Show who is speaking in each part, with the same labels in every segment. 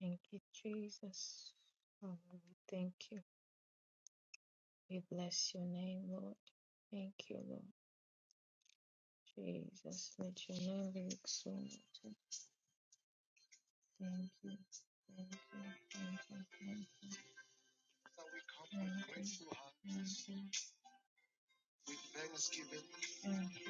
Speaker 1: Thank you, Jesus. Oh, we thank you. We bless your name, Lord. Thank you, Lord. Jesus, let your name be exalted. Thank you. Thank you. Thank you.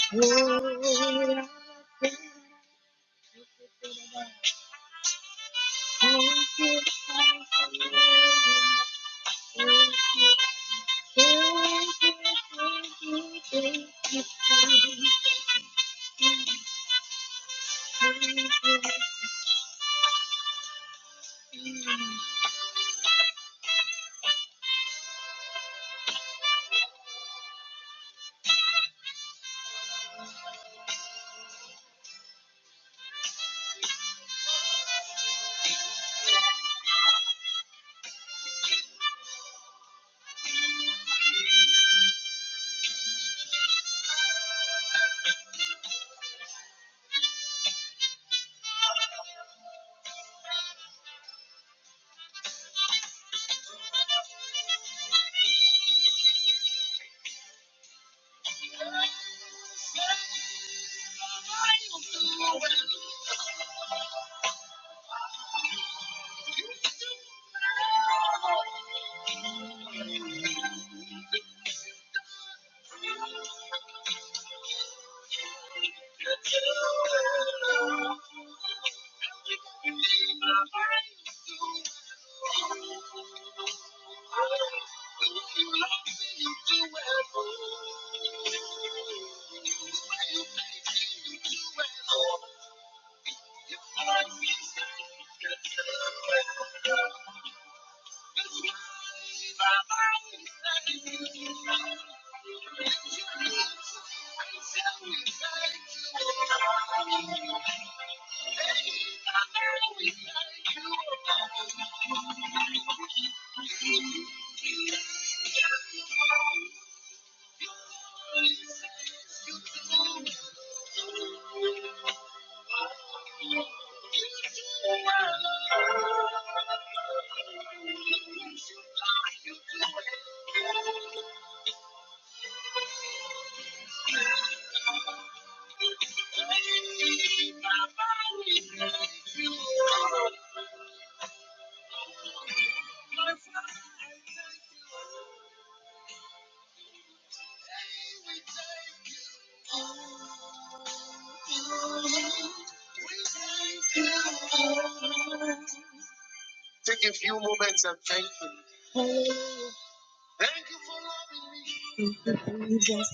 Speaker 1: Thank you. Lord, Jesus.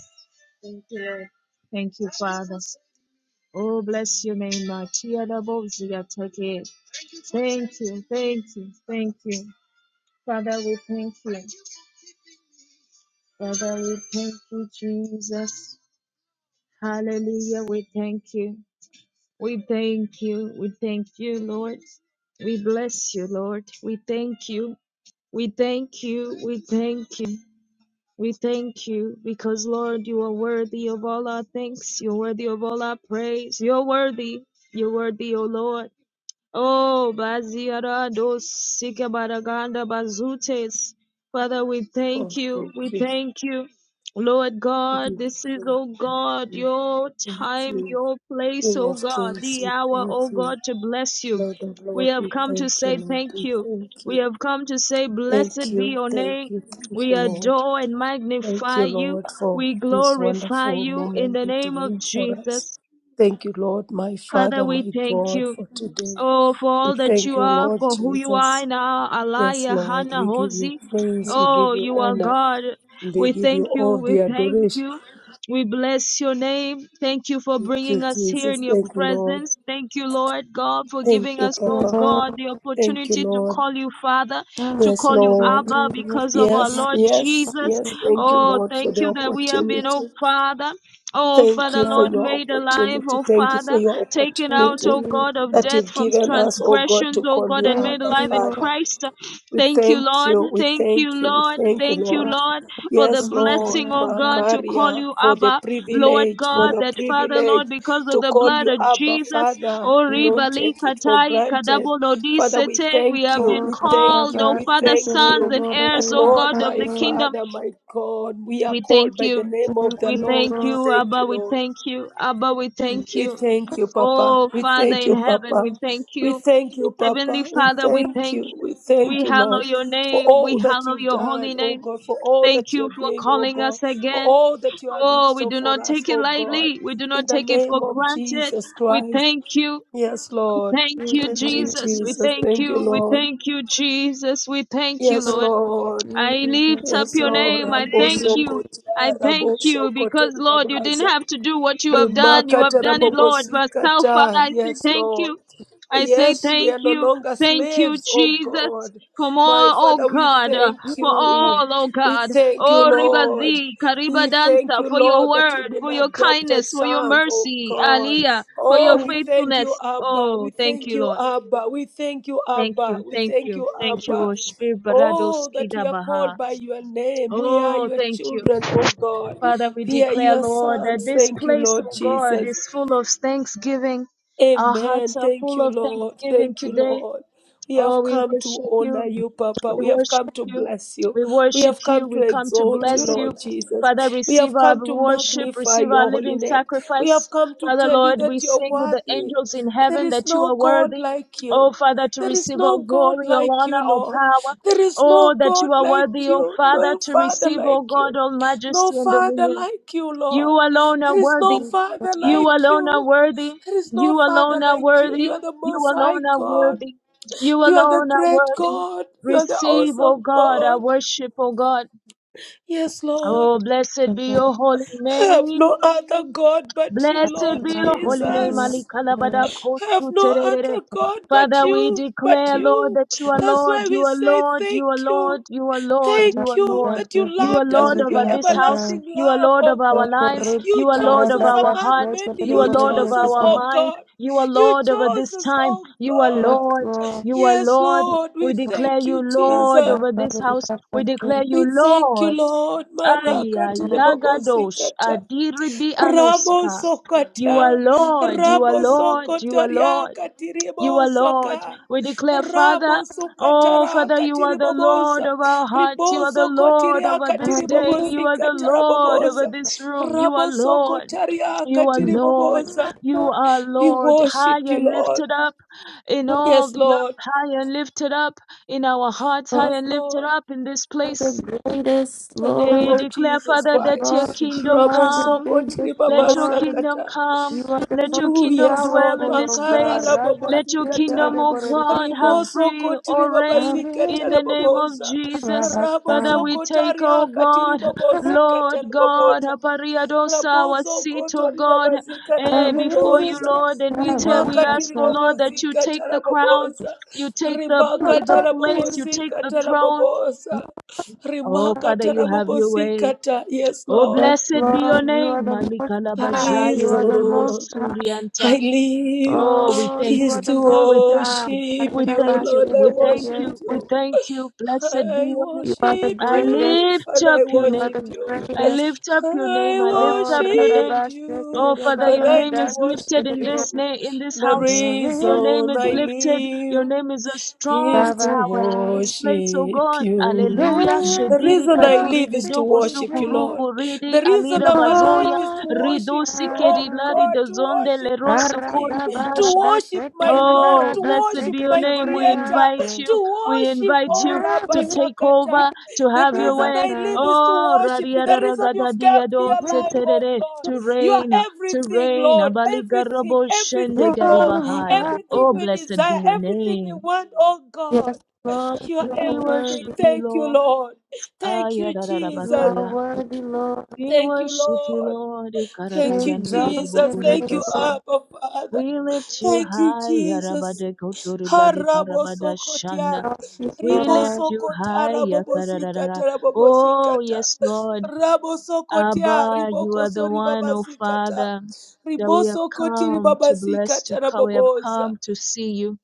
Speaker 1: Thank you, Lord. Thank you, Father. Oh, bless your name, Lord. Thank you. Thank you. Thank you. Father, we thank you. Father, we thank you, Jesus. Hallelujah. We thank you. We thank you. We thank you, Lord. We bless you, Lord. We thank you. We thank you. We thank you. We thank you because, Lord, you are worthy of all our thanks. You're worthy of all our praise. You're worthy. You're worthy, O Lord. Oh, Baziara dos Sikabaraganda Bazutes. Father, we
Speaker 2: Oh,
Speaker 1: thank you.
Speaker 2: thank
Speaker 1: We
Speaker 2: you.
Speaker 1: thank you. Lord
Speaker 2: Thank
Speaker 1: God,
Speaker 2: you.
Speaker 1: this is, oh God,
Speaker 2: Thank
Speaker 1: your
Speaker 2: you. Thank
Speaker 1: time,
Speaker 2: you.
Speaker 1: your place,
Speaker 2: King
Speaker 1: oh
Speaker 2: of
Speaker 1: God,
Speaker 2: Kings,
Speaker 1: the
Speaker 2: we
Speaker 1: hour,
Speaker 2: thank
Speaker 1: oh
Speaker 2: you.
Speaker 1: God, to bless you.
Speaker 2: Lord of
Speaker 1: We
Speaker 2: Lords,
Speaker 1: have
Speaker 2: we
Speaker 1: come to
Speaker 2: thank you,
Speaker 1: say
Speaker 2: Lord.
Speaker 1: thank
Speaker 2: We
Speaker 1: you.
Speaker 2: thank
Speaker 1: We
Speaker 2: you.
Speaker 1: have come to say,
Speaker 2: Thank
Speaker 1: blessed be
Speaker 2: you.
Speaker 1: your
Speaker 2: Thank
Speaker 1: name.
Speaker 2: you. Thank
Speaker 1: We
Speaker 2: you, Lord.
Speaker 1: adore and
Speaker 2: Thank
Speaker 1: magnify
Speaker 2: you,
Speaker 1: you.
Speaker 2: Lord, for
Speaker 1: We
Speaker 2: this
Speaker 1: glorify
Speaker 2: wonderful
Speaker 1: you in
Speaker 2: moment
Speaker 1: the
Speaker 2: that you
Speaker 1: name of
Speaker 2: made for us.
Speaker 1: Jesus.
Speaker 2: Thank you, Lord, my
Speaker 1: Father,
Speaker 2: Father,
Speaker 1: we
Speaker 2: my
Speaker 1: thank
Speaker 2: God,
Speaker 1: you.
Speaker 2: for today.
Speaker 1: Oh, for
Speaker 2: We
Speaker 1: all that
Speaker 2: thank
Speaker 1: you
Speaker 2: you,
Speaker 1: are,
Speaker 2: Lord
Speaker 1: for who you
Speaker 2: Jesus.
Speaker 1: are now,
Speaker 2: Yes,
Speaker 1: Alaya
Speaker 2: Lord,
Speaker 1: Hana
Speaker 2: we give you
Speaker 1: Hosi.
Speaker 2: praise, we give
Speaker 1: Oh,
Speaker 2: you
Speaker 1: you are
Speaker 2: honor,
Speaker 1: God.
Speaker 2: and we
Speaker 1: We
Speaker 2: give you
Speaker 1: thank you.
Speaker 2: all
Speaker 1: We
Speaker 2: the
Speaker 1: thank
Speaker 2: adoration.
Speaker 1: you. We bless your name. Thank you for
Speaker 2: Thank you,
Speaker 1: bringing us here
Speaker 2: Jesus.
Speaker 1: in your
Speaker 2: Thank you, Lord.
Speaker 1: presence. Thank you, Lord God, for
Speaker 2: Thank
Speaker 1: giving
Speaker 2: you,
Speaker 1: us, oh
Speaker 2: Papa.
Speaker 1: God, the
Speaker 2: Thank you,
Speaker 1: opportunity to
Speaker 2: Lord.
Speaker 1: call you Father, to
Speaker 2: Yes,
Speaker 1: call you
Speaker 2: Lord.
Speaker 1: Abba because of our
Speaker 2: Yes,
Speaker 1: Lord
Speaker 2: yes,
Speaker 1: Jesus.
Speaker 2: yes. Thank you,
Speaker 1: Oh,
Speaker 2: Lord, for
Speaker 1: thank
Speaker 2: the
Speaker 1: you that we have been, oh
Speaker 2: opportunity.
Speaker 1: Father, oh
Speaker 2: Thank
Speaker 1: Father,
Speaker 2: you for
Speaker 1: Lord,
Speaker 2: your
Speaker 1: made alive,
Speaker 2: opportunity.
Speaker 1: oh
Speaker 2: Thank you for
Speaker 1: Father
Speaker 2: your
Speaker 1: taken out,
Speaker 2: opportunity
Speaker 1: O God, of
Speaker 2: that
Speaker 1: death
Speaker 2: you've
Speaker 1: from
Speaker 2: given us, oh God,
Speaker 1: transgressions,
Speaker 2: to
Speaker 1: O
Speaker 2: call
Speaker 1: God,
Speaker 2: you
Speaker 1: and made
Speaker 2: Abba,
Speaker 1: alive in
Speaker 2: Father.
Speaker 1: Christ.
Speaker 2: We
Speaker 1: Thank you,
Speaker 2: thank
Speaker 1: Lord.
Speaker 2: you, we
Speaker 1: Thank you,
Speaker 2: thank you, we
Speaker 1: Lord.
Speaker 2: thank you,
Speaker 1: Thank you,
Speaker 2: Lord.
Speaker 1: Lord, for the
Speaker 2: Yes, Lord,
Speaker 1: blessing, O God, to call
Speaker 2: Makaria,
Speaker 1: you
Speaker 2: for the
Speaker 1: Abba, Lord
Speaker 2: privilege, for
Speaker 1: God,
Speaker 2: the
Speaker 1: that Father,
Speaker 2: privilege
Speaker 1: Lord, because of
Speaker 2: to
Speaker 1: the
Speaker 2: call
Speaker 1: blood
Speaker 2: you
Speaker 1: of
Speaker 2: Abba,
Speaker 1: Jesus,
Speaker 2: Father.
Speaker 1: oh
Speaker 2: We don't
Speaker 1: Ribali
Speaker 2: take it for
Speaker 1: Katai
Speaker 2: granted. Father, we
Speaker 1: Kadabolodisete, we
Speaker 2: thank
Speaker 1: have
Speaker 2: you,
Speaker 1: been
Speaker 3: और
Speaker 2: we thank
Speaker 1: called,
Speaker 3: Baba
Speaker 2: you,
Speaker 1: O
Speaker 2: we
Speaker 3: के
Speaker 1: Father,
Speaker 2: thank
Speaker 3: तेरे
Speaker 1: sons
Speaker 3: से
Speaker 2: you.
Speaker 1: and
Speaker 3: बोल
Speaker 2: That
Speaker 1: heirs,
Speaker 3: रही
Speaker 1: O
Speaker 2: Lord,
Speaker 3: आका
Speaker 1: God, of
Speaker 3: से
Speaker 2: my
Speaker 1: the kingdom.
Speaker 2: Father, my God, we are
Speaker 1: We thank
Speaker 2: called by the
Speaker 1: you.
Speaker 2: name of the
Speaker 1: We
Speaker 2: Lord.
Speaker 1: thank
Speaker 2: We
Speaker 1: you,
Speaker 2: thank
Speaker 1: Abba.
Speaker 2: you,
Speaker 1: We
Speaker 2: Lord.
Speaker 1: thank you, Abba. We thank
Speaker 2: We
Speaker 1: you.
Speaker 2: thank you, Papa.
Speaker 1: Oh,
Speaker 2: We
Speaker 1: Father
Speaker 2: thank
Speaker 1: in
Speaker 2: you,
Speaker 1: heaven, we
Speaker 2: Papa.
Speaker 1: thank
Speaker 2: We
Speaker 1: you.
Speaker 2: thank you,
Speaker 1: Heavenly
Speaker 2: Papa. We
Speaker 1: Father, we
Speaker 2: thank
Speaker 1: thank
Speaker 2: you. We
Speaker 1: you.
Speaker 2: thank
Speaker 1: We
Speaker 2: you,
Speaker 1: hallow
Speaker 2: Lord,
Speaker 1: your
Speaker 2: for
Speaker 1: name. We
Speaker 2: all that
Speaker 1: hallow
Speaker 2: you've
Speaker 1: your
Speaker 2: done,
Speaker 1: holy
Speaker 2: oh
Speaker 1: name.
Speaker 2: God, for all
Speaker 1: Thank
Speaker 2: that you're
Speaker 1: you for
Speaker 2: doing, oh
Speaker 1: calling
Speaker 2: God,
Speaker 1: us
Speaker 2: for
Speaker 1: again.
Speaker 2: all that you have in
Speaker 1: Oh, we
Speaker 2: store
Speaker 1: do
Speaker 2: for
Speaker 1: not
Speaker 2: us,
Speaker 1: take it
Speaker 2: oh God.
Speaker 1: lightly. We do
Speaker 2: In
Speaker 1: not
Speaker 2: the
Speaker 1: take it
Speaker 2: name
Speaker 1: for
Speaker 2: of
Speaker 1: granted.
Speaker 2: Jesus
Speaker 1: We
Speaker 2: Christ.
Speaker 1: thank you.
Speaker 2: Yes,
Speaker 1: We
Speaker 2: Lord.
Speaker 1: thank you,
Speaker 2: Thank you,
Speaker 1: Jesus. We
Speaker 2: Jesus.
Speaker 1: thank
Speaker 2: Thank you,
Speaker 1: you. We
Speaker 2: Lord.
Speaker 1: thank you, Jesus. We thank you,
Speaker 2: Yes,
Speaker 1: Lord.
Speaker 2: Lord.
Speaker 1: I
Speaker 3: तेरे
Speaker 1: lift up
Speaker 2: Yes,
Speaker 1: your
Speaker 2: Lord.
Speaker 1: name. I thank
Speaker 2: Raboso
Speaker 1: you. I
Speaker 2: kotia,
Speaker 1: thank
Speaker 2: raboso
Speaker 1: you
Speaker 2: kotia,
Speaker 1: because, Lord, you didn't
Speaker 2: babaza.
Speaker 1: have to do what you have done. You have
Speaker 2: Remarkata
Speaker 1: done it, Lord.
Speaker 2: rabobosika
Speaker 1: Yourself, Father,
Speaker 2: ta.
Speaker 1: I say
Speaker 2: Yes,
Speaker 1: thank
Speaker 2: Lord.
Speaker 1: you. I say
Speaker 2: Yes, we
Speaker 1: thank
Speaker 2: are no
Speaker 1: you.
Speaker 2: longer
Speaker 1: Thank you,
Speaker 2: slaves, oh
Speaker 1: Jesus.
Speaker 2: God.
Speaker 1: For
Speaker 2: My
Speaker 1: all, oh
Speaker 2: Father, we
Speaker 1: God, uh,
Speaker 2: thank
Speaker 1: for all,
Speaker 2: you.
Speaker 1: oh
Speaker 2: We
Speaker 1: God,
Speaker 2: thank you,
Speaker 1: oh
Speaker 2: Lord.
Speaker 1: Ribazi, Kariba
Speaker 2: We thank
Speaker 1: Dansa,
Speaker 2: you,
Speaker 1: for your
Speaker 2: Lord, that we've
Speaker 1: word,
Speaker 2: been
Speaker 1: for your
Speaker 2: adopted
Speaker 1: kindness, for your
Speaker 2: sons, oh
Speaker 1: mercy,
Speaker 2: God.
Speaker 1: Aliyah, for
Speaker 2: Oh,
Speaker 1: your
Speaker 2: we thank you,
Speaker 1: faithfulness.
Speaker 2: Abba.
Speaker 1: Oh,
Speaker 2: We
Speaker 1: thank
Speaker 2: thank
Speaker 1: you,
Speaker 2: you,
Speaker 1: Lord.
Speaker 2: Abba. We thank you,
Speaker 1: Thank
Speaker 2: Abba.
Speaker 1: you,
Speaker 2: We
Speaker 1: thank
Speaker 2: thank
Speaker 1: you,
Speaker 2: you,
Speaker 1: thank you,
Speaker 2: Abba.
Speaker 1: Lord. Shpir
Speaker 2: Oh,
Speaker 1: Baradoski
Speaker 2: that we are
Speaker 1: Dabaha.
Speaker 2: called by your name. We are
Speaker 1: Oh,
Speaker 2: your
Speaker 1: thank you.
Speaker 2: children, oh God.
Speaker 1: Father, we
Speaker 2: We are
Speaker 1: declare,
Speaker 2: your
Speaker 1: Lord, that
Speaker 2: sons.
Speaker 1: this
Speaker 2: Thank you,
Speaker 1: place,
Speaker 2: Lord
Speaker 1: oh God,
Speaker 2: Jesus.
Speaker 1: is full of thanksgiving. Our
Speaker 2: Amen.
Speaker 1: hearts are
Speaker 2: Thank
Speaker 1: full
Speaker 2: you,
Speaker 1: of
Speaker 2: Lord.
Speaker 1: thanksgiving
Speaker 2: Thank you,
Speaker 1: today.
Speaker 2: Lord. We have
Speaker 1: Oh, we
Speaker 2: come to
Speaker 1: worship you.
Speaker 2: honor you, Papa.
Speaker 1: We
Speaker 2: We have
Speaker 1: worship
Speaker 2: come to
Speaker 1: you.
Speaker 2: bless you.
Speaker 1: We
Speaker 2: We
Speaker 1: worship
Speaker 2: have
Speaker 1: you.
Speaker 2: come to
Speaker 1: We come to
Speaker 2: exalt
Speaker 1: bless
Speaker 2: you,
Speaker 1: you.
Speaker 2: Lord Jesus.
Speaker 1: Father,
Speaker 2: We
Speaker 1: receive
Speaker 2: have
Speaker 1: our
Speaker 2: come to
Speaker 1: worship,
Speaker 2: magnify
Speaker 1: receive our
Speaker 2: your holy
Speaker 1: living
Speaker 2: name. We have
Speaker 1: sacrifice.
Speaker 2: come to
Speaker 1: Father,
Speaker 2: tell you
Speaker 1: Lord, we
Speaker 2: that you're
Speaker 1: sing with the
Speaker 2: worthy.
Speaker 1: angels in
Speaker 2: There
Speaker 1: heaven
Speaker 2: is
Speaker 1: that you
Speaker 2: no
Speaker 1: are
Speaker 2: God
Speaker 1: worthy.
Speaker 2: like you.
Speaker 1: Oh, Father, to
Speaker 2: There is
Speaker 1: receive all
Speaker 2: no God
Speaker 1: glory, all
Speaker 2: like you,
Speaker 1: honor, all
Speaker 2: Lord.
Speaker 1: power.
Speaker 2: There is no
Speaker 1: Oh, that
Speaker 2: God
Speaker 1: you are
Speaker 2: like
Speaker 1: worthy, oh
Speaker 2: you,
Speaker 1: Father,
Speaker 2: no
Speaker 1: to
Speaker 2: Father
Speaker 1: receive, oh
Speaker 2: like you.
Speaker 1: God, all
Speaker 2: No
Speaker 1: majesty and
Speaker 2: Father
Speaker 1: dominion.
Speaker 2: like you,
Speaker 1: You
Speaker 2: Lord.
Speaker 1: alone are
Speaker 2: There is no
Speaker 1: worthy.
Speaker 2: Father
Speaker 1: You
Speaker 2: like
Speaker 1: alone are
Speaker 2: you.
Speaker 1: worthy.
Speaker 2: There is no
Speaker 1: You
Speaker 2: Father
Speaker 1: alone are
Speaker 2: like you.
Speaker 1: worthy.
Speaker 2: You are the
Speaker 1: You
Speaker 2: Most High
Speaker 1: alone are
Speaker 2: God.
Speaker 1: worthy. You
Speaker 2: You are the
Speaker 1: alone are
Speaker 2: great
Speaker 1: worthy.
Speaker 2: God. You are the
Speaker 1: Receive, O
Speaker 2: awesome
Speaker 1: God, our
Speaker 2: God.
Speaker 1: worship, O God.
Speaker 2: Yes, Lord.
Speaker 1: Oh, blessed be your holy
Speaker 2: I have no
Speaker 1: name.
Speaker 2: other God but you,
Speaker 1: Blessed
Speaker 2: Lord
Speaker 1: be your holy
Speaker 3: से
Speaker 1: name, Ali
Speaker 2: Jesus.
Speaker 1: Alikalabada
Speaker 2: I have no
Speaker 1: Kotuterere.
Speaker 2: other God but
Speaker 1: Father, we
Speaker 2: you, but
Speaker 1: declare, Lord,
Speaker 2: you.
Speaker 1: that you are
Speaker 2: That's
Speaker 1: Lord,
Speaker 2: why
Speaker 1: you
Speaker 2: we
Speaker 1: are
Speaker 2: say
Speaker 1: Lord, you are
Speaker 2: thank you.
Speaker 1: Lord, you are Lord,
Speaker 3: Baba
Speaker 1: you
Speaker 2: Thank
Speaker 1: are
Speaker 2: you
Speaker 3: Baba
Speaker 1: Lord.
Speaker 2: that you
Speaker 3: के तेरे
Speaker 1: You are
Speaker 2: loved
Speaker 3: से बोल
Speaker 2: us
Speaker 1: Lord
Speaker 2: with your
Speaker 1: over
Speaker 3: रही
Speaker 1: this
Speaker 3: आका से
Speaker 1: house,
Speaker 2: everlasting
Speaker 1: you are
Speaker 2: love,
Speaker 1: Lord of
Speaker 2: oh
Speaker 3: जो
Speaker 1: our
Speaker 2: God.
Speaker 3: कर
Speaker 1: lives,
Speaker 2: You
Speaker 1: you are
Speaker 3: रहा
Speaker 1: Lord
Speaker 2: chose
Speaker 1: of
Speaker 3: था
Speaker 2: us
Speaker 3: का
Speaker 1: our
Speaker 2: among
Speaker 3: से
Speaker 1: hearts,
Speaker 3: तेरे
Speaker 2: many.
Speaker 1: you
Speaker 3: से
Speaker 2: You
Speaker 1: are
Speaker 3: बोल
Speaker 1: Lord
Speaker 3: रही
Speaker 1: of
Speaker 3: है
Speaker 2: chose
Speaker 3: कि
Speaker 2: us,
Speaker 1: our
Speaker 2: oh
Speaker 1: mind,
Speaker 2: God.
Speaker 1: you are
Speaker 2: You
Speaker 1: Lord over
Speaker 2: chose
Speaker 1: this
Speaker 2: us,
Speaker 1: time,
Speaker 2: oh
Speaker 1: you are
Speaker 2: God.
Speaker 3: Plus
Speaker 1: Lord,
Speaker 3: को
Speaker 1: you are
Speaker 2: Yes,
Speaker 1: Lord.
Speaker 2: Lord, we
Speaker 1: We declare
Speaker 2: thank
Speaker 1: you
Speaker 2: you,
Speaker 3: का
Speaker 1: Lord
Speaker 3: सा
Speaker 2: Jesus.
Speaker 1: over
Speaker 3: कर
Speaker 1: this
Speaker 3: रही
Speaker 1: house, we
Speaker 3: आका से
Speaker 1: declare you
Speaker 2: We thank you,
Speaker 1: Lord.
Speaker 2: Lord.
Speaker 1: Aya
Speaker 2: Marakati
Speaker 1: Yagadosh
Speaker 2: rebobosikata.
Speaker 1: Adiribi
Speaker 2: Rabo
Speaker 1: Anosika. You are
Speaker 2: sokata.
Speaker 1: Lord, you are
Speaker 2: Rabo
Speaker 1: Lord, you are
Speaker 2: sokotaria
Speaker 1: Lord, you are Lord.
Speaker 2: katiribosaka.
Speaker 1: We declare, Father,
Speaker 2: Rabo
Speaker 1: oh
Speaker 2: sokatara
Speaker 1: Father, you are the Lord
Speaker 2: katiribobosa.
Speaker 1: of our hearts, you are the
Speaker 2: Riboso
Speaker 1: Lord
Speaker 2: kotiria
Speaker 1: over
Speaker 3: I
Speaker 1: this day, you are the
Speaker 2: katiribobosikata
Speaker 1: Lord over
Speaker 2: rabobosa.
Speaker 1: this room, you are
Speaker 2: Rabo
Speaker 1: Lord,
Speaker 2: sokotaria
Speaker 1: you are Lord,
Speaker 2: katiribobosa.
Speaker 1: you are
Speaker 2: We
Speaker 1: Lord, high
Speaker 2: worship you,
Speaker 1: and
Speaker 2: Lord.
Speaker 1: lifted up in all
Speaker 2: Yes,
Speaker 1: the earth,
Speaker 2: Lord.
Speaker 1: high and lifted up in our hearts,
Speaker 3: you
Speaker 1: high
Speaker 2: Yes,
Speaker 1: and lifted
Speaker 2: Lord.
Speaker 1: up in this
Speaker 3: are the
Speaker 1: place.
Speaker 3: greatest
Speaker 2: the name
Speaker 1: We
Speaker 2: of
Speaker 3: Lord,
Speaker 1: declare,
Speaker 2: Jesus
Speaker 1: Father, that your
Speaker 3: Lord,
Speaker 2: Christ.
Speaker 3: you
Speaker 1: kingdom
Speaker 3: are the
Speaker 1: come.
Speaker 2: Rabosoko
Speaker 3: biggest
Speaker 2: tiribaba
Speaker 1: Let your
Speaker 3: Lord,
Speaker 1: kingdom
Speaker 2: sakata.
Speaker 1: come.
Speaker 3: you are the
Speaker 1: Let your
Speaker 3: most
Speaker 2: Ooh,
Speaker 1: kingdom
Speaker 2: yes, Lord.
Speaker 1: dwell in
Speaker 3: powerful, oh
Speaker 1: this
Speaker 2: Makara
Speaker 3: God.
Speaker 2: la
Speaker 1: place.
Speaker 3: Radha
Speaker 1: Let your
Speaker 3: Shri
Speaker 2: bobosikata.
Speaker 1: kingdom,
Speaker 3: Tere
Speaker 1: O
Speaker 3: Bore
Speaker 1: God, have
Speaker 2: Rimoso
Speaker 1: free
Speaker 2: kotiri
Speaker 1: or reign
Speaker 2: babasikata
Speaker 1: in
Speaker 3: Riyasa.
Speaker 2: la
Speaker 1: the name of
Speaker 2: boboza.
Speaker 1: Jesus. Father,
Speaker 3: Rabata.
Speaker 2: Raboso
Speaker 1: we take,
Speaker 2: kotari
Speaker 1: O
Speaker 2: akatiri
Speaker 1: God,
Speaker 2: babosikata
Speaker 1: Lord
Speaker 2: la
Speaker 1: God,
Speaker 2: boboza.
Speaker 1: apariados our
Speaker 2: Raboso
Speaker 1: seat, O
Speaker 2: kotori
Speaker 1: God,
Speaker 2: babasikata
Speaker 3: I
Speaker 2: la
Speaker 1: eh,
Speaker 3: really
Speaker 1: before you,
Speaker 2: boboza.
Speaker 3: did.
Speaker 1: Lord, and we tell, we ask,
Speaker 2: Rimakatiri
Speaker 1: O
Speaker 3: Rabata.
Speaker 1: Lord, that you take
Speaker 2: babosikata la
Speaker 1: the crown,
Speaker 2: boboza.
Speaker 1: you take the pl- the
Speaker 2: Rimakata la
Speaker 1: place, you take the
Speaker 2: bobosikata la
Speaker 1: throne.
Speaker 2: boboza.
Speaker 1: Oh, Father,
Speaker 2: Rimakata
Speaker 1: you
Speaker 2: la
Speaker 1: have your way.
Speaker 2: bobosikata. Yes,
Speaker 1: Oh,
Speaker 2: Lord.
Speaker 3: Yes,
Speaker 1: blessed be
Speaker 3: Lord,
Speaker 1: your
Speaker 3: you are
Speaker 1: name,
Speaker 3: the most high. You
Speaker 1: Malikalabajaya
Speaker 3: are the
Speaker 1: Derebo
Speaker 3: most
Speaker 2: Reason.
Speaker 3: high.
Speaker 2: I
Speaker 1: Surianta.
Speaker 2: live
Speaker 1: Oh, we
Speaker 3: Oh,
Speaker 1: thank
Speaker 3: you
Speaker 2: is
Speaker 3: are
Speaker 1: you.
Speaker 3: the
Speaker 2: to
Speaker 3: most
Speaker 1: We thank
Speaker 3: high.
Speaker 1: you.
Speaker 2: worship
Speaker 1: We
Speaker 2: you,
Speaker 1: thank you.
Speaker 2: Lord. I
Speaker 1: We thank
Speaker 2: worship
Speaker 1: you. We
Speaker 2: you.
Speaker 1: thank you. Blessed be
Speaker 2: I
Speaker 1: your name.
Speaker 3: You are the
Speaker 2: worship
Speaker 1: I
Speaker 3: greatest.
Speaker 2: you,
Speaker 1: lift
Speaker 2: Father.
Speaker 1: up
Speaker 2: I
Speaker 1: your
Speaker 3: You are
Speaker 1: name.
Speaker 2: worship
Speaker 3: the
Speaker 2: you.
Speaker 1: I
Speaker 3: greatest.
Speaker 1: lift up your name.
Speaker 2: I
Speaker 1: I lift
Speaker 3: Oh,
Speaker 1: up your
Speaker 2: worship
Speaker 1: name.
Speaker 3: Radabash,
Speaker 2: you,
Speaker 1: Oh Father,
Speaker 2: Father.
Speaker 1: your
Speaker 2: I
Speaker 1: name
Speaker 2: do
Speaker 3: Radabash,
Speaker 1: is lifted
Speaker 2: worship
Speaker 1: in this
Speaker 2: you.
Speaker 1: name in this
Speaker 2: The
Speaker 1: house. Your name
Speaker 2: reason
Speaker 1: is
Speaker 2: I
Speaker 1: lifted. Your
Speaker 2: live
Speaker 1: name is a
Speaker 2: is
Speaker 1: strong
Speaker 2: to
Speaker 1: tower in
Speaker 3: Rabata.
Speaker 1: this place, oh
Speaker 2: worship
Speaker 1: God.
Speaker 3: And
Speaker 2: you.
Speaker 1: Hallelujah.
Speaker 3: I am
Speaker 2: The
Speaker 1: Shediri
Speaker 2: reason I
Speaker 1: katuri
Speaker 2: live is to
Speaker 1: bedoko
Speaker 3: loving
Speaker 2: worship you,
Speaker 3: you.
Speaker 1: sukuru
Speaker 2: Lord.
Speaker 1: buridi
Speaker 2: The reason
Speaker 1: alira
Speaker 2: I'm alive
Speaker 1: bazoya
Speaker 2: is
Speaker 3: Oh,
Speaker 2: to worship
Speaker 1: rido
Speaker 2: you, oh
Speaker 1: sikeri lari
Speaker 2: God, to
Speaker 1: dozonde
Speaker 2: worship my
Speaker 1: lerosu kori
Speaker 2: King,
Speaker 3: Arada
Speaker 2: to
Speaker 3: barada
Speaker 2: worship
Speaker 3: sekere
Speaker 2: my
Speaker 3: de
Speaker 2: Lord,
Speaker 1: Oh,
Speaker 2: to
Speaker 3: barada
Speaker 1: blessed
Speaker 2: worship
Speaker 1: be your
Speaker 3: sekere
Speaker 2: my
Speaker 3: de
Speaker 1: name. We
Speaker 2: Creator,
Speaker 1: invite
Speaker 3: borediante.
Speaker 1: you.
Speaker 2: to
Speaker 1: We
Speaker 2: worship,
Speaker 1: invite
Speaker 2: oh
Speaker 1: you
Speaker 2: Rabba
Speaker 1: to
Speaker 3: Navi
Speaker 1: take
Speaker 2: Sakata.
Speaker 1: over, to
Speaker 2: The
Speaker 1: have your
Speaker 2: reason
Speaker 1: way.
Speaker 2: I
Speaker 3: babata.
Speaker 2: live is to
Speaker 1: Oh,
Speaker 2: worship you. The reason you've kept me alive, oh
Speaker 1: radiararagadadiadoseterere,
Speaker 2: God.
Speaker 1: to
Speaker 2: You
Speaker 1: reign,
Speaker 2: are
Speaker 1: to
Speaker 2: everything,
Speaker 1: reign.
Speaker 2: Lord. Everything, everything, Lord.
Speaker 1: Abaligaraboshendegaribarabahaya.
Speaker 2: Everything
Speaker 1: Oh,
Speaker 2: we
Speaker 1: blessed be
Speaker 2: desire,
Speaker 1: your
Speaker 2: everything we
Speaker 1: name.
Speaker 2: want, oh God.
Speaker 3: Yes, Lord,
Speaker 2: You are
Speaker 3: you are
Speaker 1: We
Speaker 2: everything.
Speaker 1: worship
Speaker 3: worthy.
Speaker 1: you,
Speaker 2: Thank you,
Speaker 1: Lord.
Speaker 2: Lord. Thank you,
Speaker 3: You
Speaker 2: Jesus.
Speaker 3: are
Speaker 1: Ayarararabakaya.
Speaker 3: worthy, Lord.
Speaker 1: We
Speaker 2: Thank you,
Speaker 1: worship you,
Speaker 2: Lord.
Speaker 1: Lord.
Speaker 3: We
Speaker 2: Thank you,
Speaker 3: exalt
Speaker 2: Jesus.
Speaker 3: your
Speaker 2: Thank you,
Speaker 3: name, Lord.
Speaker 1: Ikarabagandiribobondikasa.
Speaker 2: Abba Father.
Speaker 1: We lift you
Speaker 2: Thank you,
Speaker 1: high,
Speaker 2: Jesus.
Speaker 1: Arabade Kotoribadi
Speaker 2: Harabo
Speaker 1: Karabada
Speaker 2: sokotia,
Speaker 1: Shanda.
Speaker 3: Exalt you,
Speaker 1: We
Speaker 2: ribo
Speaker 3: Lord.
Speaker 1: lift you
Speaker 2: sokota,
Speaker 1: high,
Speaker 2: rabobo
Speaker 1: Yakararara.
Speaker 2: sikata, rabobo
Speaker 1: Oh,
Speaker 2: sikata,
Speaker 1: yes, Lord.
Speaker 2: rabo sokotia,
Speaker 1: Abba, you
Speaker 2: riboko
Speaker 1: are the
Speaker 2: sori
Speaker 1: one,
Speaker 2: baba
Speaker 1: oh
Speaker 2: sikata,
Speaker 1: Father, that
Speaker 2: ribo
Speaker 1: we have
Speaker 2: sokoti,
Speaker 1: come
Speaker 2: ribaba
Speaker 1: to bless, to
Speaker 2: sikata,
Speaker 1: come. We have
Speaker 2: raboboza.
Speaker 1: come to see you.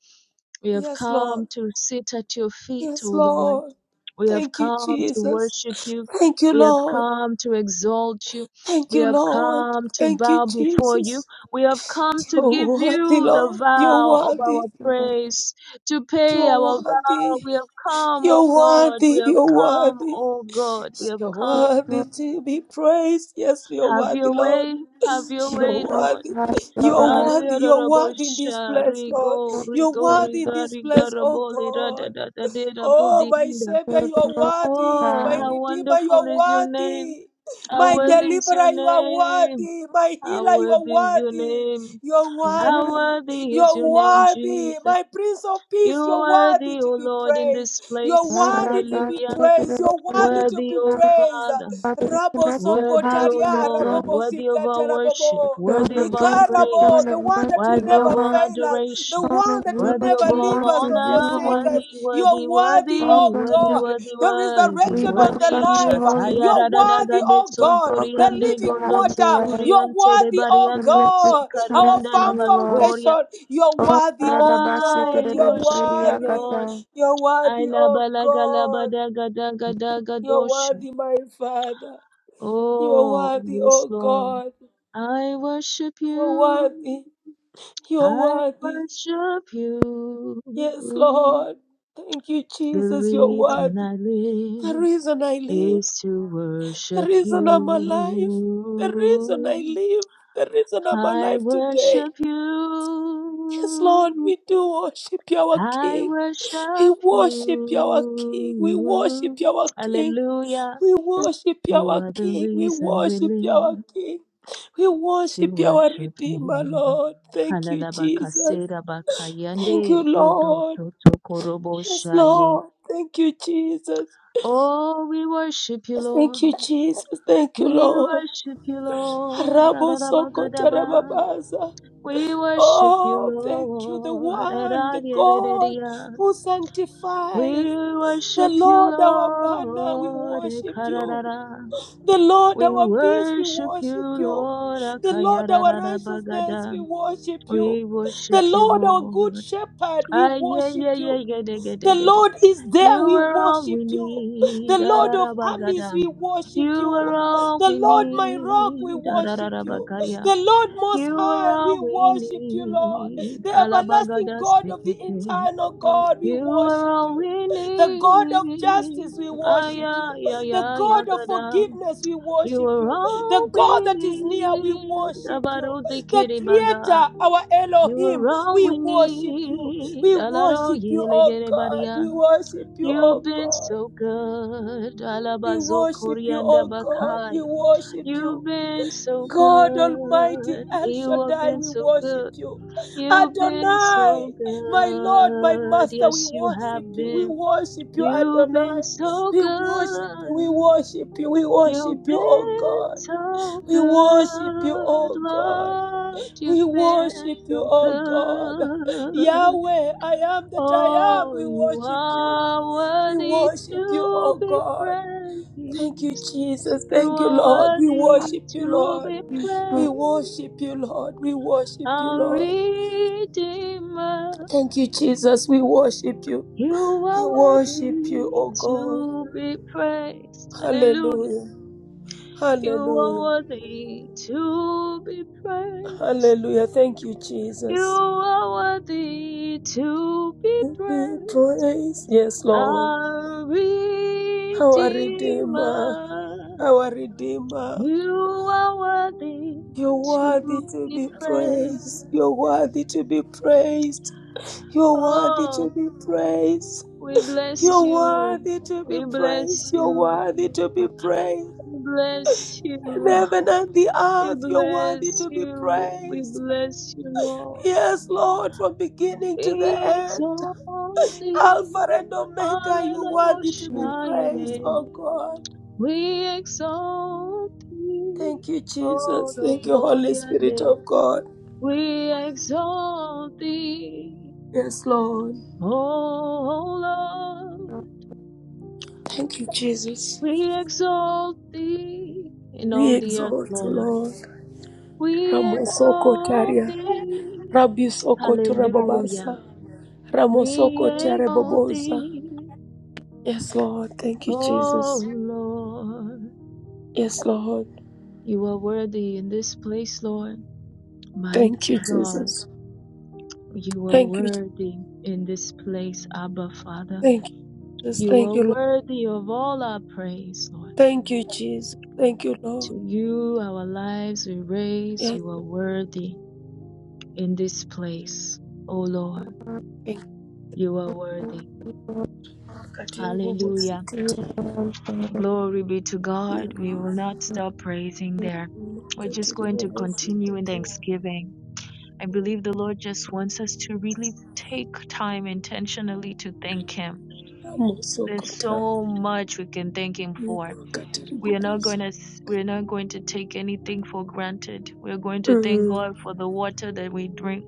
Speaker 1: We have
Speaker 2: Yes, Lord.
Speaker 1: come to sit at your feet, oh
Speaker 2: Yes,
Speaker 1: Lord.
Speaker 2: Lord.
Speaker 1: We have
Speaker 2: Thank you,
Speaker 1: come to
Speaker 2: Jesus.
Speaker 1: worship you.
Speaker 2: Thank you,
Speaker 1: We have
Speaker 2: Lord.
Speaker 1: come to exalt you.
Speaker 2: Thank
Speaker 1: We
Speaker 2: you,
Speaker 1: have
Speaker 2: Lord.
Speaker 1: come to
Speaker 2: Thank you,
Speaker 1: bow before
Speaker 2: Jesus.
Speaker 1: you. We have come to
Speaker 2: You're
Speaker 1: give
Speaker 2: worthy,
Speaker 1: you the
Speaker 2: Lord. You're
Speaker 1: vow of
Speaker 3: You
Speaker 2: worthy.
Speaker 1: our
Speaker 3: are
Speaker 1: praise, to pay
Speaker 2: You're
Speaker 1: our vow.
Speaker 2: worthy.
Speaker 1: We have come,
Speaker 2: You're
Speaker 1: O God. We
Speaker 2: worthy.
Speaker 1: have
Speaker 2: You're
Speaker 1: come,
Speaker 2: worthy.
Speaker 1: O God. We have
Speaker 2: You're
Speaker 1: come.
Speaker 3: so
Speaker 2: worthy to be praised. Yes, you're
Speaker 1: Have
Speaker 2: worthy,
Speaker 1: your
Speaker 2: Lord.
Speaker 1: way. Have your
Speaker 3: the
Speaker 2: You're
Speaker 1: way,
Speaker 3: most
Speaker 1: Lord.
Speaker 2: worthy.
Speaker 3: high
Speaker 2: You're
Speaker 3: God.
Speaker 2: worthy. You're worthy in this
Speaker 1: Aliyarabosha,
Speaker 2: place, Lord.
Speaker 3: Most
Speaker 1: rigo,
Speaker 2: You're
Speaker 1: rigo,
Speaker 2: worthy in
Speaker 1: riga,
Speaker 2: this
Speaker 1: riga,
Speaker 2: place, oh
Speaker 1: rabole, da,
Speaker 2: God.
Speaker 1: da, da, da, de, da, bo,
Speaker 2: Oh,
Speaker 1: de,
Speaker 2: my
Speaker 1: da.
Speaker 2: Savior, you are worthy.
Speaker 1: Oh,
Speaker 2: My
Speaker 3: high,
Speaker 1: how
Speaker 2: Redeemer, you
Speaker 1: wonderful
Speaker 2: are
Speaker 1: is your name.
Speaker 2: worthy.
Speaker 1: How
Speaker 2: My
Speaker 3: you're the
Speaker 1: worthy is your
Speaker 2: Deliverer, you are
Speaker 1: name.
Speaker 2: worthy. My
Speaker 1: How
Speaker 2: Healer, you are
Speaker 1: worthy is your
Speaker 2: worthy.
Speaker 1: name.
Speaker 2: You are
Speaker 3: most high.
Speaker 1: How
Speaker 2: worthy.
Speaker 1: worthy
Speaker 2: You
Speaker 1: is
Speaker 2: are
Speaker 1: your name,
Speaker 2: worthy.
Speaker 1: Jesus.
Speaker 2: My Prince of
Speaker 1: You
Speaker 2: Peace, you
Speaker 1: are
Speaker 2: are worthy
Speaker 1: worthy,
Speaker 2: to
Speaker 1: O
Speaker 2: be
Speaker 1: Lord, in
Speaker 2: praised.
Speaker 1: this
Speaker 2: You are
Speaker 1: place.
Speaker 2: worthy to
Speaker 3: Father,
Speaker 2: be
Speaker 1: Hallelujah.
Speaker 3: we
Speaker 2: praised. You are worthy to
Speaker 1: Worthy,
Speaker 2: be
Speaker 1: O
Speaker 2: praised.
Speaker 1: Father.
Speaker 2: Rabo
Speaker 3: connect your
Speaker 1: Worthy,
Speaker 3: house
Speaker 1: O
Speaker 3: to the
Speaker 2: Sokotaria,
Speaker 1: Lord,
Speaker 3: throne,
Speaker 2: Rabobo
Speaker 1: worthy of our
Speaker 2: Sikata,
Speaker 1: worship,
Speaker 2: Rabobo.
Speaker 3: the throne
Speaker 1: worthy of
Speaker 3: of
Speaker 1: our
Speaker 3: grace, the throne
Speaker 2: Ikarabo,
Speaker 1: praise,
Speaker 3: of
Speaker 2: the one
Speaker 3: mercy,
Speaker 2: that will
Speaker 1: worthy of
Speaker 2: never
Speaker 1: all
Speaker 3: Lord.
Speaker 2: fail us the
Speaker 1: adoration,
Speaker 3: Come
Speaker 2: one
Speaker 3: and
Speaker 2: that
Speaker 3: do
Speaker 2: will
Speaker 1: worthy
Speaker 3: what
Speaker 2: never
Speaker 1: of
Speaker 3: you
Speaker 1: all
Speaker 2: leave
Speaker 3: want
Speaker 2: us
Speaker 3: to
Speaker 2: or
Speaker 3: do,
Speaker 1: honor,
Speaker 2: forsake
Speaker 3: Holy.
Speaker 1: worthy,
Speaker 2: us. You are
Speaker 1: worthy,
Speaker 2: worthy,
Speaker 1: worthy,
Speaker 2: oh
Speaker 3: Welcome
Speaker 1: worthy,
Speaker 3: you.
Speaker 2: God.
Speaker 1: worthy,
Speaker 2: The
Speaker 1: worthy,
Speaker 3: We
Speaker 2: resurrection and the
Speaker 1: worthy.
Speaker 3: welcome you,
Speaker 2: life.
Speaker 3: Holy
Speaker 1: Shataya
Speaker 2: You are
Speaker 3: Spirit.
Speaker 2: worthy,
Speaker 1: radadagade
Speaker 2: oh God. The
Speaker 3: Welcome you
Speaker 1: sontoriande
Speaker 3: to
Speaker 2: living
Speaker 1: gondo
Speaker 3: have your
Speaker 2: water.
Speaker 3: way.
Speaker 2: You are
Speaker 1: suriante
Speaker 2: worthy, oh
Speaker 3: The
Speaker 1: rebarianto
Speaker 3: mystery
Speaker 2: God.
Speaker 3: time
Speaker 2: Our
Speaker 3: to
Speaker 1: sukarianda
Speaker 2: firm
Speaker 3: you, Lord.
Speaker 1: rabakoria.
Speaker 2: foundation. You are
Speaker 3: Oh,
Speaker 2: worthy, oh
Speaker 3: Radabasa,
Speaker 2: God.
Speaker 1: I
Speaker 2: You are
Speaker 1: worship you,
Speaker 2: worthy.
Speaker 1: Lord.
Speaker 3: Kadabariakata.
Speaker 2: You are
Speaker 1: I
Speaker 2: worthy, oh God. You are
Speaker 1: labalagalabadagadagadagadosha.
Speaker 2: worthy, my Father. You are
Speaker 1: Oh,
Speaker 2: worthy,
Speaker 1: yes,
Speaker 2: oh
Speaker 1: Lord.
Speaker 2: God.
Speaker 1: I worship
Speaker 2: You are
Speaker 1: you.
Speaker 2: worthy. You are
Speaker 1: I
Speaker 2: worthy.
Speaker 1: worship you.
Speaker 2: Yes, Lord. Thank you,
Speaker 1: The
Speaker 2: Jesus, your word.
Speaker 1: reason I
Speaker 2: The
Speaker 1: live
Speaker 2: reason I live,
Speaker 1: is to
Speaker 2: the
Speaker 1: worship
Speaker 2: reason I'm alive, the reason
Speaker 1: you.
Speaker 2: I live, the reason I'm
Speaker 1: I
Speaker 2: alive today.
Speaker 1: worship
Speaker 2: Yes, Lord,
Speaker 1: you.
Speaker 2: we do worship you, our
Speaker 1: I
Speaker 2: King.
Speaker 1: worship
Speaker 2: We worship you, our King. We worship
Speaker 1: you.
Speaker 2: you, our King.
Speaker 1: Hallelujah.
Speaker 2: We worship you,
Speaker 1: You
Speaker 2: our
Speaker 1: are the
Speaker 2: King. We
Speaker 1: reason we
Speaker 2: worship you,
Speaker 1: live.
Speaker 2: our King. We
Speaker 1: to
Speaker 2: worship you, our
Speaker 1: worship
Speaker 2: Redeemer,
Speaker 1: you.
Speaker 2: Lord. Thank you, Jesus.
Speaker 1: Halalabakasera
Speaker 2: Thank you,
Speaker 1: bakayande rodo
Speaker 2: Lord.
Speaker 1: soto korobo
Speaker 2: Yes,
Speaker 1: shaye.
Speaker 2: Lord. Thank you, Jesus.
Speaker 1: Oh, we worship you,
Speaker 2: Thank
Speaker 1: Lord.
Speaker 2: you, Jesus. Thank you,
Speaker 1: We
Speaker 2: Lord.
Speaker 1: worship you, Lord.
Speaker 2: Rabo soko
Speaker 1: Rararabagadaba.
Speaker 2: terebabaza.
Speaker 1: We worship you,
Speaker 2: Oh, thank you, the
Speaker 1: Lord.
Speaker 2: one, the God
Speaker 1: Rararerereria.
Speaker 2: who sanctifies.
Speaker 1: We
Speaker 2: The
Speaker 1: worship you,
Speaker 2: Lord our banner, we
Speaker 1: Lord.
Speaker 2: worship you.
Speaker 1: Ekararara.
Speaker 2: The Lord
Speaker 1: We
Speaker 2: our peace, we
Speaker 1: worship you,
Speaker 2: worship you.
Speaker 1: Lord.
Speaker 2: The Lord our righteousness,
Speaker 1: Akayarararabagada.
Speaker 2: we worship you.
Speaker 1: We
Speaker 2: The
Speaker 1: worship you,
Speaker 2: Lord our good
Speaker 1: Lord.
Speaker 2: shepherd, we
Speaker 1: Ah, yeah,
Speaker 2: worship
Speaker 1: yeah,
Speaker 2: you.
Speaker 1: yeah, yeah, get yeah,
Speaker 2: The
Speaker 1: get it.
Speaker 2: Lord is
Speaker 1: You
Speaker 2: there. We
Speaker 1: were all
Speaker 2: worship
Speaker 1: we
Speaker 2: you. The
Speaker 1: need. Da,
Speaker 2: Lord
Speaker 1: da,
Speaker 2: of
Speaker 1: da, ba, ga,
Speaker 2: armies,
Speaker 1: da.
Speaker 2: we worship
Speaker 1: You were
Speaker 2: you.
Speaker 1: all
Speaker 2: The
Speaker 1: we
Speaker 2: Lord, my rock, we
Speaker 1: need. Da, da, da,
Speaker 2: worship
Speaker 1: da, ba,
Speaker 2: you.
Speaker 1: ga, ya.
Speaker 2: The Lord
Speaker 1: You
Speaker 2: most
Speaker 1: were
Speaker 2: high, we
Speaker 1: all we
Speaker 2: worship you, Lord.
Speaker 1: need.
Speaker 2: The everlasting
Speaker 1: Alabagada
Speaker 2: God of the
Speaker 1: stikiti.
Speaker 2: eternal God, we
Speaker 1: You were
Speaker 2: worship
Speaker 1: all
Speaker 2: you.
Speaker 1: we
Speaker 2: The God of
Speaker 1: need.
Speaker 2: justice, we
Speaker 1: Ah,
Speaker 2: worship
Speaker 1: yeah,
Speaker 2: you.
Speaker 1: yeah,
Speaker 2: The
Speaker 1: yeah, yeah,
Speaker 2: God of
Speaker 1: gada.
Speaker 2: forgiveness, we
Speaker 1: You
Speaker 2: worship
Speaker 1: were
Speaker 2: you. The
Speaker 1: all we
Speaker 2: God that is near, we
Speaker 1: need.
Speaker 2: worship you. The
Speaker 1: Abarudikiri baga.
Speaker 2: Creator, our
Speaker 1: You
Speaker 2: Elohim,
Speaker 1: are all
Speaker 2: we
Speaker 1: we
Speaker 2: worship you.
Speaker 1: need.
Speaker 2: We
Speaker 1: Alaro
Speaker 2: worship you, O God. We
Speaker 1: yelegerebaria.
Speaker 2: worship you,
Speaker 1: You've
Speaker 2: O
Speaker 1: been
Speaker 2: God.
Speaker 1: so good.
Speaker 2: We
Speaker 1: Alabazo
Speaker 2: worship you,
Speaker 1: korianda
Speaker 2: O God. We
Speaker 1: bakaya.
Speaker 2: worship you.
Speaker 1: You've been so
Speaker 2: God Almighty
Speaker 1: good.
Speaker 2: El
Speaker 1: You have
Speaker 2: Shaddai,
Speaker 1: been
Speaker 2: we
Speaker 1: so
Speaker 2: worship
Speaker 1: good.
Speaker 2: you.
Speaker 1: You've been
Speaker 2: Adonai,
Speaker 1: so
Speaker 2: my Lord, my
Speaker 1: good.
Speaker 2: Master, we
Speaker 1: Yes, you
Speaker 2: worship
Speaker 1: have
Speaker 2: you. We
Speaker 1: been.
Speaker 2: worship you,
Speaker 1: You've been
Speaker 2: Adonai.
Speaker 1: so
Speaker 2: We worship you, we
Speaker 1: good.
Speaker 2: worship you, we worship
Speaker 1: You've
Speaker 2: you, O
Speaker 1: been
Speaker 2: God.
Speaker 1: so
Speaker 2: We worship you,
Speaker 1: good,
Speaker 2: O God.
Speaker 1: Lord. You've
Speaker 2: We
Speaker 1: been
Speaker 2: worship you,
Speaker 1: so
Speaker 2: O God.
Speaker 1: good.
Speaker 2: Yahweh, I am that I am.
Speaker 1: Oh,
Speaker 2: We
Speaker 1: you
Speaker 2: worship you.
Speaker 1: are
Speaker 2: We
Speaker 1: worthy
Speaker 2: worship you,
Speaker 1: to
Speaker 2: oh
Speaker 1: be
Speaker 2: God. Thank
Speaker 1: praised.
Speaker 2: you, Jesus.
Speaker 1: You
Speaker 2: Thank you,
Speaker 1: are
Speaker 2: Lord. We
Speaker 1: worthy
Speaker 2: worship you,
Speaker 1: to
Speaker 2: Lord.
Speaker 1: be
Speaker 3: Please
Speaker 2: We
Speaker 3: go
Speaker 1: praised.
Speaker 2: worship you, Lord. We worship you,
Speaker 1: Our
Speaker 2: Lord.
Speaker 1: Redeemer,
Speaker 2: Thank you, Jesus. We worship you.
Speaker 1: you
Speaker 2: I
Speaker 1: are
Speaker 2: worship you,
Speaker 1: worthy
Speaker 2: oh God.
Speaker 1: to be praised. Hallelujah.
Speaker 2: Hallelujah.
Speaker 1: You are
Speaker 2: Hallelujah.
Speaker 1: worthy to be praised.
Speaker 2: Hallelujah. Thank you,
Speaker 1: You
Speaker 2: Jesus.
Speaker 1: are worthy to be
Speaker 2: Be
Speaker 1: praised.
Speaker 2: praise. Yes, Lord.
Speaker 1: Our
Speaker 2: Our Redeemer.
Speaker 1: Redeemer.
Speaker 2: Our Redeemer.
Speaker 1: You are worthy
Speaker 2: You're
Speaker 1: to
Speaker 2: worthy to
Speaker 1: be
Speaker 2: be
Speaker 1: praised.
Speaker 2: praised. You're worthy to be praised. You're worthy to
Speaker 1: Oh,
Speaker 2: be praised.
Speaker 1: we bless
Speaker 2: You're
Speaker 1: you.
Speaker 2: worthy to be
Speaker 1: We bless
Speaker 2: praised. You're
Speaker 1: you.
Speaker 2: worthy to be praised.
Speaker 1: We bless
Speaker 2: In
Speaker 1: you.
Speaker 2: heaven and the
Speaker 1: We
Speaker 2: earth, you're worthy
Speaker 1: bless
Speaker 2: to be
Speaker 1: you. We
Speaker 2: praised.
Speaker 1: bless you, Lord.
Speaker 2: Yes, Lord, from beginning to the
Speaker 1: Be
Speaker 2: end.
Speaker 1: exalted.
Speaker 2: Alpha and Omega, you're worthy to be
Speaker 3: to
Speaker 2: praised, oh
Speaker 1: Hallelujah.
Speaker 2: God.
Speaker 1: We exalt thee.
Speaker 2: Thank you,
Speaker 1: Oh,
Speaker 2: Jesus.
Speaker 1: the
Speaker 2: Thank you, Holy
Speaker 1: holy and
Speaker 2: Spirit
Speaker 1: day.
Speaker 2: of God.
Speaker 1: We exalt thee.
Speaker 2: Yes, Lord.
Speaker 1: Oh Lord,
Speaker 2: Thank you, Jesus.
Speaker 1: we exalt thee in
Speaker 2: We
Speaker 1: all the earth,
Speaker 2: exalt you,
Speaker 1: Lord.
Speaker 2: Lord.
Speaker 1: We
Speaker 2: Ramo
Speaker 1: exalt
Speaker 2: Sokotaria.
Speaker 1: thee.
Speaker 2: Rabbi Sokoto
Speaker 1: Hallelujah.
Speaker 2: Rababasa.
Speaker 1: We
Speaker 2: Ramosoko
Speaker 1: exalt
Speaker 2: Terebobosa.
Speaker 1: thee.
Speaker 2: Yes, Lord. Thank you, Jesus.
Speaker 1: Oh Lord,
Speaker 2: Yes, Lord.
Speaker 1: you are worthy in this place, Lord.
Speaker 2: Thank
Speaker 1: Mighty
Speaker 2: you,
Speaker 1: God,
Speaker 2: Jesus.
Speaker 1: you are
Speaker 2: Thank you. Je-
Speaker 1: worthy in this place, Abba Father.
Speaker 2: Thank you, Jesus.
Speaker 1: You
Speaker 2: Thank
Speaker 1: are
Speaker 2: you, Lord.
Speaker 1: worthy of all our praise, Lord.
Speaker 2: Thank you, Jesus. Thank you, Lord.
Speaker 1: To you, our lives we raise.
Speaker 2: Yes.
Speaker 1: You are worthy. in this place. O Lord,
Speaker 2: Thank you.
Speaker 1: you are worthy.
Speaker 2: Katerebobosa.
Speaker 1: Hallelujah.
Speaker 3: you,
Speaker 1: Glory be to God. We will not stop praising there. We're just going to continue in
Speaker 2: Katerebobosa.
Speaker 1: thanksgiving. I believe the Lord just wants us to really take time intentionally to thank Him.
Speaker 2: Ramosoko
Speaker 1: There's
Speaker 2: Ta.
Speaker 1: so much we can thank Him for. We are not going
Speaker 2: Katerebobosa.
Speaker 1: to we're not going to take anything for granted. We're going to thank
Speaker 2: Mm.
Speaker 1: God for the water that we drink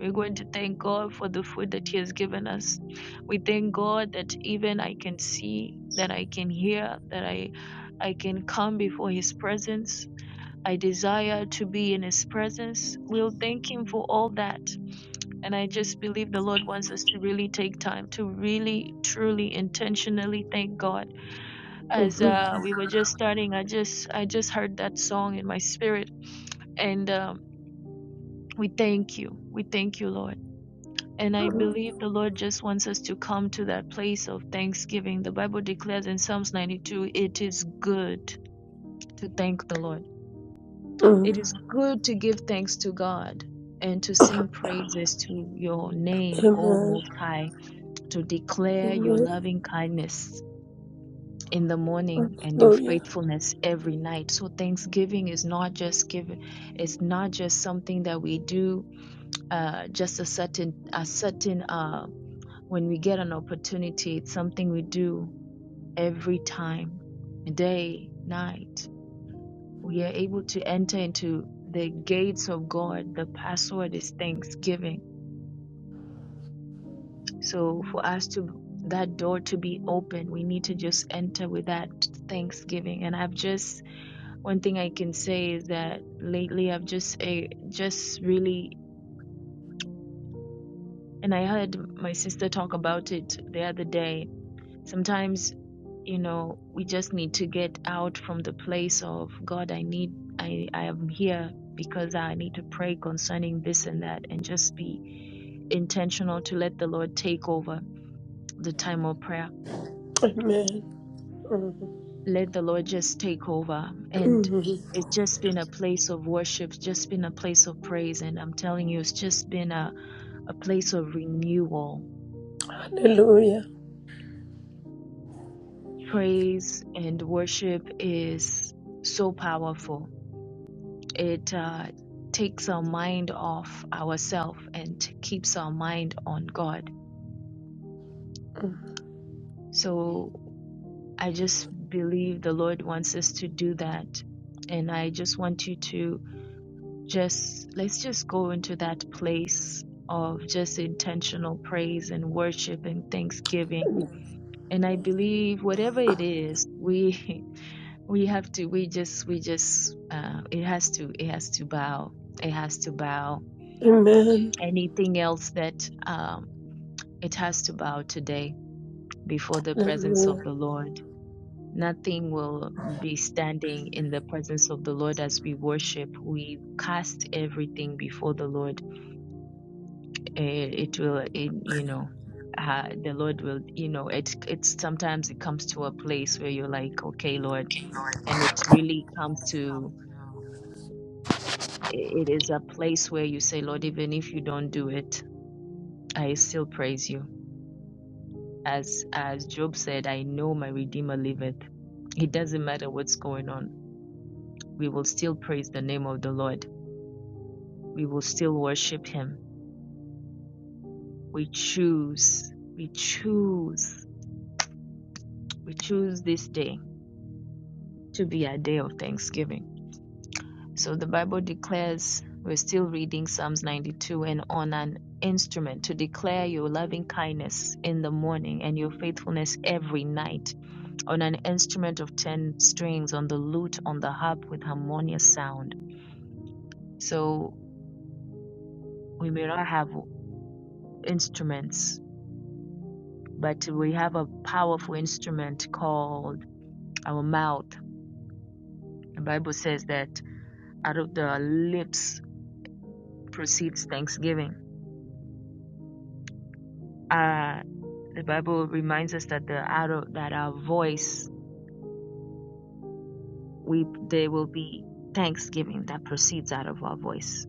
Speaker 1: We're going to thank God for the food that He has given us. We thank God that even I can see, that I can hear, that I, I can come before His presence. I desire to be in His presence. We'll thank Him for all that. And I just believe the Lord wants us to really take time to really, truly, intentionally thank God. As
Speaker 2: Mhm.
Speaker 1: uh, we were just starting, I just, I just heard that song in my spirit, and um, we thank you, we thank you, Lord. And I
Speaker 2: Mm.
Speaker 1: believe the Lord just wants us to come to that place of thanksgiving. The Bible declares in Psalms 92 it is good to thank the Lord. It
Speaker 2: Mm.
Speaker 1: is good to give thanks to God and to sing praises to your name, O
Speaker 2: Amen.
Speaker 1: Most High, to declare your
Speaker 2: Amen.
Speaker 1: loving kindness in the morning and your
Speaker 2: Hallelujah.
Speaker 1: faithfulness every night. So thanksgiving is not just given, it's not just something that we do uh, just a certain a certain uh, when we get an opportunity, it's something we do every time, day, night. We are able to enter into the gates of God. The password is thanksgiving. So for us to that door to be open, we need to just enter with that thanksgiving. And I've just one thing I can say is that lately I've just a just really and I heard my sister talk about it the other day. Sometimes you know we just need to get out from the place of god i need i i am here because i need to pray concerning this and that and just be intentional to let the lord take over the time of prayer
Speaker 2: Amen.
Speaker 1: let the lord just take over and
Speaker 2: Mhm.
Speaker 1: it's just been a place of worship just been a place of praise and i'm telling you it's just been a, a place of renewal
Speaker 2: Hallelujah.
Speaker 1: praise and worship is so powerful It uh, takes our mind off ourselves and t- keeps our mind on God. So I just believe the Lord wants us to do that. And I just want you to just, let's just go into that place of just intentional praise and worship and thanksgiving. And I believe whatever it is, we, we have to, we just, we just, uh, it has to, it has to bow. It has to bow.
Speaker 2: Amen.
Speaker 1: Anything else that um, It has to bow today before the presence of
Speaker 2: Hallelujah.
Speaker 1: the Lord. Nothing will be standing in the presence of the Lord as we worship. We cast everything before the Lord. Eh, It will, it, you know, uh, the Lord will, you know, it, it's sometimes it comes to a place where you're like, okay, Lord, and it really comes to, it is a place where you say, Lord, even if you don't do it, I still praise you. As as Job said, I know my Redeemer liveth It doesn't matter what's going on. We will still praise the name of the Lord. We will still worship Him. We choose, we choose, we choose this day to be a day of thanksgiving. So the Bible declares, we're still reading Psalms 92 and on an instrument to declare your loving kindness in the morning and your faithfulness every night on an instrument of 10 strings on the lute on the harp with harmonious sound so we may not have instruments but we have a powerful instrument called our mouth. The Bible says that out of the lips proceeds thanksgiving. Uh, the Bible reminds us that the out of, that our voice we there will be thanksgiving that proceeds out of our voice.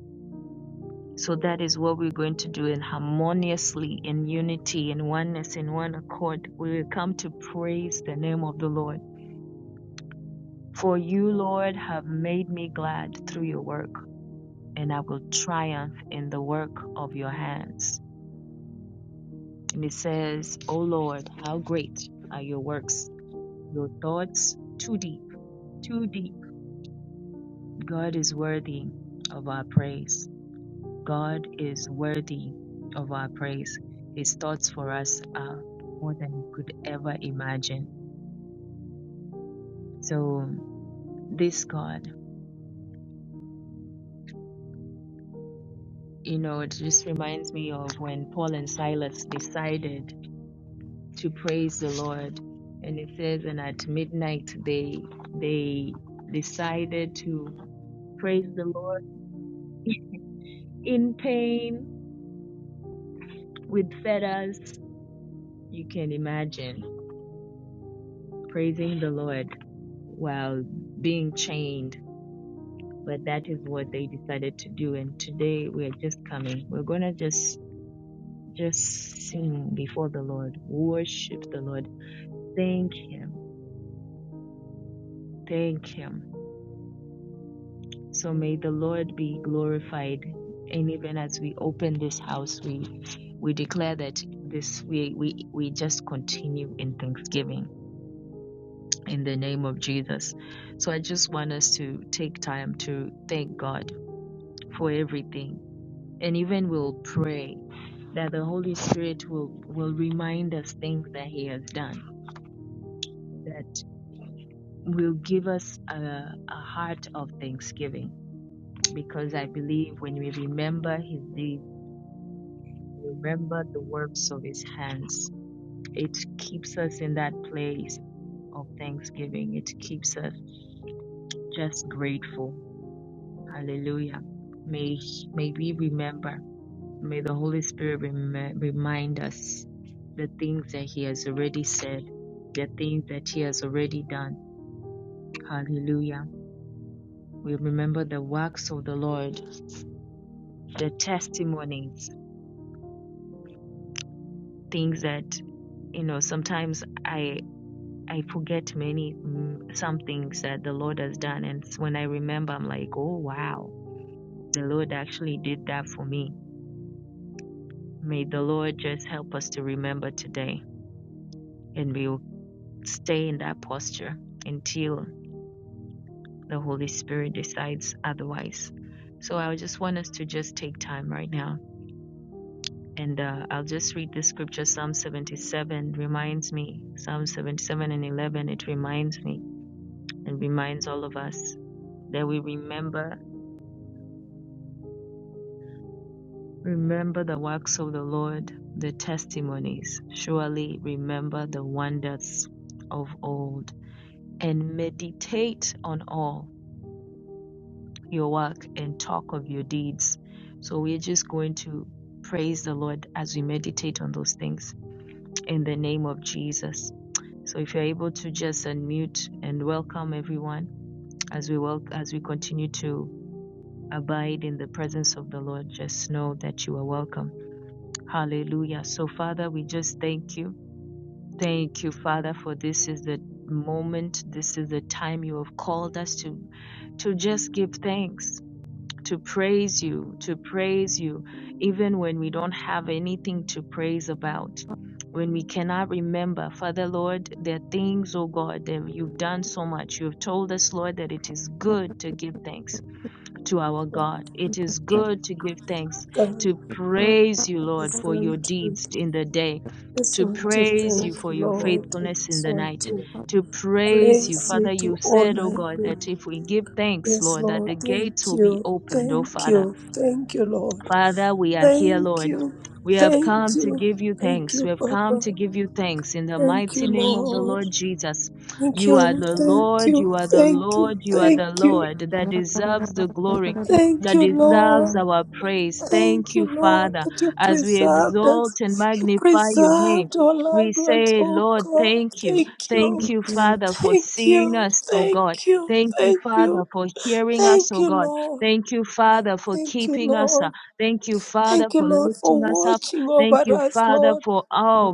Speaker 1: So that is what we're going to do in harmoniously, in unity, in oneness, in one accord. We will come to praise the name of the Lord. For you, Lord, have made me glad through your work. and I will triumph in the work of your hands. And it says, O Lord, how great are your works, your thoughts too deep, too deep. God is worthy of our praise. God is worthy of our praise. His thoughts for us are more than you could ever imagine. So, this God, you know, it just reminds me of when Paul and Silas decided to praise the Lord. And it says, and at midnight they they decided to praise the Lord in pain with fetters. You can imagine praising the Lord while being chained. But that is what they decided to do. And today we're just coming. We're gonna just just sing before the Lord, worship the Lord, thank Him, thank Him So may the Lord be glorified. And even as we open this house, we we declare that this we we, we just continue in thanksgiving in the name of Jesus. So I just want us to take time to thank God for everything. And even we'll pray that the Holy Spirit will will remind us things that He has done, that will give us a, a heart of thanksgiving. Because I believe when we remember His deeds Remember the works of his hands. It keeps us in that place of thanksgiving. It keeps us just grateful. Hallelujah. May, may we remember, may the Holy Spirit rem- remind us the things that He has already said, the things that He has already done. Hallelujah. We remember the works of the Lord, the testimonies, things that, you know, sometimes I forget many mm, some things that the Lord has done, and s- when I remember, I'm like, oh wow, the Lord actually did that for me. May the Lord just help us to remember today, and we will stay in that posture until the Holy Spirit decides otherwise. So I just want us to just take time right now. And uh, I'll just read the scripture, Psalm 77 reminds me, Psalm 77 and 11, it reminds me and reminds all of us that we remember Remember the works of the Lord, the testimonies. Surely remember the wonders of old, and meditate on all your work and talk of your deeds. So we're just going to praise the Lord as we meditate on those things in the name of Jesus. So if you're able to just unmute and welcome everyone as we welcome as we continue to abide in the presence of the Lord, just know that you are welcome. Hallelujah. So, Father, we just thank you. Thank you, Father, for this is the moment, this is the time you have called us to to just give thanks, to praise you, to praise you, even when we don't have anything to praise about, when we cannot remember. Father, Lord, there are things, oh God, that you've done so much. You have told us, Lord, that it is good to give thanks to our God. It is good to give thanks,
Speaker 2: God
Speaker 1: to praise you, Lord,
Speaker 2: is
Speaker 1: for
Speaker 2: going
Speaker 1: your
Speaker 2: to
Speaker 1: deeds in the day,
Speaker 2: this
Speaker 1: to
Speaker 2: one to
Speaker 1: praise
Speaker 2: thank
Speaker 1: you for
Speaker 2: you,
Speaker 1: your
Speaker 2: Lord, and
Speaker 1: faithfulness in
Speaker 2: this
Speaker 1: the
Speaker 2: one
Speaker 1: night,
Speaker 2: to
Speaker 1: to praise you.
Speaker 2: praise
Speaker 1: Father,
Speaker 2: you,
Speaker 1: you
Speaker 2: to
Speaker 1: said, oh
Speaker 2: honor
Speaker 1: God,
Speaker 2: you.
Speaker 1: that if we give thanks,
Speaker 2: Yes,
Speaker 1: Lord, that
Speaker 2: Lord,
Speaker 1: the
Speaker 2: thank
Speaker 1: gates will be
Speaker 2: you,
Speaker 1: opened, oh
Speaker 2: thank
Speaker 1: Father.
Speaker 2: you, thank you, Lord.
Speaker 1: Father, we are here,
Speaker 2: Thank
Speaker 1: Lord.
Speaker 2: you,
Speaker 1: We have
Speaker 2: thank
Speaker 1: come to
Speaker 2: you,
Speaker 1: give you
Speaker 2: thank
Speaker 1: thanks.
Speaker 2: you,
Speaker 1: We have come
Speaker 2: Papa.
Speaker 1: to give you thanks in the
Speaker 2: Thank you,
Speaker 1: mighty name of the
Speaker 2: Lord.
Speaker 1: Lord Jesus.
Speaker 2: Thank
Speaker 1: You are
Speaker 2: you,
Speaker 1: the
Speaker 2: thank
Speaker 1: Lord,
Speaker 2: you,
Speaker 1: you are the
Speaker 2: thank you,
Speaker 1: Lord, you are the
Speaker 2: thank you,
Speaker 1: Lord that deserves the glory,
Speaker 2: thank
Speaker 1: that
Speaker 2: you, Lord.
Speaker 3: Lord.
Speaker 1: deserves our praise. Thank
Speaker 2: Thank you,
Speaker 1: you,
Speaker 2: Lord,
Speaker 1: Father,
Speaker 2: that you
Speaker 1: as we
Speaker 2: preserved
Speaker 1: exalt and
Speaker 2: us. You
Speaker 1: magnify your name.
Speaker 2: preserved our
Speaker 1: We
Speaker 2: loved ones,
Speaker 1: say,
Speaker 2: oh
Speaker 1: Lord,
Speaker 2: God.
Speaker 1: thank you.
Speaker 2: Thank you.
Speaker 1: Thank you, Father, for
Speaker 2: Thank
Speaker 1: seeing
Speaker 2: you.
Speaker 1: us, O
Speaker 2: Thank
Speaker 1: God.
Speaker 2: you.
Speaker 1: Thank you,
Speaker 2: Thank
Speaker 1: Father,
Speaker 2: you.
Speaker 1: for hearing us,
Speaker 2: Thank
Speaker 1: O
Speaker 2: you,
Speaker 1: God.
Speaker 2: Lord.
Speaker 1: Thank you, Father, for
Speaker 2: Thank you,
Speaker 1: keeping us. uh,
Speaker 2: Lord.
Speaker 1: Thank you, Father,
Speaker 2: Thank you,
Speaker 1: for
Speaker 2: Lord, for
Speaker 1: lifting us up.
Speaker 2: watching
Speaker 1: Thank
Speaker 2: over
Speaker 1: you,
Speaker 2: us,
Speaker 1: Father,
Speaker 2: Lord.
Speaker 1: for oh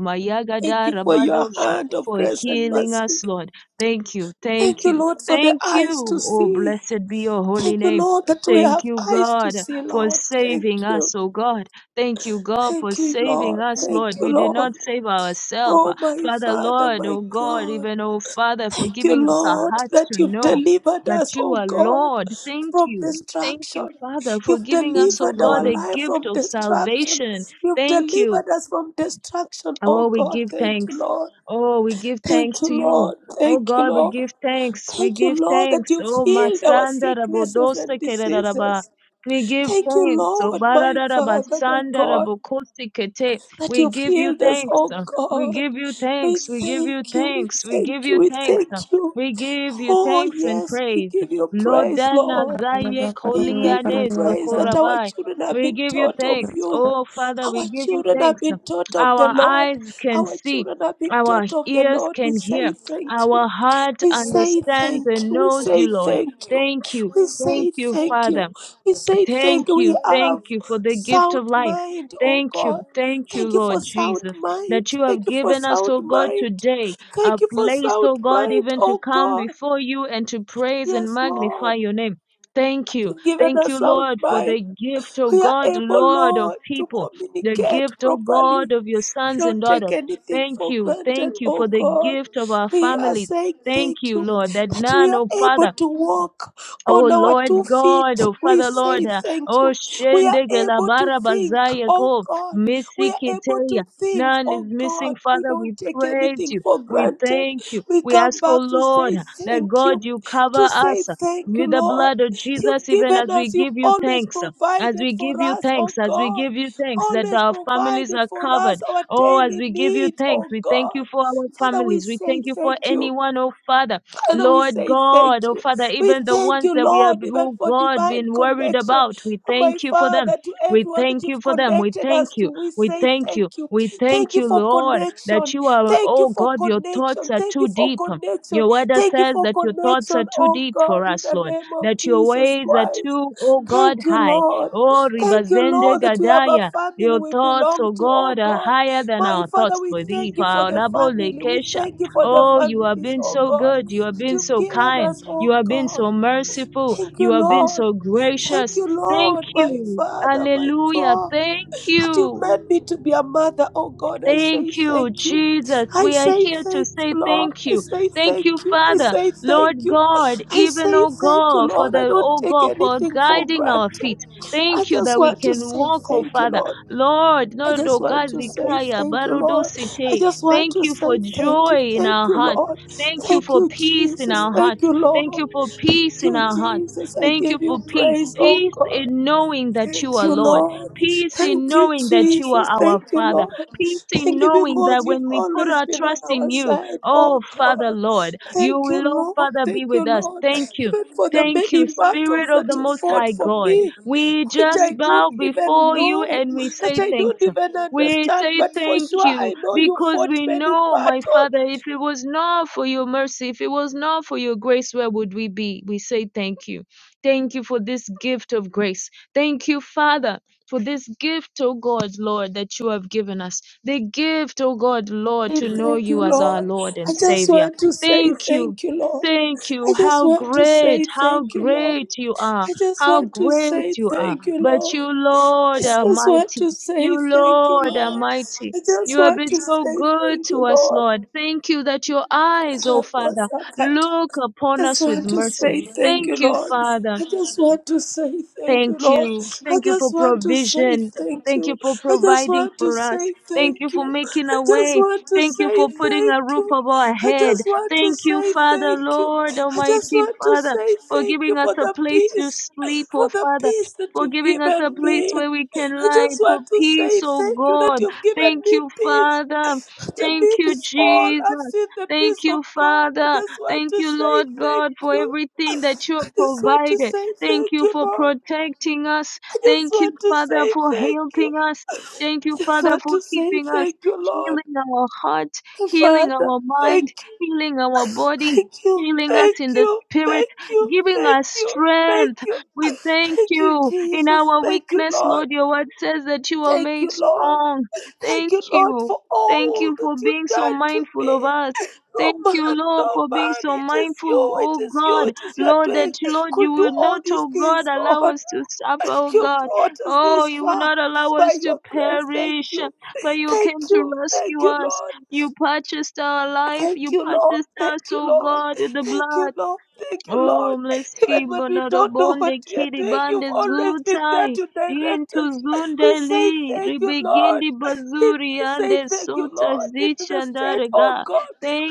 Speaker 2: Thank
Speaker 1: Mayagada
Speaker 2: you for your
Speaker 1: Rabadosha.
Speaker 2: hand of
Speaker 1: For
Speaker 2: grace and
Speaker 1: healing
Speaker 2: mercy.
Speaker 1: us, Lord. Thank you,
Speaker 2: Thank
Speaker 1: thank
Speaker 2: you,
Speaker 1: you,
Speaker 2: Lord, for the
Speaker 1: thank
Speaker 2: eyes to
Speaker 1: you. Oh,
Speaker 2: see.
Speaker 1: blessed be your holy
Speaker 2: Thank you,
Speaker 1: name.
Speaker 2: Lord, that we have
Speaker 1: Thank you,
Speaker 2: eyes to
Speaker 1: God,
Speaker 2: see,
Speaker 1: for
Speaker 2: Lord. Thank
Speaker 1: saving
Speaker 2: you.
Speaker 1: us, oh God. Thank you, God, for
Speaker 2: Thank you,
Speaker 1: saving
Speaker 2: Lord.
Speaker 1: us,
Speaker 2: Thank
Speaker 1: Lord.
Speaker 2: you,
Speaker 1: We did
Speaker 2: Lord.
Speaker 1: not save ourselves.
Speaker 2: Oh, my
Speaker 1: Father,
Speaker 2: Father,
Speaker 1: Lord,
Speaker 2: my
Speaker 1: oh God,
Speaker 2: God.
Speaker 1: even oh Father, for
Speaker 2: Thank you,
Speaker 1: giving us a
Speaker 2: Lord,
Speaker 1: heart
Speaker 2: that
Speaker 1: to
Speaker 2: you've
Speaker 1: know
Speaker 2: delivered
Speaker 1: that
Speaker 2: us,
Speaker 1: you
Speaker 2: oh
Speaker 1: are
Speaker 2: God,
Speaker 1: Lord. Thank
Speaker 2: from
Speaker 1: you. Thank you,
Speaker 2: destruction.
Speaker 1: Father, for
Speaker 2: You've
Speaker 1: giving us, O
Speaker 2: delivered our
Speaker 1: God, a
Speaker 2: life
Speaker 1: gift
Speaker 2: from
Speaker 1: of
Speaker 2: destruction.
Speaker 1: salvation.
Speaker 2: You've
Speaker 1: Thank you.
Speaker 2: delivered us from destruction, oh
Speaker 1: Oh, we
Speaker 2: God.
Speaker 1: give
Speaker 2: Thank you,
Speaker 1: thanks.
Speaker 2: Lord.
Speaker 1: Oh, we give
Speaker 2: Thank
Speaker 1: thanks
Speaker 2: you,
Speaker 1: to you.
Speaker 2: Lord.
Speaker 1: Oh
Speaker 2: Thank you,
Speaker 1: God, we
Speaker 2: Lord.
Speaker 1: give thanks. We
Speaker 2: Thank you,
Speaker 1: give
Speaker 2: Lord, that
Speaker 1: thanks.
Speaker 2: you've
Speaker 1: Oh
Speaker 2: healed our
Speaker 1: Masanda
Speaker 2: sicknesses and
Speaker 1: Rabodosa Keraraba.
Speaker 2: diseases.
Speaker 1: We give
Speaker 2: Thank you,
Speaker 1: thanks. Oh
Speaker 2: Lord, my Father, my
Speaker 1: Bararabasanda
Speaker 2: God.
Speaker 1: Rabokosi Kete.
Speaker 2: that
Speaker 1: We
Speaker 2: you've
Speaker 1: give you
Speaker 2: healed us,
Speaker 1: thanks.
Speaker 2: oh
Speaker 1: We
Speaker 2: God.
Speaker 1: give you
Speaker 2: We
Speaker 1: thanks. We give
Speaker 2: thank
Speaker 1: you
Speaker 2: you, we
Speaker 1: thanks. We give
Speaker 2: thank you,
Speaker 1: you
Speaker 2: we
Speaker 1: thanks.
Speaker 2: thank you.
Speaker 1: We give you
Speaker 2: Oh,
Speaker 1: thanks and
Speaker 2: yes, we
Speaker 1: praise.
Speaker 2: give you praise,
Speaker 1: Lodana
Speaker 2: Lord.
Speaker 1: Zaye
Speaker 2: We give you
Speaker 1: Koliane
Speaker 2: praise that
Speaker 3: Yakaridaya
Speaker 2: our
Speaker 1: Sokorabai.
Speaker 2: children have
Speaker 1: We
Speaker 2: been
Speaker 1: give you
Speaker 2: taught of
Speaker 1: thanks.
Speaker 2: you.
Speaker 1: Oh Father, we
Speaker 2: Our
Speaker 1: give you
Speaker 2: children have
Speaker 1: thanks.
Speaker 2: been taught of the
Speaker 1: Our
Speaker 2: Lord.
Speaker 1: eyes can
Speaker 2: Our
Speaker 1: see.
Speaker 2: children have been
Speaker 1: Our
Speaker 2: taught of the
Speaker 1: ears
Speaker 2: Lord. We
Speaker 1: can
Speaker 2: say
Speaker 1: hear.
Speaker 2: thank you.
Speaker 1: Our heart
Speaker 2: We say
Speaker 1: understands
Speaker 2: thank
Speaker 1: and
Speaker 2: you. We
Speaker 1: knows
Speaker 2: say
Speaker 1: you, Lord.
Speaker 2: thank you.
Speaker 1: Thank you.
Speaker 2: We say
Speaker 1: Thank you,
Speaker 2: thank
Speaker 1: Father.
Speaker 2: you. We say
Speaker 1: Thank
Speaker 2: thank you.
Speaker 1: you,
Speaker 2: We
Speaker 1: thank
Speaker 2: have
Speaker 1: you for the gift of
Speaker 2: sound
Speaker 1: life.
Speaker 2: mind, oh
Speaker 1: Thank you,
Speaker 2: God.
Speaker 1: thank you,
Speaker 2: Thank you
Speaker 1: Lord
Speaker 2: for sound
Speaker 1: Jesus,
Speaker 2: mind.
Speaker 1: that you have
Speaker 2: Thank you for
Speaker 1: given us,
Speaker 2: sound
Speaker 1: oh God,
Speaker 2: mind.
Speaker 1: today a
Speaker 2: Thank you for
Speaker 1: place, oh
Speaker 2: sound
Speaker 1: God,
Speaker 2: mind,
Speaker 1: even to
Speaker 2: oh
Speaker 1: come
Speaker 2: God.
Speaker 1: before you and to praise and
Speaker 2: Yes,
Speaker 1: magnify
Speaker 2: Lord.
Speaker 1: your name. Thank you.
Speaker 2: You've given
Speaker 1: Thank
Speaker 2: us
Speaker 1: you,
Speaker 2: sound
Speaker 1: Lord, for
Speaker 2: mind.
Speaker 1: the gift, oh
Speaker 2: We are
Speaker 1: God,
Speaker 2: able,
Speaker 1: Lord of
Speaker 2: Lord, to
Speaker 1: people, the
Speaker 2: communicate
Speaker 1: gift, oh God,
Speaker 2: properly.
Speaker 1: of your
Speaker 2: We
Speaker 1: sons and
Speaker 2: don't take
Speaker 1: daughters.
Speaker 2: anything
Speaker 1: Thank
Speaker 2: for
Speaker 1: you.
Speaker 2: granted,
Speaker 1: Thank you
Speaker 2: oh
Speaker 1: for the
Speaker 2: God.
Speaker 1: gift of our
Speaker 2: We are
Speaker 1: families.
Speaker 2: saying
Speaker 1: Thank
Speaker 2: thank
Speaker 1: you,
Speaker 2: you
Speaker 1: Lord, that
Speaker 2: that we
Speaker 1: none,
Speaker 2: are
Speaker 1: oh
Speaker 2: able
Speaker 1: Father,
Speaker 2: to walk
Speaker 1: Oh
Speaker 2: on our two
Speaker 1: Lord
Speaker 2: feet.
Speaker 1: God, oh
Speaker 2: We
Speaker 1: Father
Speaker 2: say
Speaker 1: Lord, uh,
Speaker 2: thank
Speaker 1: oh
Speaker 2: you. We are
Speaker 1: Shendege
Speaker 2: able to
Speaker 1: Labara
Speaker 2: think,
Speaker 1: Bazaya
Speaker 2: oh
Speaker 1: Ko,
Speaker 2: God. We
Speaker 1: Missy
Speaker 2: are able
Speaker 1: Kiteya.
Speaker 2: to think,
Speaker 1: None is
Speaker 2: oh
Speaker 1: missing,
Speaker 2: God. We
Speaker 1: Father.
Speaker 2: don't
Speaker 1: We
Speaker 2: take
Speaker 1: praise
Speaker 2: anything
Speaker 1: you.
Speaker 2: for
Speaker 1: We
Speaker 2: granted.
Speaker 1: thank you.
Speaker 2: We
Speaker 1: We
Speaker 2: come
Speaker 1: ask, oh
Speaker 2: back to
Speaker 1: Lord,
Speaker 2: say
Speaker 1: that
Speaker 2: thank you,
Speaker 1: God, you
Speaker 2: to
Speaker 1: cover
Speaker 2: say
Speaker 1: us uh,
Speaker 2: thank
Speaker 1: with
Speaker 2: you,
Speaker 1: the
Speaker 2: Lord.
Speaker 1: blood of
Speaker 2: You've
Speaker 1: Jesus, even as
Speaker 2: given
Speaker 1: we
Speaker 2: us, you've
Speaker 1: give you
Speaker 2: always
Speaker 1: thanks. uh, As
Speaker 2: provided
Speaker 1: we
Speaker 2: for
Speaker 1: give you
Speaker 2: us,
Speaker 1: thanks,
Speaker 2: oh
Speaker 1: as we
Speaker 2: God
Speaker 1: give you thanks that
Speaker 2: always
Speaker 1: our families
Speaker 2: provided
Speaker 1: are
Speaker 2: for us
Speaker 1: covered.
Speaker 2: our
Speaker 1: Oh, as
Speaker 2: daily
Speaker 1: we give you
Speaker 2: needs,
Speaker 1: thanks,
Speaker 2: oh
Speaker 1: we thank
Speaker 2: God.
Speaker 1: you for our
Speaker 2: Father, we
Speaker 1: families. We
Speaker 2: say
Speaker 1: thank you for
Speaker 2: thank you.
Speaker 1: anyone, oh Father
Speaker 2: Father, we
Speaker 1: Lord
Speaker 2: say
Speaker 1: God,
Speaker 2: thank
Speaker 1: oh
Speaker 2: you.
Speaker 1: Father,
Speaker 2: We
Speaker 1: even the
Speaker 2: thank
Speaker 1: ones
Speaker 2: you,
Speaker 1: that we have,
Speaker 2: Lord, even
Speaker 1: oh
Speaker 2: for
Speaker 1: God,
Speaker 2: divine
Speaker 1: been worried
Speaker 2: connection.
Speaker 1: about, we
Speaker 2: My
Speaker 1: thank you for them.
Speaker 2: Father, to
Speaker 1: We
Speaker 2: everyone that
Speaker 1: thank you
Speaker 2: you've
Speaker 1: for them. We
Speaker 2: connected us
Speaker 1: thank
Speaker 2: to,
Speaker 1: you.
Speaker 2: we
Speaker 1: We
Speaker 2: say
Speaker 1: thank you.
Speaker 2: thank you.
Speaker 1: We
Speaker 2: Thank
Speaker 1: thank
Speaker 2: you
Speaker 1: you,
Speaker 2: for
Speaker 1: Lord, that
Speaker 2: connection.
Speaker 1: you are,
Speaker 2: Thank you
Speaker 1: oh
Speaker 2: for
Speaker 1: God, your thoughts
Speaker 2: connection.
Speaker 1: are
Speaker 2: Thank you
Speaker 1: too
Speaker 2: for
Speaker 1: deep.
Speaker 2: connection.
Speaker 1: Your word
Speaker 2: Thank you
Speaker 1: says
Speaker 2: for
Speaker 1: that your thoughts are
Speaker 2: connection,
Speaker 1: too
Speaker 2: oh
Speaker 1: deep for
Speaker 2: God, in
Speaker 1: us,
Speaker 2: the
Speaker 1: Lord,
Speaker 2: name of
Speaker 1: that your
Speaker 2: Jesus
Speaker 1: ways are
Speaker 2: Christ.
Speaker 1: too, oh God,
Speaker 2: Thank you,
Speaker 1: high.
Speaker 2: Lord.
Speaker 1: Oh,
Speaker 2: Thank you,
Speaker 1: Ribazende
Speaker 2: Lord, that we have a
Speaker 1: Gadaya.
Speaker 2: family
Speaker 1: Your
Speaker 2: we
Speaker 1: thoughts,
Speaker 2: belong
Speaker 1: oh
Speaker 2: to,
Speaker 1: God,
Speaker 2: oh
Speaker 1: are
Speaker 2: God.
Speaker 1: higher than
Speaker 2: My
Speaker 1: our
Speaker 2: Father,
Speaker 1: thoughts
Speaker 2: we
Speaker 1: for thee.
Speaker 2: thank
Speaker 1: For
Speaker 2: you for
Speaker 1: our
Speaker 2: the
Speaker 1: labo
Speaker 2: family. We
Speaker 1: lekesha.
Speaker 2: thank you for the
Speaker 1: Oh, you have
Speaker 2: families,
Speaker 1: been
Speaker 2: oh
Speaker 1: so
Speaker 2: God
Speaker 1: good. You have
Speaker 2: that
Speaker 1: been
Speaker 2: you've
Speaker 1: so
Speaker 2: given
Speaker 1: kind.
Speaker 2: us,
Speaker 1: You
Speaker 2: oh
Speaker 1: have been
Speaker 2: God.
Speaker 1: so merciful.
Speaker 2: Thank you,
Speaker 1: You have been
Speaker 2: Lord.
Speaker 1: so
Speaker 2: Thank
Speaker 1: gracious.
Speaker 2: you,
Speaker 1: Thank
Speaker 2: Lord, my
Speaker 1: you.
Speaker 2: Father, my
Speaker 1: Hallelujah.
Speaker 2: God,
Speaker 1: Thank
Speaker 2: that
Speaker 1: you.
Speaker 2: you've made me to be a mother, oh God. I say
Speaker 1: Thank you,
Speaker 2: thank you.
Speaker 1: Jesus.
Speaker 2: I
Speaker 1: We are
Speaker 2: say
Speaker 1: here to
Speaker 2: thank
Speaker 1: say
Speaker 2: you, Lord.
Speaker 1: thank
Speaker 2: I
Speaker 1: you.
Speaker 2: say
Speaker 1: Thank
Speaker 2: thank
Speaker 1: you,
Speaker 2: you. I
Speaker 1: Father,
Speaker 2: say thank
Speaker 1: Lord
Speaker 2: you.
Speaker 1: God,
Speaker 2: I
Speaker 1: even,
Speaker 2: say
Speaker 1: oh
Speaker 2: thank you,
Speaker 1: God, for
Speaker 2: Lord. I
Speaker 1: the,
Speaker 2: don't
Speaker 1: oh
Speaker 2: take
Speaker 1: God, for
Speaker 2: anything for
Speaker 1: guiding our
Speaker 2: granted.
Speaker 1: feet.
Speaker 2: I
Speaker 1: Thank you
Speaker 2: just
Speaker 1: that we
Speaker 2: want to
Speaker 1: can
Speaker 2: say
Speaker 1: walk, oh
Speaker 2: thank you,
Speaker 1: Father.
Speaker 2: Lord.
Speaker 1: Lord,
Speaker 2: I
Speaker 1: Lord, oh
Speaker 2: just want
Speaker 1: God,
Speaker 2: to say
Speaker 1: Zikaya,
Speaker 2: thank you, Lord. I
Speaker 1: Barudusite.
Speaker 2: just want
Speaker 1: Thank
Speaker 2: to
Speaker 1: you for
Speaker 2: say thank you.
Speaker 1: joy in
Speaker 2: Thank
Speaker 1: our
Speaker 2: you,
Speaker 1: hearts.
Speaker 2: Lord.
Speaker 1: Thank you
Speaker 2: Thank
Speaker 1: for
Speaker 2: you,
Speaker 1: peace in
Speaker 2: Jesus.
Speaker 1: our
Speaker 2: Thank
Speaker 1: hearts.
Speaker 2: you, Lord
Speaker 1: Thank you for peace in
Speaker 2: you,
Speaker 1: our hearts.
Speaker 2: Jesus. I
Speaker 1: Thank you
Speaker 2: give
Speaker 1: for
Speaker 2: you
Speaker 1: peace.
Speaker 2: praise, oh
Speaker 1: Peace
Speaker 2: God.
Speaker 1: in knowing that you
Speaker 2: Thank
Speaker 1: are
Speaker 2: you,
Speaker 1: Lord.
Speaker 2: Lord.
Speaker 1: Peace
Speaker 2: Thank
Speaker 1: in
Speaker 2: you,
Speaker 1: knowing that you are
Speaker 2: Jesus.
Speaker 1: our
Speaker 2: Thank you,
Speaker 1: Father
Speaker 2: Lord.
Speaker 1: peace in
Speaker 2: Thank you
Speaker 1: knowing
Speaker 2: because
Speaker 1: that
Speaker 2: you've
Speaker 1: when we put
Speaker 2: always
Speaker 1: our
Speaker 2: been on
Speaker 1: trust in
Speaker 2: our
Speaker 1: you,
Speaker 2: side, oh
Speaker 1: oh Father
Speaker 2: God.
Speaker 1: Lord, you
Speaker 2: Thank you,
Speaker 1: will, oh
Speaker 2: Lord.
Speaker 1: Father, be
Speaker 2: Thank
Speaker 1: with
Speaker 2: you,
Speaker 1: us.
Speaker 2: Lord.
Speaker 1: Thank you.
Speaker 2: Even for the
Speaker 1: Thank you,
Speaker 2: many
Speaker 1: Spirit
Speaker 2: battles that
Speaker 1: of the
Speaker 2: you
Speaker 1: Most
Speaker 2: fought
Speaker 1: High
Speaker 2: for
Speaker 1: God.
Speaker 2: me,
Speaker 1: We
Speaker 2: which
Speaker 1: just
Speaker 2: I don't
Speaker 1: bow
Speaker 2: even
Speaker 1: before you
Speaker 2: know,
Speaker 1: and we
Speaker 2: that
Speaker 1: say
Speaker 2: I don't
Speaker 1: thanks.
Speaker 2: even
Speaker 1: We
Speaker 2: understand,
Speaker 1: say
Speaker 2: but for
Speaker 1: thank
Speaker 2: sure
Speaker 1: you
Speaker 2: I know you
Speaker 1: because
Speaker 2: fought
Speaker 1: we
Speaker 2: many
Speaker 1: know, my
Speaker 2: battles.
Speaker 1: Father, if it was not for your mercy, if it was not for your grace, where would we be? We say thank you. Thank you for this gift of grace. Thank you, Father for this gift, O God, Lord, that you have given us. The gift, O God, Lord,
Speaker 2: Hey,
Speaker 1: to know
Speaker 2: Thank
Speaker 1: you
Speaker 2: you,
Speaker 1: as our
Speaker 2: Lord.
Speaker 1: Lord
Speaker 2: I
Speaker 1: and
Speaker 2: just
Speaker 1: Savior.
Speaker 2: want to say
Speaker 1: Thank you.
Speaker 2: thank you, Lord.
Speaker 1: Thank
Speaker 2: I
Speaker 1: you.
Speaker 2: just
Speaker 1: How
Speaker 2: want to
Speaker 1: great,
Speaker 2: say
Speaker 1: how
Speaker 2: thank you, Lord.
Speaker 1: great you are.
Speaker 2: I just
Speaker 1: How
Speaker 2: want to
Speaker 1: great
Speaker 2: say
Speaker 1: you are.
Speaker 2: thank you,
Speaker 1: But
Speaker 2: Lord.
Speaker 1: you,
Speaker 2: I
Speaker 1: Lord, are
Speaker 2: just want
Speaker 1: mighty.
Speaker 2: to
Speaker 1: You,
Speaker 2: say thank you,
Speaker 1: Lord, are
Speaker 2: Lord.
Speaker 1: mighty.
Speaker 2: I
Speaker 1: You
Speaker 2: just
Speaker 1: have
Speaker 2: want
Speaker 1: been
Speaker 2: to
Speaker 1: so
Speaker 2: say
Speaker 1: good
Speaker 2: thank
Speaker 1: to us,
Speaker 2: you,
Speaker 1: Lord. Thank you that your eyes, O Father,
Speaker 2: Lord.
Speaker 1: look
Speaker 2: I
Speaker 1: upon
Speaker 2: just
Speaker 1: us with
Speaker 2: want to
Speaker 1: mercy.
Speaker 2: say thank you,
Speaker 1: Thank you,
Speaker 2: Lord.
Speaker 1: Father.
Speaker 2: I just want to say thank you,
Speaker 1: Thank
Speaker 2: Lord.
Speaker 1: you.
Speaker 2: I
Speaker 1: Thank you
Speaker 2: just
Speaker 1: for
Speaker 2: want to say
Speaker 1: provision.
Speaker 2: thank
Speaker 1: Thank you
Speaker 2: you.
Speaker 1: for
Speaker 2: I just
Speaker 1: providing
Speaker 2: want to
Speaker 1: for us.
Speaker 2: say
Speaker 1: Thank you
Speaker 2: thank
Speaker 1: for
Speaker 2: you.
Speaker 1: making
Speaker 2: I
Speaker 1: a
Speaker 2: just
Speaker 1: way.
Speaker 2: want to
Speaker 1: Thank you
Speaker 2: say
Speaker 1: for putting a
Speaker 2: thank
Speaker 1: roof
Speaker 2: you.
Speaker 1: over our
Speaker 2: I
Speaker 1: head.
Speaker 2: just want to
Speaker 1: Thank you,
Speaker 2: say
Speaker 1: Father,
Speaker 2: thank you.
Speaker 1: Lord
Speaker 2: I just
Speaker 1: Almighty
Speaker 2: want to
Speaker 1: Father,
Speaker 2: say
Speaker 1: for
Speaker 2: thank you
Speaker 1: giving us
Speaker 2: for
Speaker 1: a
Speaker 2: the
Speaker 1: place to
Speaker 2: peace,
Speaker 1: sleep, oh
Speaker 2: for the
Speaker 1: Father.
Speaker 2: peace that
Speaker 1: For
Speaker 2: you've
Speaker 1: giving us a
Speaker 2: given
Speaker 1: place
Speaker 2: me.
Speaker 1: where we can
Speaker 2: I
Speaker 1: lie
Speaker 2: just
Speaker 1: for
Speaker 2: want to
Speaker 1: peace,
Speaker 2: say
Speaker 1: oh
Speaker 2: thank you that
Speaker 1: God.
Speaker 2: you've given
Speaker 1: Thank
Speaker 2: me
Speaker 1: you,
Speaker 2: peace.
Speaker 1: Father.
Speaker 2: To
Speaker 1: Thank
Speaker 2: me,
Speaker 1: you,
Speaker 2: is all. I've
Speaker 1: Jesus.
Speaker 2: seen the peace
Speaker 1: Thank
Speaker 2: of
Speaker 1: you,
Speaker 2: God. I
Speaker 1: Father.
Speaker 2: just want
Speaker 1: Thank
Speaker 2: to
Speaker 1: you,
Speaker 2: say
Speaker 1: Lord
Speaker 2: thank
Speaker 1: God, for
Speaker 2: you.
Speaker 1: everything that you
Speaker 2: I
Speaker 1: have
Speaker 2: just want to
Speaker 1: provided.
Speaker 2: say
Speaker 1: Thank
Speaker 2: thank
Speaker 1: you
Speaker 2: you,
Speaker 1: for
Speaker 2: Lord.
Speaker 1: protecting us.
Speaker 2: I just
Speaker 1: Thank you,
Speaker 2: want to
Speaker 1: Father,
Speaker 2: say
Speaker 1: for
Speaker 2: thank you.
Speaker 1: helping us. Thank
Speaker 2: I
Speaker 1: you,
Speaker 2: just
Speaker 1: Father,
Speaker 2: want
Speaker 1: for
Speaker 2: to say
Speaker 1: keeping us,
Speaker 2: thank you, Lord.
Speaker 1: healing our heart, healing
Speaker 2: Father,
Speaker 1: our
Speaker 2: thank
Speaker 1: mind,
Speaker 2: you,
Speaker 1: healing our body,
Speaker 2: thank you,
Speaker 1: healing us
Speaker 2: thank
Speaker 1: in the
Speaker 2: you,
Speaker 1: spirit,
Speaker 2: thank you,
Speaker 1: giving
Speaker 2: thank
Speaker 1: us
Speaker 2: you, thank
Speaker 1: strength.
Speaker 2: you,
Speaker 1: We thank
Speaker 2: thank you,
Speaker 1: you in
Speaker 2: Jesus.
Speaker 1: our
Speaker 2: Thank you,
Speaker 1: weakness,
Speaker 2: Lord.
Speaker 1: Lord. Your word says that you are
Speaker 2: Thank you,
Speaker 1: made
Speaker 2: Lord.
Speaker 1: strong.
Speaker 2: Thank
Speaker 1: Thank
Speaker 2: you, Lord,
Speaker 1: you.
Speaker 2: for
Speaker 1: Thank
Speaker 2: all
Speaker 1: you
Speaker 2: that
Speaker 1: for
Speaker 2: you've
Speaker 1: being so
Speaker 2: done to
Speaker 1: mindful
Speaker 2: me.
Speaker 1: of us.
Speaker 2: No
Speaker 1: Thank you,
Speaker 2: man,
Speaker 1: Lord,
Speaker 2: no
Speaker 1: for being
Speaker 2: man,
Speaker 1: so
Speaker 2: it is
Speaker 1: mindful,
Speaker 2: you, it
Speaker 1: oh
Speaker 2: is
Speaker 1: God
Speaker 2: you, it is you are
Speaker 1: Lord, that
Speaker 2: doing,
Speaker 1: Lord,
Speaker 2: could
Speaker 1: you
Speaker 2: do
Speaker 1: will
Speaker 2: all
Speaker 1: not,
Speaker 2: these
Speaker 1: oh God,
Speaker 2: things,
Speaker 1: allow
Speaker 2: Lord.
Speaker 1: us to suffer, oh
Speaker 2: You
Speaker 1: God.
Speaker 2: brought us
Speaker 1: Oh,
Speaker 2: this
Speaker 1: you will
Speaker 2: far.
Speaker 1: not
Speaker 2: It's
Speaker 1: allow
Speaker 2: by
Speaker 1: us to
Speaker 2: your grace. Thank
Speaker 1: perish,
Speaker 2: you.
Speaker 1: but you
Speaker 2: Thank
Speaker 1: came to
Speaker 2: you. Thank
Speaker 1: rescue
Speaker 2: you,
Speaker 1: us.
Speaker 2: Lord.
Speaker 1: You purchased our life.
Speaker 2: Thank
Speaker 1: You
Speaker 2: you, Lord.
Speaker 1: purchased us,
Speaker 2: Thank you,
Speaker 1: oh
Speaker 2: Lord.
Speaker 1: God, with the
Speaker 2: Thank you,
Speaker 1: blood.
Speaker 2: Lord. Thank you, Lord.
Speaker 1: Oh,
Speaker 2: Even
Speaker 1: mleski
Speaker 2: when we don't know what
Speaker 1: bonadobonde
Speaker 2: we are
Speaker 1: kiri
Speaker 2: doing, you've
Speaker 1: bande
Speaker 2: always been there
Speaker 1: zutai.
Speaker 2: to direct
Speaker 1: Into
Speaker 2: us. We say
Speaker 1: zundeli
Speaker 2: thank you, Lord.
Speaker 1: ribigindi
Speaker 2: We
Speaker 1: bazuri
Speaker 2: we say
Speaker 1: ande
Speaker 2: thank you,
Speaker 1: suta
Speaker 2: Lord. In the state, oh
Speaker 1: zichandaraga.
Speaker 2: God,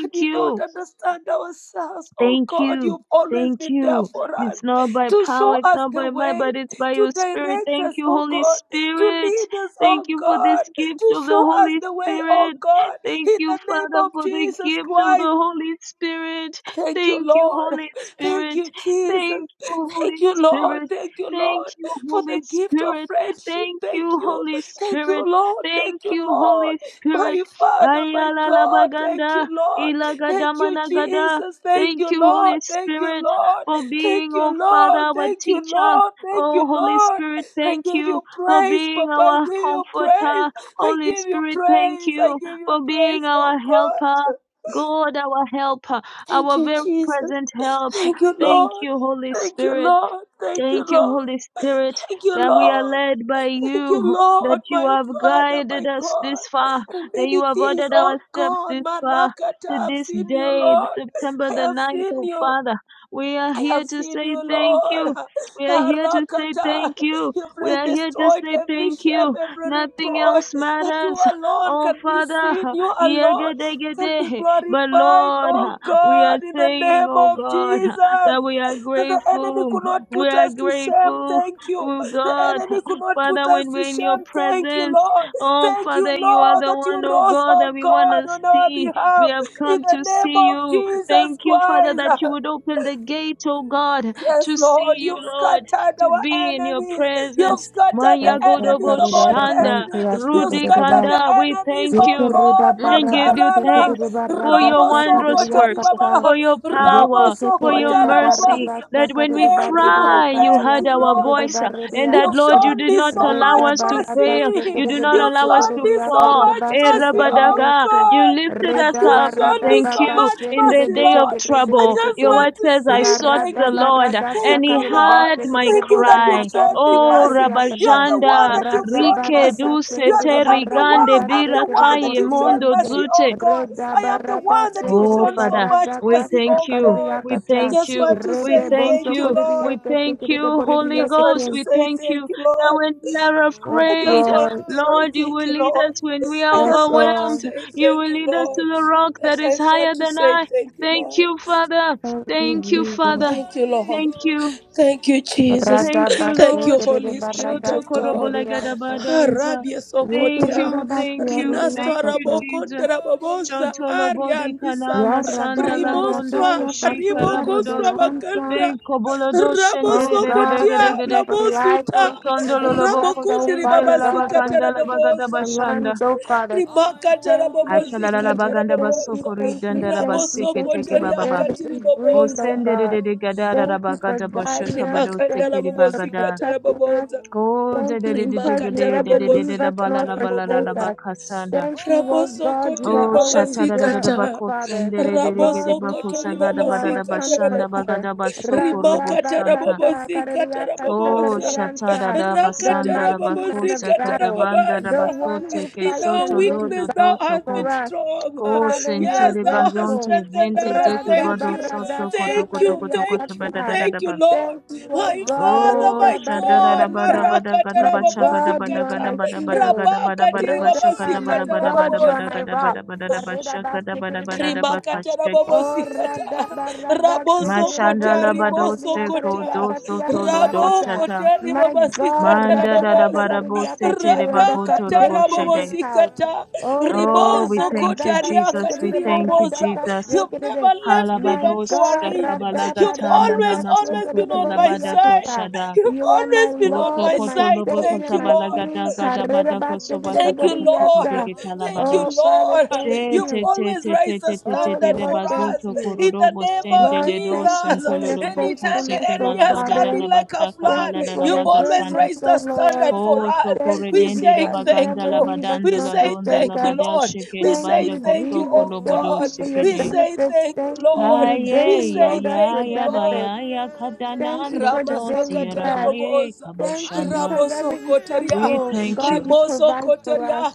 Speaker 2: when we don't
Speaker 1: you.
Speaker 2: understand ourselves, oh
Speaker 1: Thank
Speaker 2: God,
Speaker 1: you.
Speaker 2: you've always
Speaker 1: Thank
Speaker 2: been there
Speaker 1: you.
Speaker 2: for us
Speaker 1: It's not by
Speaker 2: to show
Speaker 1: power, it's
Speaker 2: us
Speaker 1: not
Speaker 2: the
Speaker 1: by might,
Speaker 2: way,
Speaker 1: but it's by
Speaker 2: to
Speaker 1: your spirit.
Speaker 2: direct
Speaker 1: Thank
Speaker 2: us,
Speaker 1: you,
Speaker 2: oh
Speaker 1: Holy
Speaker 2: God, to
Speaker 1: Spirit.
Speaker 2: lead us,
Speaker 1: Thank
Speaker 2: oh
Speaker 1: you for this
Speaker 2: God,
Speaker 1: gift
Speaker 2: to
Speaker 1: of the
Speaker 2: show us
Speaker 1: Holy
Speaker 2: the way, oh
Speaker 1: Spirit.
Speaker 2: God.
Speaker 1: Thank
Speaker 2: In
Speaker 1: you,
Speaker 2: the name
Speaker 1: Father,
Speaker 2: of
Speaker 1: for the
Speaker 2: Jesus
Speaker 1: gift of
Speaker 2: Christ.
Speaker 1: the Holy Spirit.
Speaker 2: Thank you,
Speaker 1: Thank you,
Speaker 2: Lord.
Speaker 1: Holy
Speaker 2: Thank
Speaker 1: Spirit.
Speaker 2: you, Jesus.
Speaker 1: Thank you, Holy
Speaker 2: Thank you, Lord.
Speaker 1: Spirit.
Speaker 2: Thank you,
Speaker 1: Thank
Speaker 2: Lord,
Speaker 1: you,
Speaker 2: for the
Speaker 1: Holy
Speaker 2: gift of
Speaker 1: Spirit.
Speaker 2: friendship.
Speaker 1: Thank
Speaker 2: Thank
Speaker 1: you,
Speaker 2: you.
Speaker 1: Holy
Speaker 2: Thank you,
Speaker 1: Spirit.
Speaker 2: Lord.
Speaker 1: Thank
Speaker 2: Thank you,
Speaker 1: you,
Speaker 2: Lord.
Speaker 1: Holy Spirit.
Speaker 2: My Father, my
Speaker 1: Ayala la
Speaker 2: God. Thank you,
Speaker 1: baganda,
Speaker 2: Lord. Thank you,
Speaker 1: ilagadama
Speaker 2: Jesus. Thank
Speaker 1: Thank
Speaker 2: you,
Speaker 1: you, Holy
Speaker 2: Lord. Thank you,
Speaker 1: Spirit,
Speaker 2: Lord.
Speaker 1: for
Speaker 2: Thank
Speaker 1: being,
Speaker 2: you,
Speaker 1: oh Father,
Speaker 2: Lord.
Speaker 1: our
Speaker 2: Thank you,
Speaker 1: teacher.
Speaker 2: Lord. Thank you,
Speaker 1: Oh Holy
Speaker 2: Lord.
Speaker 1: Spirit,
Speaker 2: I
Speaker 1: thank
Speaker 2: give
Speaker 1: you
Speaker 2: you
Speaker 1: for
Speaker 2: praise,
Speaker 1: being
Speaker 2: Papa. I
Speaker 1: our
Speaker 2: give you praise.
Speaker 1: comforter.
Speaker 2: I
Speaker 1: Holy
Speaker 2: give you
Speaker 1: Spirit, thank
Speaker 2: praise. I
Speaker 1: you
Speaker 2: give you
Speaker 1: for being
Speaker 2: praise, oh
Speaker 1: our
Speaker 2: God.
Speaker 1: helper. God, our helper,
Speaker 2: Thank
Speaker 1: our
Speaker 2: you,
Speaker 1: very
Speaker 2: Jesus.
Speaker 1: present help.
Speaker 2: Thank you,
Speaker 1: Thank
Speaker 2: Lord.
Speaker 1: you, Holy
Speaker 2: Thank you,
Speaker 1: Spirit.
Speaker 2: Lord. Thank you,
Speaker 1: Thank you,
Speaker 2: Lord.
Speaker 1: Holy Spirit,
Speaker 2: Thank you,
Speaker 1: that we are
Speaker 2: Lord.
Speaker 1: led by
Speaker 2: Thank you,
Speaker 1: you,
Speaker 2: Lord,
Speaker 1: that you
Speaker 2: my
Speaker 1: have
Speaker 2: Father, my
Speaker 1: guided us
Speaker 2: God.
Speaker 1: this far,
Speaker 2: The
Speaker 1: that
Speaker 2: many
Speaker 1: you have
Speaker 2: things,
Speaker 1: ordered
Speaker 2: oh
Speaker 1: our steps
Speaker 2: God,
Speaker 1: this far.
Speaker 2: Marakata,
Speaker 1: To
Speaker 2: I've
Speaker 1: this
Speaker 2: seen you,
Speaker 1: day,
Speaker 2: Lord.
Speaker 1: September
Speaker 2: I
Speaker 1: the
Speaker 2: have
Speaker 1: ninth.
Speaker 2: seen
Speaker 1: oh
Speaker 2: you.
Speaker 1: Father, we are
Speaker 2: I
Speaker 1: here
Speaker 2: have
Speaker 1: to
Speaker 2: seen
Speaker 1: say
Speaker 2: you,
Speaker 1: thank
Speaker 2: Lord.
Speaker 1: you. We are here to say
Speaker 2: Harakata.
Speaker 1: thank you.
Speaker 2: You've
Speaker 1: We
Speaker 2: re-
Speaker 1: are here to
Speaker 2: destroyed
Speaker 1: say
Speaker 2: every
Speaker 1: thank
Speaker 2: shame,
Speaker 1: you.
Speaker 2: every
Speaker 1: Nothing
Speaker 2: reproach
Speaker 1: else
Speaker 2: that you
Speaker 1: matters.
Speaker 2: alone
Speaker 1: Oh
Speaker 2: can be
Speaker 1: Father,
Speaker 2: seen. You alone can be
Speaker 1: yegedegede. but
Speaker 2: glorified,
Speaker 1: Lord,
Speaker 2: oh
Speaker 1: we are
Speaker 2: God, in the
Speaker 1: saying,
Speaker 2: name
Speaker 1: oh
Speaker 2: of
Speaker 1: God,
Speaker 2: Jesus
Speaker 1: that we are
Speaker 2: that the enemy
Speaker 1: grateful
Speaker 2: could not
Speaker 1: we
Speaker 2: put
Speaker 1: are
Speaker 2: us to shame.
Speaker 1: grateful,
Speaker 2: Thank you.
Speaker 1: oh
Speaker 2: The
Speaker 1: God.
Speaker 2: enemy could not put
Speaker 1: Father,
Speaker 2: us
Speaker 1: when
Speaker 2: to
Speaker 1: we're in your
Speaker 2: shame. Thank you,
Speaker 1: presence,
Speaker 2: Lord.
Speaker 1: oh
Speaker 2: Thank you,
Speaker 1: Father, you are
Speaker 2: Lord,
Speaker 1: the
Speaker 2: that you
Speaker 1: one, oh
Speaker 2: rose,
Speaker 1: God, that
Speaker 2: oh
Speaker 1: we want
Speaker 2: God,
Speaker 1: to
Speaker 2: on our
Speaker 1: see. We
Speaker 2: behalf.
Speaker 1: have
Speaker 2: In
Speaker 1: come
Speaker 2: the
Speaker 1: to
Speaker 2: name
Speaker 1: see
Speaker 2: of
Speaker 1: you.
Speaker 2: Jesus
Speaker 1: Thank you, Father, that
Speaker 2: Christ.
Speaker 1: you would open the gate, oh God,
Speaker 2: Yes,
Speaker 1: to see
Speaker 2: Lord,
Speaker 1: you,
Speaker 2: you've
Speaker 1: Lord,
Speaker 2: scattered
Speaker 1: to
Speaker 2: our
Speaker 1: be in your
Speaker 2: enemies. You've
Speaker 1: presence.
Speaker 2: scattered the
Speaker 1: Maya
Speaker 2: enemies
Speaker 1: Godobo
Speaker 2: of our
Speaker 1: Shanda,
Speaker 2: destiny.
Speaker 3: Kantias
Speaker 2: You've
Speaker 1: Rudi
Speaker 2: scattered the
Speaker 1: Kanda, we
Speaker 2: enemies,
Speaker 1: thank
Speaker 2: oh
Speaker 1: you
Speaker 3: Yekereda
Speaker 2: God,
Speaker 1: and give
Speaker 3: barada
Speaker 1: you
Speaker 2: Makarala.
Speaker 1: thanks
Speaker 3: sekerede
Speaker 1: for
Speaker 3: barada
Speaker 1: your
Speaker 2: Rabo
Speaker 3: sakarede
Speaker 1: wondrous
Speaker 4: Holy
Speaker 2: Sokotari
Speaker 1: works,
Speaker 3: yakata.
Speaker 2: Baba.
Speaker 1: for your
Speaker 4: Ghost,
Speaker 1: power
Speaker 2: Rabo
Speaker 1: for your
Speaker 3: Yekekereda
Speaker 2: Sokotara Baba.
Speaker 1: mercy,
Speaker 3: barada
Speaker 1: that when
Speaker 3: sakarede
Speaker 1: we
Speaker 2: Thank
Speaker 3: barede
Speaker 2: you,
Speaker 1: cry,
Speaker 4: Holy
Speaker 1: you
Speaker 3: yakati
Speaker 2: thank
Speaker 1: heard
Speaker 2: you,
Speaker 1: our
Speaker 2: Lord.
Speaker 3: yasekerede
Speaker 1: voice,
Speaker 4: Ghost,
Speaker 1: uh,
Speaker 3: barede
Speaker 1: and that,
Speaker 2: You've
Speaker 1: Lord,
Speaker 3: yakate.
Speaker 1: you
Speaker 2: shown
Speaker 1: did
Speaker 2: me
Speaker 1: not
Speaker 2: so
Speaker 1: allow
Speaker 2: much
Speaker 3: Reda
Speaker 1: us to
Speaker 3: barada
Speaker 1: fail.
Speaker 2: mercy.
Speaker 1: You do
Speaker 3: sekerede
Speaker 1: not
Speaker 2: You've
Speaker 4: Holy
Speaker 1: allow us
Speaker 2: shown
Speaker 1: to
Speaker 3: bosokorede
Speaker 2: me so
Speaker 4: Ghost,
Speaker 1: fall.
Speaker 3: yakarede
Speaker 2: much
Speaker 1: Eh,
Speaker 2: mercy,
Speaker 3: basekerede
Speaker 2: oh
Speaker 1: Rabadaga,
Speaker 3: yese.
Speaker 1: You
Speaker 2: God.
Speaker 1: lifted us
Speaker 3: Reda
Speaker 4: my
Speaker 2: You've
Speaker 1: up.
Speaker 2: shown
Speaker 3: barada
Speaker 2: me
Speaker 1: Thank
Speaker 4: one
Speaker 2: so
Speaker 1: you.
Speaker 2: much
Speaker 4: desire.
Speaker 1: In the
Speaker 2: mercy,
Speaker 3: bakasekerede
Speaker 1: day of
Speaker 2: Lord.
Speaker 3: sekerede
Speaker 2: I
Speaker 1: trouble,
Speaker 2: just
Speaker 1: your
Speaker 3: yekete.
Speaker 2: want
Speaker 1: word
Speaker 2: to
Speaker 1: says, I
Speaker 2: say
Speaker 1: sought
Speaker 2: thank
Speaker 1: the
Speaker 3: Yarada
Speaker 2: you.
Speaker 1: Lord,
Speaker 3: barada
Speaker 2: Thank
Speaker 1: and
Speaker 2: you,
Speaker 1: he
Speaker 3: sakarede
Speaker 4: Holy
Speaker 2: Lord.
Speaker 1: heard my
Speaker 4: Ghost,
Speaker 3: basekerede
Speaker 2: Thank you
Speaker 3: borede
Speaker 2: that you've
Speaker 1: cry.
Speaker 2: shown
Speaker 3: yakanti
Speaker 2: me
Speaker 1: Oh,
Speaker 3: yarede
Speaker 2: mercy. You
Speaker 3: yakata.
Speaker 2: are the one
Speaker 1: Rabajanda,
Speaker 2: that
Speaker 4: dearest
Speaker 2: you've
Speaker 3: Rada
Speaker 2: shown
Speaker 1: Rike,
Speaker 2: mercy.
Speaker 4: Holy
Speaker 3: barada
Speaker 1: Duse,
Speaker 2: You are
Speaker 3: sekere
Speaker 2: the
Speaker 3: de
Speaker 2: I'm
Speaker 4: Ghost,
Speaker 2: the
Speaker 3: barada
Speaker 1: Terigande,
Speaker 2: one.
Speaker 3: ka
Speaker 2: I'm the
Speaker 3: sekere de
Speaker 2: one that
Speaker 1: Birakai,
Speaker 3: bore
Speaker 2: you've
Speaker 3: di
Speaker 2: shown
Speaker 1: Mondo,
Speaker 3: ense.
Speaker 2: mercy, oh
Speaker 1: Zute.
Speaker 2: God.
Speaker 3: Reda
Speaker 2: I am the
Speaker 4: Holy
Speaker 3: barada
Speaker 2: one that you've
Speaker 3: sekere
Speaker 1: Oh,
Speaker 3: de
Speaker 2: shown so
Speaker 1: Father,
Speaker 4: Ghost,
Speaker 2: much
Speaker 3: barada
Speaker 1: we
Speaker 3: ka
Speaker 2: mercy,
Speaker 1: thank
Speaker 2: oh
Speaker 3: sakare de
Speaker 1: you.
Speaker 2: God.
Speaker 1: We
Speaker 2: I
Speaker 3: yakata.
Speaker 1: thank
Speaker 2: just
Speaker 1: you.
Speaker 2: want to
Speaker 4: my
Speaker 1: We
Speaker 3: Rede
Speaker 2: say
Speaker 1: thank
Speaker 3: boto
Speaker 2: thank you,
Speaker 4: one
Speaker 1: you.
Speaker 3: kore di
Speaker 2: Lord.
Speaker 1: We
Speaker 3: eke
Speaker 4: desire.
Speaker 1: thank
Speaker 3: sekere de
Speaker 1: you,
Speaker 3: bore
Speaker 2: I
Speaker 3: di
Speaker 1: Holy
Speaker 2: just
Speaker 3: eke
Speaker 2: want
Speaker 1: Ghost.
Speaker 2: to
Speaker 3: ken.
Speaker 1: We
Speaker 2: say
Speaker 1: thank you
Speaker 2: thank you,
Speaker 1: that
Speaker 2: Lord.
Speaker 1: when we are
Speaker 3: Yes,
Speaker 2: I
Speaker 1: afraid,
Speaker 4: Holy
Speaker 2: just want to
Speaker 3: Lord.
Speaker 2: say
Speaker 1: Lord, you
Speaker 2: thank
Speaker 1: will
Speaker 2: you,
Speaker 4: Ghost,
Speaker 1: lead
Speaker 2: Lord.
Speaker 1: us when we
Speaker 2: I
Speaker 1: are
Speaker 3: Yes,
Speaker 2: just want to
Speaker 1: overwhelmed.
Speaker 3: Lord.
Speaker 2: say
Speaker 1: You
Speaker 2: thank
Speaker 1: will
Speaker 2: you,
Speaker 1: lead us
Speaker 2: Lord.
Speaker 1: to the
Speaker 4: Holy
Speaker 1: rock that
Speaker 2: Yes, I
Speaker 1: is
Speaker 2: just want
Speaker 1: higher
Speaker 2: to
Speaker 4: Ghost,
Speaker 1: than
Speaker 2: say
Speaker 1: I.
Speaker 2: thank you,
Speaker 1: Thank
Speaker 2: Lord.
Speaker 1: you, Father.
Speaker 3: Thank you,
Speaker 1: Thank you,
Speaker 3: Jesus.
Speaker 1: Father.
Speaker 2: Thank you,
Speaker 4: Holy
Speaker 1: Thank
Speaker 2: Lord.
Speaker 1: you.
Speaker 4: Ghost,
Speaker 2: Thank you, Jesus.
Speaker 1: Thank
Speaker 3: Rada
Speaker 1: you,
Speaker 3: ba
Speaker 2: Thank you,
Speaker 1: Lord.
Speaker 3: sekere de
Speaker 2: Holy
Speaker 4: you are
Speaker 2: Spirit
Speaker 3: barada
Speaker 1: Shoto
Speaker 4: my
Speaker 2: of
Speaker 3: sekere
Speaker 1: korobo
Speaker 2: God.
Speaker 3: de
Speaker 4: one
Speaker 3: yakata.
Speaker 1: lagadabadanza.
Speaker 2: Harabia
Speaker 4: desire.
Speaker 1: Thank
Speaker 3: Yekere
Speaker 2: Sokotia,
Speaker 3: de
Speaker 1: you.
Speaker 3: ba
Speaker 1: Thank
Speaker 3: sekere de
Speaker 1: you. Thank
Speaker 2: Rinastra
Speaker 1: you,
Speaker 3: yakata.
Speaker 2: Rabokonda
Speaker 1: Jesus.
Speaker 4: Holy
Speaker 2: Rababosa,
Speaker 4: Ghost,
Speaker 1: Chantolobodi
Speaker 2: Arianisa,
Speaker 1: kalama
Speaker 3: Ya
Speaker 1: sanda
Speaker 3: rada ya
Speaker 4: the
Speaker 1: lagondo
Speaker 3: rada
Speaker 2: Rimostra,
Speaker 3: ya
Speaker 1: koshi
Speaker 3: kate
Speaker 4: secret
Speaker 3: ya
Speaker 4: of
Speaker 3: rede
Speaker 1: karabodos
Speaker 2: Ribokostra
Speaker 4: my
Speaker 3: yansa.
Speaker 2: Baganda,
Speaker 1: ben
Speaker 4: rising.
Speaker 1: kobolodos
Speaker 3: Oh God, thank
Speaker 2: Rabosokotia,
Speaker 3: you
Speaker 1: shendererereregede
Speaker 3: for life.
Speaker 2: Rabosuta,
Speaker 3: Thank you for
Speaker 1: kosondo
Speaker 3: the
Speaker 1: lolobo
Speaker 3: breath,
Speaker 4: Holy
Speaker 3: oh
Speaker 2: Rabokundri
Speaker 1: kosinte
Speaker 3: Father
Speaker 4: Ghost,
Speaker 3: God,
Speaker 2: Babasikata
Speaker 3: that
Speaker 1: lalabaganda
Speaker 3: we need on
Speaker 1: labagada
Speaker 2: Rababosa
Speaker 3: our
Speaker 1: bashanda
Speaker 3: lungs, oh Father.
Speaker 4: I
Speaker 3: Thank
Speaker 4: want
Speaker 3: you,
Speaker 1: ashalalala
Speaker 3: Jesus.
Speaker 1: baganda
Speaker 4: desire.
Speaker 3: Thank you,
Speaker 2: rimakatarabobosikatarabobosa
Speaker 1: basokori
Speaker 3: thank you,
Speaker 1: dandara
Speaker 3: thank you.
Speaker 1: basike
Speaker 3: Thank you
Speaker 1: teke
Speaker 3: for the
Speaker 1: bababa
Speaker 3: air that we
Speaker 4: Darling,
Speaker 3: breathe, oh
Speaker 2: rabosokotoriakatiribobosa
Speaker 4: Holy
Speaker 3: God.
Speaker 1: kosendererede
Speaker 4: Ghost,
Speaker 1: gadara
Speaker 3: Thank you for
Speaker 1: rabagada bashaka
Speaker 3: guiding us. Thank
Speaker 1: badosekeri
Speaker 3: you for
Speaker 1: bagada
Speaker 4: precious
Speaker 3: protecting us.
Speaker 2: rimakandalabobosikatarabobosa
Speaker 1: ko
Speaker 4: Holy
Speaker 3: Thank
Speaker 4: Ghost.
Speaker 3: you because you
Speaker 1: dededededegede
Speaker 3: never leave
Speaker 1: dededededa
Speaker 3: us nor
Speaker 1: balala balala
Speaker 3: forsake
Speaker 2: rimakatarabobosikatarabobosa
Speaker 3: us.
Speaker 1: labakasanda
Speaker 3: Thank you, O
Speaker 4: Holy
Speaker 3: God, you are
Speaker 1: Oh,
Speaker 3: always
Speaker 4: Ghost,
Speaker 3: there, O
Speaker 2: rabosokotoribabasikata
Speaker 3: Father.
Speaker 1: shatadadadabakosendere
Speaker 3: Lord, we
Speaker 4: I
Speaker 3: thank you, our
Speaker 4: want
Speaker 2: rabosokotoribabasikataraboba
Speaker 3: comforter.
Speaker 4: desire.
Speaker 3: Radabakasa
Speaker 2: rimakatarabobosi
Speaker 3: karariakasa
Speaker 1: Oh,
Speaker 2: katarabobosa
Speaker 4: Holy
Speaker 3: kararianta, The
Speaker 4: Ghost,
Speaker 3: mighty man
Speaker 2: rakatarabobosi
Speaker 3: of battle, the
Speaker 2: katarababasa
Speaker 3: one
Speaker 1: shatadadabasandarabakosekadabandarabasote
Speaker 3: who
Speaker 2: in
Speaker 4: dearest
Speaker 3: fights
Speaker 2: our
Speaker 3: and wins
Speaker 2: weakness
Speaker 4: Holy
Speaker 3: battle
Speaker 2: thou hast
Speaker 1: keshotolododosoko.
Speaker 3: for
Speaker 4: Ghost.
Speaker 2: been
Speaker 3: us.
Speaker 2: strong
Speaker 1: Oh,
Speaker 3: Father, we are
Speaker 2: yes thou hast
Speaker 3: grateful.
Speaker 1: sentorebazonte
Speaker 2: strengthened
Speaker 1: zente
Speaker 2: us thank
Speaker 1: zekebado
Speaker 4: Holy
Speaker 2: you
Speaker 1: soto
Speaker 2: thank you
Speaker 1: kodokodoko
Speaker 4: Ghost.
Speaker 2: thank you
Speaker 3: Radabaradashakariakata.
Speaker 2: thank you lord
Speaker 3: Thank you, O
Speaker 2: my
Speaker 4: I
Speaker 3: God.
Speaker 2: father
Speaker 1: Oh,
Speaker 2: my
Speaker 4: want
Speaker 2: god
Speaker 1: shadada bada
Speaker 3: Redabaririanta.
Speaker 1: bada
Speaker 4: desire.
Speaker 1: gada
Speaker 3: My
Speaker 1: basha gada
Speaker 2: marakatarabobosi
Speaker 3: God, you
Speaker 1: bada
Speaker 3: are
Speaker 1: gada
Speaker 2: kata
Speaker 3: my
Speaker 1: bada bada
Speaker 3: shield.
Speaker 1: gada bada bada
Speaker 3: Reda,
Speaker 1: basha gada
Speaker 4: Holy
Speaker 3: my
Speaker 1: bada bada
Speaker 3: God,
Speaker 1: bada
Speaker 3: you are
Speaker 1: bada
Speaker 2: rabakatiribabasikatarabobosa
Speaker 3: my
Speaker 1: gada
Speaker 4: Ghost,
Speaker 3: rock.
Speaker 1: bada bada da basha gada bada bada da baka
Speaker 3: Redabasikirianta.
Speaker 2: Rimakata
Speaker 1: shake.
Speaker 3: Oh,
Speaker 4: Holy
Speaker 2: rabobosikata raboso
Speaker 4: Ghost,
Speaker 1: Mashanda
Speaker 2: kota
Speaker 1: la bado
Speaker 2: riboso
Speaker 1: se ko
Speaker 2: kota
Speaker 1: do so to lo do
Speaker 2: rabo
Speaker 4: Holy
Speaker 3: Radabaradashikiriakariakariakata.
Speaker 1: shata.
Speaker 2: kota
Speaker 4: Ghost,
Speaker 3: My God,
Speaker 2: ribobosikata
Speaker 1: Manda da da
Speaker 3: Radakata
Speaker 2: rabobosa
Speaker 1: bada bo se
Speaker 3: Kariakati,
Speaker 1: te
Speaker 3: you
Speaker 1: re
Speaker 3: are
Speaker 1: ba
Speaker 2: rada
Speaker 3: the
Speaker 1: go
Speaker 4: my
Speaker 1: to ro
Speaker 2: kata
Speaker 1: bo
Speaker 3: foundation
Speaker 1: she
Speaker 3: of this
Speaker 1: de.
Speaker 4: greatest
Speaker 3: house.
Speaker 2: rabobosikata
Speaker 4: treasure,
Speaker 3: Oh,
Speaker 1: Oh,
Speaker 3: Reda
Speaker 1: we
Speaker 2: riboso
Speaker 1: thank
Speaker 3: Barada
Speaker 1: you,
Speaker 2: kota
Speaker 1: Jesus.
Speaker 3: Kashikiri
Speaker 2: riakati
Speaker 1: We thank you,
Speaker 3: Barada
Speaker 2: ribobosa
Speaker 4: dearest
Speaker 1: Jesus.
Speaker 2: you've
Speaker 4: Holy
Speaker 3: Kashikiri.
Speaker 2: never
Speaker 4: Ghost.
Speaker 2: left me
Speaker 3: My
Speaker 2: even
Speaker 1: Halabados,
Speaker 2: for an
Speaker 3: God,
Speaker 1: the
Speaker 4: Can I
Speaker 2: inch
Speaker 4: hear
Speaker 3: Rada
Speaker 4: you?
Speaker 2: you've
Speaker 3: Barada
Speaker 1: Kabalagatama,
Speaker 2: always
Speaker 4: Come on,
Speaker 1: Damaso,
Speaker 2: always been
Speaker 4: Holy
Speaker 3: Kashikiri
Speaker 2: on my
Speaker 4: Ghost.
Speaker 1: Kutulabada,
Speaker 2: side
Speaker 3: Boridiakata.
Speaker 4: Can
Speaker 1: Koshada.
Speaker 2: you've
Speaker 3: You are my
Speaker 2: always been on
Speaker 1: Koso
Speaker 4: I
Speaker 2: my
Speaker 3: Lord,
Speaker 1: koto
Speaker 3: my
Speaker 4: hear your
Speaker 2: side
Speaker 1: lobo
Speaker 4: voices?
Speaker 3: Savior,
Speaker 2: thank
Speaker 1: kata
Speaker 2: you
Speaker 3: my
Speaker 1: bala
Speaker 2: lord
Speaker 1: gada
Speaker 3: King.
Speaker 1: gada
Speaker 4: Come
Speaker 3: Karada
Speaker 4: on,
Speaker 1: bada koso
Speaker 4: Holy.
Speaker 1: baka
Speaker 3: Basikiri
Speaker 2: Thank you,
Speaker 1: taka soko
Speaker 2: Lord.
Speaker 3: Boridiata.
Speaker 1: dege
Speaker 4: I
Speaker 1: tala
Speaker 2: Thank
Speaker 1: bada
Speaker 4: want
Speaker 2: you,
Speaker 3: Oh,
Speaker 1: us.
Speaker 3: Father,
Speaker 2: Lord.
Speaker 1: She
Speaker 3: thank
Speaker 4: desire.
Speaker 2: You've
Speaker 1: te
Speaker 3: you.
Speaker 1: te
Speaker 2: always
Speaker 1: te te
Speaker 2: raised the
Speaker 1: te te te
Speaker 3: Oh,
Speaker 1: te
Speaker 2: standard
Speaker 1: de
Speaker 3: Lord,
Speaker 2: for
Speaker 1: bazo
Speaker 3: thank
Speaker 2: us
Speaker 1: to
Speaker 3: you.
Speaker 2: in the
Speaker 1: kororobo
Speaker 2: name of
Speaker 1: sende
Speaker 3: Lord,
Speaker 1: le do
Speaker 3: thank
Speaker 4: Oh, I
Speaker 3: you
Speaker 2: Jesus.
Speaker 1: santo
Speaker 3: for
Speaker 1: le
Speaker 4: call
Speaker 3: your
Speaker 1: lobo
Speaker 4: thee.
Speaker 2: Anytime
Speaker 1: kose
Speaker 2: the
Speaker 3: faithfulness,
Speaker 1: ke la
Speaker 3: oh
Speaker 2: enemy
Speaker 1: la
Speaker 4: Holy.
Speaker 2: has
Speaker 1: bada
Speaker 2: come
Speaker 1: da
Speaker 3: Father.
Speaker 1: da
Speaker 2: in like
Speaker 1: bata
Speaker 2: a
Speaker 3: Thank
Speaker 2: flood,
Speaker 1: kabala
Speaker 3: you
Speaker 1: da
Speaker 3: for
Speaker 1: la
Speaker 2: you've
Speaker 3: your
Speaker 1: baga
Speaker 2: always
Speaker 1: santa.
Speaker 3: goodness,
Speaker 2: raised the
Speaker 3: oh
Speaker 2: standard
Speaker 3: Lord.
Speaker 2: for
Speaker 1: Koso
Speaker 2: us.
Speaker 4: Dearest
Speaker 1: kore
Speaker 3: Thank
Speaker 2: We
Speaker 3: you
Speaker 1: dende de
Speaker 2: say
Speaker 3: because you
Speaker 2: thank
Speaker 1: baganda
Speaker 3: never
Speaker 1: la
Speaker 2: you.
Speaker 3: leave us
Speaker 1: badando
Speaker 2: We
Speaker 3: nor
Speaker 1: la
Speaker 2: say
Speaker 1: gonda
Speaker 3: forsake
Speaker 1: la
Speaker 2: thank
Speaker 3: us.
Speaker 2: you,
Speaker 1: bada
Speaker 2: Lord.
Speaker 1: sheke
Speaker 2: We
Speaker 1: la
Speaker 3: Thank
Speaker 2: say
Speaker 1: banda
Speaker 3: you,
Speaker 2: thank
Speaker 1: koso
Speaker 2: you,
Speaker 3: Jesus.
Speaker 2: oh
Speaker 1: kolobo do
Speaker 3: Thank
Speaker 4: Holy
Speaker 2: God.
Speaker 3: you
Speaker 4: mi
Speaker 3: for your
Speaker 1: seke
Speaker 4: único, único,
Speaker 2: We
Speaker 1: de.
Speaker 2: say
Speaker 3: benefits.
Speaker 2: thank you,
Speaker 3: Thank you.
Speaker 2: Lord.
Speaker 3: You
Speaker 1: Haye
Speaker 2: We
Speaker 3: daily
Speaker 1: ya
Speaker 2: say
Speaker 3: load us
Speaker 2: thank
Speaker 1: ya
Speaker 3: with
Speaker 2: you,
Speaker 1: ya ba
Speaker 4: my
Speaker 2: Lord.
Speaker 1: ya
Speaker 3: benefits.
Speaker 1: ya
Speaker 4: greatest
Speaker 3: Thank you
Speaker 1: kadanando
Speaker 3: for
Speaker 4: treasure.
Speaker 3: the
Speaker 1: to
Speaker 3: daily
Speaker 1: sierra
Speaker 2: Ramasakatara
Speaker 3: bread.
Speaker 1: baye
Speaker 2: boboza,
Speaker 3: Thank you
Speaker 4: I
Speaker 1: kaboshanda.
Speaker 3: because
Speaker 4: call
Speaker 2: raboso
Speaker 3: every
Speaker 4: him
Speaker 1: We
Speaker 2: kotoria,
Speaker 3: essential,
Speaker 4: Holy
Speaker 1: thank you.
Speaker 3: God, you
Speaker 4: Ghost.
Speaker 2: rimoso
Speaker 3: provide for
Speaker 2: kotoria
Speaker 3: us.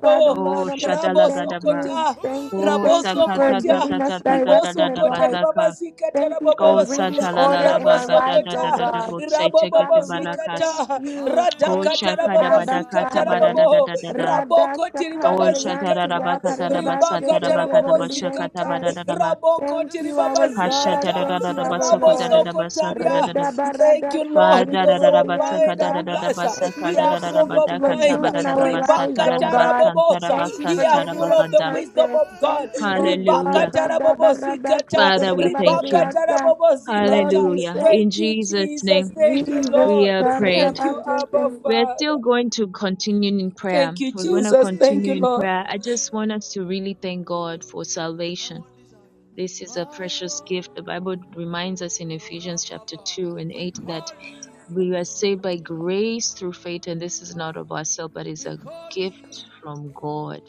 Speaker 3: Father, Lord
Speaker 1: Oh,
Speaker 3: Almighty,
Speaker 2: raboso
Speaker 3: thank
Speaker 1: Shadalagadaba.
Speaker 3: you.
Speaker 2: kota,
Speaker 3: Thank you.
Speaker 4: Holy
Speaker 1: Oh,
Speaker 3: Thank you
Speaker 2: raboso
Speaker 4: Ghost,
Speaker 3: for
Speaker 1: Sakata
Speaker 2: kotia,
Speaker 3: giving
Speaker 1: Tata
Speaker 3: us
Speaker 1: Tata Tata
Speaker 3: direction
Speaker 2: riboso
Speaker 3: in
Speaker 1: Tata
Speaker 2: kotori
Speaker 3: life.
Speaker 1: Bazaka.
Speaker 2: babasi katara
Speaker 3: Thank you for
Speaker 1: Go
Speaker 2: boboza,
Speaker 3: bringing
Speaker 4: Holy
Speaker 3: order in our
Speaker 2: raboso
Speaker 1: Satalalalabagata
Speaker 3: lives, oh
Speaker 1: Tata
Speaker 2: kota,
Speaker 1: Tata
Speaker 3: God.
Speaker 1: Bosai
Speaker 4: Ghost,
Speaker 1: Tekete
Speaker 3: Father,
Speaker 2: rabobobosi
Speaker 3: Lord,
Speaker 1: Balakas.
Speaker 3: thank you.
Speaker 4: my
Speaker 1: Go
Speaker 2: radaka
Speaker 3: Thank you,
Speaker 4: one
Speaker 1: Shakada
Speaker 2: tarabobo
Speaker 3: Abba,
Speaker 2: zika
Speaker 1: Badakata
Speaker 4: desire.
Speaker 3: Father.
Speaker 1: Badada
Speaker 2: tarabobo
Speaker 1: Dada Dada.
Speaker 3: Radha
Speaker 2: raboko
Speaker 4: Oh,
Speaker 1: Go
Speaker 3: Shakara
Speaker 2: tiribaba
Speaker 4: Rabababa,
Speaker 3: Yanti
Speaker 2: zikata
Speaker 1: Shatarabakata
Speaker 3: Yakara
Speaker 4: Holy
Speaker 3: Basket
Speaker 2: ribaka
Speaker 1: Rabasata
Speaker 4: Ghost,
Speaker 1: Rabakata
Speaker 2: tarabobo
Speaker 1: Bashakata
Speaker 2: zikata
Speaker 1: Badadaba.
Speaker 2: raboko
Speaker 3: Thank
Speaker 4: the
Speaker 3: you,
Speaker 2: tiribaba
Speaker 3: our
Speaker 4: secret
Speaker 3: God.
Speaker 2: zikata
Speaker 3: Thank you,
Speaker 4: of my
Speaker 3: our
Speaker 1: Hashatarabasakota
Speaker 3: Lord.
Speaker 4: rising.
Speaker 2: rabosoko
Speaker 1: Dabasaka
Speaker 2: taria
Speaker 1: Dada.
Speaker 3: Reda
Speaker 2: thank
Speaker 3: Barada
Speaker 2: you lord because our
Speaker 1: Badadabasaka
Speaker 2: mind are
Speaker 3: Sekiriborodianta.
Speaker 2: blessed
Speaker 3: Thank
Speaker 4: Holy
Speaker 3: you
Speaker 1: Dadabasaka
Speaker 2: we
Speaker 3: for the
Speaker 2: have
Speaker 3: things
Speaker 2: sober
Speaker 3: that you are
Speaker 1: Dadabadakata
Speaker 2: mind
Speaker 3: doing
Speaker 4: Ghost.
Speaker 3: in our lives,
Speaker 2: ribaka
Speaker 1: Badadabasata
Speaker 3: oh God.
Speaker 1: Rabasanta
Speaker 2: tarabobosa
Speaker 4: My
Speaker 3: Thank you
Speaker 2: we
Speaker 3: for
Speaker 2: are
Speaker 1: Rabasanta
Speaker 3: giving
Speaker 2: full
Speaker 3: us
Speaker 2: of the
Speaker 1: Rabaganda.
Speaker 4: one
Speaker 2: wisdom
Speaker 3: purpose.
Speaker 2: of god
Speaker 3: Thank
Speaker 4: desire,
Speaker 3: you, oh
Speaker 2: ribaka
Speaker 3: God.
Speaker 1: Hallelujah.
Speaker 3: Radha
Speaker 2: tarabobo
Speaker 3: Barada
Speaker 2: zikata
Speaker 1: Father, we thank
Speaker 2: ribaka
Speaker 1: you.
Speaker 4: Holy
Speaker 3: Sekiriborodianta.
Speaker 2: tarabobo
Speaker 4: Ghost,
Speaker 3: Lord,
Speaker 2: zikata
Speaker 3: we
Speaker 1: Hallelujah.
Speaker 3: thank
Speaker 2: thank
Speaker 1: In
Speaker 2: you
Speaker 1: Jesus'
Speaker 2: jesus
Speaker 1: name,
Speaker 2: thank you
Speaker 3: Jesus
Speaker 1: we
Speaker 2: lord
Speaker 1: are
Speaker 4: dearest,
Speaker 3: carried
Speaker 1: prayed.
Speaker 2: Thank you,
Speaker 3: about your
Speaker 2: Abba
Speaker 3: sins.
Speaker 1: We are still
Speaker 2: Father.
Speaker 1: going to continue in prayer.
Speaker 2: Thank you,
Speaker 1: We're going to
Speaker 2: Jesus. Thank you,
Speaker 1: continue
Speaker 4: darling,
Speaker 1: in
Speaker 2: Lord.
Speaker 1: prayer. I just
Speaker 4: Holy
Speaker 1: want us to really
Speaker 4: Oh
Speaker 1: thank God for
Speaker 4: my God, my
Speaker 1: salvation.
Speaker 4: one desire,
Speaker 1: This is a
Speaker 4: my
Speaker 1: precious gift. The
Speaker 4: one,
Speaker 1: Bible reminds us in
Speaker 4: oh
Speaker 1: Ephesians chapter
Speaker 4: Rababa,
Speaker 1: 2 and
Speaker 4: we
Speaker 1: 8 that
Speaker 4: call it,
Speaker 1: we are saved by grace through faith, and this is not of ourselves, but is
Speaker 4: we
Speaker 1: a
Speaker 4: call
Speaker 1: gift
Speaker 4: it,
Speaker 1: from God,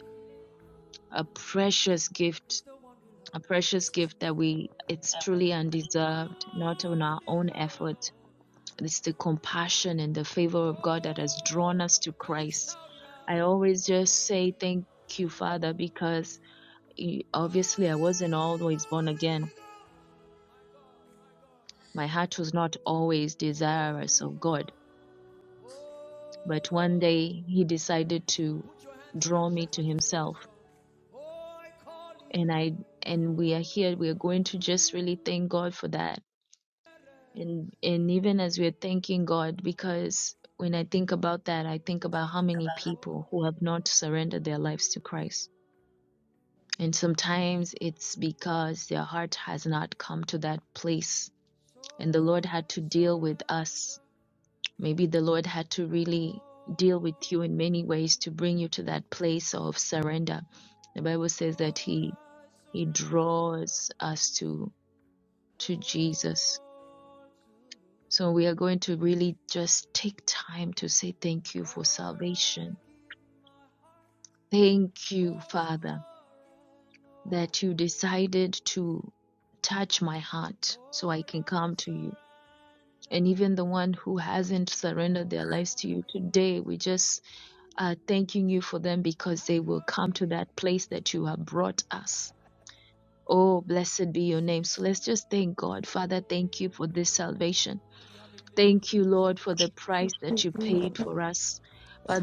Speaker 1: a precious gift
Speaker 4: is the one we
Speaker 1: a
Speaker 4: love.
Speaker 1: precious gift that we it's truly
Speaker 4: My
Speaker 1: undeserved not on
Speaker 4: one
Speaker 1: our own
Speaker 4: desire,
Speaker 1: effort
Speaker 4: Lord,
Speaker 1: it's the compassion and the favor of god that has
Speaker 4: oh,
Speaker 1: drawn us to
Speaker 4: can you
Speaker 1: christ
Speaker 4: shout it
Speaker 1: i always
Speaker 4: out?
Speaker 1: just say thank you father because eh,
Speaker 4: Call
Speaker 1: obviously i wasn't
Speaker 4: him
Speaker 1: always born
Speaker 4: Holy
Speaker 1: again
Speaker 4: Ghost,
Speaker 1: my heart was not always desirous
Speaker 4: Holy
Speaker 1: of god
Speaker 4: Ghost.
Speaker 1: but one
Speaker 4: Oh,
Speaker 1: day he decided to
Speaker 4: put your hands on your
Speaker 1: draw me
Speaker 4: chest
Speaker 1: to
Speaker 4: as you sing
Speaker 1: himself
Speaker 4: this song. Oh, I call you.
Speaker 1: and i and we are here we are going to just really thank god for that and and even as we're thanking god because when i
Speaker 4: my
Speaker 1: think
Speaker 4: God.
Speaker 1: about that i think about how many people who have
Speaker 4: Holy,
Speaker 1: not surrendered their lives to christ and sometimes it's because their heart has not come to that place
Speaker 4: so
Speaker 1: and the lord
Speaker 4: I
Speaker 1: had to deal with us
Speaker 4: surrender
Speaker 1: maybe the lord had to really deal with
Speaker 4: all
Speaker 1: you in
Speaker 4: to
Speaker 1: many ways
Speaker 4: you.
Speaker 1: to bring you to that place of surrender the bible says that
Speaker 4: Lord,
Speaker 1: he
Speaker 4: I
Speaker 1: he
Speaker 4: surrender
Speaker 1: draws us to to jesus
Speaker 4: all to you.
Speaker 1: So we are going to really just take time to say thank you for
Speaker 4: Lord, I
Speaker 1: salvation.
Speaker 4: give my heart
Speaker 1: Thank you, Father,
Speaker 4: over and
Speaker 1: that you
Speaker 4: over.
Speaker 1: decided to touch my heart so I
Speaker 4: Lord,
Speaker 1: can
Speaker 4: I
Speaker 1: come to you. And
Speaker 4: surrender
Speaker 1: even the one who hasn't surrendered their lives to you today, we
Speaker 4: all.
Speaker 1: just are thanking you for them because
Speaker 4: I
Speaker 1: they will
Speaker 4: call
Speaker 1: come to
Speaker 4: you
Speaker 1: that place that you have brought us. Oh, blessed be your
Speaker 4: sweet,
Speaker 1: name.
Speaker 4: sweet,
Speaker 1: So let's just thank God. Father, thank you for this salvation.
Speaker 4: If you have a
Speaker 1: Thank you, Lord,
Speaker 4: relationship,
Speaker 1: for the price that you
Speaker 4: you will
Speaker 1: paid
Speaker 4: sing
Speaker 1: for us.
Speaker 4: the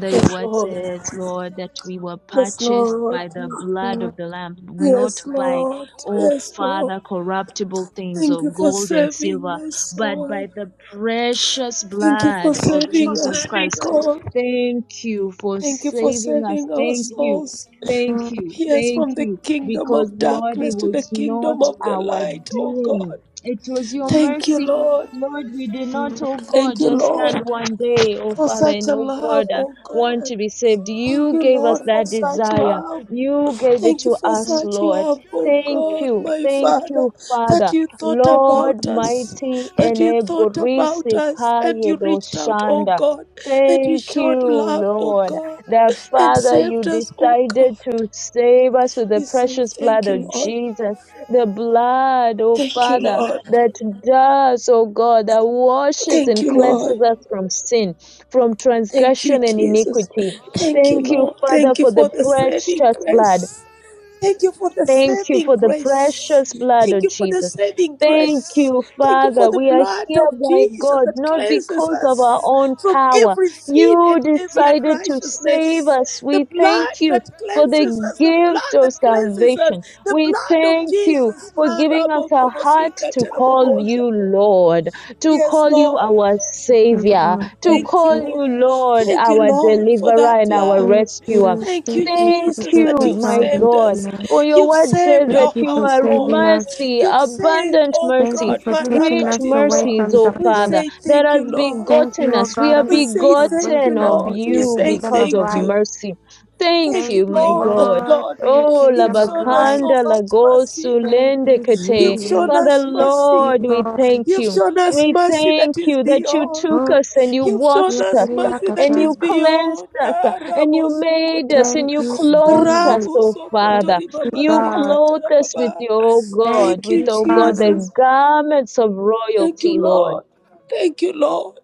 Speaker 4: song. holy.
Speaker 1: your
Speaker 4: I
Speaker 2: Yes,
Speaker 1: word
Speaker 2: Lord.
Speaker 1: says,
Speaker 4: want
Speaker 1: Lord, that
Speaker 4: desire,
Speaker 1: we were
Speaker 4: Lord.
Speaker 2: Yes,
Speaker 1: purchased
Speaker 2: Lord.
Speaker 1: by the
Speaker 3: Thank
Speaker 1: blood of the Lamb, not
Speaker 2: Yes,
Speaker 1: by,
Speaker 2: Lord.
Speaker 1: oh
Speaker 4: Oh,
Speaker 2: Yes,
Speaker 4: my
Speaker 2: Lord.
Speaker 1: Father,
Speaker 4: loving,
Speaker 1: corruptible things
Speaker 2: Thank you
Speaker 1: of
Speaker 4: holy.
Speaker 2: for
Speaker 1: gold and
Speaker 2: saving
Speaker 1: silver,
Speaker 2: my
Speaker 1: but
Speaker 2: soul.
Speaker 1: by the precious
Speaker 2: Thank you
Speaker 4: Yes,
Speaker 2: for
Speaker 1: blood of
Speaker 2: saving
Speaker 1: Jesus
Speaker 2: us, oh
Speaker 1: Christ.
Speaker 2: God.
Speaker 1: Thank you for
Speaker 4: you
Speaker 2: Thank you
Speaker 4: have
Speaker 2: for
Speaker 4: let
Speaker 1: saving us.
Speaker 4: me
Speaker 2: saving our
Speaker 4: in
Speaker 1: Thank you.
Speaker 4: the
Speaker 2: souls.
Speaker 1: Thank you.
Speaker 2: Yes,
Speaker 1: Thank
Speaker 2: from the
Speaker 1: you.
Speaker 2: kingdom
Speaker 1: Because,
Speaker 2: of
Speaker 4: path.
Speaker 1: Lord, it
Speaker 2: darkness to the
Speaker 1: was
Speaker 2: kingdom
Speaker 1: not
Speaker 4: Oh,
Speaker 2: of the
Speaker 1: our
Speaker 2: light, oh
Speaker 1: doing.
Speaker 2: God.
Speaker 1: It was your
Speaker 2: Thank you,
Speaker 1: mercy.
Speaker 2: Lord.
Speaker 4: And
Speaker 1: Lord,
Speaker 4: with
Speaker 1: we do not,
Speaker 4: shadow
Speaker 1: oh God,
Speaker 2: Thank you,
Speaker 1: just stand
Speaker 2: Lord,
Speaker 1: one day, oh
Speaker 2: for
Speaker 1: Father,
Speaker 2: such
Speaker 1: and
Speaker 2: a
Speaker 1: oh
Speaker 2: love,
Speaker 1: God, uh,
Speaker 2: oh
Speaker 1: want
Speaker 2: God.
Speaker 1: to be saved.
Speaker 2: Thank
Speaker 1: You
Speaker 4: calling,
Speaker 2: you,
Speaker 1: gave us
Speaker 2: Lord, for
Speaker 1: that
Speaker 2: such
Speaker 1: desire.
Speaker 2: love.
Speaker 1: You gave it
Speaker 2: Thank you
Speaker 1: to
Speaker 2: for
Speaker 1: us,
Speaker 2: such
Speaker 1: Lord.
Speaker 2: love,
Speaker 4: can
Speaker 2: oh
Speaker 4: you
Speaker 1: Thank
Speaker 4: call
Speaker 2: God,
Speaker 4: it?
Speaker 1: you.
Speaker 2: my
Speaker 1: Thank
Speaker 2: Father,
Speaker 1: you,
Speaker 2: that
Speaker 1: Father.
Speaker 2: you thought about
Speaker 1: Lord,
Speaker 4: My
Speaker 2: us,
Speaker 1: mighty
Speaker 4: one
Speaker 2: that
Speaker 1: and
Speaker 2: you
Speaker 4: desire,
Speaker 2: thought about
Speaker 1: eborisi
Speaker 4: Lord.
Speaker 2: us, and
Speaker 1: kaye
Speaker 2: you reached out, oh
Speaker 1: doshanda.
Speaker 2: God, and you
Speaker 1: Thank
Speaker 2: showed
Speaker 1: you,
Speaker 4: Oh,
Speaker 2: love,
Speaker 4: can
Speaker 2: oh
Speaker 4: we
Speaker 1: Lord,
Speaker 2: God,
Speaker 4: shout His
Speaker 1: that
Speaker 2: and
Speaker 4: name,
Speaker 1: Father, you
Speaker 2: saved us,
Speaker 4: Holy
Speaker 2: oh God.
Speaker 4: Ghost?
Speaker 1: decided to save us with
Speaker 4: Oh, yeah,
Speaker 1: the
Speaker 2: We
Speaker 4: yeah, yeah,
Speaker 2: say
Speaker 4: yeah,
Speaker 1: precious
Speaker 4: yeah,
Speaker 2: thank
Speaker 1: blood
Speaker 2: you,
Speaker 1: of
Speaker 4: yeah.
Speaker 2: Lord.
Speaker 4: Oh, God,
Speaker 1: Jesus.
Speaker 4: the
Speaker 1: The
Speaker 4: Lamb of your
Speaker 1: blood, oh
Speaker 2: Thank you,
Speaker 4: word.
Speaker 1: Father
Speaker 2: Lord.
Speaker 1: that does, oh God, that
Speaker 4: Ah,
Speaker 1: washes
Speaker 2: Thank
Speaker 1: and
Speaker 2: you, Lord.
Speaker 1: cleanses
Speaker 4: Holy
Speaker 1: us from
Speaker 4: Ghost.
Speaker 1: sin, from
Speaker 2: Thank you,
Speaker 1: transgression and
Speaker 2: Jesus.
Speaker 1: iniquity.
Speaker 4: I
Speaker 2: Thank you,
Speaker 1: Thank you,
Speaker 2: Lord.
Speaker 4: want
Speaker 1: Father,
Speaker 2: Thank you
Speaker 1: for
Speaker 2: for
Speaker 1: the
Speaker 2: the
Speaker 4: desire.
Speaker 2: saving
Speaker 1: precious blood.
Speaker 2: grace.
Speaker 4: And we
Speaker 2: Thank you for the
Speaker 4: scream
Speaker 1: Thank you
Speaker 2: saving
Speaker 1: for the
Speaker 4: out,
Speaker 2: grace.
Speaker 1: precious
Speaker 4: Holy
Speaker 1: blood
Speaker 2: Thank
Speaker 1: of
Speaker 4: Ghost.
Speaker 2: you for the
Speaker 1: Jesus.
Speaker 2: saving
Speaker 4: You are my
Speaker 1: Thank
Speaker 2: grace.
Speaker 4: help,
Speaker 1: you,
Speaker 4: you are
Speaker 2: Thank you
Speaker 4: my
Speaker 2: for
Speaker 1: Father.
Speaker 2: the
Speaker 1: We are
Speaker 2: blood
Speaker 4: steadfast
Speaker 1: here,
Speaker 2: of
Speaker 4: help.
Speaker 1: by
Speaker 2: Jesus
Speaker 1: God,
Speaker 2: that
Speaker 1: not
Speaker 2: cleanses
Speaker 4: Oh,
Speaker 1: because of our
Speaker 2: us
Speaker 1: own
Speaker 2: from
Speaker 4: Shekepaya.
Speaker 1: power.
Speaker 2: every sin
Speaker 4: Hebala
Speaker 1: You
Speaker 2: and every
Speaker 4: barubele gaya
Speaker 1: decided to
Speaker 4: balaba
Speaker 1: save
Speaker 2: unrighteousness.
Speaker 4: sopaya.
Speaker 1: us.
Speaker 2: The
Speaker 1: We thank
Speaker 2: blood
Speaker 1: you
Speaker 2: that
Speaker 4: Esepele
Speaker 1: for
Speaker 2: cleanses
Speaker 1: the
Speaker 2: us, the
Speaker 4: barubere de
Speaker 1: gift
Speaker 2: blood
Speaker 4: dia
Speaker 1: of
Speaker 2: that
Speaker 4: balako
Speaker 2: cleanses us,
Speaker 1: salvation.
Speaker 4: bebaya.
Speaker 2: the
Speaker 1: We
Speaker 2: blood of
Speaker 1: thank you
Speaker 2: Jesus.
Speaker 1: for
Speaker 4: Hebelaza,
Speaker 1: giving us a heart
Speaker 4: iberazu
Speaker 1: to
Speaker 4: bebe
Speaker 1: call you
Speaker 4: bekubayana.
Speaker 1: Lord, to
Speaker 2: Yes,
Speaker 1: call you
Speaker 2: Lord.
Speaker 4: Hebele
Speaker 1: our
Speaker 4: sobuana.
Speaker 1: Savior, to
Speaker 2: Thank
Speaker 1: call you
Speaker 2: you.
Speaker 4: Isabelle
Speaker 1: Lord,
Speaker 2: Thank
Speaker 4: is
Speaker 2: you,
Speaker 4: in
Speaker 1: our
Speaker 4: this
Speaker 2: Lord, for
Speaker 4: place.
Speaker 2: that
Speaker 1: Deliverer and our
Speaker 2: love.
Speaker 4: He's
Speaker 1: Rescuer.
Speaker 4: in this
Speaker 2: Thank you,
Speaker 4: place.
Speaker 3: you
Speaker 4: He's in
Speaker 3: for
Speaker 1: Thank
Speaker 3: the
Speaker 4: this
Speaker 2: Jesus,
Speaker 3: gift
Speaker 1: you,
Speaker 2: that
Speaker 3: of
Speaker 4: place.
Speaker 2: you've
Speaker 1: my
Speaker 3: salvation.
Speaker 2: saved
Speaker 4: He's
Speaker 1: God.
Speaker 4: in
Speaker 2: us.
Speaker 3: Lord.
Speaker 4: this
Speaker 1: For
Speaker 4: place.
Speaker 1: your
Speaker 4: He's
Speaker 2: You've
Speaker 1: word
Speaker 4: causing
Speaker 2: saved
Speaker 1: says
Speaker 4: men
Speaker 1: that
Speaker 3: Thank
Speaker 2: our
Speaker 3: you
Speaker 1: you
Speaker 3: for
Speaker 1: are
Speaker 4: to
Speaker 3: saving
Speaker 2: household.
Speaker 4: come into
Speaker 3: us.
Speaker 4: the
Speaker 1: mercy,
Speaker 2: You've
Speaker 4: inner court.
Speaker 2: saved,
Speaker 1: abundant
Speaker 2: oh
Speaker 4: He's
Speaker 3: Thank
Speaker 1: mercy,
Speaker 3: you
Speaker 2: God,
Speaker 3: for
Speaker 4: causing men.
Speaker 3: taking
Speaker 4: I
Speaker 2: Maraka
Speaker 1: rich
Speaker 3: us
Speaker 4: shake a
Speaker 3: away
Speaker 2: Tiribo.
Speaker 1: mercies,
Speaker 3: from
Speaker 4: fire.
Speaker 1: O
Speaker 2: We
Speaker 1: Father,
Speaker 3: darkness.
Speaker 2: say
Speaker 1: that
Speaker 2: thank you,
Speaker 1: has
Speaker 2: Lord.
Speaker 3: Thank
Speaker 1: begotten
Speaker 3: you, O
Speaker 4: Oh,
Speaker 1: us. We
Speaker 4: my
Speaker 3: God
Speaker 1: are
Speaker 2: We
Speaker 3: Almighty,
Speaker 2: say
Speaker 3: for
Speaker 2: thank you,
Speaker 1: begotten
Speaker 3: bringing us
Speaker 1: of
Speaker 4: dearest.
Speaker 2: Lord.
Speaker 3: into
Speaker 2: We
Speaker 3: your
Speaker 1: you
Speaker 2: say
Speaker 3: kingdom
Speaker 1: because
Speaker 3: of
Speaker 1: of
Speaker 2: thank
Speaker 3: light.
Speaker 2: you.
Speaker 1: mercy. Thank
Speaker 2: Thank
Speaker 3: Thank
Speaker 2: you,
Speaker 1: you,
Speaker 3: you,
Speaker 1: my
Speaker 2: Lord,
Speaker 4: I
Speaker 2: that
Speaker 1: God.
Speaker 3: Lord,
Speaker 4: call
Speaker 2: Lord,
Speaker 3: for your
Speaker 4: him.
Speaker 1: Oh,
Speaker 2: you've
Speaker 3: kingdom of
Speaker 2: shown us
Speaker 3: light.
Speaker 2: so
Speaker 1: Labakanda,
Speaker 2: much mercy.
Speaker 1: Lagosu,
Speaker 3: Thank you,
Speaker 1: Lendekete.
Speaker 2: You've
Speaker 3: Jesus.
Speaker 2: shown
Speaker 1: Father,
Speaker 2: us
Speaker 3: Thank you,
Speaker 2: mercy.
Speaker 1: Lord, we
Speaker 3: Lord.
Speaker 1: thank
Speaker 2: You've
Speaker 1: you.
Speaker 2: shown us
Speaker 1: We
Speaker 2: mercy that
Speaker 1: thank
Speaker 2: is
Speaker 1: you that you
Speaker 2: beyond.
Speaker 1: took
Speaker 3: Oh,
Speaker 1: us and you
Speaker 2: You've shown
Speaker 3: yeah,
Speaker 1: washed
Speaker 3: yeah,
Speaker 2: us
Speaker 1: us
Speaker 3: yeah,
Speaker 2: mercy
Speaker 3: yeah.
Speaker 2: that
Speaker 1: and
Speaker 3: yeah.
Speaker 2: is
Speaker 1: you cleansed
Speaker 2: beyond.
Speaker 1: us
Speaker 2: Ah,
Speaker 1: and
Speaker 2: Rabo
Speaker 1: you made
Speaker 2: Sokota.
Speaker 1: us and
Speaker 3: Thank
Speaker 1: you
Speaker 3: you,
Speaker 1: clothed us,
Speaker 3: Jesus.
Speaker 2: Rabo
Speaker 1: oh
Speaker 4: Holy
Speaker 3: Thank
Speaker 2: Sokoto
Speaker 1: Father.
Speaker 4: Ghost,
Speaker 3: you,
Speaker 2: Ribaba
Speaker 1: You
Speaker 3: God.
Speaker 2: Sikata
Speaker 1: clothe us with
Speaker 2: Rababa.
Speaker 1: your
Speaker 3: Thank
Speaker 1: God,
Speaker 2: Thank
Speaker 4: secret
Speaker 1: with,
Speaker 2: you,
Speaker 3: you,
Speaker 4: of
Speaker 1: oh
Speaker 4: my
Speaker 1: God,
Speaker 3: Father.
Speaker 4: life.
Speaker 2: Jesus.
Speaker 1: the garments of
Speaker 2: Thank
Speaker 1: royalty,
Speaker 2: you,
Speaker 1: Lord.
Speaker 2: Lord. Thank you, Lord.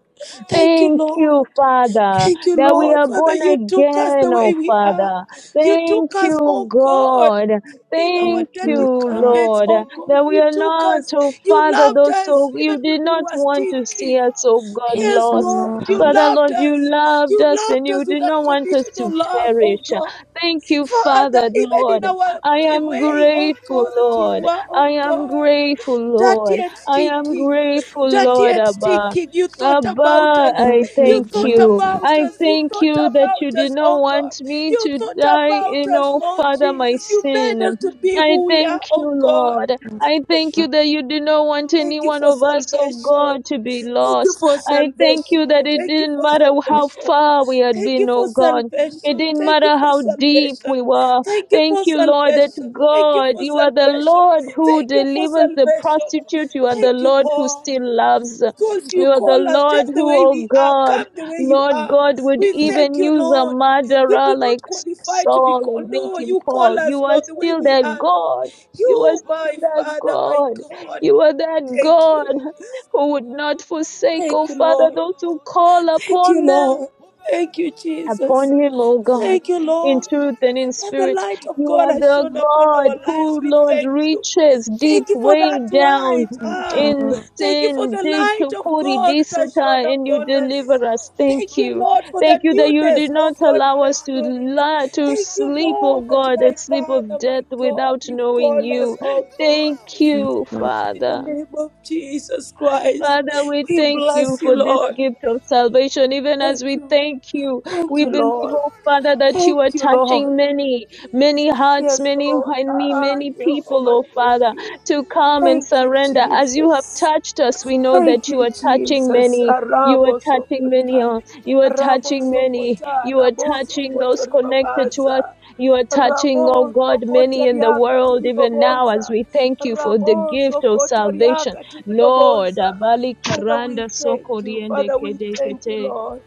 Speaker 2: Thank you,
Speaker 4: Holy
Speaker 1: Thank
Speaker 4: Ghost,
Speaker 1: you,
Speaker 2: Lord.
Speaker 1: Father,
Speaker 2: Thank you,
Speaker 1: that we
Speaker 2: Lord.
Speaker 1: are
Speaker 2: Father,
Speaker 1: born
Speaker 2: you took
Speaker 4: you are
Speaker 2: us the
Speaker 4: my
Speaker 1: again,
Speaker 2: way
Speaker 1: oh
Speaker 4: one
Speaker 2: we are.
Speaker 1: Father.
Speaker 4: desire.
Speaker 2: You took
Speaker 1: Thank
Speaker 2: us,
Speaker 1: you,
Speaker 2: oh God
Speaker 1: God.
Speaker 2: in our
Speaker 3: Thank
Speaker 1: Thank you,
Speaker 2: dirty
Speaker 3: you, Lord.
Speaker 2: garments,
Speaker 1: Lord,
Speaker 4: Holy
Speaker 2: oh God.
Speaker 1: that
Speaker 4: Ghost,
Speaker 1: we
Speaker 2: You
Speaker 1: are
Speaker 2: took
Speaker 4: my
Speaker 1: not,
Speaker 2: us.
Speaker 4: God,
Speaker 1: oh
Speaker 4: my
Speaker 2: You
Speaker 4: God,
Speaker 1: Father,
Speaker 2: loved
Speaker 1: those
Speaker 4: my God.
Speaker 2: us
Speaker 1: so
Speaker 4: See him
Speaker 2: even
Speaker 1: you
Speaker 2: when
Speaker 1: did
Speaker 4: come.
Speaker 2: we
Speaker 1: not
Speaker 2: were
Speaker 1: want to
Speaker 4: Holy
Speaker 1: see
Speaker 2: stinking.
Speaker 1: us, oh
Speaker 4: Ghost.
Speaker 1: God,
Speaker 3: Thank
Speaker 2: Yes,
Speaker 3: you,
Speaker 1: lost.
Speaker 2: Lord, you
Speaker 3: Lord.
Speaker 1: Father,
Speaker 4: Paka,
Speaker 2: loved
Speaker 1: Lord,
Speaker 4: paka,
Speaker 1: you
Speaker 2: us.
Speaker 4: paka.
Speaker 1: loved us
Speaker 2: You
Speaker 1: and
Speaker 2: loved us
Speaker 1: you
Speaker 2: with
Speaker 1: did not want
Speaker 4: Holy
Speaker 1: us to
Speaker 2: unconditional love,
Speaker 4: Ghost,
Speaker 2: oh
Speaker 1: perish.
Speaker 2: God.
Speaker 1: Thank you,
Speaker 2: Father,
Speaker 1: Father,
Speaker 2: even in
Speaker 1: Lord.
Speaker 2: our
Speaker 4: my
Speaker 1: I am
Speaker 2: way, oh
Speaker 4: one
Speaker 1: grateful,
Speaker 2: God, that we
Speaker 1: Lord.
Speaker 4: desire.
Speaker 2: were, oh
Speaker 1: I am
Speaker 2: God,
Speaker 1: grateful,
Speaker 2: dirty
Speaker 4: the
Speaker 1: Lord.
Speaker 2: and
Speaker 1: I
Speaker 4: savior of
Speaker 1: am
Speaker 4: this
Speaker 2: stinking
Speaker 4: generation,
Speaker 1: grateful,
Speaker 2: dirty
Speaker 1: Lord,
Speaker 2: and
Speaker 4: Asakapa.
Speaker 1: Abba.
Speaker 2: stinking. You thought
Speaker 1: Abba,
Speaker 2: about us.
Speaker 1: I
Speaker 3: Thank you,
Speaker 2: You
Speaker 1: thank
Speaker 2: thought
Speaker 1: you.
Speaker 3: Jesus.
Speaker 2: about
Speaker 1: I
Speaker 2: us.
Speaker 4: Dearest
Speaker 2: You
Speaker 1: thank
Speaker 4: Holy
Speaker 2: thought
Speaker 1: you that
Speaker 2: about
Speaker 1: you did
Speaker 2: us,
Speaker 4: Ghost,
Speaker 2: oh
Speaker 1: not
Speaker 2: God.
Speaker 1: want me
Speaker 2: You
Speaker 1: to
Speaker 2: thought
Speaker 4: I
Speaker 1: die
Speaker 2: about
Speaker 4: call
Speaker 1: in,
Speaker 2: us,
Speaker 4: you
Speaker 1: oh
Speaker 2: Lord
Speaker 1: Father,
Speaker 4: Holy
Speaker 1: my
Speaker 2: Jesus. You made
Speaker 4: Ghost.
Speaker 2: us
Speaker 1: sin.
Speaker 2: to be
Speaker 1: I
Speaker 2: who we are,
Speaker 1: thank you,
Speaker 2: oh God.
Speaker 1: Lord.
Speaker 3: Yes,
Speaker 1: I thank you that you did
Speaker 4: My
Speaker 1: not want any
Speaker 2: Thank
Speaker 4: one
Speaker 2: you
Speaker 1: one
Speaker 2: for
Speaker 1: of us,
Speaker 4: desire,
Speaker 1: oh
Speaker 2: salvation.
Speaker 1: God, to be
Speaker 2: Thank you
Speaker 1: lost.
Speaker 2: for
Speaker 1: I thank
Speaker 4: love
Speaker 1: you
Speaker 2: salvation.
Speaker 4: Him,
Speaker 1: that it
Speaker 2: Thank you
Speaker 1: didn't
Speaker 2: for
Speaker 1: matter
Speaker 3: Lord.
Speaker 1: how
Speaker 2: salvation.
Speaker 1: far we had
Speaker 2: Thank you
Speaker 1: been, oh
Speaker 2: for
Speaker 1: God. It
Speaker 2: salvation.
Speaker 4: love
Speaker 1: didn't
Speaker 2: Thank you
Speaker 1: matter
Speaker 2: for
Speaker 1: how
Speaker 4: Him.
Speaker 1: deep
Speaker 2: salvation.
Speaker 1: we were.
Speaker 2: Thank you
Speaker 4: Can you
Speaker 1: Thank
Speaker 2: for
Speaker 1: you,
Speaker 4: enjoy His
Speaker 1: Lord, that
Speaker 2: salvation.
Speaker 4: presence?
Speaker 2: Thank you
Speaker 1: God,
Speaker 2: for
Speaker 1: you are the
Speaker 4: Men are
Speaker 2: salvation.
Speaker 4: broken
Speaker 1: Lord
Speaker 4: right now
Speaker 1: who
Speaker 2: Thank you
Speaker 4: because
Speaker 2: for
Speaker 1: delivers the
Speaker 4: He's
Speaker 2: salvation.
Speaker 4: about to
Speaker 1: prostitute.
Speaker 4: mend
Speaker 1: You are
Speaker 4: things.
Speaker 1: the
Speaker 2: Thank
Speaker 4: He's
Speaker 2: you,
Speaker 1: Lord
Speaker 4: about to
Speaker 1: who
Speaker 2: Lord
Speaker 4: shift
Speaker 1: still
Speaker 4: things.
Speaker 1: loves.
Speaker 2: because you
Speaker 1: You are the
Speaker 2: call us
Speaker 1: Lord
Speaker 4: Bakuberazia
Speaker 2: just the
Speaker 1: who,
Speaker 2: way
Speaker 1: oh
Speaker 4: dava.
Speaker 2: we are.
Speaker 1: God,
Speaker 2: Come the way you
Speaker 1: Lord
Speaker 2: are.
Speaker 4: Call
Speaker 1: God,
Speaker 4: him,
Speaker 1: would
Speaker 2: We
Speaker 4: call him,
Speaker 2: thank
Speaker 1: even
Speaker 2: you,
Speaker 1: use a
Speaker 2: Lord.
Speaker 4: Holy
Speaker 2: We
Speaker 4: Ghost.
Speaker 1: murderer
Speaker 2: do
Speaker 1: like
Speaker 2: not qualify to be
Speaker 4: Call
Speaker 1: Saul
Speaker 4: him,
Speaker 2: called.
Speaker 1: and make
Speaker 4: call
Speaker 2: No,
Speaker 4: him,
Speaker 1: him
Speaker 2: you call
Speaker 1: Paul.
Speaker 4: call
Speaker 2: us,
Speaker 1: You
Speaker 4: him,
Speaker 1: are
Speaker 2: Lord, the way
Speaker 1: still
Speaker 2: we
Speaker 1: that
Speaker 2: are,
Speaker 4: Holy
Speaker 2: Lord.
Speaker 1: God.
Speaker 4: Ghost.
Speaker 1: You are
Speaker 2: You,
Speaker 4: Call
Speaker 2: my
Speaker 1: still
Speaker 4: him,
Speaker 1: that
Speaker 2: Father,
Speaker 4: call
Speaker 2: my
Speaker 4: him,
Speaker 1: God.
Speaker 4: call
Speaker 2: God.
Speaker 4: him,
Speaker 1: You are that
Speaker 2: Thank
Speaker 1: God
Speaker 2: you.
Speaker 4: Holy Ghost.
Speaker 1: who would
Speaker 4: Oh,
Speaker 1: not forsake,
Speaker 4: Rababuele
Speaker 1: oh
Speaker 2: Thank you,
Speaker 4: la
Speaker 1: Father,
Speaker 2: Lord.
Speaker 1: those who
Speaker 4: manona.
Speaker 1: call
Speaker 2: Thank you,
Speaker 1: upon them
Speaker 2: Lord.
Speaker 4: Ubele
Speaker 2: Thank you,
Speaker 4: zubele
Speaker 2: Jesus.
Speaker 1: upon him, O
Speaker 4: beduga
Speaker 1: God,
Speaker 2: Thank
Speaker 4: yana
Speaker 2: you,
Speaker 4: ma
Speaker 1: in
Speaker 2: Lord,
Speaker 1: truth
Speaker 4: ubele
Speaker 1: and in
Speaker 2: that the
Speaker 1: spirit.
Speaker 4: bedudiana.
Speaker 2: light of
Speaker 1: You
Speaker 2: God
Speaker 1: are
Speaker 2: has
Speaker 1: the
Speaker 2: shone
Speaker 4: My
Speaker 2: upon
Speaker 4: God,
Speaker 1: God
Speaker 2: our
Speaker 4: my
Speaker 2: lives.
Speaker 1: who,
Speaker 2: We
Speaker 4: Father and my
Speaker 1: Lord,
Speaker 2: thank
Speaker 4: God.
Speaker 2: you.
Speaker 1: reaches
Speaker 2: Thank
Speaker 1: deep
Speaker 2: you for
Speaker 1: way
Speaker 2: that
Speaker 4: Celebrate
Speaker 1: down
Speaker 2: light.
Speaker 4: kubele
Speaker 3: Yes,
Speaker 2: Ah,
Speaker 4: beso.
Speaker 1: in
Speaker 3: Lord.
Speaker 2: thank you for
Speaker 1: sin,
Speaker 2: the
Speaker 1: deep to
Speaker 2: light of
Speaker 4: Askepelata.
Speaker 1: Kori
Speaker 2: God that has
Speaker 1: Disata,
Speaker 2: shone
Speaker 1: and you
Speaker 2: upon
Speaker 4: Holy
Speaker 2: us.
Speaker 1: deliver us.
Speaker 4: Ghost,
Speaker 1: Thank
Speaker 2: Thank
Speaker 4: my
Speaker 2: you,
Speaker 1: you.
Speaker 2: Lord,
Speaker 4: God.
Speaker 2: for the
Speaker 1: Thank you that you
Speaker 2: newness,
Speaker 1: did not
Speaker 2: oh God, in
Speaker 1: allow
Speaker 2: the
Speaker 1: us to
Speaker 4: Asepekatana.
Speaker 2: Spirit.
Speaker 1: lie, to
Speaker 2: Thank
Speaker 4: Elebero
Speaker 2: you,
Speaker 1: sleep,
Speaker 4: bayabala
Speaker 1: O
Speaker 2: Lord, that
Speaker 4: kubele
Speaker 1: God, a
Speaker 2: my
Speaker 4: tayada
Speaker 1: sleep of
Speaker 2: Father, my
Speaker 1: death
Speaker 4: kabayana.
Speaker 2: God,
Speaker 1: without
Speaker 2: you've
Speaker 1: knowing
Speaker 2: called us,
Speaker 1: you.
Speaker 4: Holy
Speaker 2: oh God,
Speaker 1: Thank
Speaker 4: Ghost!
Speaker 3: Yes,
Speaker 1: you,
Speaker 3: Lord.
Speaker 2: in the
Speaker 1: Father.
Speaker 2: name of Jesus Christ.
Speaker 1: Father, we
Speaker 2: We
Speaker 1: thank you
Speaker 2: bless you,
Speaker 1: for this
Speaker 2: Lord.
Speaker 1: gift of salvation. Even
Speaker 2: Thank
Speaker 1: as we
Speaker 2: you.
Speaker 1: thank you,
Speaker 2: Thank
Speaker 1: we
Speaker 2: you,
Speaker 1: believe,
Speaker 2: Lord.
Speaker 1: oh
Speaker 4: Holy
Speaker 1: Father, that
Speaker 2: Thank
Speaker 1: you
Speaker 4: Ghost!
Speaker 1: are
Speaker 2: you, Lord.
Speaker 1: touching many, many
Speaker 4: Jesus,
Speaker 1: hearts,
Speaker 2: Yes,
Speaker 1: many,
Speaker 4: Jesus,
Speaker 2: Lord.
Speaker 1: many,
Speaker 2: Ah,
Speaker 1: many
Speaker 4: Jesus, Jesus,
Speaker 1: people,
Speaker 2: Jehovah,
Speaker 1: oh
Speaker 2: thank
Speaker 1: Father,
Speaker 2: you.
Speaker 1: to come
Speaker 4: Jesus,
Speaker 1: and
Speaker 2: Thank you,
Speaker 1: surrender. As
Speaker 4: Jesus,
Speaker 1: you have
Speaker 2: Jesus.
Speaker 1: touched us, we know
Speaker 2: Thank
Speaker 1: that you
Speaker 2: you,
Speaker 1: are
Speaker 4: Holy
Speaker 1: touching
Speaker 2: Jesus.
Speaker 1: many.
Speaker 4: Ghost!
Speaker 1: You are
Speaker 2: Arabo
Speaker 1: touching
Speaker 4: Can
Speaker 1: many.
Speaker 2: sokota.
Speaker 4: you
Speaker 1: oh,
Speaker 4: begin to
Speaker 1: You are
Speaker 4: blast in
Speaker 2: Rabo
Speaker 4: other
Speaker 1: touching
Speaker 4: tongues
Speaker 1: many.
Speaker 2: sokota.
Speaker 1: You are
Speaker 4: as
Speaker 2: Rabo
Speaker 4: you
Speaker 1: touching
Speaker 2: sokoto
Speaker 1: those
Speaker 4: communicate with the Holy
Speaker 1: connected
Speaker 4: Ghost?
Speaker 1: to us.
Speaker 2: ribabaza.
Speaker 1: You are touching, oh
Speaker 2: Rabo
Speaker 1: God, many
Speaker 2: sokota
Speaker 1: in the
Speaker 2: riaka
Speaker 1: world, even now, as
Speaker 2: tiribaboza.
Speaker 1: we thank you for the
Speaker 2: Rabo
Speaker 1: gift of
Speaker 2: sokota
Speaker 1: salvation.
Speaker 2: riaka
Speaker 1: Lord,
Speaker 2: tiribaboza.
Speaker 1: Abali
Speaker 2: Father, we
Speaker 1: Karanda
Speaker 2: thank
Speaker 1: Soko
Speaker 2: you.
Speaker 1: Diende
Speaker 2: Father, we
Speaker 1: Kede
Speaker 2: thank you,
Speaker 1: Kete.
Speaker 2: Lord.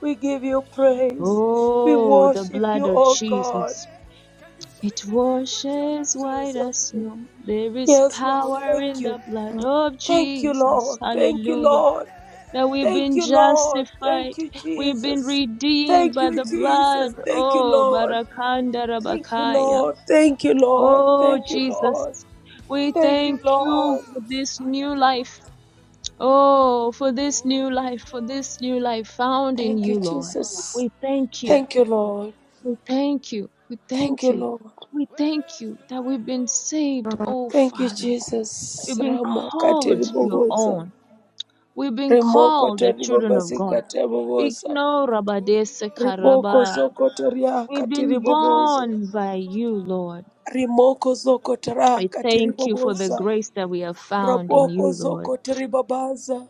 Speaker 2: We give you praise. We
Speaker 1: Oh, the
Speaker 2: worship
Speaker 1: blood
Speaker 2: you,
Speaker 1: of
Speaker 2: oh God.
Speaker 1: Jesus.
Speaker 4: Can you speak
Speaker 1: It
Speaker 4: the language he
Speaker 2: Thank you,
Speaker 1: washes white
Speaker 4: understands?
Speaker 1: as
Speaker 2: Jesus.
Speaker 1: snow. There is
Speaker 2: Yes, Lord.
Speaker 1: power
Speaker 2: Thank
Speaker 1: in
Speaker 2: you.
Speaker 1: the blood
Speaker 3: Yes,
Speaker 1: of
Speaker 2: Thank you,
Speaker 1: Jesus.
Speaker 2: Lord. Thank you,
Speaker 1: Hallelujah.
Speaker 2: Lord.
Speaker 1: That we've
Speaker 2: Thank
Speaker 1: been
Speaker 2: you, Lord.
Speaker 1: justified.
Speaker 2: Thank you,
Speaker 1: We've been
Speaker 2: Jesus.
Speaker 1: redeemed
Speaker 2: Thank
Speaker 1: by
Speaker 2: you,
Speaker 1: the blood.
Speaker 2: Jesus. Thank you,
Speaker 1: Oh,
Speaker 2: Lord.
Speaker 1: Barakanda
Speaker 2: Thank you,
Speaker 1: Rabakaya.
Speaker 2: Lord. Thank you, Lord.
Speaker 1: Oh,
Speaker 2: Thank you,
Speaker 1: Jesus.
Speaker 2: Lord.
Speaker 1: We
Speaker 2: Thank you,
Speaker 1: thank
Speaker 4: Holy
Speaker 1: you
Speaker 2: Lord.
Speaker 1: for
Speaker 4: Ghost,
Speaker 1: this new life.
Speaker 4: Ayakepaya.
Speaker 1: Oh, for this new
Speaker 4: Holy
Speaker 1: life, for this
Speaker 4: Ghost,
Speaker 1: new life found in
Speaker 2: Thank you,
Speaker 1: you, Lord.
Speaker 2: Jesus.
Speaker 1: We thank
Speaker 4: I
Speaker 1: you.
Speaker 2: Thank you,
Speaker 4: want
Speaker 2: Lord.
Speaker 1: We
Speaker 4: desire.
Speaker 1: thank you. We
Speaker 2: Thank
Speaker 1: thank
Speaker 2: you,
Speaker 1: you.
Speaker 2: Lord.
Speaker 1: We
Speaker 4: Where
Speaker 1: thank
Speaker 4: else
Speaker 1: you
Speaker 4: will
Speaker 1: that
Speaker 4: I
Speaker 1: we've been
Speaker 4: go?
Speaker 1: saved,
Speaker 3: Lord.
Speaker 1: oh
Speaker 2: Thank you,
Speaker 1: Father. We've
Speaker 2: Jesus.
Speaker 1: been
Speaker 2: Rama
Speaker 4: Who
Speaker 1: called
Speaker 4: else
Speaker 1: your
Speaker 4: will help
Speaker 2: katiribobosa.
Speaker 1: own.
Speaker 4: me?
Speaker 1: We've been
Speaker 2: Remoko
Speaker 1: called the children of
Speaker 2: taribobasi
Speaker 1: God. We
Speaker 2: katiribobosa.
Speaker 1: know
Speaker 4: Holy
Speaker 1: Rabadesa
Speaker 4: Ghost,
Speaker 2: Riboko
Speaker 1: Karaba.
Speaker 2: zoko taria
Speaker 1: We've
Speaker 4: I
Speaker 1: been
Speaker 4: was told you are
Speaker 2: katiribobosa.
Speaker 4: the
Speaker 1: born by you,
Speaker 4: comforter.
Speaker 1: Lord.
Speaker 2: Rimoko zoko tara
Speaker 1: We
Speaker 4: You
Speaker 1: thank you for
Speaker 4: comfort
Speaker 1: the
Speaker 2: katiribobosa.
Speaker 4: me
Speaker 1: grace that we
Speaker 4: every
Speaker 1: have
Speaker 4: side.
Speaker 1: found in
Speaker 2: Raboko
Speaker 1: you, Lord.
Speaker 2: zoko teribabaza.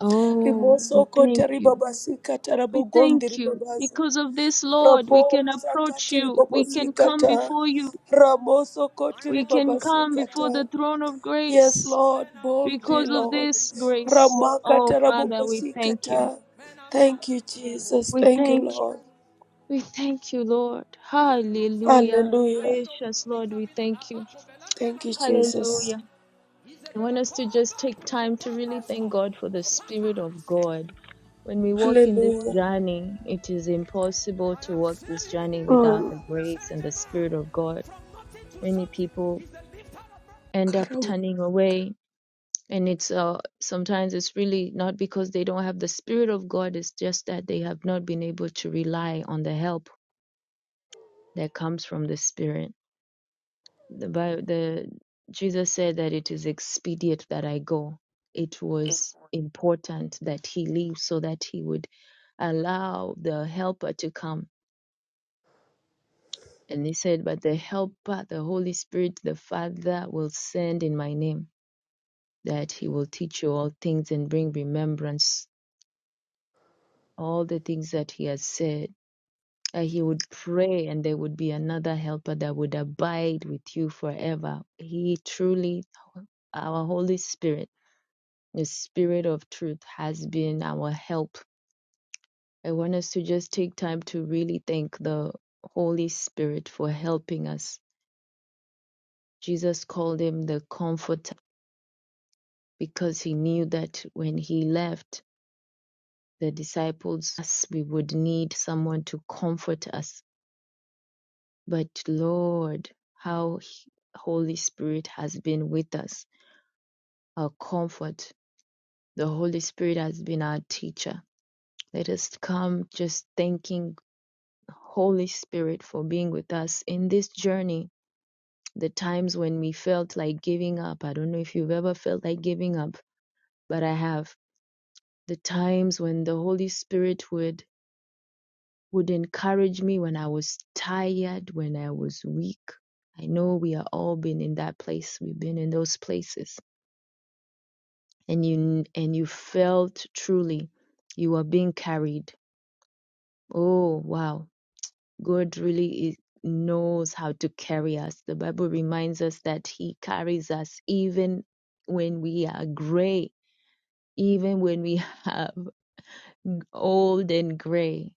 Speaker 1: Oh,
Speaker 4: Dearest,
Speaker 1: we
Speaker 2: Rimosoko
Speaker 1: thank
Speaker 4: Lord,
Speaker 1: you.
Speaker 2: teribabasika
Speaker 1: We
Speaker 2: tarabogondi
Speaker 1: thank you.
Speaker 2: ribabaza.
Speaker 1: Because of this, Lord,
Speaker 4: fountain
Speaker 1: we
Speaker 4: of
Speaker 2: Rabo
Speaker 1: can
Speaker 4: life,
Speaker 1: approach
Speaker 2: zakati
Speaker 1: you. We can come
Speaker 2: ribabosikata.
Speaker 1: before you.
Speaker 2: Ramosoko
Speaker 4: I
Speaker 1: We can
Speaker 4: want
Speaker 1: come before
Speaker 2: teribabasikata.
Speaker 1: the
Speaker 4: desire.
Speaker 1: throne of
Speaker 2: Yes,
Speaker 1: grace.
Speaker 2: Lord,
Speaker 4: Men are hungry
Speaker 2: boldly,
Speaker 1: Because
Speaker 4: for
Speaker 1: of
Speaker 2: Lord.
Speaker 4: Holy
Speaker 1: this
Speaker 4: Ghost.
Speaker 1: grace,
Speaker 2: Ramaka
Speaker 1: oh Father, we thank you.
Speaker 2: tarabobosikata.
Speaker 4: Men are
Speaker 2: Thank you,
Speaker 4: panting for
Speaker 2: Jesus.
Speaker 4: Holy
Speaker 1: We
Speaker 2: Thank you,
Speaker 1: thank
Speaker 4: Ghost.
Speaker 1: you.
Speaker 2: Lord.
Speaker 1: We thank you, Lord.
Speaker 4: Deep brooks have been
Speaker 1: Hallelujah.
Speaker 4: have
Speaker 2: Hallelujah.
Speaker 4: been opened.
Speaker 1: Precious
Speaker 4: Things
Speaker 1: Lord,
Speaker 4: have
Speaker 1: we
Speaker 4: been
Speaker 1: thank you.
Speaker 4: abakobelania
Speaker 2: Thank
Speaker 4: na
Speaker 2: you, Jesus.
Speaker 4: komelatanda.
Speaker 1: Hallelujah. I want
Speaker 4: Izebela
Speaker 1: us to just
Speaker 4: koba
Speaker 1: take
Speaker 4: puku
Speaker 1: time to
Speaker 4: papa
Speaker 1: really
Speaker 4: sko.
Speaker 1: thank God for the Spirit of
Speaker 4: Fakaske.
Speaker 1: God When we walk in this
Speaker 2: Hallelujah.
Speaker 1: journey, it is impossible
Speaker 4: I
Speaker 1: to
Speaker 4: have
Speaker 1: walk
Speaker 4: seen
Speaker 1: this
Speaker 4: him
Speaker 1: journey without
Speaker 2: Mm.
Speaker 1: the
Speaker 4: before
Speaker 1: grace
Speaker 4: change
Speaker 1: and the
Speaker 4: a man
Speaker 1: Spirit of God.
Speaker 4: from nothing to
Speaker 1: Many
Speaker 4: something.
Speaker 1: people
Speaker 4: He's the lifter of man.
Speaker 1: end up
Speaker 2: Karam.
Speaker 1: turning away, and it's uh, sometimes it's really not because they don't have the Spirit of God, it's just that they have not been able to rely on the help that comes from the Spirit. The, Bi- the Jesus said that it is expedient that I go. It was important that he leave so that he would allow the helper to come And he said, But the Helper, the Holy Spirit, the Father will send in my name, that he will teach you all things and bring remembrance all the things that he has said. That he would pray, and there would be another helper that would abide with you forever. He truly, our Holy Spirit, the Spirit of truth, has been our help. I want us to just take time to really thank the Holy Spirit for helping us. Jesus called him the Comforter because he knew that when he left the disciples, us, we would need someone to comfort us. But Lord, how Holy Spirit has been with us, our comfort. The Holy Spirit has been our teacher. Let us come just thanking Holy Spirit for being with us in this journey. The times when we felt like giving up. I don't know if you've ever felt like giving up, but I have. The times when the Holy Spirit would would encourage me when I was tired, when I was weak. I know we are all been in that place. We've been in those places, and you and you felt truly you were being carried. Oh wow, God really is, knows how to carry us. The Bible reminds us that He carries us even when we are gray, even when we have old and gray.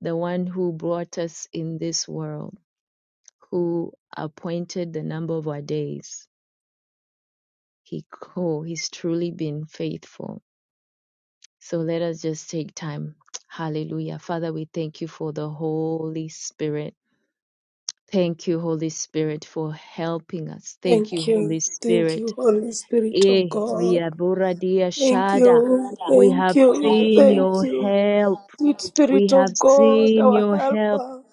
Speaker 1: The one who brought us in this world who appointed the number of our days. He oh, he's truly been faithful. So let us just take time. Hallelujah. Father, we thank you for the Holy Spirit. Thank you, Holy Spirit, for helping us. Thank you,
Speaker 2: Thank
Speaker 1: Holy
Speaker 2: you. Thank you,
Speaker 1: Spirit.
Speaker 2: Holy Spirit
Speaker 1: Eh,
Speaker 2: of
Speaker 1: we
Speaker 2: God.
Speaker 1: are Boradia
Speaker 2: Thank
Speaker 1: Shada.
Speaker 2: you,
Speaker 1: We
Speaker 2: thank
Speaker 1: have
Speaker 2: you,
Speaker 1: seen
Speaker 2: thank
Speaker 1: your
Speaker 2: you.
Speaker 1: help.
Speaker 2: Sweet
Speaker 1: We
Speaker 2: Spirit
Speaker 1: have
Speaker 2: of God,
Speaker 1: seen
Speaker 2: our
Speaker 1: your help.
Speaker 2: helper,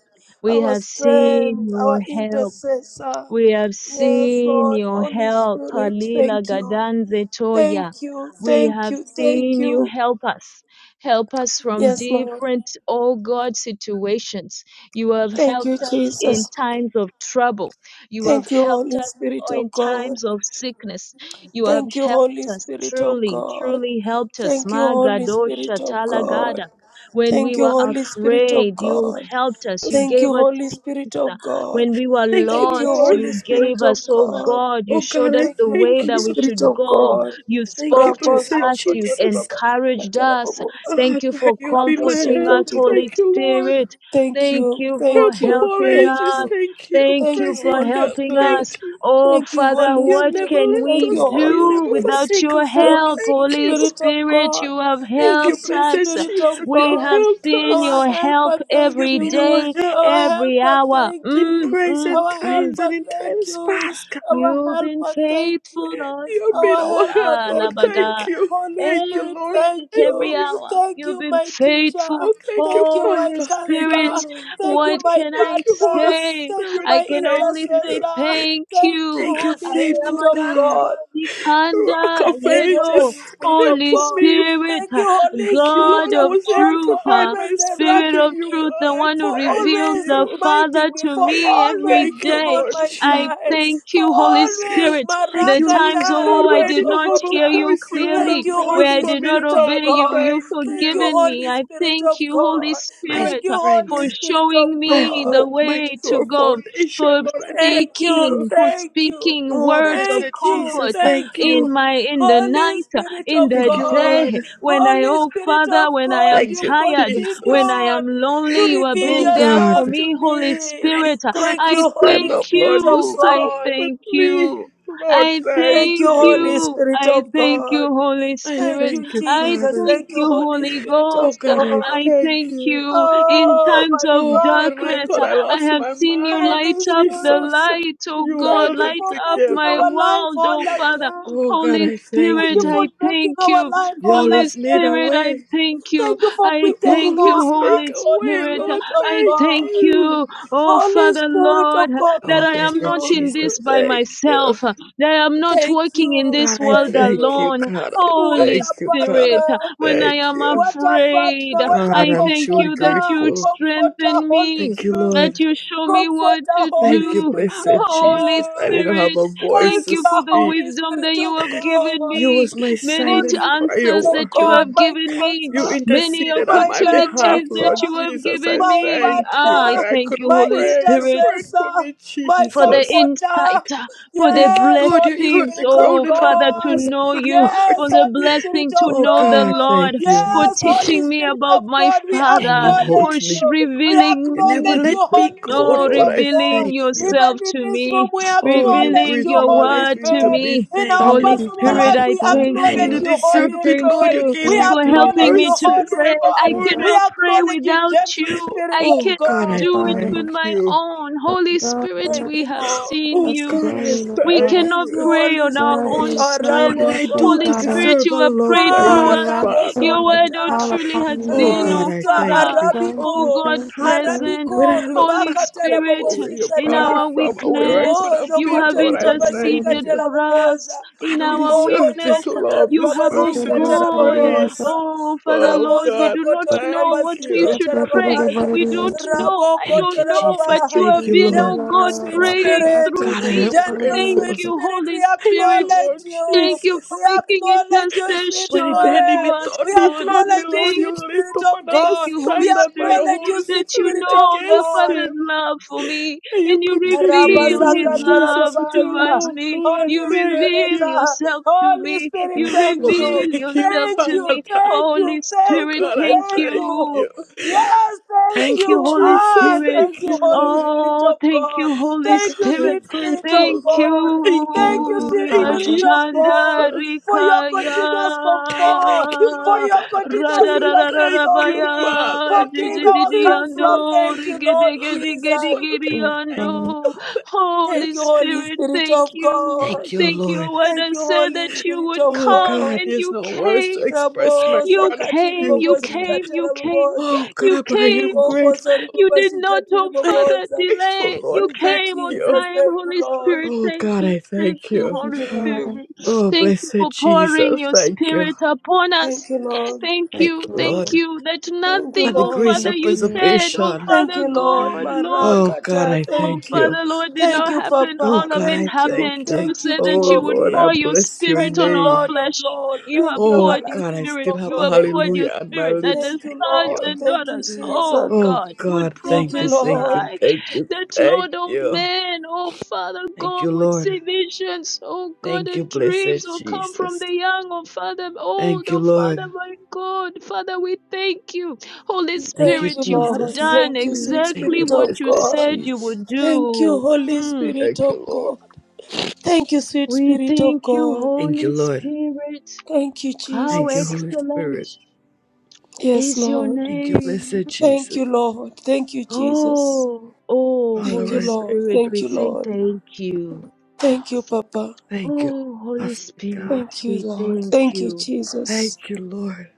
Speaker 1: We
Speaker 2: our
Speaker 1: have seen
Speaker 2: strength,
Speaker 1: your
Speaker 2: our
Speaker 1: help.
Speaker 2: intercessor.
Speaker 1: We have
Speaker 2: Yes,
Speaker 1: seen
Speaker 2: Lord,
Speaker 1: your
Speaker 2: Holy
Speaker 1: help,
Speaker 2: Spirit,
Speaker 1: Alila
Speaker 2: thank you.
Speaker 1: Gadanze
Speaker 2: Thank
Speaker 1: Toya.
Speaker 2: you,
Speaker 1: We
Speaker 2: thank
Speaker 1: have
Speaker 2: you, thank
Speaker 1: seen you
Speaker 2: you.
Speaker 1: help us. Help us from
Speaker 2: Yes, Lord.
Speaker 1: different, oh God, situations. You have
Speaker 2: Thank you,
Speaker 1: helped us in
Speaker 2: Jesus.
Speaker 1: times of trouble. You have
Speaker 2: Thank you,
Speaker 1: helped
Speaker 2: Holy
Speaker 1: us
Speaker 2: Spirit
Speaker 1: oh, in
Speaker 2: of God.
Speaker 1: times of sickness. You have
Speaker 2: Thank you, Holy
Speaker 1: helped us,
Speaker 2: Spirit of
Speaker 1: truly,
Speaker 2: God.
Speaker 1: truly helped us.
Speaker 2: Thank you, Holy Spirit
Speaker 1: Magadosha
Speaker 2: of God.
Speaker 1: Talagada. When
Speaker 2: Thank
Speaker 1: we
Speaker 2: you,
Speaker 1: were
Speaker 2: Holy Spirit of
Speaker 1: afraid, you
Speaker 2: God.
Speaker 1: helped us. You
Speaker 2: Thank you,
Speaker 1: gave us
Speaker 2: Holy Spirit of God.
Speaker 1: when we were
Speaker 5: Thank
Speaker 2: Thank
Speaker 5: you,
Speaker 2: you,
Speaker 1: lost,
Speaker 5: Lord.
Speaker 2: Holy
Speaker 1: you gave
Speaker 2: Spirit of
Speaker 1: us, oh
Speaker 2: God.
Speaker 1: God, you
Speaker 5: Oh God,
Speaker 1: showed us
Speaker 5: I
Speaker 2: Thank
Speaker 1: the
Speaker 2: you,
Speaker 1: way
Speaker 5: thank
Speaker 2: Holy
Speaker 1: that
Speaker 5: you.
Speaker 1: we
Speaker 2: Spirit
Speaker 1: should
Speaker 2: of
Speaker 1: go.
Speaker 2: God.
Speaker 1: You
Speaker 5: Thank you,
Speaker 1: spoke to
Speaker 5: blessed
Speaker 2: Raboso
Speaker 1: us, you
Speaker 2: kotori
Speaker 5: Jesus.
Speaker 2: baba
Speaker 1: encouraged
Speaker 2: sikata
Speaker 1: us.
Speaker 2: rabobosa.
Speaker 5: Oh
Speaker 1: Thank you
Speaker 5: God,
Speaker 1: for
Speaker 5: you've been my
Speaker 2: Raboso
Speaker 1: comforting us,
Speaker 5: help.
Speaker 2: koti baba.
Speaker 1: Holy
Speaker 5: Thank you, Lord.
Speaker 1: Spirit.
Speaker 2: Thank
Speaker 1: Thank
Speaker 2: you,
Speaker 1: you for
Speaker 5: Help
Speaker 2: thank
Speaker 5: of
Speaker 2: you,
Speaker 5: all
Speaker 1: helping
Speaker 2: thank
Speaker 5: ages,
Speaker 1: us.
Speaker 2: you.
Speaker 5: thank you.
Speaker 1: Thank
Speaker 2: Thank
Speaker 1: you
Speaker 2: you,
Speaker 1: for
Speaker 5: Present
Speaker 2: Holy
Speaker 5: help,
Speaker 1: helping us.
Speaker 2: Spirit.
Speaker 5: thank you.
Speaker 1: Oh,
Speaker 2: Thank you,
Speaker 1: Father,
Speaker 2: Holy
Speaker 5: You have
Speaker 1: what
Speaker 5: never
Speaker 2: Spirit.
Speaker 1: can
Speaker 5: left
Speaker 2: Thank
Speaker 1: we
Speaker 2: you,
Speaker 5: us, no, you
Speaker 2: Holy
Speaker 1: do
Speaker 5: never
Speaker 2: Spirit.
Speaker 1: without
Speaker 5: forsake
Speaker 1: your
Speaker 5: us, Lord.
Speaker 2: Thank you,
Speaker 1: help?
Speaker 2: sweet
Speaker 5: Thank
Speaker 1: Holy
Speaker 5: you.
Speaker 2: Spirit of
Speaker 1: Spirit,
Speaker 2: God.
Speaker 1: you have
Speaker 2: Thank
Speaker 5: Thank
Speaker 2: you,
Speaker 5: you,
Speaker 1: helped
Speaker 2: sweet
Speaker 5: blessed
Speaker 1: us.
Speaker 2: Spirit
Speaker 5: Jesus.
Speaker 2: of
Speaker 1: We
Speaker 5: You have
Speaker 2: God.
Speaker 1: have
Speaker 5: helped
Speaker 1: seen
Speaker 2: Our
Speaker 5: us.
Speaker 1: your
Speaker 2: helper,
Speaker 1: help
Speaker 5: You
Speaker 2: thank
Speaker 5: have
Speaker 1: every
Speaker 5: been
Speaker 2: you.
Speaker 5: our
Speaker 1: day
Speaker 5: help
Speaker 2: Our
Speaker 1: every
Speaker 2: helper,
Speaker 1: hour.
Speaker 2: thank
Speaker 5: in
Speaker 1: Mm,
Speaker 2: you.
Speaker 1: mm,
Speaker 5: present
Speaker 2: Our
Speaker 1: mm.
Speaker 5: times and
Speaker 2: helper,
Speaker 5: in
Speaker 2: thank
Speaker 5: times
Speaker 2: you.
Speaker 5: past, God.
Speaker 2: Our
Speaker 1: You've been
Speaker 2: helper, thank
Speaker 1: faithful,
Speaker 2: you.
Speaker 1: Lord
Speaker 5: You have been
Speaker 2: Our
Speaker 1: Jesus.
Speaker 5: our help,
Speaker 2: helper,
Speaker 1: Ah,
Speaker 5: Lord.
Speaker 2: thank you.
Speaker 5: Thank
Speaker 1: Labaga.
Speaker 5: you.
Speaker 2: Holy
Speaker 5: Thank
Speaker 1: Every
Speaker 5: you,
Speaker 2: Spirit,
Speaker 5: Lord.
Speaker 2: thank
Speaker 1: minute,
Speaker 5: Thank
Speaker 1: every
Speaker 2: you.
Speaker 5: you.
Speaker 1: hour,
Speaker 2: Thank
Speaker 1: you've
Speaker 2: you,
Speaker 1: been
Speaker 2: my teacher.
Speaker 5: Oh,
Speaker 1: faithful.
Speaker 5: thank you,
Speaker 2: Thank you, my
Speaker 1: Holy
Speaker 5: Father. Thank
Speaker 1: Spirit,
Speaker 5: you,
Speaker 2: counselor.
Speaker 5: Lord
Speaker 2: Thank you,
Speaker 5: God.
Speaker 1: what
Speaker 2: my
Speaker 1: can I
Speaker 5: Thank you, Holy
Speaker 2: partner.
Speaker 1: say?
Speaker 2: Thank you,
Speaker 5: Spirit.
Speaker 1: I
Speaker 2: my
Speaker 1: can
Speaker 5: Thank
Speaker 1: only say
Speaker 5: you.
Speaker 2: intercessor.
Speaker 1: thank
Speaker 2: Thank you,
Speaker 1: you.
Speaker 5: Thank you,
Speaker 1: I
Speaker 2: Holy Spirit
Speaker 5: faithful
Speaker 1: am
Speaker 2: of
Speaker 5: God.
Speaker 2: God.
Speaker 5: Rock
Speaker 1: Ikanda
Speaker 5: of
Speaker 2: Thank you,
Speaker 1: Yedo.
Speaker 5: ages,
Speaker 2: Holy Spirit
Speaker 5: clear
Speaker 2: of
Speaker 1: Holy
Speaker 5: for
Speaker 2: God.
Speaker 5: me.
Speaker 1: Spirit,
Speaker 2: Thank
Speaker 1: uh,
Speaker 2: you, Holy
Speaker 5: Thank you,
Speaker 2: Spirit
Speaker 1: God
Speaker 5: Lord. I
Speaker 2: of
Speaker 1: of
Speaker 5: was
Speaker 2: God,
Speaker 5: able
Speaker 2: for
Speaker 5: to
Speaker 1: truth,
Speaker 5: hide
Speaker 1: uh,
Speaker 2: always
Speaker 5: myself
Speaker 1: Spirit
Speaker 5: in
Speaker 2: directing
Speaker 1: of
Speaker 5: you,
Speaker 2: me,
Speaker 1: truth,
Speaker 5: God.
Speaker 1: the
Speaker 5: I
Speaker 1: one who
Speaker 2: for
Speaker 5: thank
Speaker 1: reveals
Speaker 2: always
Speaker 1: the
Speaker 5: you.
Speaker 2: reminding
Speaker 1: Father
Speaker 2: me,
Speaker 1: to
Speaker 2: for
Speaker 1: me every
Speaker 2: always
Speaker 5: Thank you,
Speaker 2: being
Speaker 1: day.
Speaker 2: on
Speaker 5: Lord
Speaker 2: my
Speaker 1: I
Speaker 2: side,
Speaker 5: Jesus.
Speaker 1: thank
Speaker 2: for
Speaker 1: you, Holy
Speaker 2: always
Speaker 1: Spirit.
Speaker 5: Thank
Speaker 1: The
Speaker 5: you, Lord
Speaker 1: times,
Speaker 2: marakata
Speaker 5: God.
Speaker 1: oh,
Speaker 5: When
Speaker 1: I
Speaker 5: I
Speaker 1: did
Speaker 5: didn't
Speaker 1: not
Speaker 5: have a
Speaker 1: hear
Speaker 2: rabosokota.
Speaker 1: you
Speaker 5: voice, you had a
Speaker 2: Thank
Speaker 1: clearly,
Speaker 2: you,
Speaker 1: where
Speaker 5: voice
Speaker 1: I
Speaker 2: Holy
Speaker 5: for
Speaker 1: did
Speaker 5: me,
Speaker 1: not
Speaker 2: Spirit of
Speaker 1: obey
Speaker 5: Father.
Speaker 1: you,
Speaker 2: God.
Speaker 1: you've
Speaker 5: Thank
Speaker 2: Thank you,
Speaker 5: you.
Speaker 1: forgiven me.
Speaker 2: Holy
Speaker 1: I
Speaker 2: Spirit
Speaker 1: thank
Speaker 2: of
Speaker 1: you, Holy
Speaker 2: God.
Speaker 5: My
Speaker 2: Thank
Speaker 1: Spirit,
Speaker 2: you,
Speaker 1: uh, for
Speaker 2: Holy
Speaker 5: strength,
Speaker 2: Spirit of
Speaker 1: showing
Speaker 5: my
Speaker 1: me
Speaker 2: God.
Speaker 1: the
Speaker 5: hope, my
Speaker 1: way to
Speaker 5: sure
Speaker 1: go,
Speaker 5: foundation,
Speaker 1: for
Speaker 5: Lord. I thank
Speaker 2: Thank you,
Speaker 5: you.
Speaker 1: speaking, for
Speaker 2: thank you,
Speaker 1: speaking
Speaker 5: Oh,
Speaker 1: words of
Speaker 5: blessed
Speaker 2: thank you,
Speaker 5: Jesus,
Speaker 1: comfort
Speaker 2: thank
Speaker 5: thank you.
Speaker 1: in
Speaker 2: you.
Speaker 1: my in the
Speaker 2: Holy
Speaker 1: night,
Speaker 2: Spirit
Speaker 1: in
Speaker 2: of
Speaker 1: the
Speaker 5: Thank you,
Speaker 1: day,
Speaker 2: God,
Speaker 5: Lord.
Speaker 1: when I
Speaker 2: Holy
Speaker 1: oh
Speaker 2: Spirit of
Speaker 1: Father, when I
Speaker 2: God,
Speaker 1: am
Speaker 5: Thank
Speaker 2: you've
Speaker 5: you,
Speaker 1: tired, when
Speaker 5: Jesus.
Speaker 1: I am
Speaker 2: continued
Speaker 1: lonely,
Speaker 2: to
Speaker 1: you have
Speaker 2: reveal
Speaker 5: Oh,
Speaker 1: been there
Speaker 5: God.
Speaker 1: for
Speaker 2: yourself to
Speaker 1: me, Holy
Speaker 2: me.
Speaker 5: When I didn't
Speaker 1: Spirit.
Speaker 5: know I
Speaker 2: Thank
Speaker 5: could
Speaker 1: I
Speaker 2: you,
Speaker 5: stand
Speaker 2: Holy
Speaker 1: thank
Speaker 5: up,
Speaker 2: Spirit
Speaker 5: Lord,
Speaker 2: of
Speaker 5: you
Speaker 1: you.
Speaker 5: stood
Speaker 1: I
Speaker 5: up
Speaker 2: God.
Speaker 5: with
Speaker 1: thank
Speaker 5: me.
Speaker 1: you.
Speaker 5: Lord,
Speaker 1: I
Speaker 5: thank
Speaker 2: Thank you,
Speaker 1: thank
Speaker 2: Holy
Speaker 5: you.
Speaker 1: you.
Speaker 2: Spirit
Speaker 1: I
Speaker 2: of
Speaker 1: thank you,
Speaker 2: God.
Speaker 1: Holy
Speaker 5: I
Speaker 2: Thank
Speaker 1: Spirit.
Speaker 2: you,
Speaker 5: thank you,
Speaker 1: I
Speaker 2: Jesus.
Speaker 5: Father.
Speaker 1: thank
Speaker 2: Thank you,
Speaker 1: you,
Speaker 2: Holy
Speaker 1: Holy
Speaker 2: Spirit of
Speaker 5: Oh,
Speaker 1: Ghost.
Speaker 5: God, I
Speaker 2: God.
Speaker 1: I
Speaker 5: thank
Speaker 1: thank
Speaker 5: you.
Speaker 1: you in
Speaker 2: Oh,
Speaker 1: times
Speaker 2: my
Speaker 1: of
Speaker 5: Oh,
Speaker 2: God,
Speaker 5: God, when I
Speaker 2: my
Speaker 1: darkness.
Speaker 5: thought I
Speaker 2: God.
Speaker 1: I
Speaker 5: lost
Speaker 1: have
Speaker 5: my
Speaker 1: seen you
Speaker 5: mind,
Speaker 1: light
Speaker 2: Holy
Speaker 1: up the
Speaker 2: Spirit.
Speaker 5: Jesus,
Speaker 1: light, oh
Speaker 5: you
Speaker 2: Thank
Speaker 1: God.
Speaker 5: held
Speaker 2: you
Speaker 5: it
Speaker 1: Light
Speaker 2: for
Speaker 1: up
Speaker 2: making
Speaker 1: my
Speaker 5: together.
Speaker 2: our life
Speaker 1: world,
Speaker 2: all
Speaker 1: oh Father.
Speaker 2: again.
Speaker 5: Oh, God,
Speaker 1: Holy
Speaker 5: I thank
Speaker 2: Thank
Speaker 1: Spirit,
Speaker 2: you for
Speaker 1: I
Speaker 5: you.
Speaker 2: making
Speaker 1: thank
Speaker 2: our
Speaker 1: you.
Speaker 2: life
Speaker 5: You
Speaker 2: all
Speaker 1: Holy
Speaker 5: always made a
Speaker 1: Spirit,
Speaker 2: again.
Speaker 1: I
Speaker 5: way.
Speaker 1: thank
Speaker 2: Thank
Speaker 1: you.
Speaker 2: you for
Speaker 1: I
Speaker 5: You
Speaker 2: quickening
Speaker 1: thank you,
Speaker 2: our
Speaker 5: always
Speaker 2: heart,
Speaker 5: make
Speaker 1: Holy
Speaker 5: a
Speaker 2: Holy
Speaker 5: way,
Speaker 1: Spirit.
Speaker 5: Lord.
Speaker 2: Spirit of
Speaker 1: I
Speaker 5: Thank
Speaker 2: God.
Speaker 1: thank
Speaker 5: you.
Speaker 1: you, oh
Speaker 2: Holy
Speaker 1: Father
Speaker 2: Spirit
Speaker 1: Lord,
Speaker 2: of God,
Speaker 1: that
Speaker 5: Oh,
Speaker 1: I
Speaker 2: thank
Speaker 1: am
Speaker 5: blessed
Speaker 1: not
Speaker 2: you.
Speaker 1: in
Speaker 5: Jesus,
Speaker 1: this by
Speaker 5: thank you.
Speaker 1: myself, that I am not
Speaker 2: Thank
Speaker 1: walking in
Speaker 2: you.
Speaker 5: God,
Speaker 1: this
Speaker 5: I
Speaker 1: world
Speaker 2: Thank
Speaker 5: thank
Speaker 2: you.
Speaker 5: you.
Speaker 1: alone.
Speaker 5: God, I
Speaker 2: What
Speaker 1: Holy
Speaker 5: thank
Speaker 2: a
Speaker 5: you. God,
Speaker 1: Spirit,
Speaker 2: partner.
Speaker 5: I
Speaker 1: when I
Speaker 5: thank
Speaker 1: am
Speaker 5: you.
Speaker 2: What a
Speaker 1: afraid,
Speaker 2: partner. What a
Speaker 5: God,
Speaker 1: I
Speaker 5: I'm
Speaker 1: thank
Speaker 5: truly
Speaker 1: you that
Speaker 2: comforter.
Speaker 1: you
Speaker 5: grateful.
Speaker 2: Comforter,
Speaker 1: strengthen
Speaker 2: Holy
Speaker 1: me
Speaker 5: Thank you,
Speaker 1: that
Speaker 5: Lord.
Speaker 2: Spirit.
Speaker 1: you show me what
Speaker 2: Comforter,
Speaker 1: to
Speaker 5: Thank
Speaker 2: Holy
Speaker 5: you,
Speaker 1: do.
Speaker 2: Spirit
Speaker 5: blessed
Speaker 2: of
Speaker 1: Holy
Speaker 5: Jesus. I
Speaker 2: God.
Speaker 5: didn't have
Speaker 1: Spirit,
Speaker 5: a voice
Speaker 1: thank
Speaker 5: to
Speaker 1: you for
Speaker 2: Counselor,
Speaker 1: the
Speaker 5: speak.
Speaker 2: Holy
Speaker 1: wisdom that
Speaker 2: Spirit of
Speaker 1: you have given
Speaker 2: God.
Speaker 5: You
Speaker 1: me,
Speaker 5: was my
Speaker 1: many t-
Speaker 2: Holy
Speaker 5: silent prayer
Speaker 2: Spirit
Speaker 1: answers
Speaker 2: of
Speaker 1: that you
Speaker 2: God,
Speaker 1: have
Speaker 5: warrior.
Speaker 2: my
Speaker 1: given me,
Speaker 5: You
Speaker 2: counselor,
Speaker 1: many
Speaker 5: interceded on
Speaker 2: my
Speaker 5: my
Speaker 1: opportunities
Speaker 5: behalf,
Speaker 1: that
Speaker 2: director,
Speaker 5: Lord
Speaker 1: you have
Speaker 5: Jesus. I
Speaker 1: given
Speaker 2: my
Speaker 1: me.
Speaker 5: thank you.
Speaker 1: Ah, I
Speaker 5: And
Speaker 2: partner,
Speaker 5: I
Speaker 1: thank you,
Speaker 5: couldn't
Speaker 2: my
Speaker 1: Holy
Speaker 5: pray. You
Speaker 1: Spirit
Speaker 5: prayed for
Speaker 2: intercessor
Speaker 5: me,
Speaker 2: my
Speaker 1: for the
Speaker 5: Jesus.
Speaker 1: insight,
Speaker 2: comforter.
Speaker 1: uh, for the
Speaker 5: Thank you,
Speaker 2: Yes,
Speaker 5: Lord. You
Speaker 2: Holy
Speaker 5: heard
Speaker 1: blessings,
Speaker 5: the
Speaker 2: Spirit of
Speaker 1: oh
Speaker 5: groaning and the
Speaker 1: Father, to
Speaker 2: God.
Speaker 5: voice of
Speaker 1: know
Speaker 5: my
Speaker 1: you,
Speaker 5: heart.
Speaker 2: Yes,
Speaker 1: for the
Speaker 2: Holy Spirit
Speaker 1: blessing
Speaker 2: of
Speaker 1: to
Speaker 5: Oh
Speaker 1: know the
Speaker 5: God,
Speaker 2: God.
Speaker 1: Lord,
Speaker 5: thank you.
Speaker 1: for
Speaker 3: Yes,
Speaker 2: Yes, Holy
Speaker 1: teaching me
Speaker 2: Spirit of
Speaker 1: about my
Speaker 2: God, we
Speaker 5: And
Speaker 1: Father,
Speaker 5: you
Speaker 3: Lord.
Speaker 1: for
Speaker 5: hold
Speaker 2: acknowledge you.
Speaker 1: sh-
Speaker 5: me.
Speaker 2: We
Speaker 1: revealing
Speaker 5: You never
Speaker 2: acknowledge
Speaker 5: let
Speaker 1: me.
Speaker 2: you,
Speaker 5: me
Speaker 2: Holy
Speaker 5: go,
Speaker 1: Oh,
Speaker 2: Spirit
Speaker 5: Lord.
Speaker 2: of
Speaker 5: I
Speaker 2: God.
Speaker 1: revealing
Speaker 5: thank you.
Speaker 2: Even
Speaker 1: yourself
Speaker 2: in
Speaker 1: to
Speaker 2: this room,
Speaker 1: me,
Speaker 2: we
Speaker 5: Oh, you
Speaker 2: acknowledge
Speaker 1: revealing
Speaker 5: breathe
Speaker 2: you,
Speaker 1: your
Speaker 5: new
Speaker 2: Holy
Speaker 5: life
Speaker 1: word to
Speaker 5: into
Speaker 2: Spirit.
Speaker 5: me.
Speaker 1: me.
Speaker 2: In
Speaker 5: Thank
Speaker 2: our
Speaker 3: Thank
Speaker 5: you.
Speaker 1: Holy
Speaker 3: you,
Speaker 2: personal
Speaker 3: Father.
Speaker 1: Spirit,
Speaker 2: life, we
Speaker 1: I
Speaker 3: Thank
Speaker 1: thank
Speaker 5: When I
Speaker 2: acknowledge
Speaker 3: you.
Speaker 5: didn't
Speaker 1: you.
Speaker 2: you,
Speaker 1: I
Speaker 2: Holy
Speaker 5: deserve it,
Speaker 1: thank
Speaker 5: Lord,
Speaker 2: Spirit.
Speaker 5: you
Speaker 1: you
Speaker 5: gave
Speaker 2: We
Speaker 5: me
Speaker 3: Thank
Speaker 1: for
Speaker 3: you, Lord.
Speaker 5: new
Speaker 1: helping
Speaker 2: acknowledge
Speaker 1: me
Speaker 2: you,
Speaker 1: to
Speaker 5: mercies
Speaker 2: Holy
Speaker 1: pray.
Speaker 5: every
Speaker 1: I
Speaker 2: Spirit.
Speaker 3: God,
Speaker 5: morning.
Speaker 2: We
Speaker 1: cannot pray
Speaker 2: acknowledge you,
Speaker 1: without
Speaker 2: gentle
Speaker 1: you.
Speaker 2: Spirit
Speaker 1: I cannot
Speaker 5: Oh
Speaker 2: of
Speaker 5: God,
Speaker 3: the
Speaker 5: I
Speaker 2: God.
Speaker 1: do it
Speaker 3: Father.
Speaker 1: with
Speaker 5: thank
Speaker 1: my
Speaker 5: you.
Speaker 1: own.
Speaker 3: Oh,
Speaker 1: Holy
Speaker 3: God,
Speaker 1: Spirit,
Speaker 3: I'm not
Speaker 2: Thank
Speaker 1: we
Speaker 2: you,
Speaker 1: have
Speaker 2: Lord.
Speaker 1: seen
Speaker 5: Oh
Speaker 3: just
Speaker 1: you.
Speaker 5: God, I
Speaker 3: going, oh
Speaker 1: We
Speaker 5: thank
Speaker 3: God.
Speaker 1: cannot
Speaker 2: Thank you,
Speaker 5: you.
Speaker 1: pray
Speaker 2: Holy
Speaker 1: on our
Speaker 3: God,
Speaker 2: Spirit.
Speaker 1: own
Speaker 3: you
Speaker 5: What
Speaker 3: encourage
Speaker 1: strength.
Speaker 5: did
Speaker 2: Arabo
Speaker 3: us,
Speaker 5: I
Speaker 3: oh
Speaker 5: do to
Speaker 1: Holy
Speaker 2: sokota.
Speaker 3: Father.
Speaker 1: Spirit,
Speaker 5: deserve a
Speaker 1: you have
Speaker 5: love
Speaker 1: prayed
Speaker 5: like
Speaker 3: Lord,
Speaker 1: through
Speaker 2: Ha,
Speaker 3: you
Speaker 1: us.
Speaker 5: this,
Speaker 3: ask me
Speaker 5: Father?
Speaker 1: Your
Speaker 3: when you
Speaker 1: word, oh,
Speaker 3: call
Speaker 2: sokota.
Speaker 1: truly
Speaker 3: upon
Speaker 1: has
Speaker 3: me,
Speaker 5: Oh
Speaker 1: been,
Speaker 3: Lord.
Speaker 5: God,
Speaker 1: oh,
Speaker 5: I
Speaker 2: Rista
Speaker 5: thank
Speaker 1: Father,
Speaker 5: you.
Speaker 3: Thank
Speaker 1: oh,
Speaker 3: you,
Speaker 2: Arabiko,
Speaker 1: God,
Speaker 3: thank you, thank
Speaker 1: present.
Speaker 3: you.
Speaker 5: When
Speaker 2: Arabiko
Speaker 5: I look
Speaker 1: Holy
Speaker 2: ribaka
Speaker 5: back
Speaker 2: tera
Speaker 1: Spirit,
Speaker 5: over where you
Speaker 1: in
Speaker 3: Oh,
Speaker 5: brought me
Speaker 2: bobosikata.
Speaker 1: our
Speaker 5: from,
Speaker 3: thank
Speaker 5: or where
Speaker 3: you.
Speaker 5: I
Speaker 1: weakness,
Speaker 5: could have
Speaker 2: Rimozo
Speaker 1: you
Speaker 5: been,
Speaker 1: have
Speaker 2: koto
Speaker 5: Lord, I
Speaker 3: Thank you,
Speaker 5: thank
Speaker 3: Lord.
Speaker 1: interceded
Speaker 2: ribabasikata
Speaker 5: you.
Speaker 2: la
Speaker 1: for us.
Speaker 2: boboza.
Speaker 5: I
Speaker 1: In
Speaker 5: don't
Speaker 1: our
Speaker 5: deserve
Speaker 2: Rimoko
Speaker 1: weakness,
Speaker 5: this
Speaker 2: zokoto
Speaker 5: love,
Speaker 1: you
Speaker 5: this
Speaker 1: have, oh
Speaker 5: mercy,
Speaker 2: ribabasikata
Speaker 5: this
Speaker 2: la
Speaker 1: God,
Speaker 5: grace.
Speaker 2: boboza.
Speaker 1: oh Father
Speaker 5: Oh
Speaker 1: Lord, we
Speaker 2: Raboso
Speaker 5: God,
Speaker 1: do not
Speaker 2: kotori
Speaker 1: know
Speaker 5: thank
Speaker 2: baba
Speaker 1: what we
Speaker 5: you.
Speaker 1: should
Speaker 2: sikatara
Speaker 1: pray.
Speaker 2: babaza.
Speaker 1: We don't know.
Speaker 2: Rabo
Speaker 1: I
Speaker 5: Thank you,
Speaker 1: don't
Speaker 2: kotora
Speaker 1: know,
Speaker 5: Jesus.
Speaker 1: but
Speaker 2: baba.
Speaker 1: you have
Speaker 5: Thank you,
Speaker 1: been,
Speaker 5: Lord.
Speaker 1: oh
Speaker 2: Gentle
Speaker 1: God,
Speaker 2: sweet
Speaker 1: praying
Speaker 2: spirit.
Speaker 1: through
Speaker 5: God, I
Speaker 1: me.
Speaker 5: am
Speaker 2: Gentle
Speaker 1: Thank
Speaker 2: sweet
Speaker 5: grateful.
Speaker 1: you,
Speaker 2: spirit.
Speaker 1: Holy
Speaker 2: We
Speaker 5: Thank you,
Speaker 1: Spirit.
Speaker 2: acknowledge
Speaker 5: Lord
Speaker 2: you.
Speaker 1: Thank you
Speaker 5: Jesus.
Speaker 2: We
Speaker 1: for making
Speaker 2: acknowledge you, sweet
Speaker 5: When the
Speaker 1: intercession
Speaker 5: enemy
Speaker 2: spirit.
Speaker 1: for us,
Speaker 5: thought
Speaker 2: We
Speaker 5: he
Speaker 1: Lord.
Speaker 5: had me,
Speaker 2: acknowledge you,
Speaker 5: Lord,
Speaker 1: Thank,
Speaker 2: sweet
Speaker 5: you lift
Speaker 2: spirit
Speaker 5: up
Speaker 2: of
Speaker 5: another
Speaker 1: thank
Speaker 2: God.
Speaker 1: you,
Speaker 2: We
Speaker 1: Holy
Speaker 5: standard by
Speaker 1: Spirit,
Speaker 5: your
Speaker 2: acknowledge you,
Speaker 5: Holy
Speaker 1: that
Speaker 2: sweet
Speaker 1: you
Speaker 5: Spirit
Speaker 2: spirit of
Speaker 1: know the
Speaker 5: against
Speaker 2: God.
Speaker 1: Father's
Speaker 5: him.
Speaker 1: love for me
Speaker 5: And you
Speaker 1: and you
Speaker 5: protected me,
Speaker 1: reveal
Speaker 5: Lord
Speaker 1: His love
Speaker 5: Jesus, with your
Speaker 1: towards
Speaker 2: Rabasakatarababasa.
Speaker 5: love,
Speaker 1: me.
Speaker 5: Lord. I
Speaker 1: You
Speaker 2: Holy
Speaker 5: thank
Speaker 2: Spirit,
Speaker 1: reveal
Speaker 5: you.
Speaker 2: ah,
Speaker 1: yourself to
Speaker 2: Holy
Speaker 1: me.
Speaker 2: Spirit,
Speaker 1: You
Speaker 2: thank
Speaker 5: Oh,
Speaker 2: you,
Speaker 1: reveal
Speaker 5: thank you,
Speaker 1: yourself
Speaker 2: thank
Speaker 5: Father.
Speaker 1: to
Speaker 2: you,
Speaker 1: me.
Speaker 2: thank you,
Speaker 1: Holy
Speaker 5: Oh,
Speaker 2: thank
Speaker 1: Spirit,
Speaker 2: you,
Speaker 5: God, I
Speaker 1: thank
Speaker 2: thank
Speaker 5: thank
Speaker 1: you.
Speaker 2: you.
Speaker 5: you.
Speaker 2: Yes, thank
Speaker 1: Thank
Speaker 5: Thank you,
Speaker 1: you,
Speaker 2: you.
Speaker 1: Holy
Speaker 5: Jesus.
Speaker 2: Ah,
Speaker 1: Spirit.
Speaker 2: thank
Speaker 5: Thank
Speaker 2: you,
Speaker 5: you,
Speaker 2: Holy
Speaker 5: Lord.
Speaker 2: Spirit
Speaker 1: Oh,
Speaker 2: of
Speaker 1: thank
Speaker 2: God.
Speaker 1: you,
Speaker 5: Oh
Speaker 1: Holy
Speaker 2: Thank
Speaker 5: God,
Speaker 2: you,
Speaker 5: I
Speaker 1: Spirit.
Speaker 5: am
Speaker 2: sweet Spirit of
Speaker 5: grateful,
Speaker 1: Thank
Speaker 5: Lord.
Speaker 2: God.
Speaker 1: you,
Speaker 5: Thank you.
Speaker 2: Thank
Speaker 3: Thank
Speaker 2: you,
Speaker 3: you,
Speaker 2: sweet
Speaker 5: Thank
Speaker 3: Father.
Speaker 2: Spirit
Speaker 5: you,
Speaker 2: of God,
Speaker 1: Ribashanda
Speaker 5: Jesus.
Speaker 2: for your
Speaker 1: Rikaya.
Speaker 2: continuous
Speaker 5: I
Speaker 2: comfort,
Speaker 5: thank you,
Speaker 2: for
Speaker 5: Lord
Speaker 2: your
Speaker 5: God. I
Speaker 2: continuous
Speaker 5: truly thank you,
Speaker 2: intercessory,
Speaker 5: Father.
Speaker 1: Radarararabaya.
Speaker 2: for
Speaker 5: I
Speaker 2: being
Speaker 5: truly
Speaker 2: our
Speaker 5: thank
Speaker 2: counselor.
Speaker 5: you.
Speaker 1: Jijididiando.
Speaker 2: Thank you, Lord
Speaker 5: Lord, I just
Speaker 2: Jesus.
Speaker 5: want to
Speaker 3: Yes,
Speaker 5: thank
Speaker 3: Lord.
Speaker 5: you.
Speaker 1: Rigedegedigedigidiando.
Speaker 5: Thank you.
Speaker 2: Thank
Speaker 1: Holy
Speaker 2: you, Holy
Speaker 1: Spirit,
Speaker 2: Spirit
Speaker 1: thank
Speaker 2: of
Speaker 1: you.
Speaker 2: God.
Speaker 5: Thank you,
Speaker 1: Thank you.
Speaker 5: Lord.
Speaker 1: When
Speaker 2: Thank
Speaker 1: I
Speaker 2: you,
Speaker 1: said
Speaker 2: Holy
Speaker 1: that you
Speaker 2: Spirit
Speaker 1: would
Speaker 2: of
Speaker 5: Oh
Speaker 1: come
Speaker 2: God.
Speaker 5: God,
Speaker 1: and
Speaker 5: there's
Speaker 1: you
Speaker 5: no words to
Speaker 1: came.
Speaker 5: express my
Speaker 2: Rabosa
Speaker 1: You
Speaker 2: katiri
Speaker 1: came,
Speaker 5: gratitude.
Speaker 1: you
Speaker 2: bobosi
Speaker 1: came, you
Speaker 2: katara
Speaker 1: came.
Speaker 2: bobosa.
Speaker 5: Oh
Speaker 1: You
Speaker 5: God, but I
Speaker 1: came
Speaker 5: am
Speaker 2: Riboko sori
Speaker 5: grateful.
Speaker 1: you did
Speaker 2: bobosi
Speaker 1: not,
Speaker 2: katiri
Speaker 1: oh
Speaker 5: I am
Speaker 1: Father,
Speaker 2: bobosa.
Speaker 5: grateful,
Speaker 1: delay. You
Speaker 5: Lord.
Speaker 2: Thank you,
Speaker 5: Thank
Speaker 1: came on
Speaker 5: you.
Speaker 2: Jesus.
Speaker 1: time,
Speaker 2: Thank you,
Speaker 1: Holy
Speaker 2: Lord.
Speaker 1: Spirit.
Speaker 5: Oh
Speaker 1: Thank
Speaker 5: God,
Speaker 1: you.
Speaker 5: I
Speaker 1: Thank
Speaker 5: thank
Speaker 3: Thank you,
Speaker 1: you,
Speaker 5: you.
Speaker 2: Thank
Speaker 1: Holy
Speaker 2: you, Lord.
Speaker 1: Spirit.
Speaker 3: Father.
Speaker 5: Oh
Speaker 1: Thank you
Speaker 5: blessed
Speaker 1: for pouring
Speaker 5: Jesus,
Speaker 1: your
Speaker 5: thank you.
Speaker 1: spirit upon
Speaker 2: Thank
Speaker 1: us.
Speaker 2: you, Lord.
Speaker 1: Thank
Speaker 3: Yes,
Speaker 5: Thank
Speaker 1: you,
Speaker 5: you,
Speaker 1: thank
Speaker 3: Lord.
Speaker 5: Lord,
Speaker 1: you that
Speaker 2: Thank you,
Speaker 5: for
Speaker 1: nothing,
Speaker 5: the
Speaker 1: oh
Speaker 2: Lord.
Speaker 5: grace
Speaker 1: Father,
Speaker 5: of
Speaker 3: Thank
Speaker 1: you
Speaker 3: you.
Speaker 1: said, oh
Speaker 5: preservation.
Speaker 2: Thank
Speaker 1: Father
Speaker 2: you, Lord.
Speaker 1: God, Lord,
Speaker 5: Oh God,
Speaker 2: Marakata.
Speaker 5: I
Speaker 1: Oh,
Speaker 2: Thank
Speaker 5: thank you.
Speaker 2: you.
Speaker 1: Father, Lord, did
Speaker 2: Thank
Speaker 1: not
Speaker 2: you,
Speaker 1: happen.
Speaker 5: Oh
Speaker 2: Papa.
Speaker 1: All of
Speaker 5: God,
Speaker 1: it
Speaker 5: I
Speaker 2: Thank you.
Speaker 5: thank
Speaker 1: happened.
Speaker 5: you.
Speaker 1: You
Speaker 2: Thank you,
Speaker 1: said
Speaker 5: Oh
Speaker 2: King
Speaker 1: that you
Speaker 2: of
Speaker 1: would
Speaker 5: Lord, I
Speaker 1: pour
Speaker 2: Kings.
Speaker 1: your
Speaker 5: bless your
Speaker 1: spirit
Speaker 2: Thank you,
Speaker 1: on all
Speaker 5: name.
Speaker 2: Lord of
Speaker 1: flesh.
Speaker 2: Lords.
Speaker 1: You
Speaker 2: Thank
Speaker 1: have
Speaker 2: you,
Speaker 5: Oh
Speaker 1: poured your
Speaker 5: God, I
Speaker 2: everlasting
Speaker 1: spirit.
Speaker 5: still
Speaker 2: rock
Speaker 5: have
Speaker 1: You
Speaker 2: of
Speaker 5: a
Speaker 1: have poured
Speaker 2: ages.
Speaker 1: your
Speaker 5: hallelujah on my
Speaker 1: spirit that
Speaker 5: lips.
Speaker 1: the
Speaker 2: Thank
Speaker 5: Thank
Speaker 2: you,
Speaker 1: sons
Speaker 2: Lord.
Speaker 5: you.
Speaker 1: and
Speaker 2: Thank you,
Speaker 1: daughters,
Speaker 2: Jesus.
Speaker 1: oh
Speaker 5: Oh
Speaker 1: God, would
Speaker 5: God,
Speaker 2: Thank
Speaker 5: thank
Speaker 2: you,
Speaker 5: you, thank you,
Speaker 2: Lord.
Speaker 1: prophesy.
Speaker 5: thank you,
Speaker 1: That
Speaker 5: thank
Speaker 1: Lord, old
Speaker 5: you.
Speaker 1: men, oh Father
Speaker 5: Thank
Speaker 1: God,
Speaker 5: you,
Speaker 1: would see
Speaker 5: Lord.
Speaker 1: visions, oh God,
Speaker 5: Thank you,
Speaker 1: and dreams
Speaker 5: blessed
Speaker 1: will come from
Speaker 5: Jesus.
Speaker 1: the young, oh Father,
Speaker 5: Thank
Speaker 1: old,
Speaker 5: you,
Speaker 1: oh Father,
Speaker 5: Lord.
Speaker 1: my God. Father, we thank you. Holy
Speaker 5: Thank you,
Speaker 2: Thank you,
Speaker 1: Spirit, you have
Speaker 2: Lord.
Speaker 5: Jesus.
Speaker 1: done
Speaker 2: Thank you, sweet
Speaker 5: Thank
Speaker 1: exactly
Speaker 5: you,
Speaker 2: Spirit
Speaker 1: what
Speaker 2: of
Speaker 5: blessed
Speaker 1: you
Speaker 2: God.
Speaker 1: said
Speaker 5: Jesus.
Speaker 1: you would
Speaker 2: Thank you,
Speaker 1: do.
Speaker 2: Holy
Speaker 1: Mm.
Speaker 2: Spirit
Speaker 5: Thank
Speaker 2: of
Speaker 5: you, Lord.
Speaker 2: God. Thank you, sweet
Speaker 1: We
Speaker 2: Spirit of
Speaker 1: thank you,
Speaker 2: God.
Speaker 5: Thank you,
Speaker 1: Holy
Speaker 5: Lord.
Speaker 1: Spirit.
Speaker 2: Thank you,
Speaker 1: How
Speaker 5: Thank you,
Speaker 2: Jesus.
Speaker 5: Holy
Speaker 1: excellent
Speaker 5: Spirit.
Speaker 2: Yes,
Speaker 1: is your
Speaker 2: Lord.
Speaker 5: Thank you,
Speaker 1: name.
Speaker 5: blessed
Speaker 2: Thank
Speaker 5: Jesus.
Speaker 2: you, Lord. Thank you, Jesus.
Speaker 1: Oh, oh,
Speaker 5: Father,
Speaker 2: Thank you,
Speaker 1: Holy
Speaker 5: I thank,
Speaker 2: Lord.
Speaker 1: Spirit,
Speaker 2: Thank
Speaker 1: we
Speaker 2: you,
Speaker 1: say
Speaker 2: Lord.
Speaker 1: thank you.
Speaker 2: Thank you, Papa.
Speaker 5: thank you.
Speaker 1: Oh, Holy
Speaker 5: Master God.
Speaker 1: Spirit,
Speaker 2: Thank you,
Speaker 1: we
Speaker 2: Lord.
Speaker 1: thank
Speaker 2: Thank you,
Speaker 1: you.
Speaker 5: Thank
Speaker 2: Jesus.
Speaker 5: you, Lord.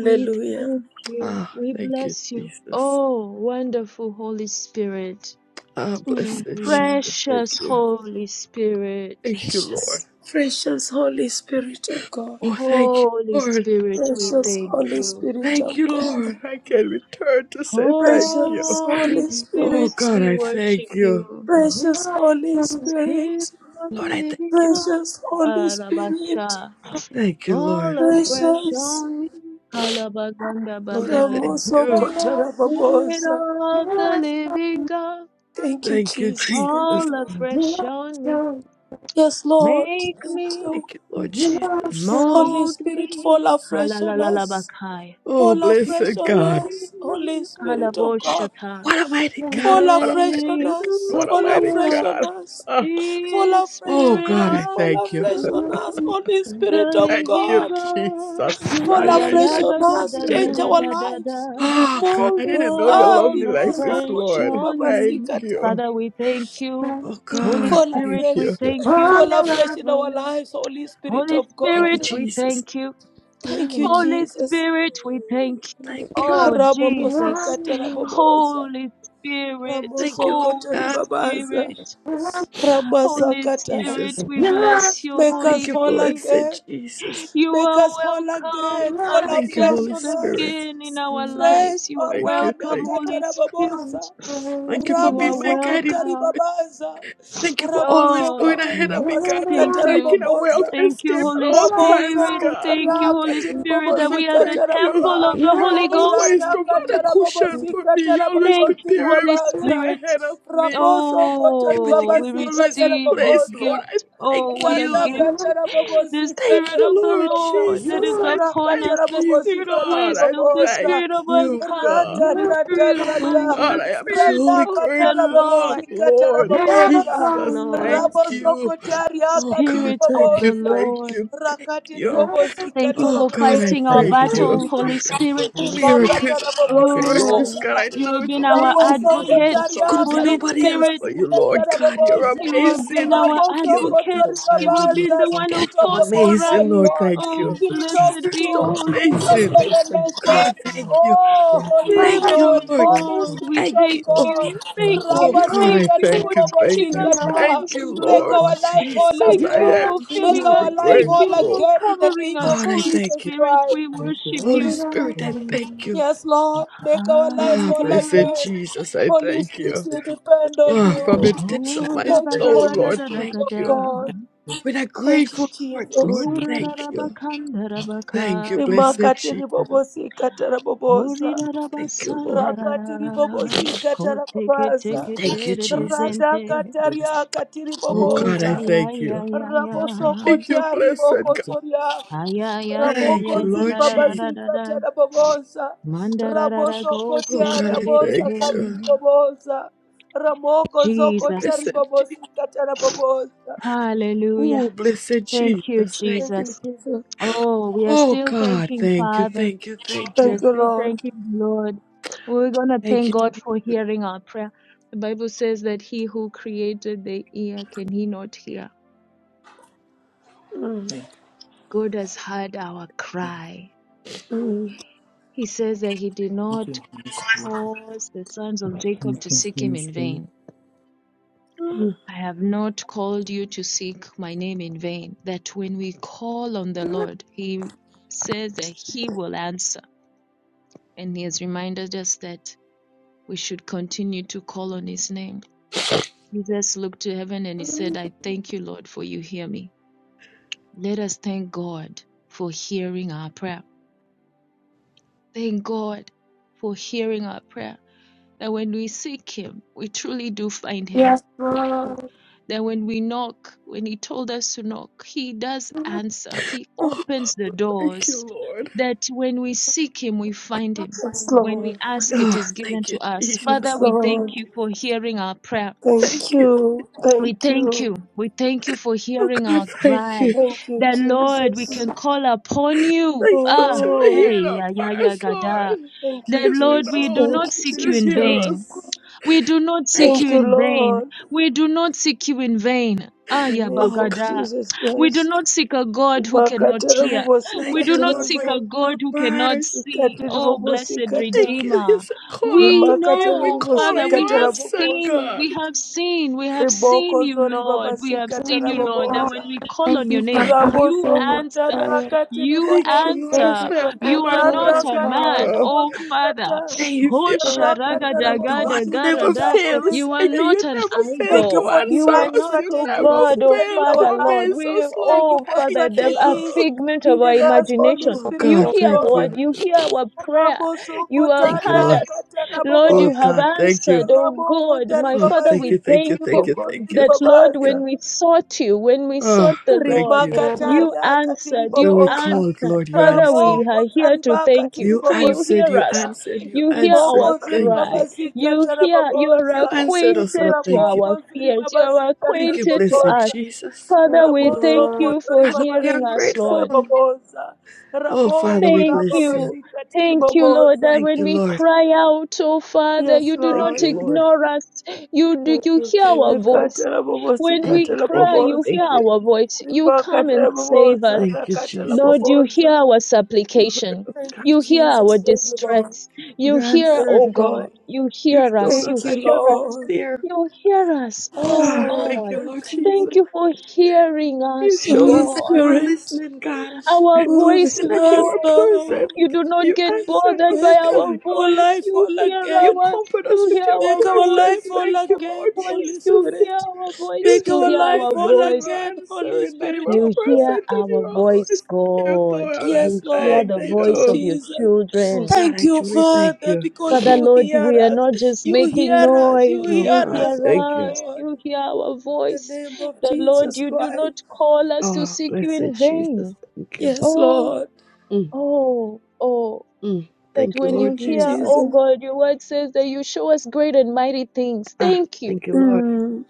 Speaker 1: We thank you.
Speaker 5: Ah,
Speaker 1: We
Speaker 5: thank you,
Speaker 1: bless you.
Speaker 5: Jesus.
Speaker 1: Oh, wonderful Holy Spirit.
Speaker 5: Ah,
Speaker 2: Mm.
Speaker 5: blessed Jesus. Thank
Speaker 1: Precious
Speaker 5: you.
Speaker 1: Holy Spirit.
Speaker 5: Thank you, Lord.
Speaker 2: Precious, precious Holy Spirit of God.
Speaker 5: Oh, thank you,
Speaker 1: Holy
Speaker 5: Lord.
Speaker 1: Spirit, we
Speaker 2: Precious
Speaker 1: thank
Speaker 2: Holy
Speaker 1: you.
Speaker 2: Spirit
Speaker 5: Thank
Speaker 2: of
Speaker 5: you,
Speaker 2: God.
Speaker 5: Lord. I can return to say thank you.
Speaker 2: Precious
Speaker 1: Holy
Speaker 2: Holy
Speaker 5: Oh,
Speaker 1: Spirit,
Speaker 2: Spirit.
Speaker 5: God,
Speaker 1: we
Speaker 5: I
Speaker 1: worship
Speaker 5: thank you.
Speaker 1: you.
Speaker 3: You
Speaker 2: Precious
Speaker 3: are
Speaker 2: Holy
Speaker 3: strong.
Speaker 1: Spirit
Speaker 2: Spirit.
Speaker 3: You
Speaker 1: of
Speaker 5: Lord,
Speaker 1: the
Speaker 5: I thank
Speaker 1: living
Speaker 5: you.
Speaker 1: God,
Speaker 2: Precious Holy Spirit.
Speaker 1: Arabasha,
Speaker 5: Thank you, Lord.
Speaker 1: fall afresh
Speaker 2: Precious
Speaker 1: on me, Alabaganda
Speaker 5: Lord, I
Speaker 1: Bagaya.
Speaker 5: thank
Speaker 2: Ramoso
Speaker 3: are
Speaker 5: you.
Speaker 3: more.
Speaker 1: Spirit
Speaker 2: Kotarababosa.
Speaker 1: of
Speaker 3: You
Speaker 1: the
Speaker 3: are
Speaker 1: living
Speaker 3: strong.
Speaker 1: God,
Speaker 2: Thank you,
Speaker 5: Thank you,
Speaker 2: Jesus. Thank you,
Speaker 5: Jesus.
Speaker 1: fall
Speaker 2: Lord.
Speaker 3: You
Speaker 1: afresh
Speaker 3: are
Speaker 1: on me.
Speaker 3: strong.
Speaker 2: Yes, Lord.
Speaker 1: Make
Speaker 2: Thank
Speaker 1: me,
Speaker 2: you.
Speaker 5: Thank you, Lord
Speaker 3: You are
Speaker 5: Jesus.
Speaker 3: strong.
Speaker 2: Holy
Speaker 1: mold
Speaker 2: Spirit,
Speaker 1: me,
Speaker 2: fall afresh on us.
Speaker 1: Halalalabakaya.
Speaker 5: Oh,
Speaker 2: Fall afresh
Speaker 5: blessed
Speaker 2: on
Speaker 5: God.
Speaker 2: us.
Speaker 3: You're
Speaker 2: Holy Spirit of God.
Speaker 1: Alabosha
Speaker 5: What almighty God.
Speaker 2: Fall
Speaker 5: What
Speaker 1: And
Speaker 2: afresh
Speaker 5: almighty
Speaker 2: on
Speaker 1: you
Speaker 5: God.
Speaker 2: us.
Speaker 5: What
Speaker 2: Fall
Speaker 5: almighty
Speaker 1: sing
Speaker 2: afresh on
Speaker 5: God.
Speaker 2: us.
Speaker 5: Ah,
Speaker 2: Fall
Speaker 1: in
Speaker 2: afresh
Speaker 5: oh,
Speaker 2: on
Speaker 1: spirit
Speaker 5: God, I
Speaker 2: us, fall
Speaker 5: thank you.
Speaker 2: afresh on
Speaker 1: of
Speaker 2: us, Holy
Speaker 1: the
Speaker 2: Spirit of
Speaker 5: Thank
Speaker 1: living
Speaker 5: you,
Speaker 2: God.
Speaker 5: Jesus.
Speaker 1: God.
Speaker 2: Fall
Speaker 5: Ay, ay,
Speaker 2: afresh
Speaker 5: ay,
Speaker 2: on
Speaker 1: Ayayaga da
Speaker 2: us,
Speaker 1: da da
Speaker 5: ay.
Speaker 2: change
Speaker 1: da
Speaker 2: our
Speaker 1: da da da.
Speaker 2: lives.
Speaker 5: Oh, God,
Speaker 2: Mold
Speaker 5: I didn't
Speaker 2: us,
Speaker 5: know you
Speaker 2: ah,
Speaker 5: loved
Speaker 1: Fall
Speaker 5: me like
Speaker 2: riboso
Speaker 5: this,
Speaker 1: afresh
Speaker 2: kote
Speaker 5: Lord.
Speaker 1: on
Speaker 2: rebaba
Speaker 5: Thank
Speaker 1: me.
Speaker 2: sikata.
Speaker 5: you.
Speaker 1: Father, we thank you.
Speaker 5: Oh,
Speaker 1: Holy
Speaker 5: God,
Speaker 2: Fall
Speaker 1: Spirit,
Speaker 5: thank
Speaker 1: we
Speaker 5: you.
Speaker 2: afresh,
Speaker 1: thank you.
Speaker 2: fall afresh in our lives, Holy Spirit
Speaker 1: Holy
Speaker 2: of God.
Speaker 5: Thank you,
Speaker 1: Spirit, we
Speaker 5: Jesus.
Speaker 1: thank you.
Speaker 2: Thank you,
Speaker 1: Holy
Speaker 2: Jesus.
Speaker 1: Spirit, we thank you.
Speaker 5: Thank you.
Speaker 1: Oh,
Speaker 2: Rabobo
Speaker 1: Jesus.
Speaker 2: sikata raboboza.
Speaker 1: Holy Spirit,
Speaker 5: Thank
Speaker 2: Ramoso
Speaker 5: you, Lord
Speaker 2: kote
Speaker 1: Holy
Speaker 5: God.
Speaker 2: ribabaza.
Speaker 1: Spirit.
Speaker 5: Thank
Speaker 1: Holy
Speaker 5: you,
Speaker 2: Ramasakata.
Speaker 1: Spirit,
Speaker 5: Jesus.
Speaker 1: we bless your
Speaker 2: Make
Speaker 5: Thank
Speaker 1: holy
Speaker 2: us
Speaker 5: you,
Speaker 2: whole
Speaker 1: name.
Speaker 2: again.
Speaker 5: blessed Jesus.
Speaker 1: You
Speaker 2: Make
Speaker 1: are
Speaker 2: us whole again. Fall
Speaker 1: welcome
Speaker 5: Thank you,
Speaker 2: afresh
Speaker 1: again
Speaker 5: Holy
Speaker 2: on
Speaker 1: and
Speaker 2: us.
Speaker 5: Spirit.
Speaker 1: again in our
Speaker 5: Thank you,
Speaker 1: lives.
Speaker 2: Fresh
Speaker 1: You are
Speaker 5: Thank
Speaker 2: orana
Speaker 5: you,
Speaker 1: welcome,
Speaker 5: thank you.
Speaker 1: Holy
Speaker 2: katarababosa.
Speaker 1: Spirit.
Speaker 5: Thank you for
Speaker 1: You are
Speaker 5: being my guiding.
Speaker 2: Rabosokotari
Speaker 1: welcome.
Speaker 2: babaza.
Speaker 5: Thank you for always going
Speaker 1: Oh,
Speaker 2: Rabosokotori
Speaker 5: ahead of me, God,
Speaker 2: babasi
Speaker 5: for
Speaker 1: thank
Speaker 5: making
Speaker 1: you.
Speaker 5: a way of
Speaker 2: katarababosa.
Speaker 1: Thank you,
Speaker 5: escape at
Speaker 1: Holy
Speaker 5: all times,
Speaker 1: Spirit.
Speaker 5: God.
Speaker 2: Rabosokotori
Speaker 1: Thank you, Holy
Speaker 2: akatiri
Speaker 1: Spirit, that
Speaker 5: Father,
Speaker 2: babosi
Speaker 1: we are the
Speaker 5: thank you.
Speaker 1: temple
Speaker 2: katarababa.
Speaker 1: of the
Speaker 5: You
Speaker 1: Holy Ghost.
Speaker 5: always
Speaker 2: Rada
Speaker 5: provide a cushion
Speaker 2: katarababosi
Speaker 5: for me. You always
Speaker 1: Thank you,
Speaker 2: katarabagondiri
Speaker 5: prepare
Speaker 1: Holy
Speaker 5: everything
Speaker 2: babaza.
Speaker 1: Spirit.
Speaker 5: ahead of me.
Speaker 2: Rabosokotori
Speaker 5: Everything
Speaker 1: Oh,
Speaker 5: is
Speaker 1: we
Speaker 2: babasi
Speaker 5: always in
Speaker 1: receive this
Speaker 5: place, Lord.
Speaker 2: katarababosa
Speaker 5: I
Speaker 1: gift. Oh,
Speaker 5: thank
Speaker 1: what a
Speaker 5: you.
Speaker 1: gift.
Speaker 2: ratakatara bobosi
Speaker 1: The
Speaker 5: Thank
Speaker 1: Spirit
Speaker 2: katara
Speaker 5: you,
Speaker 1: of the
Speaker 5: Lord
Speaker 2: bobosa
Speaker 1: Lord that is
Speaker 5: Jesus.
Speaker 3: so
Speaker 5: I
Speaker 1: upon us,
Speaker 2: rakatara
Speaker 5: thank
Speaker 1: the
Speaker 5: you,
Speaker 2: bobosi
Speaker 1: Spirit of
Speaker 2: katiri
Speaker 5: God. I
Speaker 1: wisdom, the
Speaker 5: thank
Speaker 2: boboza.
Speaker 1: Spirit of
Speaker 5: you, God.
Speaker 1: counsel,
Speaker 2: Rata
Speaker 1: the
Speaker 3: Never
Speaker 2: da da
Speaker 1: Spirit of
Speaker 2: da
Speaker 1: might,
Speaker 3: flowing
Speaker 2: da.
Speaker 5: God,
Speaker 1: the
Speaker 3: mercy,
Speaker 5: I am
Speaker 1: Spirit
Speaker 5: truly
Speaker 1: of the
Speaker 2: radakatara
Speaker 5: grateful.
Speaker 2: bobosi
Speaker 1: Lord,
Speaker 2: katara
Speaker 5: Lord
Speaker 1: Spirit
Speaker 3: never
Speaker 2: bobosa
Speaker 1: of the
Speaker 5: Jesus,
Speaker 3: flowing
Speaker 1: Lord,
Speaker 5: thank
Speaker 3: mercy,
Speaker 5: you.
Speaker 2: rabosokotaria
Speaker 5: Oh
Speaker 2: katiri
Speaker 5: God,
Speaker 1: Spirit of
Speaker 5: thank
Speaker 1: the
Speaker 5: you,
Speaker 2: bobosa
Speaker 5: thank
Speaker 1: Lord.
Speaker 5: you, thank
Speaker 2: rakatiri
Speaker 5: you.
Speaker 3: never,
Speaker 2: bobosi
Speaker 1: Thank you
Speaker 2: katara
Speaker 5: Oh
Speaker 1: for
Speaker 5: God, I
Speaker 1: fighting
Speaker 2: bobosa
Speaker 1: our
Speaker 6: Thank you,
Speaker 5: thank
Speaker 3: never
Speaker 6: Holy
Speaker 5: you.
Speaker 1: battle,
Speaker 6: Spirit.
Speaker 1: Holy
Speaker 6: Thank you,
Speaker 1: Spirit.
Speaker 6: Holy Spirit.
Speaker 2: ribakata
Speaker 5: Miracles,
Speaker 6: Thank you, Lord.
Speaker 5: miracles,
Speaker 2: rabobosikata
Speaker 1: Oh,
Speaker 5: God, I
Speaker 1: you
Speaker 5: know
Speaker 1: have
Speaker 5: it's
Speaker 1: been
Speaker 6: Lord,
Speaker 1: our
Speaker 5: you.
Speaker 6: thank you for the
Speaker 3: flowing
Speaker 1: advocate,
Speaker 6: gift
Speaker 5: It
Speaker 6: of
Speaker 5: could
Speaker 6: the
Speaker 5: have been
Speaker 1: Holy
Speaker 2: rabosokotariakati
Speaker 3: mercy.
Speaker 6: Spirit.
Speaker 5: nobody
Speaker 6: Thank you
Speaker 5: else
Speaker 1: Spirit.
Speaker 5: but you,
Speaker 2: ribobosikata
Speaker 5: Lord God. You're
Speaker 2: rabobosa
Speaker 1: You have been
Speaker 5: amazing.
Speaker 1: our
Speaker 5: Thank you.
Speaker 1: advocate.
Speaker 6: for
Speaker 1: You
Speaker 6: guiding
Speaker 1: have
Speaker 6: me.
Speaker 1: been
Speaker 2: rabosokotoribabaza
Speaker 1: the
Speaker 6: Thank
Speaker 1: one who
Speaker 5: You're
Speaker 2: spirit of
Speaker 5: so
Speaker 6: you,
Speaker 2: the
Speaker 1: fought
Speaker 6: Jesus.
Speaker 1: for
Speaker 2: most
Speaker 1: us.
Speaker 5: amazing,
Speaker 2: high
Speaker 3: You
Speaker 5: Lord.
Speaker 2: god
Speaker 5: Thank
Speaker 1: Oh,
Speaker 5: you.
Speaker 2: spirit of
Speaker 1: blessed
Speaker 5: You're
Speaker 1: be your
Speaker 5: so
Speaker 2: truth
Speaker 1: Holy
Speaker 2: spirit of
Speaker 6: Jesus,
Speaker 5: amazing.
Speaker 1: Spirit.
Speaker 6: please forgive us.
Speaker 2: revelation
Speaker 5: God, thank you.
Speaker 2: Oh,
Speaker 6: Thank you,
Speaker 2: Holy
Speaker 6: Holy
Speaker 5: Thank
Speaker 1: Spirit of
Speaker 5: you,
Speaker 2: Spirit,
Speaker 6: Spirit.
Speaker 5: Lord. God,
Speaker 6: Thank
Speaker 2: Holy
Speaker 1: God, we
Speaker 2: Spirit of
Speaker 5: thank
Speaker 1: thank
Speaker 5: you.
Speaker 6: you, thank
Speaker 2: God,
Speaker 1: you,
Speaker 6: you,
Speaker 1: thank
Speaker 5: Oh
Speaker 1: you,
Speaker 2: Rabba
Speaker 5: God,
Speaker 3: are
Speaker 1: thank
Speaker 5: I
Speaker 2: Sikati
Speaker 1: you for
Speaker 5: thank you,
Speaker 2: Ribobo
Speaker 5: thank
Speaker 1: teaching
Speaker 5: you,
Speaker 6: thank
Speaker 1: us
Speaker 6: you, thank you,
Speaker 1: the
Speaker 3: beyond,
Speaker 2: Sikata,
Speaker 5: thank
Speaker 1: ways of
Speaker 5: you,
Speaker 1: the
Speaker 2: make
Speaker 5: Lord
Speaker 2: our
Speaker 1: Lord.
Speaker 2: life whole
Speaker 5: Jesus.
Speaker 1: Thank
Speaker 3: you
Speaker 5: I
Speaker 1: you
Speaker 2: again,
Speaker 3: are
Speaker 1: for
Speaker 5: am
Speaker 2: make
Speaker 1: filling us.
Speaker 5: truly
Speaker 2: our
Speaker 3: beyond,
Speaker 2: life
Speaker 1: Thank
Speaker 2: whole
Speaker 1: you
Speaker 3: beyond
Speaker 1: for
Speaker 5: grateful.
Speaker 2: again in the
Speaker 1: covering
Speaker 2: name
Speaker 1: us.
Speaker 2: of
Speaker 5: God, I
Speaker 1: Holy
Speaker 2: Jesus
Speaker 5: thank you.
Speaker 1: Spirit,
Speaker 2: Christ.
Speaker 1: we
Speaker 6: thank you, thank
Speaker 1: worship
Speaker 3: all
Speaker 5: Holy
Speaker 1: you.
Speaker 3: that
Speaker 5: Spirit,
Speaker 6: you,
Speaker 3: I
Speaker 5: I thank you.
Speaker 2: Yes, Lord, make our life
Speaker 5: Ah,
Speaker 6: thank you,
Speaker 2: whole
Speaker 6: thank
Speaker 1: Alalaba,
Speaker 5: blessed
Speaker 6: you,
Speaker 2: again.
Speaker 5: Jesus, I
Speaker 2: Holy
Speaker 5: thank
Speaker 2: Spirit,
Speaker 5: you.
Speaker 2: we depend on
Speaker 6: Thank
Speaker 5: Ah,
Speaker 6: you,
Speaker 2: you.
Speaker 5: from the
Speaker 6: thank you,
Speaker 5: depths of
Speaker 6: Jesus.
Speaker 1: oh,
Speaker 5: my
Speaker 2: Thank you,
Speaker 6: Thank you,
Speaker 5: soul,
Speaker 2: Holy
Speaker 6: Holy
Speaker 5: Lord,
Speaker 6: Spirit.
Speaker 2: Spirit of
Speaker 5: thank you.
Speaker 1: rabababadadadagada,
Speaker 2: God.
Speaker 5: With a
Speaker 2: Thank you,
Speaker 5: grateful heart,
Speaker 2: Jesus.
Speaker 5: Lord,
Speaker 1: oh,
Speaker 6: Thank you,
Speaker 5: thank you. Thank you,
Speaker 1: rararabakandalabaka.
Speaker 5: blessed
Speaker 2: Rimakati
Speaker 5: Jesus.
Speaker 2: ribobosi katarabobosa.
Speaker 5: Thank you, Lord.
Speaker 1: Horirarabasandarara,
Speaker 2: Rakati ribobosi
Speaker 6: thank you,
Speaker 2: katarababaza.
Speaker 5: Thank
Speaker 6: Holy
Speaker 5: you, Jesus.
Speaker 2: Rada
Speaker 1: koteketeketerebezente.
Speaker 6: Spirit.
Speaker 2: kataria
Speaker 5: Oh
Speaker 1: Oh,
Speaker 5: God, I
Speaker 1: yeah,
Speaker 2: katiribobosa.
Speaker 1: yeah,
Speaker 5: thank
Speaker 1: yeah,
Speaker 5: you.
Speaker 1: yeah,
Speaker 2: Raboso
Speaker 1: yeah.
Speaker 5: Thank you,
Speaker 2: kotia
Speaker 5: blessed
Speaker 6: Thank
Speaker 2: riboko
Speaker 5: God.
Speaker 6: you,
Speaker 2: soria.
Speaker 1: Ah, yeah, yeah, yeah,
Speaker 5: Thank you,
Speaker 1: yeah,
Speaker 2: Raboko
Speaker 1: da,
Speaker 2: ziri
Speaker 5: Lord
Speaker 1: da, da,
Speaker 2: baba
Speaker 1: da,
Speaker 5: Jesus.
Speaker 1: da, da, da.
Speaker 2: sikata na babosa.
Speaker 1: Mandararara,
Speaker 2: Raboso
Speaker 1: go,
Speaker 5: Oh
Speaker 2: kotia
Speaker 5: God, I
Speaker 2: rabosa
Speaker 5: thank
Speaker 1: senterereke.
Speaker 5: you.
Speaker 2: katiri babosa. Ramoko zoko
Speaker 1: Jesus.
Speaker 2: teri
Speaker 5: Blessed Jesus.
Speaker 2: babosi kata na babosa.
Speaker 1: Hallelujah.
Speaker 5: Oh, blessed
Speaker 1: Thank you,
Speaker 5: Jesus. Thank
Speaker 2: Thank you,
Speaker 5: you.
Speaker 1: Jesus.
Speaker 2: Jesus.
Speaker 1: Oh, we are
Speaker 5: Oh,
Speaker 1: still
Speaker 5: God.
Speaker 1: thanking
Speaker 5: Thank you.
Speaker 1: Father.
Speaker 5: Thank you. Thank
Speaker 1: We are
Speaker 2: Thank
Speaker 5: you.
Speaker 2: you,
Speaker 1: still
Speaker 2: Lord.
Speaker 1: thanking the Lord. We're going to
Speaker 5: Thank
Speaker 1: thank
Speaker 5: you.
Speaker 1: God for hearing our prayer. The Bible says that he who created the ear, can he not hear? God has heard our
Speaker 6: thank you,
Speaker 1: cry. He says that he did
Speaker 6: thank you,
Speaker 1: not
Speaker 6: Holy Spirit.
Speaker 1: cause the sons of
Speaker 6: Thank
Speaker 1: Jacob to
Speaker 6: you,
Speaker 1: seek him
Speaker 6: Holy
Speaker 1: in
Speaker 6: Spirit.
Speaker 1: vain.
Speaker 2: Mm.
Speaker 1: I have not called you to seek my name in vain. That when we call on the Lord, he says that he will answer. And he has reminded us that we should continue to call on his name Jesus looked to heaven and he said, I thank you, Lord, for you hear me. Let us thank God for hearing our prayer. Thank God for hearing our prayer. That when we seek him, we truly do find him.
Speaker 3: Yes, Lord.
Speaker 1: That when we knock, when he told us to knock, he does answer. He
Speaker 5: Oh,
Speaker 1: opens the
Speaker 5: thank you,
Speaker 1: doors.
Speaker 5: Lord.
Speaker 1: That when we seek him, we find him.
Speaker 2: Yes,
Speaker 1: When we
Speaker 2: Lord.
Speaker 1: ask, it
Speaker 5: Oh,
Speaker 1: is given
Speaker 5: thank you,
Speaker 1: to us.
Speaker 5: Jesus.
Speaker 1: Father,
Speaker 2: Yes,
Speaker 1: we thank
Speaker 2: Lord.
Speaker 1: you for hearing our prayer.
Speaker 5: Thank
Speaker 2: Thank
Speaker 5: you.
Speaker 2: you.
Speaker 1: We
Speaker 2: Thank
Speaker 1: thank
Speaker 2: you.
Speaker 1: you. We thank you for
Speaker 5: Oh,
Speaker 1: hearing
Speaker 5: God.
Speaker 1: our
Speaker 5: Thank you.
Speaker 1: cry.
Speaker 2: Thank you,
Speaker 1: That Lord, we
Speaker 2: Jesus.
Speaker 1: can call upon you.
Speaker 5: Thank you for
Speaker 1: Ah,
Speaker 5: truly
Speaker 1: hey,
Speaker 2: Oh,
Speaker 5: hearing our
Speaker 1: ya, ya, ya,
Speaker 5: prayers,
Speaker 1: gada.
Speaker 5: Lord.
Speaker 2: thank you,
Speaker 1: That
Speaker 5: Because we
Speaker 1: Lord, we
Speaker 2: Jesus.
Speaker 1: do
Speaker 2: Thank
Speaker 5: know
Speaker 1: not
Speaker 2: you,
Speaker 1: seek you
Speaker 2: Sweet
Speaker 5: you
Speaker 1: in
Speaker 2: Spirit.
Speaker 5: hear
Speaker 1: vain.
Speaker 5: us.
Speaker 1: We do not
Speaker 5: Thank
Speaker 1: seek
Speaker 5: you.
Speaker 2: Thank
Speaker 1: you
Speaker 2: you,
Speaker 1: in vain.
Speaker 2: Lord.
Speaker 1: We do not seek you in vain.
Speaker 2: In the
Speaker 1: Aya
Speaker 2: name
Speaker 5: Oh,
Speaker 2: of
Speaker 5: God.
Speaker 1: bagada.
Speaker 2: Jesus
Speaker 1: We do
Speaker 2: Christ.
Speaker 1: not seek a God who cannot
Speaker 2: rimakatara
Speaker 1: hear. We
Speaker 5: Thank
Speaker 1: do
Speaker 5: you,
Speaker 1: not
Speaker 2: mumosikatara
Speaker 5: Lord, for
Speaker 1: seek
Speaker 2: mo
Speaker 5: hearing
Speaker 1: a
Speaker 5: our
Speaker 1: God who cannot
Speaker 5: prayers.
Speaker 1: see.
Speaker 2: rikatiri
Speaker 1: Oh, blessed
Speaker 2: mumosikata
Speaker 5: Thank you. You
Speaker 1: Redeemer.
Speaker 5: said, call unto
Speaker 1: We
Speaker 5: me, and
Speaker 2: rimakatara
Speaker 5: we
Speaker 1: know,
Speaker 5: call, and
Speaker 1: Father, we
Speaker 5: you
Speaker 2: mumosikatara
Speaker 1: have
Speaker 5: answered,
Speaker 2: mumosa
Speaker 1: seen,
Speaker 5: God.
Speaker 1: we have seen, we have seen you,
Speaker 2: ribokozo
Speaker 1: Lord. We have seen
Speaker 2: rimamasikatara
Speaker 1: you, Lord, that
Speaker 2: mumosa
Speaker 1: when we call
Speaker 3: Thank
Speaker 1: on your
Speaker 3: you for
Speaker 1: name, you
Speaker 3: answering my
Speaker 1: answer.
Speaker 2: ramosokotara
Speaker 3: prayer.
Speaker 2: akatiri
Speaker 1: You
Speaker 5: Thank you,
Speaker 2: mumosa
Speaker 5: Lord.
Speaker 3: Thank
Speaker 5: That's
Speaker 1: answer.
Speaker 3: you
Speaker 5: why I
Speaker 3: for
Speaker 5: put
Speaker 1: You
Speaker 5: my
Speaker 1: are
Speaker 3: answering
Speaker 1: not
Speaker 3: my
Speaker 5: trust
Speaker 1: a
Speaker 5: in you,
Speaker 2: radakatara
Speaker 3: call.
Speaker 1: man,
Speaker 5: God.
Speaker 1: oh Father.
Speaker 2: mumosikata
Speaker 5: Thank you.
Speaker 1: Ho
Speaker 3: Thank you,
Speaker 2: rakatara
Speaker 5: The one who never
Speaker 2: mumosikata
Speaker 1: sharagadagadagaradasak.
Speaker 2: holy
Speaker 5: fails.
Speaker 1: You are
Speaker 5: Thank you.
Speaker 2: spirit
Speaker 5: You
Speaker 1: not an
Speaker 5: never fail
Speaker 2: Thank you
Speaker 5: to
Speaker 1: idol.
Speaker 2: for
Speaker 1: You
Speaker 5: answer
Speaker 1: are
Speaker 2: divine
Speaker 5: us.
Speaker 1: not,
Speaker 5: You
Speaker 1: oh
Speaker 5: never
Speaker 3: Jesus.
Speaker 2: strategies,
Speaker 1: God, oh
Speaker 2: even in
Speaker 5: fail to
Speaker 2: our
Speaker 1: Father, Lord.
Speaker 5: amaze
Speaker 2: lives.
Speaker 1: We are,
Speaker 5: us, Lord.
Speaker 2: Thank you
Speaker 1: oh
Speaker 2: for
Speaker 5: Thank
Speaker 1: Father, the, a
Speaker 2: strategies
Speaker 5: you.
Speaker 2: that
Speaker 1: figment
Speaker 2: you're
Speaker 1: of our
Speaker 2: giving us, Holy
Speaker 1: imagination.
Speaker 5: Oh,
Speaker 2: Spirit
Speaker 1: You
Speaker 5: God.
Speaker 2: of
Speaker 1: hear,
Speaker 5: Thank
Speaker 2: God.
Speaker 1: Lord.
Speaker 5: you.
Speaker 1: You hear our prayer.
Speaker 2: Raboso
Speaker 1: You have
Speaker 5: Thank you,
Speaker 1: heard
Speaker 2: kotaria
Speaker 5: Lord.
Speaker 1: us.
Speaker 2: katana
Speaker 1: Lord,
Speaker 5: Oh,
Speaker 1: you have
Speaker 2: babosa.
Speaker 5: God. Thank you.
Speaker 1: answered, oh
Speaker 2: Ramoko
Speaker 1: God.
Speaker 2: dari
Speaker 1: My
Speaker 5: Oh,
Speaker 1: Father,
Speaker 5: thank
Speaker 1: we
Speaker 2: babasi
Speaker 5: you. Thank you.
Speaker 1: thank
Speaker 2: katini
Speaker 5: Thank
Speaker 1: you
Speaker 5: you. Thank
Speaker 2: bokondi
Speaker 5: you.
Speaker 1: that,
Speaker 5: Thank
Speaker 1: Lord,
Speaker 2: babasa
Speaker 5: you.
Speaker 1: when we sought you, when we
Speaker 5: Oh,
Speaker 1: sought the
Speaker 5: thank
Speaker 1: Lord,
Speaker 5: you.
Speaker 3: Yeah, thank
Speaker 1: you
Speaker 2: rimakataria
Speaker 1: answered, you
Speaker 5: When we
Speaker 2: katiribobosa
Speaker 5: called,
Speaker 1: answered.
Speaker 5: Lord, you
Speaker 1: Father, we
Speaker 5: answered.
Speaker 1: are
Speaker 2: raboko
Speaker 1: here to
Speaker 2: zaribaka
Speaker 1: thank you
Speaker 5: You
Speaker 1: for you
Speaker 5: answered.
Speaker 1: hear
Speaker 5: You
Speaker 1: us.
Speaker 2: tiribobosikata
Speaker 5: answered. You
Speaker 1: You hear
Speaker 5: answered.
Speaker 1: our
Speaker 2: rimoko
Speaker 5: Thank you.
Speaker 1: cry. You
Speaker 2: zeribabasikata
Speaker 1: hear, you are
Speaker 5: You
Speaker 2: rabobosa
Speaker 5: answered us,
Speaker 1: acquainted
Speaker 5: Lord.
Speaker 1: to
Speaker 5: Thank you.
Speaker 1: our
Speaker 2: raboko
Speaker 1: fears. You are
Speaker 2: zeribabasikata
Speaker 5: Thank you,
Speaker 1: acquainted to
Speaker 5: blessed
Speaker 1: us.
Speaker 2: rabobosa
Speaker 5: Jesus.
Speaker 3: you,
Speaker 1: Father, we
Speaker 2: raboso
Speaker 1: thank
Speaker 3: Lord.
Speaker 1: you
Speaker 2: koto
Speaker 1: for
Speaker 5: Father, we are
Speaker 1: hearing us,
Speaker 2: ribabasikata
Speaker 1: Lord.
Speaker 5: grateful.
Speaker 2: rabobosa
Speaker 5: Oh, Father,
Speaker 2: raboko
Speaker 5: we
Speaker 1: Thank
Speaker 5: bless you.
Speaker 1: you.
Speaker 2: rababasikata
Speaker 1: Thank you, Lord,
Speaker 2: ribobosa
Speaker 1: that
Speaker 5: Thank
Speaker 1: when
Speaker 5: you,
Speaker 1: we
Speaker 5: Lord.
Speaker 1: cry out, oh Father,
Speaker 2: yes
Speaker 1: you do
Speaker 5: Thank
Speaker 1: not
Speaker 5: you,
Speaker 2: lord
Speaker 5: Lord.
Speaker 1: ignore us. You do,
Speaker 3: Thank
Speaker 1: you
Speaker 3: you,
Speaker 1: hear
Speaker 2: The
Speaker 1: our
Speaker 3: Jesus.
Speaker 2: rakata
Speaker 1: voice. When
Speaker 5: Thank
Speaker 1: we
Speaker 2: rabobosikata
Speaker 5: you, thank
Speaker 1: cry,
Speaker 5: you,
Speaker 1: you hear
Speaker 5: thank
Speaker 2: rabobosa
Speaker 5: you.
Speaker 1: our voice. You come
Speaker 2: ribakata
Speaker 1: and save us.
Speaker 2: rabobosa
Speaker 5: Thank you,
Speaker 2: rakata
Speaker 5: Jesus.
Speaker 1: Lord, you hear
Speaker 2: rabobosa
Speaker 1: our
Speaker 5: You heard
Speaker 1: supplication.
Speaker 5: us,
Speaker 2: Thank
Speaker 5: God.
Speaker 2: you,
Speaker 1: You hear our
Speaker 2: Jesus. Thank you, Lord.
Speaker 1: distress. You
Speaker 5: You
Speaker 1: hear,
Speaker 2: Thank
Speaker 5: answered.
Speaker 2: you,
Speaker 1: oh God,
Speaker 2: Lord.
Speaker 1: you
Speaker 5: You
Speaker 1: hear
Speaker 5: showed
Speaker 1: us.
Speaker 5: us
Speaker 1: You
Speaker 2: Thank you,
Speaker 5: that you
Speaker 1: hear
Speaker 5: were right
Speaker 1: us.
Speaker 2: Lord.
Speaker 5: there.
Speaker 1: You hear us, oh
Speaker 5: Ah,
Speaker 2: Oh,
Speaker 5: thank you,
Speaker 1: God.
Speaker 2: thank
Speaker 5: Lord
Speaker 2: you,
Speaker 5: Jesus.
Speaker 1: Thank you for hearing
Speaker 5: You
Speaker 1: us,
Speaker 5: showed
Speaker 2: Holy
Speaker 5: us that you
Speaker 1: God.
Speaker 5: were
Speaker 2: Spirit.
Speaker 5: listening, God,
Speaker 1: Our
Speaker 2: Move
Speaker 1: voice,
Speaker 5: and
Speaker 2: in
Speaker 5: that you
Speaker 2: us
Speaker 1: God.
Speaker 5: were
Speaker 2: now.
Speaker 5: present.
Speaker 1: You do not
Speaker 5: You
Speaker 1: get
Speaker 5: answered
Speaker 1: bothered by
Speaker 5: us,
Speaker 2: Make
Speaker 1: our
Speaker 5: God.
Speaker 2: our
Speaker 1: voice.
Speaker 2: life
Speaker 1: You
Speaker 2: all
Speaker 1: hear
Speaker 5: You
Speaker 2: again.
Speaker 1: us.
Speaker 5: comfort us
Speaker 1: You
Speaker 5: with
Speaker 1: hear
Speaker 5: your
Speaker 1: our
Speaker 2: Make our
Speaker 1: voice.
Speaker 5: presence.
Speaker 2: life
Speaker 1: You
Speaker 2: all
Speaker 5: Thank
Speaker 1: hear
Speaker 5: you,
Speaker 1: our
Speaker 2: again,
Speaker 5: Lord
Speaker 2: Holy
Speaker 1: voice. You
Speaker 5: Jesus.
Speaker 2: Spirit.
Speaker 1: hear our voice.
Speaker 5: You
Speaker 2: Make
Speaker 1: You
Speaker 2: our
Speaker 1: hear
Speaker 5: showed us
Speaker 2: life
Speaker 1: our
Speaker 5: that
Speaker 2: all
Speaker 5: you
Speaker 1: voice.
Speaker 5: were
Speaker 2: again, Holy
Speaker 5: answering, that you
Speaker 2: Spirit
Speaker 5: were
Speaker 1: You
Speaker 2: of God.
Speaker 1: hear
Speaker 5: present, that
Speaker 1: our
Speaker 5: you were
Speaker 1: voice,
Speaker 5: always here,
Speaker 1: God.
Speaker 5: Lord. I
Speaker 1: You
Speaker 2: Yes,
Speaker 1: hear
Speaker 2: Lord.
Speaker 5: thank
Speaker 1: the
Speaker 2: Thank you,
Speaker 1: voice of
Speaker 5: you.
Speaker 1: your
Speaker 2: Jesus.
Speaker 5: Oh
Speaker 1: children.
Speaker 5: God,
Speaker 2: Thank
Speaker 5: I
Speaker 2: you,
Speaker 5: truly thank
Speaker 2: Father,
Speaker 5: you.
Speaker 2: because
Speaker 1: Father
Speaker 2: you
Speaker 1: Lord,
Speaker 2: hear
Speaker 1: we are
Speaker 2: us.
Speaker 1: not just
Speaker 2: You
Speaker 1: making
Speaker 2: hear us.
Speaker 1: noise.
Speaker 2: You
Speaker 5: Oh
Speaker 1: You
Speaker 2: hear
Speaker 5: God,
Speaker 1: hear
Speaker 2: us, oh
Speaker 5: thank you.
Speaker 1: us.
Speaker 2: God.
Speaker 1: You hear our
Speaker 2: In the
Speaker 1: voice.
Speaker 2: name of
Speaker 1: The Lord,
Speaker 2: Jesus
Speaker 1: you do
Speaker 2: Christ.
Speaker 1: not call us to
Speaker 5: Oh,
Speaker 1: seek you in
Speaker 5: blessed Jesus,
Speaker 1: vain.
Speaker 5: thank you.
Speaker 2: Yes,
Speaker 1: Oh,
Speaker 2: Lord.
Speaker 5: Mm,
Speaker 1: oh, oh.
Speaker 5: mm.
Speaker 1: That
Speaker 5: Thank you,
Speaker 1: when
Speaker 5: Lord
Speaker 1: you
Speaker 2: Thank you,
Speaker 1: hear,
Speaker 5: Jesus.
Speaker 1: oh
Speaker 2: Jesus.
Speaker 1: God, your word says that you show us great and mighty things.
Speaker 5: Ah,
Speaker 1: Thank you.
Speaker 5: thank you, Lord.
Speaker 2: Mm.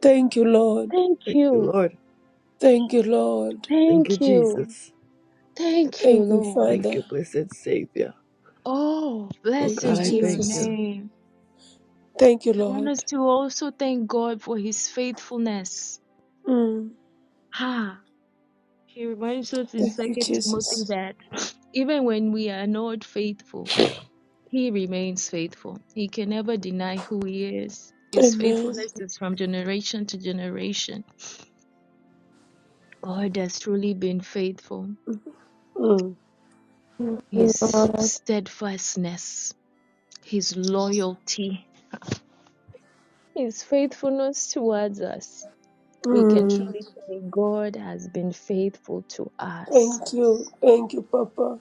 Speaker 2: Thank you, Lord.
Speaker 1: Thank
Speaker 5: Thank you,
Speaker 1: you.
Speaker 5: Lord.
Speaker 2: Thank you, Lord.
Speaker 5: Thank you,
Speaker 1: Thank you.
Speaker 5: Jesus.
Speaker 1: Thank you,
Speaker 2: Thank you,
Speaker 1: Lord.
Speaker 5: Thank you,
Speaker 2: Father.
Speaker 5: blessed Savior.
Speaker 1: Oh,
Speaker 5: Oh
Speaker 2: Thank you,
Speaker 5: God,
Speaker 1: blessed
Speaker 5: I
Speaker 1: be your
Speaker 5: thank
Speaker 2: Jesus.
Speaker 5: you.
Speaker 1: name.
Speaker 2: Thank you,
Speaker 1: I want
Speaker 2: Lord.
Speaker 1: us to also thank God for his faithfulness.
Speaker 2: Mm.
Speaker 1: Ah, he reminds us in
Speaker 2: Thank you,
Speaker 1: Second Timothy
Speaker 2: Jesus.
Speaker 1: that even when we are not faithful, he remains faithful. He can never deny who he is. His
Speaker 2: Amen.
Speaker 1: faithfulness is from generation to generation. God has truly been faithful.
Speaker 2: Mm.
Speaker 3: Thank you,
Speaker 1: His
Speaker 3: Lord.
Speaker 1: steadfastness, his loyalty, his faithfulness towards us. We can
Speaker 2: Mm.
Speaker 1: truly say God has been faithful to us.
Speaker 2: Thank you. Thank you, Papa.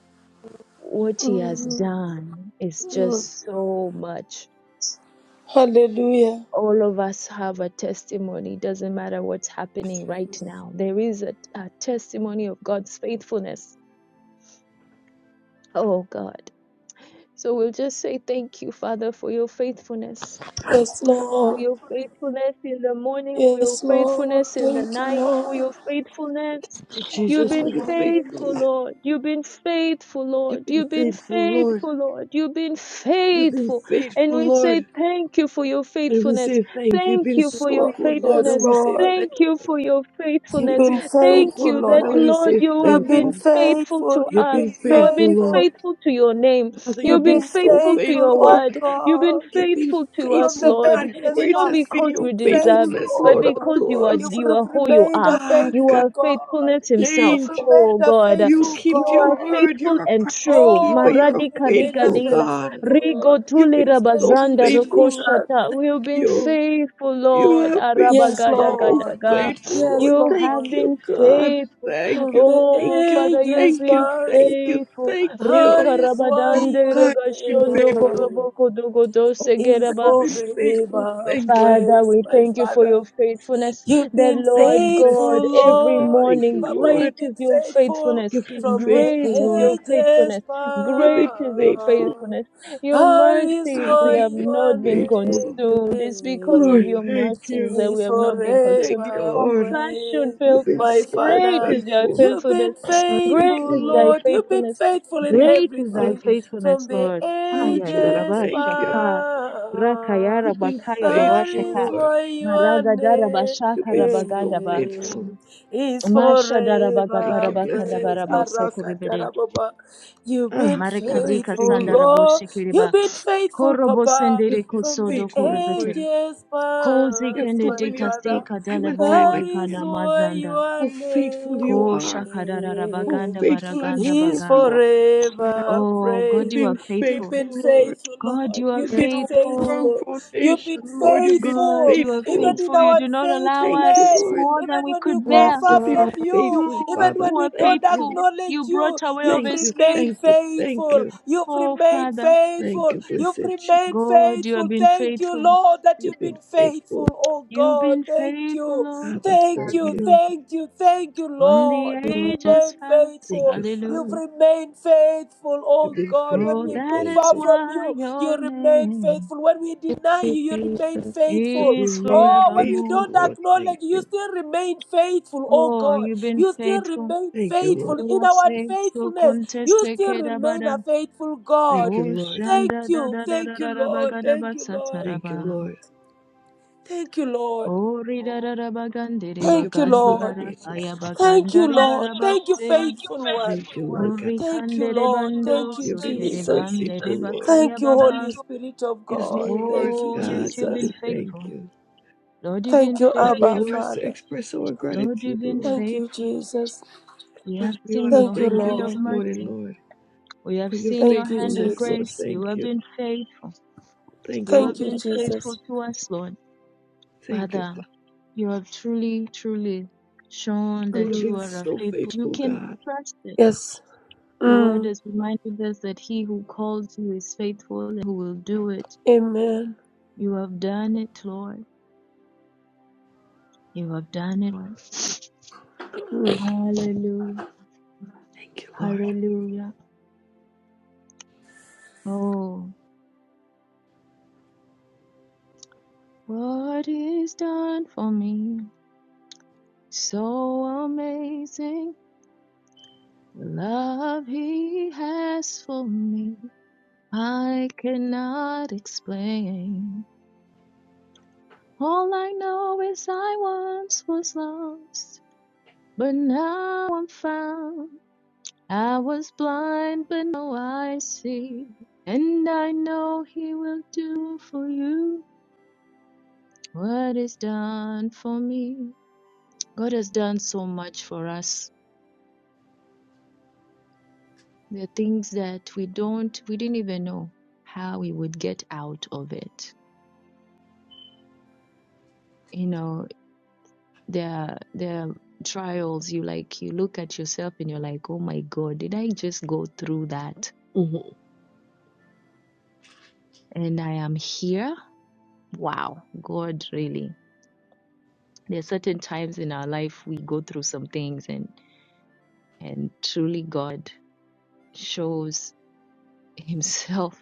Speaker 1: what he has
Speaker 2: Mm.
Speaker 1: done is
Speaker 2: Mm.
Speaker 1: just so much.
Speaker 2: Hallelujah.
Speaker 1: All of us have a testimony. It doesn't matter what's happening right now. There is a, a testimony of God's faithfulness. Oh God. So we'll just say thank you, Father, for your faithfulness.
Speaker 2: Yes,
Speaker 1: for
Speaker 2: Lord.
Speaker 1: your faithfulness in the morning, for your
Speaker 2: Yes, Lord.
Speaker 1: faithfulness in the
Speaker 2: Thank you,
Speaker 1: night, for
Speaker 2: Lord.
Speaker 1: your faithfulness.
Speaker 5: Thank you,
Speaker 1: You've
Speaker 5: Jesus, for
Speaker 2: Thank
Speaker 1: been
Speaker 5: your
Speaker 2: you,
Speaker 1: faithful,
Speaker 5: faithfulness.
Speaker 1: Lord. You've been faithful, Lord.
Speaker 5: You've been
Speaker 1: You've been
Speaker 5: faithful, Lord.
Speaker 1: faithful, Lord. You've been
Speaker 5: You've been
Speaker 1: faithful. And
Speaker 5: faithful,
Speaker 1: we say,
Speaker 5: Lord.
Speaker 1: Thank you for your
Speaker 5: And we
Speaker 1: faithfulness.
Speaker 5: say thank you. You've
Speaker 1: Thank
Speaker 5: been
Speaker 1: you for
Speaker 5: so
Speaker 1: your
Speaker 2: Lord.
Speaker 5: good, Lord.
Speaker 2: Yes,
Speaker 5: And
Speaker 1: faithfulness.
Speaker 5: we say
Speaker 2: Lord.
Speaker 5: thank you.
Speaker 1: Thank you for your
Speaker 2: You've
Speaker 5: You've
Speaker 1: faithfulness.
Speaker 2: been
Speaker 5: been so
Speaker 1: Thank
Speaker 2: faithful,
Speaker 5: good,
Speaker 1: you
Speaker 5: Lord.
Speaker 1: that,
Speaker 5: And
Speaker 2: Lord.
Speaker 5: we
Speaker 1: Lord,
Speaker 5: say
Speaker 1: you
Speaker 2: You've
Speaker 1: have
Speaker 5: thank
Speaker 2: been
Speaker 1: been
Speaker 5: you.
Speaker 1: faithful
Speaker 2: faithful.
Speaker 1: to
Speaker 5: You've
Speaker 2: You've
Speaker 1: us.
Speaker 5: been
Speaker 2: been
Speaker 1: You have
Speaker 5: faithful,
Speaker 1: been
Speaker 5: Lord.
Speaker 2: faithful.
Speaker 1: faithful to your name.
Speaker 5: Father,
Speaker 2: You've
Speaker 5: you've
Speaker 1: You've
Speaker 5: been
Speaker 1: been
Speaker 2: been
Speaker 5: so
Speaker 1: faithful to
Speaker 2: faithful,
Speaker 1: your
Speaker 5: faithful.
Speaker 2: oh
Speaker 1: word. You've been
Speaker 2: God.
Speaker 5: You've been
Speaker 1: faithful to
Speaker 2: From
Speaker 1: us,
Speaker 5: faithful,
Speaker 2: the
Speaker 1: Lord.
Speaker 5: God.
Speaker 2: ages
Speaker 1: And
Speaker 5: Great
Speaker 1: not
Speaker 5: has
Speaker 2: past,
Speaker 5: been
Speaker 1: because
Speaker 2: you've
Speaker 5: your
Speaker 2: been
Speaker 1: we deserved
Speaker 2: faithful,
Speaker 1: it,
Speaker 5: faithfulness,
Speaker 2: oh
Speaker 1: but
Speaker 5: Lord,
Speaker 2: God.
Speaker 1: because
Speaker 5: unto
Speaker 1: you are
Speaker 2: You've
Speaker 5: us.
Speaker 1: you
Speaker 2: re-
Speaker 1: are who you
Speaker 2: remained a
Speaker 1: are.
Speaker 5: Ah,
Speaker 1: You
Speaker 2: faithful
Speaker 5: God,
Speaker 1: are
Speaker 2: God.
Speaker 1: faithfulness
Speaker 2: You've
Speaker 1: himself.
Speaker 5: change.
Speaker 2: remained
Speaker 1: Oh
Speaker 2: a
Speaker 1: God.
Speaker 5: You
Speaker 2: faithful
Speaker 1: You
Speaker 5: keep your
Speaker 1: are
Speaker 2: God.
Speaker 5: word.
Speaker 1: faithful
Speaker 5: You're a
Speaker 1: and
Speaker 5: promise
Speaker 1: true.
Speaker 5: keeper.
Speaker 2: Oh,
Speaker 5: You're
Speaker 2: you've
Speaker 5: a
Speaker 1: Maradi
Speaker 2: remained a
Speaker 1: Kariga
Speaker 5: faithful
Speaker 1: Dela.
Speaker 5: God.
Speaker 2: faithful God.
Speaker 1: Rigo
Speaker 5: You've
Speaker 1: Tuli
Speaker 5: been
Speaker 2: Thank
Speaker 5: so
Speaker 2: you,
Speaker 1: Rabazanda
Speaker 5: faithful.
Speaker 2: Jesus.
Speaker 1: Rokoshata.
Speaker 5: Thank
Speaker 1: We've been
Speaker 5: you.
Speaker 1: faithful,
Speaker 5: You
Speaker 1: Lord.
Speaker 5: have been
Speaker 2: Yes,
Speaker 1: Arabagada
Speaker 5: so
Speaker 2: Lord.
Speaker 3: Oh,
Speaker 1: Gadaga.
Speaker 5: faithful,
Speaker 2: Yes,
Speaker 5: Lord.
Speaker 1: You
Speaker 5: Thank
Speaker 1: have
Speaker 2: Lord.
Speaker 5: you,
Speaker 1: been
Speaker 5: God.
Speaker 1: faithful.
Speaker 5: Thank
Speaker 2: From
Speaker 5: you,
Speaker 2: the
Speaker 5: thank
Speaker 1: Oh
Speaker 5: you,
Speaker 1: Father, you've
Speaker 2: ages
Speaker 5: thank you,
Speaker 1: been
Speaker 2: past.
Speaker 5: thank you,
Speaker 1: faithful.
Speaker 5: thank
Speaker 2: That
Speaker 5: you.
Speaker 2: is why
Speaker 5: Oh,
Speaker 1: Rikarabadande
Speaker 2: your
Speaker 5: God, you've been
Speaker 1: Regashondo
Speaker 3: God,
Speaker 5: faithful.
Speaker 2: name
Speaker 1: Goroboko Dogodo
Speaker 5: Oh,
Speaker 2: is
Speaker 5: God,
Speaker 1: Segeraba
Speaker 5: you've been faithful.
Speaker 2: forever
Speaker 5: Thank you.
Speaker 1: Father,
Speaker 2: praised,
Speaker 1: we
Speaker 2: my
Speaker 1: thank you for
Speaker 2: Father.
Speaker 1: your faithfulness.
Speaker 2: You've
Speaker 1: The
Speaker 2: been
Speaker 5: Thank you,
Speaker 1: Lord
Speaker 5: blessed
Speaker 1: God,
Speaker 2: faithful,
Speaker 1: every
Speaker 5: Jesus.
Speaker 2: Lord.
Speaker 5: Thank
Speaker 1: morning,
Speaker 5: you,
Speaker 2: Papa,
Speaker 5: Lord.
Speaker 2: you've
Speaker 1: great is
Speaker 2: been
Speaker 1: your
Speaker 2: faithful
Speaker 1: faithfulness.
Speaker 5: You've been
Speaker 2: from the
Speaker 5: faithful,
Speaker 1: Great is
Speaker 5: Lord.
Speaker 1: your
Speaker 2: ages
Speaker 1: faithfulness.
Speaker 5: You've been
Speaker 1: Great is your
Speaker 5: faithful.
Speaker 2: past.
Speaker 1: faithfulness. Your
Speaker 2: That is
Speaker 1: mercies,
Speaker 5: Father,
Speaker 1: we
Speaker 2: why
Speaker 1: have
Speaker 5: you've been
Speaker 2: your
Speaker 1: not been
Speaker 3: thank you,
Speaker 5: faithful.
Speaker 1: consumed. It's because of
Speaker 5: Lord,
Speaker 1: your
Speaker 2: name
Speaker 5: thank
Speaker 1: mercies
Speaker 5: you.
Speaker 1: that we
Speaker 2: is
Speaker 1: have not been consumed.
Speaker 5: Thank you,
Speaker 1: Your
Speaker 2: forever
Speaker 5: Lord.
Speaker 1: compassion
Speaker 2: praised.
Speaker 5: You've
Speaker 1: failed
Speaker 5: been
Speaker 1: not.
Speaker 2: My
Speaker 5: so
Speaker 1: Great
Speaker 2: Father,
Speaker 1: is your
Speaker 5: faithful.
Speaker 2: you've been
Speaker 1: faithfulness.
Speaker 3: God.
Speaker 5: Thank
Speaker 1: Great
Speaker 5: you,
Speaker 2: faithful,
Speaker 1: is thy
Speaker 5: Lord.
Speaker 2: Lord. You've been
Speaker 1: faithfulness.
Speaker 2: faithful in
Speaker 5: Thank you,
Speaker 1: Great is thy
Speaker 2: everything
Speaker 5: Father.
Speaker 2: from
Speaker 1: faithfulness,
Speaker 2: the
Speaker 1: Lord.
Speaker 5: Truly,
Speaker 1: Kaya
Speaker 5: truly,
Speaker 2: ages
Speaker 5: thank you.
Speaker 1: rarabashaka.
Speaker 2: past.
Speaker 1: Rakayara
Speaker 5: You've been
Speaker 1: bakaya
Speaker 2: That
Speaker 5: faithful,
Speaker 2: is
Speaker 1: rabashaka.
Speaker 5: Lord.
Speaker 2: why your
Speaker 1: Maragadara
Speaker 5: You've
Speaker 1: bashaka
Speaker 5: been so
Speaker 1: rabagadaba.
Speaker 5: faithful.
Speaker 2: name is
Speaker 1: Masha
Speaker 5: Thank
Speaker 1: darabagadara
Speaker 5: you,
Speaker 2: forever
Speaker 5: blessed
Speaker 2: praised.
Speaker 1: bakadabara
Speaker 5: Jesus.
Speaker 1: basokuribere.
Speaker 2: Arakatarababa. You've
Speaker 5: Ah,
Speaker 2: been
Speaker 5: God, I
Speaker 1: marikadika
Speaker 5: thank
Speaker 2: faithful,
Speaker 5: you.
Speaker 1: sanda
Speaker 2: Lord. You've
Speaker 1: boshikiriba.
Speaker 2: been faithful,
Speaker 1: Korobo
Speaker 2: Papa,
Speaker 1: sendere
Speaker 5: You've been
Speaker 2: from the
Speaker 1: kosodo
Speaker 5: faithful,
Speaker 1: kuribete.
Speaker 5: Lord.
Speaker 2: ages
Speaker 1: Kozi
Speaker 5: You've
Speaker 2: past, my
Speaker 1: kendeti
Speaker 5: proven
Speaker 2: Father.
Speaker 5: yourself
Speaker 1: kasika
Speaker 5: time and time
Speaker 1: dalebo
Speaker 2: That is
Speaker 1: rikana
Speaker 5: again.
Speaker 2: why
Speaker 1: mazanda.
Speaker 2: your
Speaker 5: How faithful you
Speaker 2: name
Speaker 5: are.
Speaker 1: Kosha kadara
Speaker 5: How
Speaker 1: rabaganda
Speaker 5: faithful and
Speaker 1: baraganda
Speaker 2: is
Speaker 5: true
Speaker 1: baga.
Speaker 5: you are.
Speaker 3: Yes,
Speaker 2: forever
Speaker 1: Oh,
Speaker 5: You've
Speaker 1: God, you
Speaker 2: praised.
Speaker 1: are
Speaker 5: been
Speaker 2: You've
Speaker 1: faithful.
Speaker 5: faithful,
Speaker 2: been
Speaker 5: Lord.
Speaker 2: faithful,
Speaker 1: God,
Speaker 2: Lord.
Speaker 1: you are
Speaker 5: You've
Speaker 2: You've
Speaker 3: yes,
Speaker 5: been
Speaker 2: been
Speaker 5: our
Speaker 1: faithful.
Speaker 5: firm
Speaker 2: faithful. You've
Speaker 5: foundation,
Speaker 2: been
Speaker 5: Lord. You've been
Speaker 1: God,
Speaker 2: faithful
Speaker 1: you are
Speaker 2: even
Speaker 5: faithful.
Speaker 2: in
Speaker 1: faithful. You
Speaker 2: our
Speaker 1: do not allow
Speaker 5: Thank you,
Speaker 1: us
Speaker 2: unfaithfulness,
Speaker 5: Lord.
Speaker 1: more than
Speaker 2: even
Speaker 1: we
Speaker 2: when we
Speaker 1: could
Speaker 3: yes,
Speaker 2: go
Speaker 1: bear.
Speaker 2: far
Speaker 5: You've been
Speaker 2: from
Speaker 3: Lord.
Speaker 2: you,
Speaker 1: You
Speaker 5: faithful,
Speaker 2: even
Speaker 5: Father.
Speaker 2: when
Speaker 1: who
Speaker 2: we
Speaker 1: are
Speaker 2: don't
Speaker 5: Thank you.
Speaker 1: faithful,
Speaker 2: acknowledge
Speaker 1: you
Speaker 2: you,
Speaker 1: brought a way of
Speaker 2: you've
Speaker 5: Thank you,
Speaker 1: escape.
Speaker 2: remained
Speaker 5: thank you, thank
Speaker 2: faithful.
Speaker 5: you,
Speaker 2: You've
Speaker 1: Oh,
Speaker 2: remained
Speaker 1: Father,
Speaker 5: thank
Speaker 2: faithful.
Speaker 5: you,
Speaker 2: You've
Speaker 5: blessed Jesus.
Speaker 2: remained
Speaker 1: God, you have
Speaker 2: faithful.
Speaker 1: been
Speaker 2: Thank you,
Speaker 1: faithful.
Speaker 2: Lord, that
Speaker 5: You've
Speaker 2: you've
Speaker 5: been
Speaker 2: been
Speaker 5: faithful,
Speaker 2: faithful. Oh
Speaker 1: You've
Speaker 2: God,
Speaker 1: been
Speaker 2: thank
Speaker 1: faithful,
Speaker 2: you.
Speaker 1: Lord.
Speaker 5: Father.
Speaker 2: Thank
Speaker 5: Thank
Speaker 2: you.
Speaker 5: you,
Speaker 1: Hallelujah.
Speaker 2: Thank you. Thank you,
Speaker 1: From
Speaker 2: Lord.
Speaker 1: the
Speaker 2: You've
Speaker 1: ages
Speaker 2: remained
Speaker 1: past.
Speaker 5: thank
Speaker 2: faithful.
Speaker 5: you,
Speaker 2: You've
Speaker 5: Father.
Speaker 1: Hallelujah.
Speaker 2: remained faithful,
Speaker 5: You've
Speaker 2: oh
Speaker 5: been
Speaker 2: God. When
Speaker 1: Oh,
Speaker 2: we
Speaker 5: faithful.
Speaker 1: that
Speaker 2: move
Speaker 1: is
Speaker 5: Thank
Speaker 2: far
Speaker 5: you.
Speaker 2: from
Speaker 1: why
Speaker 2: you, you
Speaker 1: your
Speaker 2: remain
Speaker 1: name
Speaker 2: faithful. When we deny you,
Speaker 3: Thank
Speaker 2: you
Speaker 3: you,
Speaker 2: remain
Speaker 3: Jesus.
Speaker 5: You've
Speaker 2: faithful.
Speaker 1: is
Speaker 5: remained
Speaker 2: Oh, when you
Speaker 1: forevermore.
Speaker 5: faithful,
Speaker 2: don't
Speaker 5: Lord. Thank
Speaker 2: acknowledge, you
Speaker 5: you,
Speaker 2: still remain faithful, oh
Speaker 1: Oh,
Speaker 2: God.
Speaker 1: you've been
Speaker 2: You still
Speaker 1: faithful.
Speaker 2: remain
Speaker 5: thank you, Lord.
Speaker 2: faithful
Speaker 1: You
Speaker 2: in
Speaker 1: are
Speaker 2: our
Speaker 1: safe. So
Speaker 2: unfaithfulness.
Speaker 1: contest
Speaker 2: You
Speaker 1: the
Speaker 2: still remain a
Speaker 1: kedabada.
Speaker 2: faithful God.
Speaker 5: Thank you, Lord.
Speaker 2: Thank
Speaker 1: Koshanda da
Speaker 2: you.
Speaker 1: da da
Speaker 2: Thank
Speaker 1: da
Speaker 2: you,
Speaker 1: da da
Speaker 2: Lord.
Speaker 1: bagada
Speaker 2: Thank you, Lord.
Speaker 5: Thank
Speaker 1: basataraba.
Speaker 5: you, Lord.
Speaker 2: Thank you, Lord.
Speaker 1: Hori da da da bagandere
Speaker 5: Thank you,
Speaker 2: Thank you,
Speaker 1: bagandi
Speaker 5: blessed
Speaker 2: Lord.
Speaker 5: Jesus.
Speaker 1: barakaya
Speaker 2: Thank you,
Speaker 1: bagandari
Speaker 2: Lord. Thank you,
Speaker 1: barabase.
Speaker 2: faithful one.
Speaker 5: Thank you, Lord God.
Speaker 1: Hori
Speaker 2: Thank you,
Speaker 1: kandere
Speaker 2: Lord.
Speaker 1: bandoro
Speaker 2: Thank you,
Speaker 5: You've been
Speaker 1: sotere
Speaker 5: so
Speaker 2: Jesus.
Speaker 1: bandere
Speaker 5: faithful, Lord.
Speaker 1: bakaya
Speaker 2: Thank you,
Speaker 1: baba.
Speaker 2: Holy Spirit of
Speaker 5: There's
Speaker 2: God.
Speaker 5: no
Speaker 2: Thank
Speaker 5: words,
Speaker 2: you,
Speaker 1: Oh,
Speaker 5: God,
Speaker 1: yes,
Speaker 5: to
Speaker 1: you've been
Speaker 5: say
Speaker 2: Jesus.
Speaker 5: thank
Speaker 1: faithful.
Speaker 5: you.
Speaker 1: Lord, you've
Speaker 2: Thank
Speaker 1: been
Speaker 2: you,
Speaker 5: There's no
Speaker 2: Abba,
Speaker 1: faithful.
Speaker 5: words to
Speaker 2: Father.
Speaker 5: express our
Speaker 1: Lord, you've
Speaker 5: gratitude,
Speaker 1: been
Speaker 5: Lord.
Speaker 2: Thank you,
Speaker 1: faithful.
Speaker 2: Jesus.
Speaker 1: We have
Speaker 5: But we want
Speaker 1: seen
Speaker 5: to
Speaker 2: Thank
Speaker 1: your
Speaker 2: you,
Speaker 5: thank you
Speaker 1: hand
Speaker 2: Lord.
Speaker 1: of
Speaker 5: this morning,
Speaker 1: mercy.
Speaker 5: Lord.
Speaker 1: We have
Speaker 5: for your
Speaker 1: seen your
Speaker 2: Thank you,
Speaker 1: hand of
Speaker 5: faithfulness, Lord.
Speaker 1: grace.
Speaker 2: Jesus.
Speaker 1: You
Speaker 5: Thank
Speaker 1: have
Speaker 5: you.
Speaker 1: been faithful.
Speaker 5: Thank
Speaker 1: You
Speaker 5: you,
Speaker 1: have
Speaker 2: Thank you,
Speaker 1: been
Speaker 5: Lord.
Speaker 1: faithful
Speaker 2: Jesus.
Speaker 1: to us, Lord.
Speaker 5: Thank you,
Speaker 1: Father,
Speaker 5: Father.
Speaker 1: you have truly, truly shown
Speaker 5: You've
Speaker 1: that you
Speaker 5: been
Speaker 2: Mm.
Speaker 1: are a
Speaker 5: so
Speaker 1: faithful. You
Speaker 5: faithful,
Speaker 1: can
Speaker 5: God.
Speaker 1: trust it.
Speaker 2: Yes.
Speaker 1: Your word
Speaker 2: Mm.
Speaker 1: has reminded us that he who calls you is faithful and who will do it.
Speaker 2: Amen.
Speaker 1: You have done it, Lord. You have done it, Lord.
Speaker 2: Mm.
Speaker 1: Hallelujah.
Speaker 5: Thank you, Lord.
Speaker 1: Hallelujah. Oh, what is done for me? So amazing. the Love he has for me. I cannot explain. All I know is I once was lost, but now I'm found. I was blind, but now I see. And I know He will do for you what is done for me. God has done so much for us. The things that we don't, we didn't even know how we would get out of it. You know, there, are- there are trials. You like, you look at yourself and you're like, oh my God, did I just go through that?
Speaker 5: Mhm.
Speaker 1: and I am here. Wow, God, really. There are certain times in our life we go through some things, and and truly God shows Himself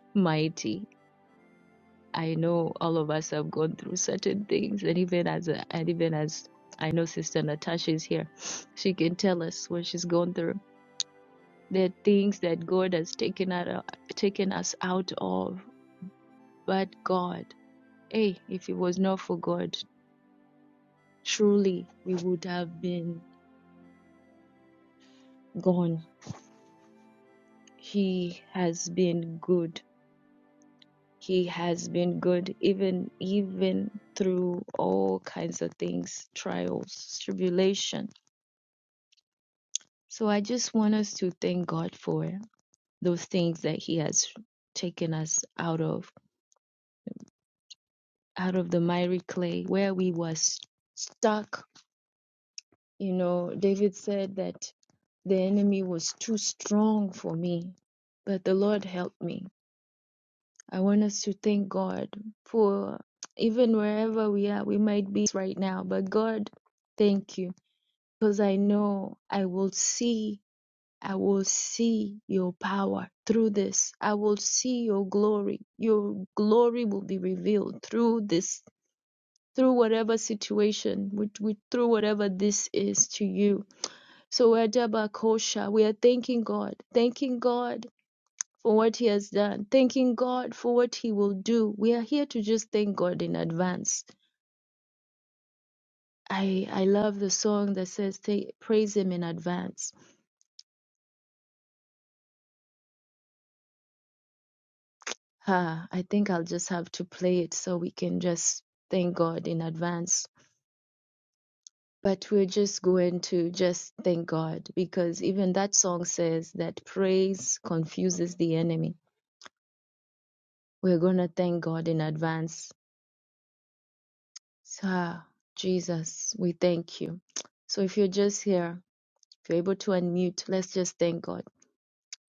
Speaker 1: mighty. I know all of us have gone through certain things, and even as a, and even as I know Sister Natasha is here, she can tell us what she's gone through. There are things that God has taken out of, taken us out of, but God, hey, if it was not for God, truly we would have been gone. He has been good. He has been good even even through all kinds of things, trials, tribulation. So I just want us to thank God for those things that he has taken us out of, out of the miry clay where we was stuck. You know, David said that the enemy was too strong for me, but the Lord helped me. I want us to thank God for even wherever we are, we might be right now, but God, thank you because I know I will see, I will see your power through this. I will see your glory. Your glory will be revealed through this, through whatever situation, which, which, through whatever this is to you. So, Ajabakosha, we are thanking God, thanking God for what he has done, thanking God for what he will do. We are here to just thank God in advance. I I love the song that says "Thank- praise him in advance. Ah, I think I'll just have to play it so we can just thank God in advance. But we're just going to just thank God because even that song says that praise confuses the enemy. We're going to thank God in advance. Ah, Jesus, we thank you. So if you're just here, If you're able to unmute, let's just thank God.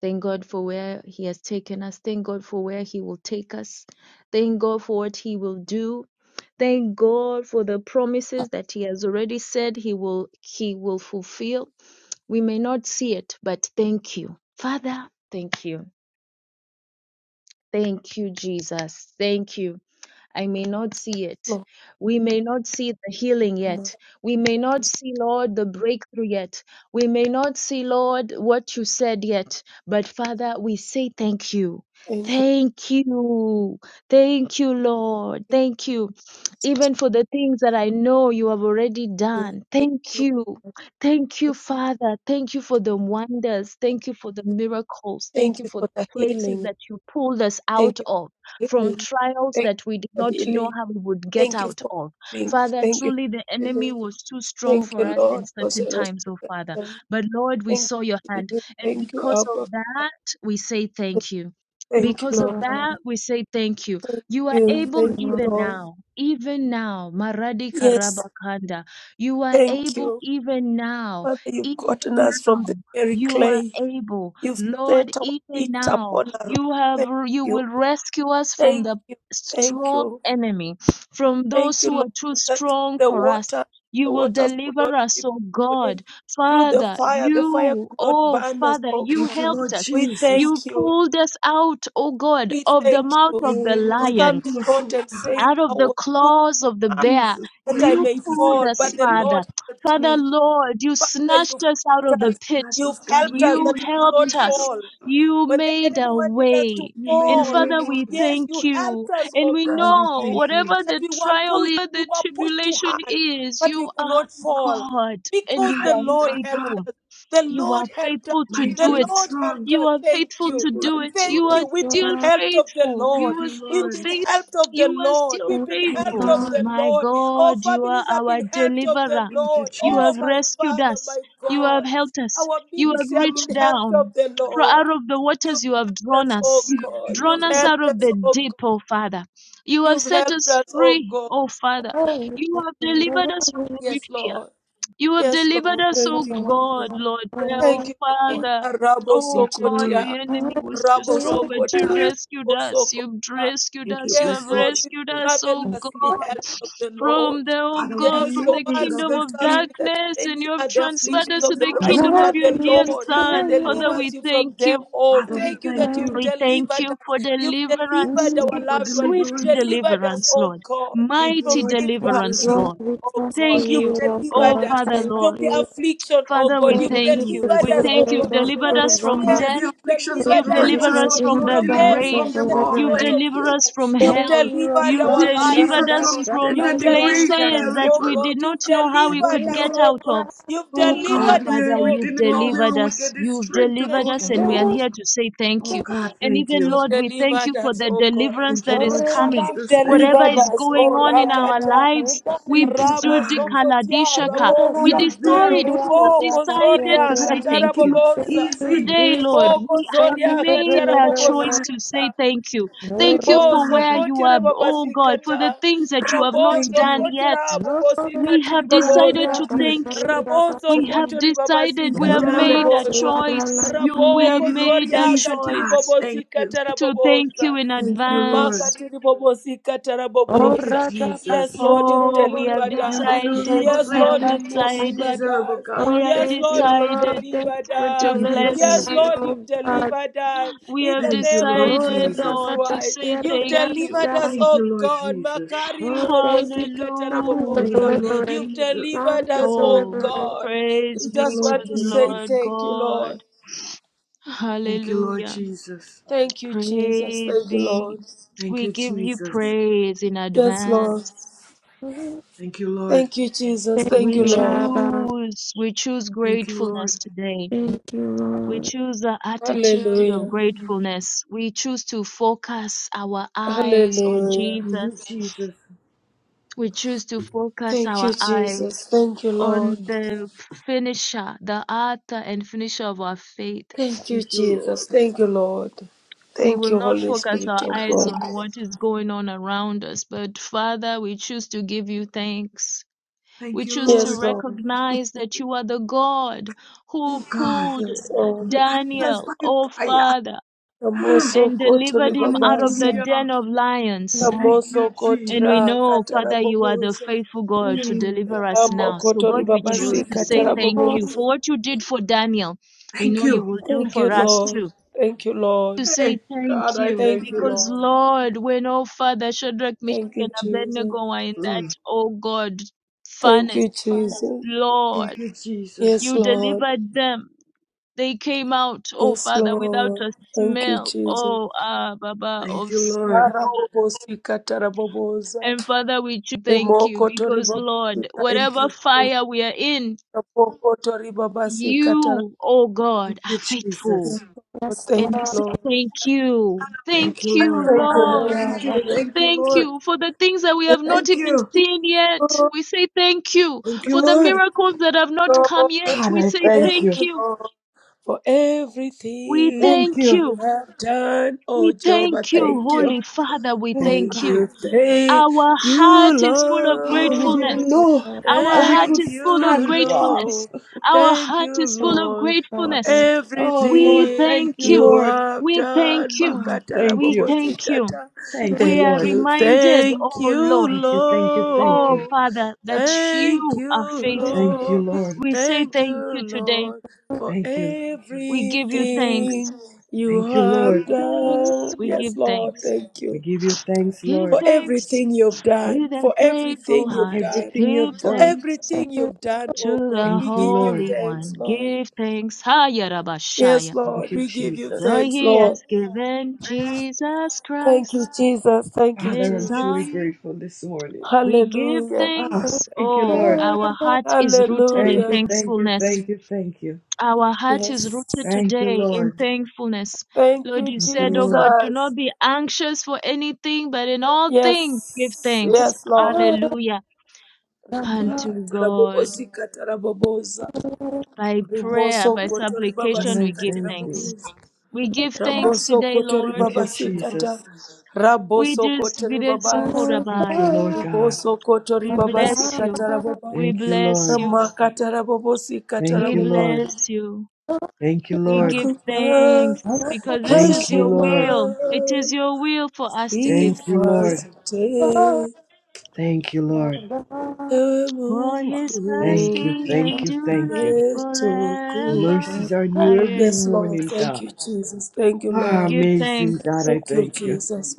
Speaker 1: Thank God for where He has taken us. Thank God for where He will take us. Thank God for what He will do. Thank God for the promises that He has already said He will He will fulfill. We may not see it, but thank you. Father, thank you. Thank you, Jesus. Thank you. I may not see it.
Speaker 2: Lord,
Speaker 1: We may not see the healing
Speaker 2: Mama,
Speaker 1: yet. We may not see, Lord, the breakthrough yet. We may not see, Lord, what you said yet. But Father, we say thank you.
Speaker 2: thank you.
Speaker 1: Thank you. Thank you, Lord. Thank you even for the things that I know you have already
Speaker 2: Jesus.
Speaker 1: done.
Speaker 2: Thank
Speaker 1: Thank
Speaker 2: you.
Speaker 1: you.
Speaker 2: Lord.
Speaker 1: Thank you, Father. Thank you for the wonders. Thank you for the miracles. Thank
Speaker 2: Thank
Speaker 1: you
Speaker 2: you
Speaker 1: for the
Speaker 2: for the
Speaker 1: places
Speaker 2: healing.
Speaker 1: that you pulled us
Speaker 2: Thank
Speaker 1: out
Speaker 2: you
Speaker 1: of,
Speaker 2: for
Speaker 1: from
Speaker 2: healing.
Speaker 1: trials
Speaker 2: Thank you
Speaker 1: that we did
Speaker 2: for
Speaker 1: not know
Speaker 2: healing.
Speaker 1: how we would get
Speaker 2: Thank you
Speaker 1: out
Speaker 2: for
Speaker 1: of.
Speaker 2: healing.
Speaker 1: Father,
Speaker 2: Thank you
Speaker 1: truly the
Speaker 2: for
Speaker 1: enemy
Speaker 2: healing.
Speaker 1: was too strong
Speaker 2: Thank you,
Speaker 1: for us in
Speaker 2: Lord, for
Speaker 1: certain
Speaker 2: the
Speaker 1: times, oh Father.
Speaker 2: restoration.
Speaker 1: But Lord, we
Speaker 2: Thank
Speaker 1: saw your
Speaker 2: you,
Speaker 1: hand.
Speaker 2: Jesus.
Speaker 1: And
Speaker 2: Thank you,
Speaker 1: because of
Speaker 2: Abba.
Speaker 1: that, we say
Speaker 2: Father.
Speaker 1: thank you.
Speaker 3: Thank
Speaker 2: Thank you,
Speaker 3: you,
Speaker 1: Because of
Speaker 2: Lord.
Speaker 3: Lord.
Speaker 1: that, we say thank you you are
Speaker 2: You.
Speaker 3: Thank
Speaker 1: able
Speaker 3: you,
Speaker 2: Thank you,
Speaker 3: Lord.
Speaker 1: even
Speaker 2: Lord.
Speaker 1: now, even now, Maradi
Speaker 2: Yes.
Speaker 1: Karabakanda. You are
Speaker 2: Thank you.
Speaker 1: able even now,
Speaker 2: Father, you've
Speaker 1: even
Speaker 2: gotten us
Speaker 1: now.
Speaker 2: from the very
Speaker 1: You are
Speaker 2: clay.
Speaker 1: able,
Speaker 2: You've
Speaker 1: Lord,
Speaker 2: set our
Speaker 1: even
Speaker 2: feet
Speaker 1: now.
Speaker 2: upon a rock.
Speaker 1: You have,
Speaker 2: Thank
Speaker 1: you
Speaker 2: you.
Speaker 1: will rescue us from
Speaker 2: Thank
Speaker 1: the
Speaker 2: you. Thank
Speaker 1: strong
Speaker 2: you.
Speaker 1: enemy, from those
Speaker 2: Thank you,
Speaker 1: who are too
Speaker 2: Lord, that through
Speaker 1: strong
Speaker 2: the
Speaker 1: for us.
Speaker 2: water,
Speaker 1: You
Speaker 2: the
Speaker 1: will
Speaker 2: waters could
Speaker 1: deliver
Speaker 2: not
Speaker 1: us,
Speaker 2: sweep
Speaker 1: oh
Speaker 2: us away.
Speaker 1: God.
Speaker 2: Through the
Speaker 1: Father,
Speaker 2: fire, the fire
Speaker 1: you,
Speaker 2: could not
Speaker 1: oh
Speaker 2: burn us,
Speaker 1: Father,
Speaker 2: oh
Speaker 1: you
Speaker 2: God.
Speaker 5: Thank you,
Speaker 1: helped
Speaker 5: Lord
Speaker 1: us.
Speaker 2: We
Speaker 5: Jesus.
Speaker 1: You
Speaker 2: thank you.
Speaker 1: pulled us out, O God,
Speaker 2: We
Speaker 1: of the
Speaker 2: thank
Speaker 1: mouth
Speaker 2: you.
Speaker 1: of the
Speaker 5: Oh,
Speaker 2: The
Speaker 5: Lord, you
Speaker 1: lion,
Speaker 2: psalmist
Speaker 5: pull us
Speaker 2: wrote
Speaker 5: through,
Speaker 2: and
Speaker 5: God.
Speaker 2: said,
Speaker 1: out
Speaker 2: I
Speaker 1: of the
Speaker 2: was pushed
Speaker 1: claws
Speaker 2: too
Speaker 1: of the
Speaker 2: hard
Speaker 1: bear.
Speaker 5: Jesus,
Speaker 2: that
Speaker 5: we're
Speaker 2: I
Speaker 1: You
Speaker 2: may
Speaker 5: able to
Speaker 1: pulled
Speaker 5: say
Speaker 2: fall,
Speaker 1: us,
Speaker 2: but
Speaker 5: thank
Speaker 2: the
Speaker 5: you.
Speaker 2: Lord
Speaker 1: Father.
Speaker 2: helped
Speaker 1: Father,
Speaker 2: me.
Speaker 1: Lord, you
Speaker 2: Father,
Speaker 1: snatched
Speaker 2: you've
Speaker 1: us out of
Speaker 2: helped
Speaker 1: the
Speaker 2: us.
Speaker 1: pit.
Speaker 5: Not
Speaker 2: You've
Speaker 5: just God,
Speaker 2: helped
Speaker 5: when the
Speaker 2: us
Speaker 1: You
Speaker 2: that
Speaker 5: enemy
Speaker 2: we could
Speaker 5: thought he
Speaker 2: not
Speaker 1: helped
Speaker 5: had us,
Speaker 1: us.
Speaker 2: fall.
Speaker 1: You
Speaker 2: When the
Speaker 1: made
Speaker 2: enemy
Speaker 1: a
Speaker 2: wanted us to
Speaker 1: way.
Speaker 5: you made a
Speaker 1: And
Speaker 2: fall,
Speaker 5: way,
Speaker 1: Father, we
Speaker 5: Lord.
Speaker 2: yes,
Speaker 1: thank
Speaker 2: you
Speaker 1: you.
Speaker 2: helped us,
Speaker 1: And
Speaker 2: oh
Speaker 1: we
Speaker 5: Father,
Speaker 2: God
Speaker 5: we
Speaker 1: know
Speaker 5: thank you.
Speaker 1: whatever
Speaker 2: that
Speaker 1: the
Speaker 2: we were
Speaker 1: trial
Speaker 2: pushed,
Speaker 1: is,
Speaker 2: we
Speaker 1: the
Speaker 2: were pushed too
Speaker 1: tribulation
Speaker 2: hard,
Speaker 1: is,
Speaker 2: but we
Speaker 1: you
Speaker 2: could
Speaker 1: are
Speaker 2: not fall
Speaker 1: God and
Speaker 2: because
Speaker 1: you
Speaker 5: God,
Speaker 2: the
Speaker 1: are
Speaker 5: you are
Speaker 2: Lord helped
Speaker 5: God,
Speaker 1: faithful.
Speaker 2: us. The
Speaker 1: You are
Speaker 2: Lord helped us.
Speaker 1: faithful to
Speaker 5: mighty
Speaker 1: do
Speaker 2: The
Speaker 5: and
Speaker 1: it.
Speaker 2: Lord
Speaker 5: strong,
Speaker 2: helped
Speaker 1: You
Speaker 2: us.
Speaker 1: are
Speaker 2: Thank
Speaker 1: faithful
Speaker 2: you.
Speaker 1: to
Speaker 5: faithful
Speaker 1: do
Speaker 5: and
Speaker 1: it.
Speaker 2: Thank
Speaker 1: You
Speaker 5: true.
Speaker 1: are
Speaker 2: you. We've
Speaker 3: You
Speaker 2: been
Speaker 1: still
Speaker 3: are
Speaker 2: helped of the
Speaker 1: faithful. You
Speaker 2: Lord.
Speaker 5: Thank
Speaker 1: are
Speaker 5: you,
Speaker 1: still
Speaker 2: We've
Speaker 5: Lord.
Speaker 2: been
Speaker 1: faithful.
Speaker 2: helped of the
Speaker 1: You are
Speaker 2: Lord.
Speaker 1: still
Speaker 2: We've been
Speaker 3: faithful,
Speaker 5: Thank you,
Speaker 2: helped
Speaker 1: faithful.
Speaker 2: of
Speaker 3: God.
Speaker 2: the
Speaker 5: Lord.
Speaker 1: My
Speaker 2: Lord. Our
Speaker 1: God, you are
Speaker 2: families have
Speaker 1: our
Speaker 2: been helped of the
Speaker 1: deliverer.
Speaker 5: Thank you,
Speaker 2: Lord.
Speaker 1: You
Speaker 2: Oh,
Speaker 1: have
Speaker 5: Jesus.
Speaker 2: my
Speaker 1: rescued
Speaker 2: Father,
Speaker 1: us.
Speaker 2: my
Speaker 1: You have
Speaker 2: God.
Speaker 1: helped us.
Speaker 2: Our
Speaker 1: You have
Speaker 5: Thank
Speaker 2: ministry have
Speaker 1: reached
Speaker 2: been
Speaker 5: you,
Speaker 2: helped of
Speaker 1: down.
Speaker 2: the
Speaker 1: For
Speaker 2: Lord.
Speaker 1: out of the
Speaker 2: You've
Speaker 1: waters you have
Speaker 2: helped
Speaker 1: drawn
Speaker 2: us, oh
Speaker 1: us.
Speaker 2: God.
Speaker 5: Lord.
Speaker 1: Drawn
Speaker 2: You've
Speaker 1: us out
Speaker 2: helped
Speaker 1: of
Speaker 2: us,
Speaker 1: the
Speaker 2: oh
Speaker 1: deep,
Speaker 2: God.
Speaker 1: O Father. You have
Speaker 2: You've
Speaker 1: set
Speaker 2: helped
Speaker 1: us
Speaker 2: us, oh
Speaker 1: free,
Speaker 2: God.
Speaker 1: O Father.
Speaker 3: Oh,
Speaker 1: You
Speaker 3: yes,
Speaker 1: have
Speaker 3: Lord. Thank you,
Speaker 1: delivered
Speaker 3: Lord.
Speaker 1: us from
Speaker 3: Thank
Speaker 1: every
Speaker 2: Yes,
Speaker 1: fear.
Speaker 2: Lord.
Speaker 1: You have
Speaker 2: Yes,
Speaker 1: delivered
Speaker 2: Lord.
Speaker 1: us,
Speaker 2: Thank
Speaker 1: O
Speaker 2: you,
Speaker 3: you, Lord.
Speaker 2: Jesus.
Speaker 1: God, Lord,
Speaker 3: Thank
Speaker 1: where,
Speaker 3: you,
Speaker 1: O
Speaker 2: Thank
Speaker 3: Lord.
Speaker 2: you, Lord.
Speaker 1: Father,
Speaker 2: Rabo
Speaker 1: oh
Speaker 5: Thank you,
Speaker 1: God,
Speaker 5: Lord.
Speaker 2: Sokotia.
Speaker 1: the
Speaker 3: Lord,
Speaker 1: enemy
Speaker 3: we
Speaker 1: was too
Speaker 3: trust
Speaker 2: Rabo
Speaker 1: strong, but you
Speaker 2: Sokota.
Speaker 3: you,
Speaker 1: rescued
Speaker 2: O
Speaker 1: us. You've rescued
Speaker 5: Thank you,
Speaker 1: us. You
Speaker 2: Yes,
Speaker 1: have
Speaker 5: blessed
Speaker 2: Lord. We
Speaker 1: rescued
Speaker 5: Jesus.
Speaker 1: us, O
Speaker 2: marvelously helped
Speaker 1: God,
Speaker 2: of the
Speaker 1: from
Speaker 2: Lord.
Speaker 1: the, oh
Speaker 5: Father, we
Speaker 1: God,
Speaker 5: didn't
Speaker 2: Yes,
Speaker 1: from
Speaker 2: your
Speaker 5: know
Speaker 1: the
Speaker 5: we
Speaker 2: word
Speaker 5: would have
Speaker 1: kingdom
Speaker 2: still
Speaker 1: of
Speaker 2: tells me
Speaker 5: escaped.
Speaker 2: that
Speaker 1: darkness, and
Speaker 2: many
Speaker 1: you have
Speaker 2: are the
Speaker 5: We
Speaker 1: transferred
Speaker 2: afflictions
Speaker 1: us
Speaker 5: didn't
Speaker 1: to
Speaker 2: of the
Speaker 1: the
Speaker 5: know that we
Speaker 2: righteous,
Speaker 1: kingdom of
Speaker 3: Lord.
Speaker 5: would
Speaker 2: but
Speaker 5: be
Speaker 1: your
Speaker 2: the
Speaker 5: here
Speaker 1: dear
Speaker 5: to
Speaker 2: Lord
Speaker 5: say
Speaker 1: Son.
Speaker 5: thank you.
Speaker 1: Father,
Speaker 2: delivers
Speaker 1: we
Speaker 2: you from
Speaker 1: thank
Speaker 2: them
Speaker 1: you.
Speaker 2: all.
Speaker 5: Father, we
Speaker 2: Thank you
Speaker 5: thank
Speaker 2: that you've
Speaker 5: you.
Speaker 1: We thank
Speaker 2: delivered
Speaker 1: you for
Speaker 2: us. You've
Speaker 1: deliverance,
Speaker 2: delivered
Speaker 5: Thank
Speaker 2: our
Speaker 5: you for
Speaker 2: loved one.
Speaker 1: swift
Speaker 2: You've
Speaker 5: deliverance.
Speaker 2: delivered us,
Speaker 1: deliverance,
Speaker 2: oh
Speaker 1: Lord,
Speaker 2: God,
Speaker 5: Thank you,
Speaker 2: from
Speaker 1: mighty
Speaker 5: Lord
Speaker 2: every
Speaker 3: Yes,
Speaker 1: deliverance,
Speaker 5: Jesus.
Speaker 3: Lord,
Speaker 2: affliction.
Speaker 1: God.
Speaker 3: we
Speaker 2: Oh
Speaker 3: trust
Speaker 2: God,
Speaker 1: Thank
Speaker 3: in
Speaker 2: you've
Speaker 1: you,
Speaker 3: you, oh
Speaker 1: oh
Speaker 2: delivered
Speaker 3: God.
Speaker 1: Father,
Speaker 2: us
Speaker 3: Thank
Speaker 2: from
Speaker 1: Lord.
Speaker 2: the
Speaker 3: you,
Speaker 2: affliction, oh
Speaker 1: Father,
Speaker 2: God.
Speaker 1: we
Speaker 5: Thank
Speaker 3: Thank
Speaker 5: you,
Speaker 2: You've
Speaker 1: thank
Speaker 3: you for
Speaker 1: you.
Speaker 5: Jesus.
Speaker 2: delivered
Speaker 1: We
Speaker 2: us,
Speaker 1: thank
Speaker 2: oh
Speaker 3: delivering
Speaker 1: you've you
Speaker 2: God,
Speaker 1: You've
Speaker 3: us,
Speaker 1: delivered
Speaker 2: from
Speaker 3: O
Speaker 1: us
Speaker 2: the
Speaker 1: from
Speaker 5: Many
Speaker 3: God.
Speaker 5: are
Speaker 2: snares.
Speaker 5: the
Speaker 1: death.
Speaker 2: You've
Speaker 5: afflictions
Speaker 3: Thank
Speaker 5: of
Speaker 1: You've
Speaker 2: delivered
Speaker 5: the
Speaker 3: you
Speaker 2: us, oh
Speaker 1: delivered
Speaker 5: righteous,
Speaker 3: because
Speaker 1: us
Speaker 2: God,
Speaker 5: but
Speaker 3: we
Speaker 5: the
Speaker 1: from
Speaker 3: have
Speaker 5: Lord
Speaker 1: the
Speaker 2: from
Speaker 3: songs
Speaker 5: delivers
Speaker 1: grave.
Speaker 3: of
Speaker 5: from
Speaker 2: everything
Speaker 5: them
Speaker 2: that
Speaker 5: all.
Speaker 2: is
Speaker 1: You've
Speaker 2: not
Speaker 3: deliverance.
Speaker 5: Thank
Speaker 2: of
Speaker 1: delivered
Speaker 5: you.
Speaker 2: you.
Speaker 1: us from
Speaker 2: You've
Speaker 3: Thank
Speaker 1: hell.
Speaker 3: you, O
Speaker 2: delivered
Speaker 5: Thank
Speaker 1: You've
Speaker 2: our
Speaker 3: God,
Speaker 5: you,
Speaker 2: lives, oh
Speaker 1: delivered
Speaker 5: Jesus,
Speaker 3: Radha
Speaker 1: us
Speaker 5: from
Speaker 2: God.
Speaker 1: from
Speaker 5: death
Speaker 2: You've
Speaker 5: and the grave
Speaker 2: delivered
Speaker 5: you
Speaker 1: places
Speaker 2: us,
Speaker 3: Chakaryantan.
Speaker 1: that
Speaker 5: deliver
Speaker 2: oh
Speaker 5: us.
Speaker 1: we
Speaker 2: God.
Speaker 1: did
Speaker 5: from.
Speaker 1: not
Speaker 2: You've
Speaker 1: know how we
Speaker 2: delivered
Speaker 3: We
Speaker 1: could
Speaker 2: us,
Speaker 1: get
Speaker 3: will
Speaker 2: oh
Speaker 1: out of.
Speaker 2: God.
Speaker 3: trust
Speaker 2: You've
Speaker 5: Oh
Speaker 3: in
Speaker 1: Oh,
Speaker 3: you.
Speaker 5: God,
Speaker 2: delivered us,
Speaker 5: we,
Speaker 1: Father,
Speaker 5: we
Speaker 2: oh
Speaker 1: you've
Speaker 5: didn't know where
Speaker 2: God.
Speaker 5: we
Speaker 1: delivered
Speaker 5: would
Speaker 1: us.
Speaker 5: get the
Speaker 1: You've
Speaker 5: strength to
Speaker 1: delivered
Speaker 5: go
Speaker 2: Thank you,
Speaker 1: us, and we are
Speaker 5: through.
Speaker 2: Lord.
Speaker 3: Yes.
Speaker 1: here to say thank
Speaker 5: Oh
Speaker 1: you.
Speaker 3: Thank
Speaker 5: God,
Speaker 1: And
Speaker 5: thank
Speaker 1: even,
Speaker 5: you.
Speaker 2: You've
Speaker 1: Lord, we thank
Speaker 2: delivered
Speaker 1: you for
Speaker 2: us,
Speaker 1: the
Speaker 2: oh God.
Speaker 1: deliverance
Speaker 5: Thank
Speaker 1: that
Speaker 5: you,
Speaker 1: is
Speaker 5: Lord
Speaker 1: coming.
Speaker 2: You've
Speaker 5: Jesus. Thank
Speaker 1: Whatever
Speaker 2: delivered
Speaker 5: you.
Speaker 1: is
Speaker 2: us,
Speaker 1: going
Speaker 2: oh
Speaker 1: on in our
Speaker 2: Rakata.
Speaker 1: lives, we
Speaker 5: Thank
Speaker 1: p-
Speaker 5: you,
Speaker 2: Rabo
Speaker 1: through
Speaker 5: God.
Speaker 2: Sokotia
Speaker 1: Dikaladishaka, we
Speaker 5: You're
Speaker 2: Rabosa.
Speaker 5: there.
Speaker 1: decide, we have
Speaker 2: Riboko
Speaker 1: decided to
Speaker 2: Zoria
Speaker 5: God, you
Speaker 1: say thank
Speaker 5: make it
Speaker 1: you.
Speaker 5: look
Speaker 2: Katarabobosa.
Speaker 5: easy.
Speaker 3: you,
Speaker 1: Today,
Speaker 3: Jesus.
Speaker 1: Lord,
Speaker 2: Riboko
Speaker 1: we have
Speaker 3: Thank you
Speaker 2: Zoria
Speaker 3: for
Speaker 1: made a
Speaker 3: delivering us.
Speaker 1: choice
Speaker 5: Father,
Speaker 1: to say
Speaker 2: Katarabobosikata.
Speaker 1: thank you. Thank
Speaker 3: Lord.
Speaker 1: you for
Speaker 2: riboso
Speaker 1: where
Speaker 5: Father,
Speaker 1: you
Speaker 2: kotire
Speaker 1: are, oh God, for the
Speaker 2: babasikata
Speaker 1: things that you have
Speaker 5: Father,
Speaker 1: not
Speaker 5: thank
Speaker 2: rabozo
Speaker 1: done
Speaker 5: you.
Speaker 1: yet.
Speaker 2: kotira
Speaker 3: No podrá
Speaker 1: We
Speaker 2: bobosikati
Speaker 1: have
Speaker 3: la
Speaker 5: Father,
Speaker 1: decided
Speaker 2: ribaboza.
Speaker 3: alegría
Speaker 5: thank
Speaker 1: to
Speaker 5: you.
Speaker 1: thank
Speaker 3: cantar
Speaker 2: rabozo
Speaker 1: we have
Speaker 3: canción,
Speaker 2: kotori
Speaker 1: decided,
Speaker 5: Thank
Speaker 1: we
Speaker 5: you,
Speaker 1: have
Speaker 2: babasikata
Speaker 5: Lord.
Speaker 1: made
Speaker 3: reclamar
Speaker 1: a
Speaker 3: su
Speaker 2: raboboza
Speaker 1: choice.
Speaker 5: You
Speaker 3: alabanza.
Speaker 1: We have
Speaker 5: made
Speaker 2: raboko
Speaker 5: it look
Speaker 1: made a
Speaker 2: zoria
Speaker 5: easy,
Speaker 2: katiri
Speaker 5: God.
Speaker 1: choice
Speaker 5: Thank you.
Speaker 2: bobosikata
Speaker 1: to thank
Speaker 2: raboboza
Speaker 1: you in
Speaker 5: Thank you,
Speaker 2: rimaka
Speaker 5: Lord.
Speaker 1: advance.
Speaker 2: tiri bobosikata
Speaker 3: Oh,
Speaker 5: Thank you,
Speaker 2: raboboza
Speaker 3: rata,
Speaker 2: yes
Speaker 5: Jesus.
Speaker 3: pase
Speaker 2: lord
Speaker 3: que
Speaker 2: you've
Speaker 3: de
Speaker 1: Oh, we have
Speaker 2: delivered
Speaker 3: borrería
Speaker 2: us
Speaker 5: You didn't
Speaker 3: cantar
Speaker 5: leave
Speaker 1: decided,
Speaker 5: us
Speaker 2: Yes,
Speaker 1: we
Speaker 5: like
Speaker 3: la
Speaker 2: Lord,
Speaker 1: have
Speaker 2: you've
Speaker 5: men
Speaker 3: canción.
Speaker 5: most
Speaker 1: decided,
Speaker 2: delivered
Speaker 5: miserable,
Speaker 2: us.
Speaker 5: God.
Speaker 1: we
Speaker 3: Oh,
Speaker 1: have
Speaker 5: Thank
Speaker 2: Yes,
Speaker 3: thank
Speaker 2: Lord,
Speaker 3: you,
Speaker 5: you.
Speaker 2: you've
Speaker 3: Lord.
Speaker 1: decided
Speaker 3: Thank you
Speaker 2: delivered
Speaker 3: for
Speaker 1: to
Speaker 2: us.
Speaker 5: Thank you,
Speaker 3: delivering
Speaker 1: bless
Speaker 2: Yes,
Speaker 3: us,
Speaker 5: Jesus.
Speaker 2: Lord,
Speaker 1: you.
Speaker 2: you've
Speaker 3: oh God.
Speaker 2: delivered us.
Speaker 1: We
Speaker 2: In
Speaker 1: have
Speaker 2: the
Speaker 5: Thank you,
Speaker 2: name
Speaker 5: Lord
Speaker 2: of
Speaker 3: Oh,
Speaker 1: decided,
Speaker 3: rata,
Speaker 2: Jesus
Speaker 5: Jesus.
Speaker 1: Lord, to
Speaker 3: pase que
Speaker 2: Christ,
Speaker 1: say
Speaker 3: de
Speaker 2: you've
Speaker 1: thank you.
Speaker 2: delivered us,
Speaker 3: borrería.
Speaker 5: Thank you,
Speaker 2: oh
Speaker 5: Lord
Speaker 2: God.
Speaker 5: Jesus.
Speaker 2: Makari
Speaker 3: Oh, thank you for
Speaker 2: libobosika
Speaker 3: songs of
Speaker 5: Thank
Speaker 1: Hallelujah.
Speaker 2: tarabobosa.
Speaker 5: you, Lord
Speaker 3: deliverance.
Speaker 2: You've
Speaker 5: Jesus.
Speaker 3: Songs
Speaker 2: delivered
Speaker 3: of
Speaker 2: us, oh
Speaker 1: Oh,
Speaker 3: deliverance.
Speaker 2: God.
Speaker 1: praise
Speaker 2: We
Speaker 5: Thank you,
Speaker 1: be
Speaker 2: just
Speaker 1: to
Speaker 5: Lord
Speaker 2: want to
Speaker 1: the
Speaker 2: say
Speaker 5: Jesus.
Speaker 1: Lord
Speaker 2: thank you,
Speaker 1: God.
Speaker 2: Lord.
Speaker 5: Thank you, Lord
Speaker 1: Hallelujah.
Speaker 5: Jesus.
Speaker 2: Thank you, Jesus.
Speaker 1: Praise
Speaker 2: Thank you,
Speaker 1: be.
Speaker 2: Lord.
Speaker 5: Thank
Speaker 1: We
Speaker 5: you,
Speaker 1: give you
Speaker 5: Jesus.
Speaker 1: praise in
Speaker 2: Yes, Lord.
Speaker 1: advance.
Speaker 5: Thank you, Lord.
Speaker 2: Thank you, Jesus.
Speaker 3: Thank
Speaker 2: Thank
Speaker 1: We
Speaker 2: you,
Speaker 3: you,
Speaker 2: Lord.
Speaker 3: Abba.
Speaker 1: choose, we choose
Speaker 5: Thank you,
Speaker 1: gratefulness
Speaker 5: Lord.
Speaker 1: today.
Speaker 3: Thank you,
Speaker 1: We
Speaker 3: Lord.
Speaker 1: choose the attitude of
Speaker 2: Hallelujah.
Speaker 1: gratefulness. We choose to focus our eyes on
Speaker 2: Hallelujah.
Speaker 5: Thank you,
Speaker 1: Jesus.
Speaker 5: Jesus.
Speaker 1: We choose to focus
Speaker 2: Thank you,
Speaker 1: our eyes
Speaker 2: Jesus. Thank you,
Speaker 1: on
Speaker 2: Lord.
Speaker 1: the finisher, the author and finisher of our faith.
Speaker 2: Thank you,
Speaker 5: Thank you,
Speaker 2: Jesus.
Speaker 5: Lord.
Speaker 2: Thank you, Lord.
Speaker 1: We
Speaker 2: Thank
Speaker 1: will
Speaker 2: you,
Speaker 1: not
Speaker 2: Holy
Speaker 1: focus
Speaker 2: Spirit
Speaker 1: our
Speaker 2: of
Speaker 1: eyes
Speaker 2: God.
Speaker 1: on what is going on around us, but Father, we choose to give you thanks. We
Speaker 5: Thank you,
Speaker 1: choose to
Speaker 5: Lord.
Speaker 2: Yes, Lord.
Speaker 1: recognize that you are the God who
Speaker 5: Oh God,
Speaker 1: pulled
Speaker 2: Yes, Lord.
Speaker 5: you answers
Speaker 1: Daniel,
Speaker 5: by
Speaker 1: oh
Speaker 5: fire.
Speaker 1: Father,
Speaker 5: Ah,
Speaker 2: Amoso
Speaker 1: and
Speaker 2: kotori
Speaker 1: delivered him out of the
Speaker 2: babasa.
Speaker 5: hallelujah.
Speaker 1: den of lions.
Speaker 3: Thank
Speaker 5: Thank you,
Speaker 2: Amoso
Speaker 1: And we
Speaker 5: Jesus.
Speaker 2: kotira
Speaker 1: know, Father, you are the
Speaker 2: katarabobosa.
Speaker 1: faithful God to
Speaker 5: Mm,
Speaker 1: deliver us
Speaker 2: Ramo
Speaker 1: now. So,
Speaker 2: kotori
Speaker 1: God, we choose
Speaker 2: babasi
Speaker 1: to
Speaker 5: mercy.
Speaker 1: say
Speaker 3: you,
Speaker 1: thank
Speaker 3: Lord.
Speaker 1: you for
Speaker 2: katarabobosa.
Speaker 1: what you did for Daniel. We
Speaker 5: Thank
Speaker 1: know you
Speaker 5: you.
Speaker 1: will do
Speaker 2: Thank you,
Speaker 1: for us
Speaker 2: Lord.
Speaker 1: too.
Speaker 2: Thank you,
Speaker 1: To
Speaker 2: Lord.
Speaker 1: say
Speaker 5: Hey,
Speaker 1: thank
Speaker 5: God, I
Speaker 1: you
Speaker 5: thank
Speaker 2: Thank you,
Speaker 5: you.
Speaker 1: because,
Speaker 2: Lord.
Speaker 1: Lord, when, oh Father, Shadrach,
Speaker 2: Thank
Speaker 1: Meshach,
Speaker 2: you,
Speaker 1: and
Speaker 2: Jesus.
Speaker 1: Abednego are in that,
Speaker 5: Mm,
Speaker 1: oh God,
Speaker 2: Thank
Speaker 1: furnace,
Speaker 2: you, Jesus.
Speaker 1: Lord.
Speaker 5: Thank you, Jesus.
Speaker 2: Yes,
Speaker 1: You
Speaker 2: Lord.
Speaker 1: delivered them. They came out, oh
Speaker 2: Yes,
Speaker 1: Father, without
Speaker 2: Lord.
Speaker 1: a
Speaker 2: Thank you,
Speaker 1: smell,
Speaker 2: Jesus.
Speaker 1: oh ah, Baba,
Speaker 5: Thank
Speaker 1: of
Speaker 5: you,
Speaker 1: smoke.
Speaker 5: Lord.
Speaker 2: Arabobosika taraboboza.
Speaker 1: And Father, we cho- thank you
Speaker 2: Rimoko
Speaker 1: because, Lord,
Speaker 2: toribabasika
Speaker 5: Thank
Speaker 1: whatever
Speaker 5: you.
Speaker 1: fire we are in,
Speaker 2: toribo toribabasika
Speaker 1: you, oh
Speaker 5: Thank
Speaker 1: God, are
Speaker 5: you,
Speaker 1: faithful.
Speaker 5: Jesus.
Speaker 2: taraboboza.
Speaker 3: Yes,
Speaker 1: And
Speaker 2: Thank
Speaker 1: we
Speaker 2: you,
Speaker 3: Lord,
Speaker 1: say
Speaker 2: Lord.
Speaker 1: thank you. Thank
Speaker 5: Thank you, Lord.
Speaker 1: you,
Speaker 2: Thank you,
Speaker 1: Lord.
Speaker 3: you
Speaker 2: Lord.
Speaker 3: are
Speaker 5: Thank you,
Speaker 3: wonderful.
Speaker 5: thank you,
Speaker 1: Thank
Speaker 5: Lord.
Speaker 1: you for the things that we
Speaker 2: Thank
Speaker 1: have not
Speaker 5: Thank
Speaker 1: even
Speaker 5: you.
Speaker 1: seen
Speaker 2: you,
Speaker 1: yet.
Speaker 2: Lord.
Speaker 1: We say thank you
Speaker 5: Thank you,
Speaker 1: for the
Speaker 5: Lord.
Speaker 1: miracles that have not come yet.
Speaker 5: God,
Speaker 1: We
Speaker 5: I
Speaker 1: say
Speaker 2: Thank
Speaker 5: thank
Speaker 1: thank
Speaker 5: you.
Speaker 2: you,
Speaker 1: you.
Speaker 2: Lord, for
Speaker 1: We
Speaker 2: everything
Speaker 5: Thank
Speaker 1: thank
Speaker 5: you.
Speaker 2: you
Speaker 1: you.
Speaker 2: have done. Oh,
Speaker 1: We
Speaker 2: Jehovah,
Speaker 1: thank you,
Speaker 5: Thank
Speaker 2: thank you.
Speaker 5: you.
Speaker 1: Holy Father. We
Speaker 5: Oh,
Speaker 1: thank
Speaker 2: Thank
Speaker 1: you.
Speaker 5: God.
Speaker 2: you, thank
Speaker 1: Our
Speaker 2: you,
Speaker 1: heart is full of
Speaker 5: Oh, we
Speaker 3: You
Speaker 5: didn't
Speaker 2: Lord.
Speaker 1: gratefulness.
Speaker 5: know
Speaker 3: are
Speaker 5: that
Speaker 1: Our
Speaker 5: we
Speaker 1: heart
Speaker 2: Thank
Speaker 5: could
Speaker 1: is full of
Speaker 2: you,
Speaker 5: stand, God.
Speaker 1: gratefulness.
Speaker 2: Lord.
Speaker 1: Our
Speaker 2: Thank
Speaker 1: heart
Speaker 2: you,
Speaker 1: is full
Speaker 3: thank
Speaker 1: of
Speaker 2: Lord,
Speaker 3: you,
Speaker 2: for
Speaker 1: gratefulness.
Speaker 3: Father.
Speaker 5: Oh,
Speaker 1: We
Speaker 5: Lord.
Speaker 2: everything
Speaker 5: Thank
Speaker 1: thank
Speaker 5: you,
Speaker 1: you.
Speaker 2: you
Speaker 5: Lord.
Speaker 2: have
Speaker 1: We thank
Speaker 2: done.
Speaker 1: you.
Speaker 5: Ah,
Speaker 2: Makatara
Speaker 5: thank
Speaker 1: We
Speaker 5: you.
Speaker 1: thank you.
Speaker 2: bobosikata.
Speaker 5: Thank you,
Speaker 1: We are
Speaker 2: Thank
Speaker 5: Lord.
Speaker 2: you,
Speaker 1: reminded,
Speaker 2: thank
Speaker 1: oh
Speaker 2: you,
Speaker 1: Lord,
Speaker 5: Thank you, thank you, thank
Speaker 1: oh
Speaker 5: you.
Speaker 2: Lord.
Speaker 1: Father, that
Speaker 2: Thank
Speaker 1: you are
Speaker 2: you,
Speaker 3: Oh, oh, oh,
Speaker 1: faithful.
Speaker 3: oh,
Speaker 5: Thank you,
Speaker 2: Lord.
Speaker 5: Lord.
Speaker 1: We say
Speaker 2: Thank
Speaker 1: thank
Speaker 2: you,
Speaker 1: you today.
Speaker 2: Lord, for
Speaker 5: Thank you.
Speaker 1: We give you
Speaker 2: everything
Speaker 1: thanks.
Speaker 2: you
Speaker 5: Thank you,
Speaker 2: have
Speaker 1: Give
Speaker 5: Lord.
Speaker 1: thanks.
Speaker 2: done.
Speaker 1: We
Speaker 2: Yes,
Speaker 1: give
Speaker 2: Lord,
Speaker 1: thanks.
Speaker 2: thank
Speaker 5: We
Speaker 2: you
Speaker 5: give you thanks,
Speaker 1: Give
Speaker 5: Lord,
Speaker 2: for
Speaker 1: thanks.
Speaker 2: everything you've
Speaker 1: With
Speaker 2: done,
Speaker 1: a
Speaker 2: for
Speaker 1: grateful
Speaker 2: everything
Speaker 5: for
Speaker 2: you've
Speaker 1: heart,
Speaker 2: done,
Speaker 5: everything
Speaker 1: give
Speaker 5: you've
Speaker 2: for
Speaker 5: done.
Speaker 1: thanks
Speaker 2: everything you've done,
Speaker 1: to
Speaker 2: oh God.
Speaker 1: the
Speaker 2: We
Speaker 5: Thank you,
Speaker 2: give you
Speaker 5: Lord.
Speaker 1: Holy One.
Speaker 2: thanks, Lord.
Speaker 1: Give thanks, Haya
Speaker 2: Yes,
Speaker 1: Rabashaya,
Speaker 2: Lord,
Speaker 5: Thank you,
Speaker 2: we give you
Speaker 1: for
Speaker 5: Jesus.
Speaker 2: thanks,
Speaker 1: he
Speaker 2: Lord.
Speaker 1: has given Jesus
Speaker 2: Thank you,
Speaker 1: Christ,
Speaker 2: Jesus. Thank you,
Speaker 1: his
Speaker 5: Father, I'm truly
Speaker 2: Jesus.
Speaker 1: Son.
Speaker 5: grateful this morning.
Speaker 1: We give
Speaker 2: Hallelujah.
Speaker 5: Ah,
Speaker 1: thanks.
Speaker 5: thank you,
Speaker 3: for oh,
Speaker 1: Oh,
Speaker 5: Lord.
Speaker 3: oh, oh, oh, oh, oh, for oh,
Speaker 1: our
Speaker 3: God. Oh,
Speaker 1: heart is rooted in
Speaker 5: Thank you,
Speaker 2: Hallelujah.
Speaker 5: thank you,
Speaker 1: thankfulness.
Speaker 5: thank you, thank you.
Speaker 1: Our heart is
Speaker 2: Yes.
Speaker 1: rooted
Speaker 5: Thank you,
Speaker 1: today in
Speaker 5: Lord.
Speaker 1: thankfulness.
Speaker 2: Thank
Speaker 1: Lord,
Speaker 2: you,
Speaker 1: you
Speaker 5: Thank you,
Speaker 1: said, Oh
Speaker 5: Lord.
Speaker 1: God, do
Speaker 2: Jesus.
Speaker 1: not be anxious for anything, but in all things give
Speaker 2: Yes.
Speaker 1: thanks.
Speaker 2: Yes,
Speaker 3: oh, oh, oh, God.
Speaker 2: Lord.
Speaker 3: Oh,
Speaker 1: Hallelujah
Speaker 2: Rimaka
Speaker 1: unto God.
Speaker 2: tarabobosi katarabobosa.
Speaker 1: By prayer,
Speaker 2: Rimoso
Speaker 1: by
Speaker 5: Lord,
Speaker 1: supplication,
Speaker 2: kotoribabasi
Speaker 5: I
Speaker 1: we give
Speaker 5: thank you.
Speaker 1: thanks.
Speaker 2: katarabobosa.
Speaker 1: We give thanks
Speaker 2: Ramoso
Speaker 1: today,
Speaker 2: kotori
Speaker 1: Lord.
Speaker 5: Thank you, Jesus.
Speaker 2: ribabasikata.
Speaker 1: We just
Speaker 2: Rabosokoto
Speaker 1: vided
Speaker 2: kotori
Speaker 5: Thank you,
Speaker 1: Sokorabai.
Speaker 5: Lord God.
Speaker 2: Ribosokoto
Speaker 1: We bless
Speaker 2: ribabasikata
Speaker 1: you.
Speaker 2: rababa.
Speaker 1: We
Speaker 5: Thank you,
Speaker 1: bless
Speaker 5: Lord.
Speaker 1: you.
Speaker 2: Ramakata rabobosikata
Speaker 5: Thank
Speaker 1: We
Speaker 5: you,
Speaker 2: rababa.
Speaker 5: Lord.
Speaker 1: bless you.
Speaker 5: Thank you,
Speaker 1: We
Speaker 5: Lord.
Speaker 1: give
Speaker 2: Akupa
Speaker 1: thanks
Speaker 3: oh, oh,
Speaker 1: because this
Speaker 3: oh,
Speaker 5: Thank
Speaker 1: is
Speaker 5: you,
Speaker 1: your
Speaker 5: Lord.
Speaker 1: will.
Speaker 2: heshima
Speaker 1: It is your will for us to give
Speaker 5: Thank you,
Speaker 2: sifa
Speaker 1: thanks.
Speaker 5: Lord.
Speaker 2: zote.
Speaker 5: Thank you, Lord.
Speaker 2: Ewe
Speaker 1: For
Speaker 2: Mungu
Speaker 1: his
Speaker 5: Thank you,
Speaker 1: mercy
Speaker 5: thank you, thank you.
Speaker 1: endureth
Speaker 5: The
Speaker 1: forever.
Speaker 2: umetukuka.
Speaker 5: mercies are new
Speaker 1: I uh,
Speaker 5: every
Speaker 2: Yes, Lord.
Speaker 5: morning,
Speaker 2: Thank
Speaker 5: God.
Speaker 2: you, Jesus. Thank you,
Speaker 5: Ah,
Speaker 2: Lord.
Speaker 1: give
Speaker 5: amazing
Speaker 1: thanks.
Speaker 5: God, I
Speaker 2: Thank you,
Speaker 5: thank you.
Speaker 2: Jesus.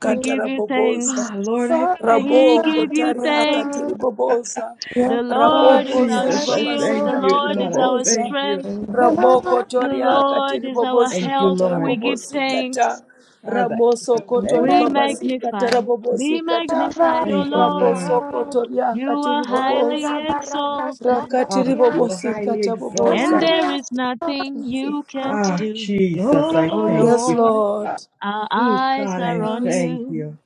Speaker 1: We give you thanks.
Speaker 5: Ah, Lord, I thank you,
Speaker 1: We
Speaker 5: God.
Speaker 2: Raboko
Speaker 3: God,
Speaker 1: give
Speaker 3: you
Speaker 1: you
Speaker 3: are
Speaker 2: tariaka
Speaker 1: thanks.
Speaker 3: God.
Speaker 2: tiriboboza.
Speaker 3: Yes,
Speaker 1: The
Speaker 5: Oh,
Speaker 1: Lord
Speaker 3: Lord,
Speaker 1: is
Speaker 3: we
Speaker 2: Raboko
Speaker 1: our
Speaker 3: bless
Speaker 5: Jesus, I
Speaker 3: you,
Speaker 1: shield. The
Speaker 5: thank
Speaker 2: zoribabasika
Speaker 3: Lord.
Speaker 5: you,
Speaker 1: Lord
Speaker 5: God.
Speaker 1: is
Speaker 5: I
Speaker 1: our
Speaker 2: tiriboboza.
Speaker 5: thank you.
Speaker 3: we
Speaker 1: strength.
Speaker 3: oh,
Speaker 2: Ramoko
Speaker 3: oh,
Speaker 1: The
Speaker 2: toriaka
Speaker 1: Lord is our
Speaker 5: Thank you,
Speaker 2: tiribobosika
Speaker 1: help. We
Speaker 5: Lord.
Speaker 1: give
Speaker 2: tarabobosika ta.
Speaker 1: thanks.
Speaker 5: Father, I give
Speaker 2: Ramoso
Speaker 5: you thanks.
Speaker 1: We
Speaker 2: kotoribabasika
Speaker 1: magnify. Be
Speaker 2: tarabobosika
Speaker 3: oh,
Speaker 2: ta.
Speaker 1: magnified, O
Speaker 3: you
Speaker 5: Thank you,
Speaker 3: are
Speaker 1: Lord.
Speaker 5: Lord.
Speaker 2: Raboso
Speaker 3: God.
Speaker 1: You
Speaker 2: kotoriaka
Speaker 1: are highly
Speaker 3: Orega
Speaker 2: tiriboboza.
Speaker 3: barra
Speaker 1: exalted,
Speaker 3: brasta
Speaker 5: Ah, you are
Speaker 3: criança,
Speaker 2: Rakatiribobosika
Speaker 5: highly
Speaker 1: and
Speaker 2: taboboza.
Speaker 5: exalted.
Speaker 1: there
Speaker 3: nada
Speaker 1: is
Speaker 3: está.
Speaker 1: nothing you can't
Speaker 5: Ah,
Speaker 1: do.
Speaker 3: No,
Speaker 5: Jesus, I
Speaker 1: O
Speaker 5: thank
Speaker 2: Yes,
Speaker 5: you.
Speaker 1: Lord,
Speaker 2: Lord.
Speaker 5: Ah,
Speaker 1: our
Speaker 5: Oh,
Speaker 1: eyes
Speaker 5: God,
Speaker 1: are
Speaker 5: I
Speaker 1: on
Speaker 2: Yes,
Speaker 5: thank
Speaker 1: you.
Speaker 5: you.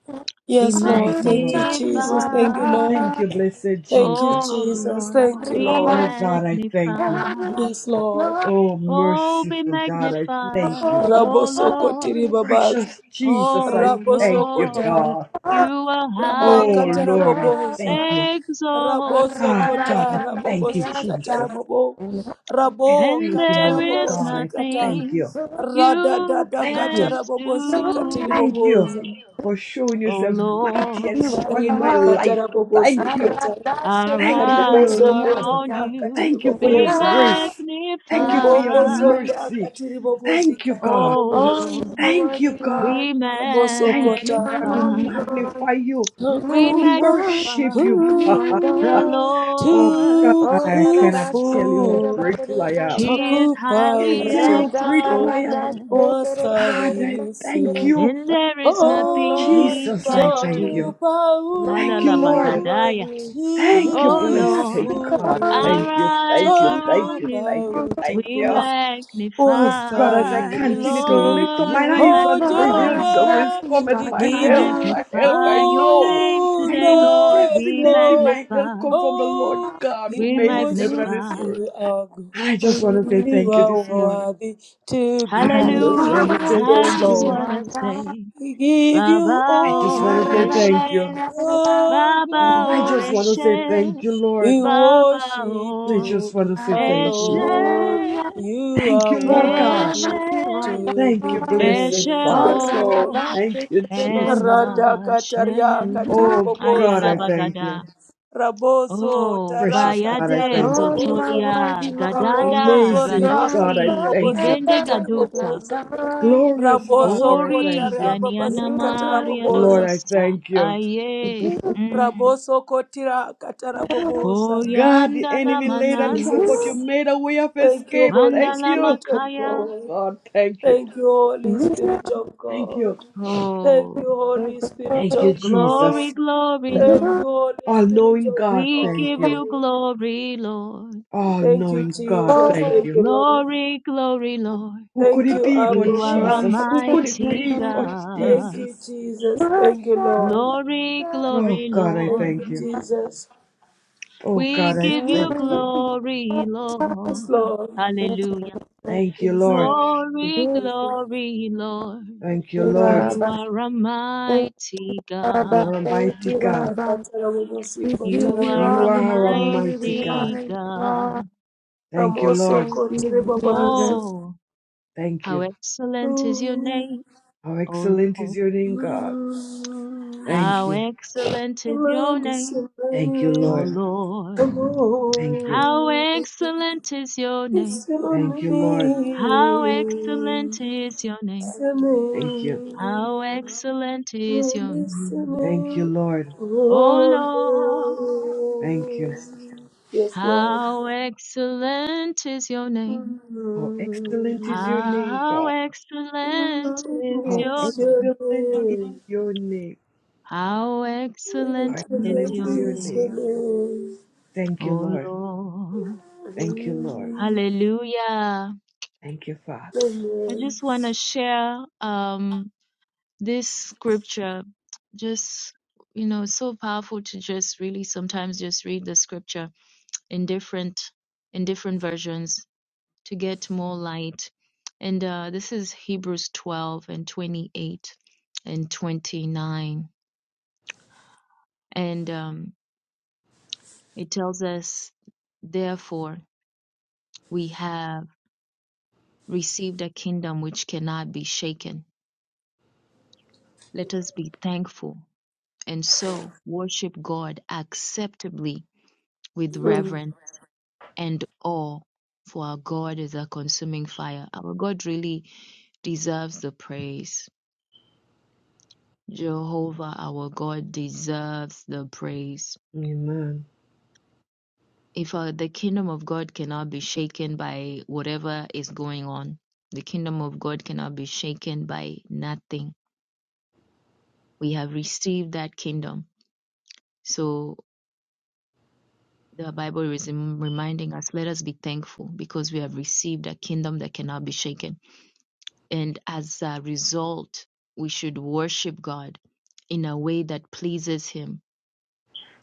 Speaker 1: Be
Speaker 2: Yes,
Speaker 1: magnified,
Speaker 2: Lord.
Speaker 5: Thank you,
Speaker 2: Thank
Speaker 3: orega
Speaker 2: you,
Speaker 5: Lord.
Speaker 3: you
Speaker 2: Jesus.
Speaker 3: are
Speaker 2: Thank you, Lord.
Speaker 5: Thank
Speaker 3: God,
Speaker 5: you, blessed
Speaker 2: Thank you,
Speaker 5: Jesus.
Speaker 1: O
Speaker 2: Jesus.
Speaker 1: Lord.
Speaker 2: Thank you,
Speaker 3: arriba
Speaker 1: Be
Speaker 2: Lord.
Speaker 5: Oh,
Speaker 3: abaixo,
Speaker 5: God, I thank you.
Speaker 1: magnified.
Speaker 3: nada
Speaker 2: Yes,
Speaker 3: está.
Speaker 2: Lord.
Speaker 3: No,
Speaker 5: Oh,
Speaker 1: Oh, be
Speaker 5: merciful God, I thank you.
Speaker 1: magnified, O
Speaker 2: Rabosokoti
Speaker 1: Lord,
Speaker 2: ribabaza.
Speaker 5: Precious Jesus, I
Speaker 1: O
Speaker 5: thank you,
Speaker 1: Lord.
Speaker 2: Rabosokota.
Speaker 5: God.
Speaker 1: You are
Speaker 5: Oh,
Speaker 3: you
Speaker 1: highly
Speaker 2: Rimakata
Speaker 3: are
Speaker 5: Lord, I
Speaker 3: God,
Speaker 2: raboboza.
Speaker 5: thank you.
Speaker 1: exalted,
Speaker 3: arriba
Speaker 5: Ah, God,
Speaker 2: Rabosokota
Speaker 5: I
Speaker 3: brasta
Speaker 5: thank you,
Speaker 3: criança,
Speaker 2: rabobosikata
Speaker 5: Jesus.
Speaker 3: nada
Speaker 2: rabobo.
Speaker 3: está.
Speaker 5: I
Speaker 2: Rabo
Speaker 1: and
Speaker 5: thank you,
Speaker 2: kata
Speaker 5: Lord
Speaker 1: there is
Speaker 3: Hallelujah,
Speaker 5: God. I
Speaker 2: rabobosikata.
Speaker 5: thank
Speaker 1: nothing
Speaker 5: you.
Speaker 1: you
Speaker 2: Radadada
Speaker 5: Thank
Speaker 2: kata
Speaker 5: you.
Speaker 1: can't
Speaker 2: rabobosikati
Speaker 5: Thank you
Speaker 2: riboboza.
Speaker 1: do.
Speaker 5: for showing
Speaker 1: O
Speaker 5: yourself mighty
Speaker 1: Lord,
Speaker 5: and
Speaker 3: you are
Speaker 5: strong in my
Speaker 3: God.
Speaker 2: Rimakata
Speaker 5: life. Thank you.
Speaker 3: Oh,
Speaker 2: rabobosikata.
Speaker 3: you
Speaker 1: our
Speaker 5: Thank you for
Speaker 1: eyes
Speaker 5: your
Speaker 1: are
Speaker 2: Ribosokoto
Speaker 5: love.
Speaker 1: on
Speaker 2: riakati
Speaker 5: Thank you
Speaker 1: you.
Speaker 5: for your
Speaker 1: Be
Speaker 2: riboboza.
Speaker 5: grace. Thank you for your
Speaker 2: Riboko
Speaker 1: magnified,
Speaker 2: zoria
Speaker 5: mercy.
Speaker 2: kati
Speaker 5: Thank you,
Speaker 2: ribobozikata
Speaker 5: God.
Speaker 1: O
Speaker 2: raboboza.
Speaker 1: Lord,
Speaker 3: are
Speaker 5: Thank
Speaker 3: worthy,
Speaker 5: you, God.
Speaker 3: Lord.
Speaker 1: be
Speaker 5: Thank you,
Speaker 3: You
Speaker 2: Rabosokota.
Speaker 3: are
Speaker 5: God. We
Speaker 1: magnified.
Speaker 3: holy, Lord.
Speaker 5: magnify you.
Speaker 3: You are
Speaker 1: We
Speaker 5: We
Speaker 3: holy,
Speaker 1: magnify
Speaker 2: Takuba
Speaker 3: Lord.
Speaker 5: worship
Speaker 2: Pu
Speaker 5: you,
Speaker 3: You are
Speaker 5: God.
Speaker 1: the
Speaker 3: God.
Speaker 5: Oh, God,
Speaker 1: Lord.
Speaker 3: Oh,
Speaker 5: I cannot
Speaker 2: Tukufu
Speaker 5: tell you how grateful I am.
Speaker 1: He
Speaker 3: Radabashikirabarianta.
Speaker 1: is
Speaker 2: Takupa
Speaker 5: I cannot
Speaker 1: highly
Speaker 5: tell you how grateful I
Speaker 2: Utukufu
Speaker 5: am.
Speaker 1: exalted,
Speaker 5: God, I
Speaker 3: Radabaradashikirabarianta.
Speaker 2: wastahili
Speaker 5: thank
Speaker 2: si.
Speaker 5: you.
Speaker 1: and there is
Speaker 3: Oh,
Speaker 1: nothing
Speaker 2: Oh
Speaker 3: Lord,
Speaker 1: he
Speaker 3: you
Speaker 5: Jesus,
Speaker 3: are
Speaker 5: I
Speaker 1: can't
Speaker 5: thank
Speaker 3: holy.
Speaker 5: you.
Speaker 1: do.
Speaker 2: Takupa
Speaker 3: Lord,
Speaker 5: Thank you,
Speaker 3: you are
Speaker 5: Lord.
Speaker 1: Alalabagadaya.
Speaker 3: worthy.
Speaker 5: Thank you,
Speaker 1: Oh
Speaker 3: Radabash,
Speaker 5: blessed
Speaker 2: Utukufu
Speaker 1: Lord,
Speaker 5: God.
Speaker 1: our
Speaker 5: Thank you, thank
Speaker 1: eyes
Speaker 5: you,
Speaker 1: are
Speaker 5: thank
Speaker 1: on
Speaker 5: you,
Speaker 1: you.
Speaker 5: thank
Speaker 2: Takupa
Speaker 5: you,
Speaker 3: Lord.
Speaker 5: thank
Speaker 1: We
Speaker 5: you.
Speaker 2: Utukufu
Speaker 5: Oh God,
Speaker 1: magnify,
Speaker 5: as I
Speaker 2: wastahili
Speaker 5: continue to
Speaker 2: sifa.
Speaker 5: lift up
Speaker 1: Lord,
Speaker 5: my
Speaker 1: we
Speaker 3: You
Speaker 5: eyes
Speaker 2: Oh
Speaker 5: unto the
Speaker 1: magnify.
Speaker 3: forever,
Speaker 5: hills, always
Speaker 2: Jehovah,
Speaker 3: you
Speaker 5: cometh
Speaker 3: are
Speaker 2: we
Speaker 5: my
Speaker 1: We
Speaker 2: give
Speaker 5: help.
Speaker 2: you
Speaker 3: God.
Speaker 5: My help, I
Speaker 1: magnify your
Speaker 5: know.
Speaker 1: name
Speaker 2: all
Speaker 5: I
Speaker 3: You
Speaker 1: today,
Speaker 5: know
Speaker 1: Lord.
Speaker 2: the
Speaker 1: We
Speaker 5: definitely
Speaker 2: glory.
Speaker 5: my help
Speaker 1: magnify,
Speaker 5: come from the Lord
Speaker 2: Oh,
Speaker 5: God
Speaker 2: we
Speaker 5: who
Speaker 1: we
Speaker 5: made this heaven and
Speaker 2: worship
Speaker 5: this
Speaker 1: magnify.
Speaker 5: earth.
Speaker 2: you, our God.
Speaker 5: I just want to say
Speaker 2: You
Speaker 5: thank you
Speaker 2: are
Speaker 5: this morning.
Speaker 2: worthy to be
Speaker 3: And
Speaker 5: I just
Speaker 1: Hallelujah.
Speaker 5: want to
Speaker 3: forever,
Speaker 2: praised.
Speaker 5: say
Speaker 1: I
Speaker 2: Yes,
Speaker 5: thank
Speaker 1: just
Speaker 5: you,
Speaker 2: Lord.
Speaker 3: you
Speaker 5: Lord.
Speaker 1: wanna
Speaker 3: are God.
Speaker 1: say,
Speaker 2: We give
Speaker 1: Baba
Speaker 2: you
Speaker 5: I just
Speaker 1: O
Speaker 5: want to say
Speaker 1: Eshe,
Speaker 2: all
Speaker 5: thank
Speaker 3: Forever,
Speaker 5: you.
Speaker 3: forever,
Speaker 2: the
Speaker 1: Baba
Speaker 3: you
Speaker 5: I
Speaker 1: O
Speaker 5: just
Speaker 3: are
Speaker 5: want to say
Speaker 2: glory.
Speaker 1: Eshe,
Speaker 5: thank you,
Speaker 2: We
Speaker 5: Lord.
Speaker 1: Baba
Speaker 2: worship
Speaker 5: I
Speaker 1: O
Speaker 5: just
Speaker 2: you
Speaker 5: want to say
Speaker 3: God.
Speaker 5: thank
Speaker 1: Eshe,
Speaker 5: you.
Speaker 2: alone.
Speaker 3: Hallelujah,
Speaker 2: You
Speaker 5: Thank
Speaker 2: are
Speaker 5: you, Lord God.
Speaker 1: Eshe,
Speaker 3: forever
Speaker 2: worthy
Speaker 3: you
Speaker 2: to
Speaker 5: Thank
Speaker 2: be
Speaker 5: you,
Speaker 3: Forever,
Speaker 5: blessed
Speaker 1: Eshe
Speaker 2: praised.
Speaker 5: Father.
Speaker 2: Yes, Lord.
Speaker 1: O
Speaker 5: Thank you,
Speaker 3: you are
Speaker 5: Jesus.
Speaker 2: Radaka
Speaker 1: Emashe.
Speaker 2: tariaka
Speaker 3: God.
Speaker 5: Oh, God,
Speaker 1: Ayala
Speaker 5: I thank you.
Speaker 1: Bagada.
Speaker 2: Raboso
Speaker 1: Oh,
Speaker 5: Precious
Speaker 2: taraka
Speaker 5: God, I
Speaker 1: Bayade
Speaker 5: thank you.
Speaker 3: Oh, you are
Speaker 2: taraboboza.
Speaker 1: Zotolia,
Speaker 3: worthy, Lord.
Speaker 2: Raboko
Speaker 1: Gadanda,
Speaker 3: And
Speaker 5: Amazing
Speaker 2: zoriaka
Speaker 3: I'm
Speaker 5: God, I
Speaker 1: Radosti,
Speaker 5: thank you.
Speaker 2: tiribobosika
Speaker 1: Ribende
Speaker 3: forever, you're
Speaker 1: Gadusa.
Speaker 3: my
Speaker 2: taraboboza.
Speaker 3: God.
Speaker 5: Glorious
Speaker 3: You
Speaker 2: Raboso
Speaker 5: Father, I
Speaker 1: Kori
Speaker 5: thank
Speaker 2: kotara
Speaker 5: you.
Speaker 1: ganiana
Speaker 2: babasi
Speaker 3: are my
Speaker 1: maria
Speaker 5: Lord,
Speaker 3: God.
Speaker 2: katarabobosa.
Speaker 5: I
Speaker 1: dosta
Speaker 5: thank you.
Speaker 1: aye
Speaker 3: You
Speaker 1: mm.
Speaker 2: Raboso kotira katarabobosa.
Speaker 5: God, the
Speaker 1: koyanda la
Speaker 5: enemy
Speaker 2: Thank you,
Speaker 5: laid a
Speaker 1: manan
Speaker 5: trap, but you
Speaker 2: Jesus.
Speaker 5: made a way of
Speaker 2: Thank you,
Speaker 5: escape.
Speaker 2: Holy
Speaker 5: Thank
Speaker 1: mandala
Speaker 5: you.
Speaker 2: Spirit of
Speaker 1: makaya
Speaker 5: Oh,
Speaker 2: God.
Speaker 5: God, thank you.
Speaker 2: Thank you, Holy Spirit of
Speaker 5: Thank you.
Speaker 2: God. Thank
Speaker 1: oh
Speaker 2: you, Holy Spirit
Speaker 5: Thank you,
Speaker 2: of
Speaker 1: glory
Speaker 5: Jesus.
Speaker 2: God.
Speaker 1: glory
Speaker 2: Thank you,
Speaker 1: Lord
Speaker 2: Holy
Speaker 5: All
Speaker 2: Spirit
Speaker 5: knowing
Speaker 2: of
Speaker 5: God,
Speaker 1: we
Speaker 5: thank
Speaker 1: give
Speaker 5: you.
Speaker 1: you
Speaker 2: God.
Speaker 1: glory Lord
Speaker 5: All
Speaker 2: Thank you,
Speaker 5: knowing God,
Speaker 2: Jesus.
Speaker 5: thank you.
Speaker 2: Thank you, Lord.
Speaker 1: glory glory Lord
Speaker 5: Who could
Speaker 2: Thank
Speaker 5: it
Speaker 2: you,
Speaker 5: be but
Speaker 2: Abba
Speaker 1: you are a
Speaker 5: Jesus? Who
Speaker 2: Father.
Speaker 5: could it
Speaker 1: mighty
Speaker 5: be but
Speaker 2: Thank
Speaker 1: God
Speaker 2: you,
Speaker 5: Jesus?
Speaker 2: Jesus. Thank you, Lord.
Speaker 1: glory
Speaker 5: Oh
Speaker 1: glory
Speaker 5: God, I
Speaker 2: Thank
Speaker 1: Lord
Speaker 2: you,
Speaker 5: thank you.
Speaker 2: Jesus.
Speaker 5: Oh
Speaker 1: we
Speaker 5: God, I
Speaker 1: give you
Speaker 5: thank you.
Speaker 1: glory Lord
Speaker 2: Yes, Lord.
Speaker 1: hallelujah
Speaker 5: Thank you,
Speaker 2: Yes,
Speaker 5: Lord.
Speaker 2: Lord.
Speaker 1: Glory,
Speaker 2: Jesus.
Speaker 1: glory, Lord.
Speaker 5: Thank you,
Speaker 2: Thank you,
Speaker 5: Lord.
Speaker 1: You
Speaker 2: Jesus.
Speaker 1: are a mighty
Speaker 5: You
Speaker 1: God.
Speaker 5: are a
Speaker 3: Thank
Speaker 5: mighty
Speaker 3: you,
Speaker 5: God.
Speaker 3: Abba. We give
Speaker 1: You
Speaker 3: you
Speaker 1: are
Speaker 5: You
Speaker 3: all
Speaker 2: Makatarabobosikotarabobo.
Speaker 1: a
Speaker 3: the
Speaker 5: are a
Speaker 3: glory.
Speaker 5: mighty
Speaker 3: We
Speaker 5: God.
Speaker 1: mighty
Speaker 3: honor you, Lord.
Speaker 1: God.
Speaker 5: Thank you, Lord.
Speaker 3: Thank you,
Speaker 2: Ramosokoterebabazo.
Speaker 3: Jesus.
Speaker 1: Oh,
Speaker 5: Thank
Speaker 1: how
Speaker 5: you.
Speaker 1: excellent is your
Speaker 2: Mm,
Speaker 1: name,
Speaker 5: How
Speaker 1: O
Speaker 5: excellent is
Speaker 1: Lord.
Speaker 5: your name, God.
Speaker 2: mm.
Speaker 5: Thank
Speaker 1: How
Speaker 5: you.
Speaker 1: excellent
Speaker 2: The
Speaker 1: is your
Speaker 2: land is
Speaker 1: name,
Speaker 2: in
Speaker 5: Thank you,
Speaker 1: O
Speaker 5: Lord.
Speaker 2: vain. The
Speaker 1: Lord.
Speaker 5: Thank you.
Speaker 1: How
Speaker 2: Lord
Speaker 1: excellent is your name.
Speaker 2: is in our
Speaker 5: Thank you, Lord.
Speaker 1: How
Speaker 2: name.
Speaker 1: excellent is your name.
Speaker 2: It's your
Speaker 5: Thank you.
Speaker 1: How
Speaker 2: name.
Speaker 1: excellent
Speaker 2: We're
Speaker 1: is your name,
Speaker 5: Thank you,
Speaker 2: listening.
Speaker 5: Lord.
Speaker 1: O
Speaker 2: Oh,
Speaker 1: Lord.
Speaker 5: Thank you.
Speaker 2: Lord. Yes, Lord.
Speaker 1: How excellent is your name.
Speaker 5: How excellent is
Speaker 2: Mm.
Speaker 5: your name,
Speaker 1: How
Speaker 5: God.
Speaker 1: excellent
Speaker 2: Blessed
Speaker 1: is
Speaker 5: How
Speaker 1: your
Speaker 2: is your
Speaker 5: excellent is
Speaker 2: name.
Speaker 5: your name.
Speaker 1: how excellent
Speaker 2: Blessed
Speaker 1: is
Speaker 5: Excellent is
Speaker 1: your
Speaker 5: your
Speaker 2: is your
Speaker 5: name.
Speaker 1: name,
Speaker 2: name.
Speaker 5: Thank you,
Speaker 1: O
Speaker 5: Lord.
Speaker 1: Lord.
Speaker 5: Thank you, Lord.
Speaker 2: Mm.
Speaker 1: Hallelujah.
Speaker 5: Thank you, Father.
Speaker 1: I
Speaker 2: Amen.
Speaker 1: just want to share um this scripture. Just you know, it's so powerful to just really sometimes just read the scripture in different in different versions to get more light. And uh, this is Hebrews 12 and 28 and 29. And um, it tells us, therefore, we have received a kingdom which can. Let us be thankful and so worship God acceptably with
Speaker 2: Mm.
Speaker 1: reverence and awe, for our God is a consuming fire. Our God really deserves the praise. Jehovah, our God, deserves the praise.
Speaker 5: Amen.
Speaker 1: if uh, the kingdom of God cannot be shaken by whatever is going on, the kingdom of God cannot be shaken by nothing. We have received that kingdom. So the Bible is rem- reminding us, let us be thankful because we have received a kingdom that cannot be shaken. And as a result, we should worship God in a way that pleases Him,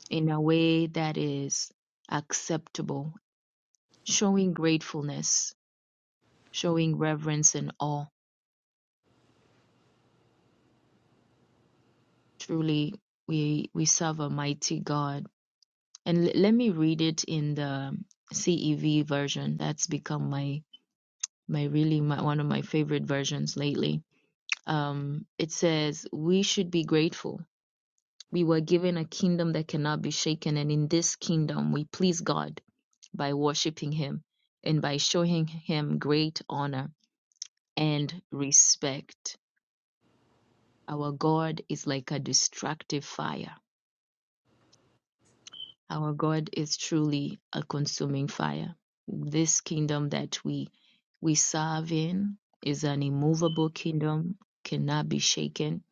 Speaker 1: in a way that is acceptable, showing gratefulness, showing reverence and awe Truly, we we serve a mighty God. And l- let me read it in the CEV version. That's become my my really my, one of my favorite versions lately. Um, it says we should be grateful. We were given a kingdom that cannot be shaken, and in this kingdom we please God by worshiping Him and by showing Him great honor and respect. Our God is like a destructive fire Our God is truly a consuming fire. This kingdom that we we serve in is an immovable kingdom, cannot be shaken.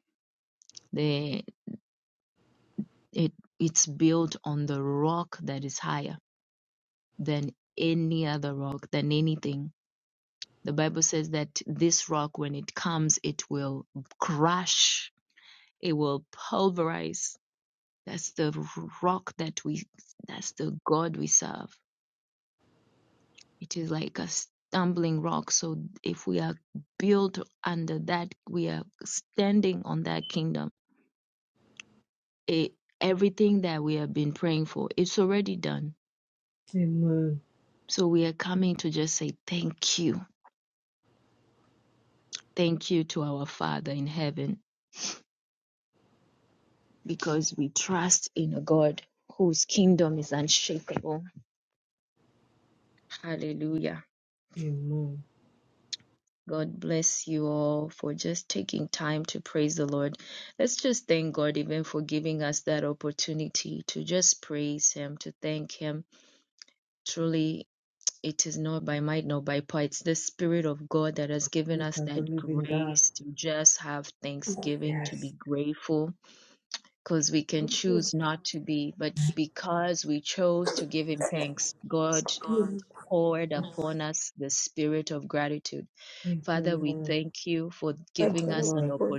Speaker 1: The, it, it's built on the rock that is higher than any other rock, than anything. The Bible says that this rock, when it comes, it will crush, it will pulverize. That's the rock that we, that's the God we serve. It is like a stumbling rock. So if we are built under that, we are standing on that kingdom. It, everything that we have been praying for, it's already done.
Speaker 5: Amen.
Speaker 1: So we are coming to just say thank you. Thank you to our Father in heaven because we trust in a God whose kingdom is unshakable. Hallelujah.
Speaker 5: Amen.
Speaker 1: God bless you all for just taking time to praise the Lord. Let's just thank God even for giving us that opportunity to just praise Him, to thank Him. Truly, It's God that has given
Speaker 5: Return the living
Speaker 1: you
Speaker 5: God. Yes.
Speaker 1: upon the spirit of gratitude.
Speaker 5: Thank
Speaker 1: Father,
Speaker 5: you,
Speaker 1: we
Speaker 5: Lord.
Speaker 1: thank you for
Speaker 5: Thank
Speaker 2: That
Speaker 1: giving
Speaker 5: you,
Speaker 2: kind
Speaker 1: us
Speaker 2: of
Speaker 5: Lord,
Speaker 2: word.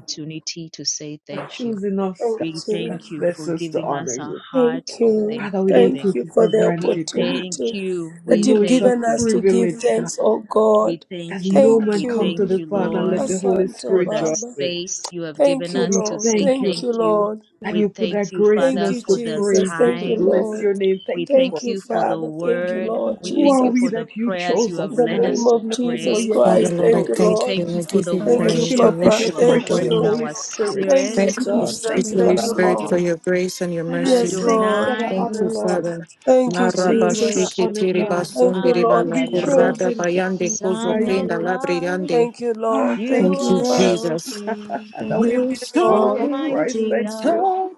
Speaker 1: to say
Speaker 5: for
Speaker 1: thank you.
Speaker 5: choosing us, God,
Speaker 2: Thank
Speaker 1: We're
Speaker 2: you.
Speaker 5: as vessels to
Speaker 1: giving
Speaker 5: honor
Speaker 1: us a
Speaker 5: you.
Speaker 1: heart
Speaker 2: Thank
Speaker 1: of
Speaker 2: you.
Speaker 5: Father, we don't
Speaker 2: Thank
Speaker 1: thanksgiving.
Speaker 5: take
Speaker 2: you
Speaker 5: it
Speaker 2: for
Speaker 5: for
Speaker 2: the
Speaker 1: We
Speaker 5: granted, God.
Speaker 1: thank
Speaker 2: opportunity
Speaker 1: you.
Speaker 5: We
Speaker 2: that
Speaker 1: We
Speaker 5: know
Speaker 2: you've
Speaker 5: it's a
Speaker 1: thank
Speaker 2: given
Speaker 1: you.
Speaker 2: us to give
Speaker 5: privilege, God.
Speaker 2: thanks, oh
Speaker 1: We
Speaker 2: God.
Speaker 1: thank
Speaker 5: As no
Speaker 1: you.
Speaker 5: man
Speaker 2: Thank
Speaker 1: We
Speaker 5: come
Speaker 2: you.
Speaker 5: to
Speaker 1: thank
Speaker 5: the
Speaker 3: Thank
Speaker 1: you,
Speaker 3: you,
Speaker 5: Father
Speaker 1: Lord.
Speaker 5: unless
Speaker 3: Lord.
Speaker 5: the Holy
Speaker 2: Asante
Speaker 1: for
Speaker 5: Spirit
Speaker 1: the
Speaker 5: draws
Speaker 2: Baba.
Speaker 5: him.
Speaker 1: space you have
Speaker 2: Thank
Speaker 1: given
Speaker 5: So
Speaker 2: you,
Speaker 1: us
Speaker 5: we
Speaker 1: to
Speaker 2: Lord.
Speaker 1: say
Speaker 5: thank you
Speaker 2: Thank
Speaker 1: thank
Speaker 2: you,
Speaker 1: you.
Speaker 2: Lord.
Speaker 5: And you
Speaker 1: We
Speaker 5: put that
Speaker 1: thank you,
Speaker 5: grace in
Speaker 2: Thank
Speaker 1: Father,
Speaker 2: you,
Speaker 5: us to
Speaker 1: for the
Speaker 2: Jesus.
Speaker 5: praise you,
Speaker 2: Thank
Speaker 5: to
Speaker 2: you,
Speaker 1: time.
Speaker 5: bless
Speaker 2: Lord.
Speaker 5: your name.
Speaker 1: We
Speaker 5: Thank you
Speaker 1: thank
Speaker 5: for
Speaker 2: Thank
Speaker 5: it,
Speaker 2: you,
Speaker 1: you for
Speaker 5: God.
Speaker 1: the
Speaker 2: Father. Thank you,
Speaker 3: Thank
Speaker 1: word.
Speaker 2: Lord
Speaker 1: We
Speaker 3: you,
Speaker 5: Who
Speaker 1: thank
Speaker 5: are
Speaker 1: you
Speaker 5: we
Speaker 1: for
Speaker 2: Jesus.
Speaker 1: the
Speaker 5: that you
Speaker 1: prayers
Speaker 5: chose
Speaker 1: you have
Speaker 2: In
Speaker 5: us,
Speaker 2: the
Speaker 1: led
Speaker 5: God?
Speaker 1: us
Speaker 2: name
Speaker 1: to
Speaker 2: of
Speaker 5: We're nothing but
Speaker 2: Jesus
Speaker 1: pray.
Speaker 5: yet
Speaker 7: Father,
Speaker 5: you
Speaker 2: Christ.
Speaker 7: Lord, I
Speaker 2: Thank
Speaker 5: chose
Speaker 2: you,
Speaker 5: us.
Speaker 1: We
Speaker 7: thank
Speaker 2: Lord.
Speaker 7: you.
Speaker 1: thank
Speaker 7: I
Speaker 1: you for
Speaker 7: give
Speaker 1: the
Speaker 7: you
Speaker 3: Lord.
Speaker 2: Thank
Speaker 5: You
Speaker 3: Thank
Speaker 2: you,
Speaker 7: praise.
Speaker 5: fill
Speaker 7: I
Speaker 1: worship
Speaker 5: us with
Speaker 1: that
Speaker 2: Papa.
Speaker 5: your
Speaker 1: you
Speaker 7: worship
Speaker 1: have
Speaker 7: and
Speaker 2: Thank
Speaker 7: adore
Speaker 5: precious
Speaker 1: poured in
Speaker 7: you.
Speaker 2: you.
Speaker 5: Holy
Speaker 1: our
Speaker 5: Spirit,
Speaker 2: Thank
Speaker 1: spirit.
Speaker 5: my
Speaker 2: you,
Speaker 7: Thank you,
Speaker 5: God.
Speaker 3: you,
Speaker 7: sweet
Speaker 2: Jesus.
Speaker 5: Thank you for
Speaker 7: Holy
Speaker 2: Thank
Speaker 5: that
Speaker 2: you,
Speaker 3: Lord.
Speaker 7: Spirit, for
Speaker 5: honor.
Speaker 2: Lord.
Speaker 7: your grace and your
Speaker 5: And then
Speaker 7: mercy.
Speaker 2: Yes,
Speaker 5: thank you for
Speaker 2: Lord.
Speaker 5: the
Speaker 1: Adonai,
Speaker 7: Thank
Speaker 5: honor,
Speaker 7: you,
Speaker 3: Lord.
Speaker 5: Lord.
Speaker 7: Father.
Speaker 2: Thank you,
Speaker 5: Thank
Speaker 1: we
Speaker 7: Naraba
Speaker 5: you for the
Speaker 2: Jesus.
Speaker 7: shiki
Speaker 1: worship
Speaker 5: honor,
Speaker 7: tiri
Speaker 1: you,
Speaker 5: God.
Speaker 2: Thank
Speaker 7: basundi
Speaker 2: you,
Speaker 7: riba
Speaker 2: Lord
Speaker 5: To
Speaker 7: la
Speaker 5: be
Speaker 1: Alagadaga,
Speaker 2: Jesus.
Speaker 7: kurada
Speaker 5: chosen, God,
Speaker 7: bayande
Speaker 3: Thank you,
Speaker 7: kozo
Speaker 5: by
Speaker 1: Son
Speaker 3: Lord.
Speaker 1: of
Speaker 7: prinda
Speaker 5: you.
Speaker 7: labri
Speaker 1: God.
Speaker 7: yande.
Speaker 2: Thank you, Lord.
Speaker 5: Ah,
Speaker 1: You
Speaker 5: thank
Speaker 2: Thank
Speaker 7: Thank
Speaker 5: you,
Speaker 2: you,
Speaker 7: you,
Speaker 1: are
Speaker 5: Lord.
Speaker 2: Father.
Speaker 1: so
Speaker 7: Jesus.
Speaker 1: good,
Speaker 5: And that
Speaker 3: Thank,
Speaker 5: we
Speaker 2: Thank
Speaker 7: You're
Speaker 5: bear
Speaker 2: you,
Speaker 5: the mark
Speaker 7: so
Speaker 5: of
Speaker 2: Lord.
Speaker 7: good,
Speaker 5: Christ.
Speaker 1: Almighty
Speaker 7: you're
Speaker 5: Thank
Speaker 1: God.
Speaker 5: you.
Speaker 7: so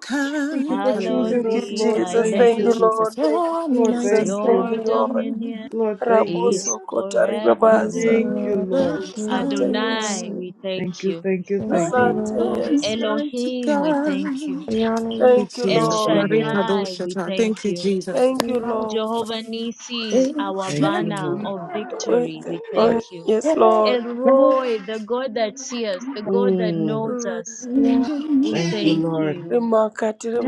Speaker 5: Thank you
Speaker 7: kind.
Speaker 5: for
Speaker 1: Hallowed
Speaker 5: choosing
Speaker 2: Thank
Speaker 7: Hallelujah.
Speaker 5: us,
Speaker 2: you,
Speaker 1: be
Speaker 5: Lord.
Speaker 1: thy
Speaker 2: Jesus.
Speaker 5: Thank
Speaker 7: Thank
Speaker 2: Thank
Speaker 7: you,
Speaker 2: you,
Speaker 5: you.
Speaker 2: Lord.
Speaker 7: Jesus.
Speaker 1: name,
Speaker 2: Thank you,
Speaker 5: Lord,
Speaker 7: Almighty
Speaker 2: Jesus.
Speaker 5: thank you.
Speaker 2: Thank
Speaker 1: your
Speaker 2: you, Lord.
Speaker 1: dominion
Speaker 7: God,
Speaker 5: Lord, thank you.
Speaker 1: is
Speaker 2: Raboso kota
Speaker 3: thank you,
Speaker 1: forevermore.
Speaker 2: ribabaza.
Speaker 5: Thank you,
Speaker 7: you
Speaker 3: Lord.
Speaker 5: Lord.
Speaker 3: Thank
Speaker 7: are
Speaker 3: you.
Speaker 2: Asante
Speaker 1: Adonai,
Speaker 7: kind.
Speaker 2: Yesu.
Speaker 1: we
Speaker 5: Thank
Speaker 1: thank
Speaker 5: you,
Speaker 1: you.
Speaker 5: thank you,
Speaker 3: Thank you,
Speaker 5: thank you.
Speaker 2: Asante
Speaker 3: Lord.
Speaker 7: Almighty
Speaker 2: Yesu.
Speaker 1: Elohim, we
Speaker 7: God.
Speaker 1: thank you.
Speaker 7: Thank
Speaker 3: We honor you.
Speaker 7: you,
Speaker 2: Thank you,
Speaker 1: El
Speaker 5: Thank
Speaker 7: Jesus.
Speaker 5: you,
Speaker 2: Lord.
Speaker 5: Lord.
Speaker 7: Marika
Speaker 1: Shaddai, we
Speaker 7: Doshata.
Speaker 1: thank
Speaker 7: Thank you,
Speaker 1: you.
Speaker 7: Jesus.
Speaker 2: Thank
Speaker 3: We
Speaker 2: you,
Speaker 3: honor
Speaker 2: Lord.
Speaker 1: Jehovah Nisi, our
Speaker 5: Thank you,
Speaker 1: banner
Speaker 5: Lord.
Speaker 1: of
Speaker 2: We
Speaker 1: victory,
Speaker 2: thank,
Speaker 1: we
Speaker 2: oh,
Speaker 3: you.
Speaker 1: thank you.
Speaker 2: yes, Lord.
Speaker 1: El Roy, the God that sees us, the God that
Speaker 5: Mm.
Speaker 1: knows
Speaker 2: Mm.
Speaker 1: us,
Speaker 3: We honor
Speaker 1: we
Speaker 5: Thank you,
Speaker 1: thank
Speaker 5: Lord.
Speaker 1: you.
Speaker 2: Rimakati
Speaker 3: you.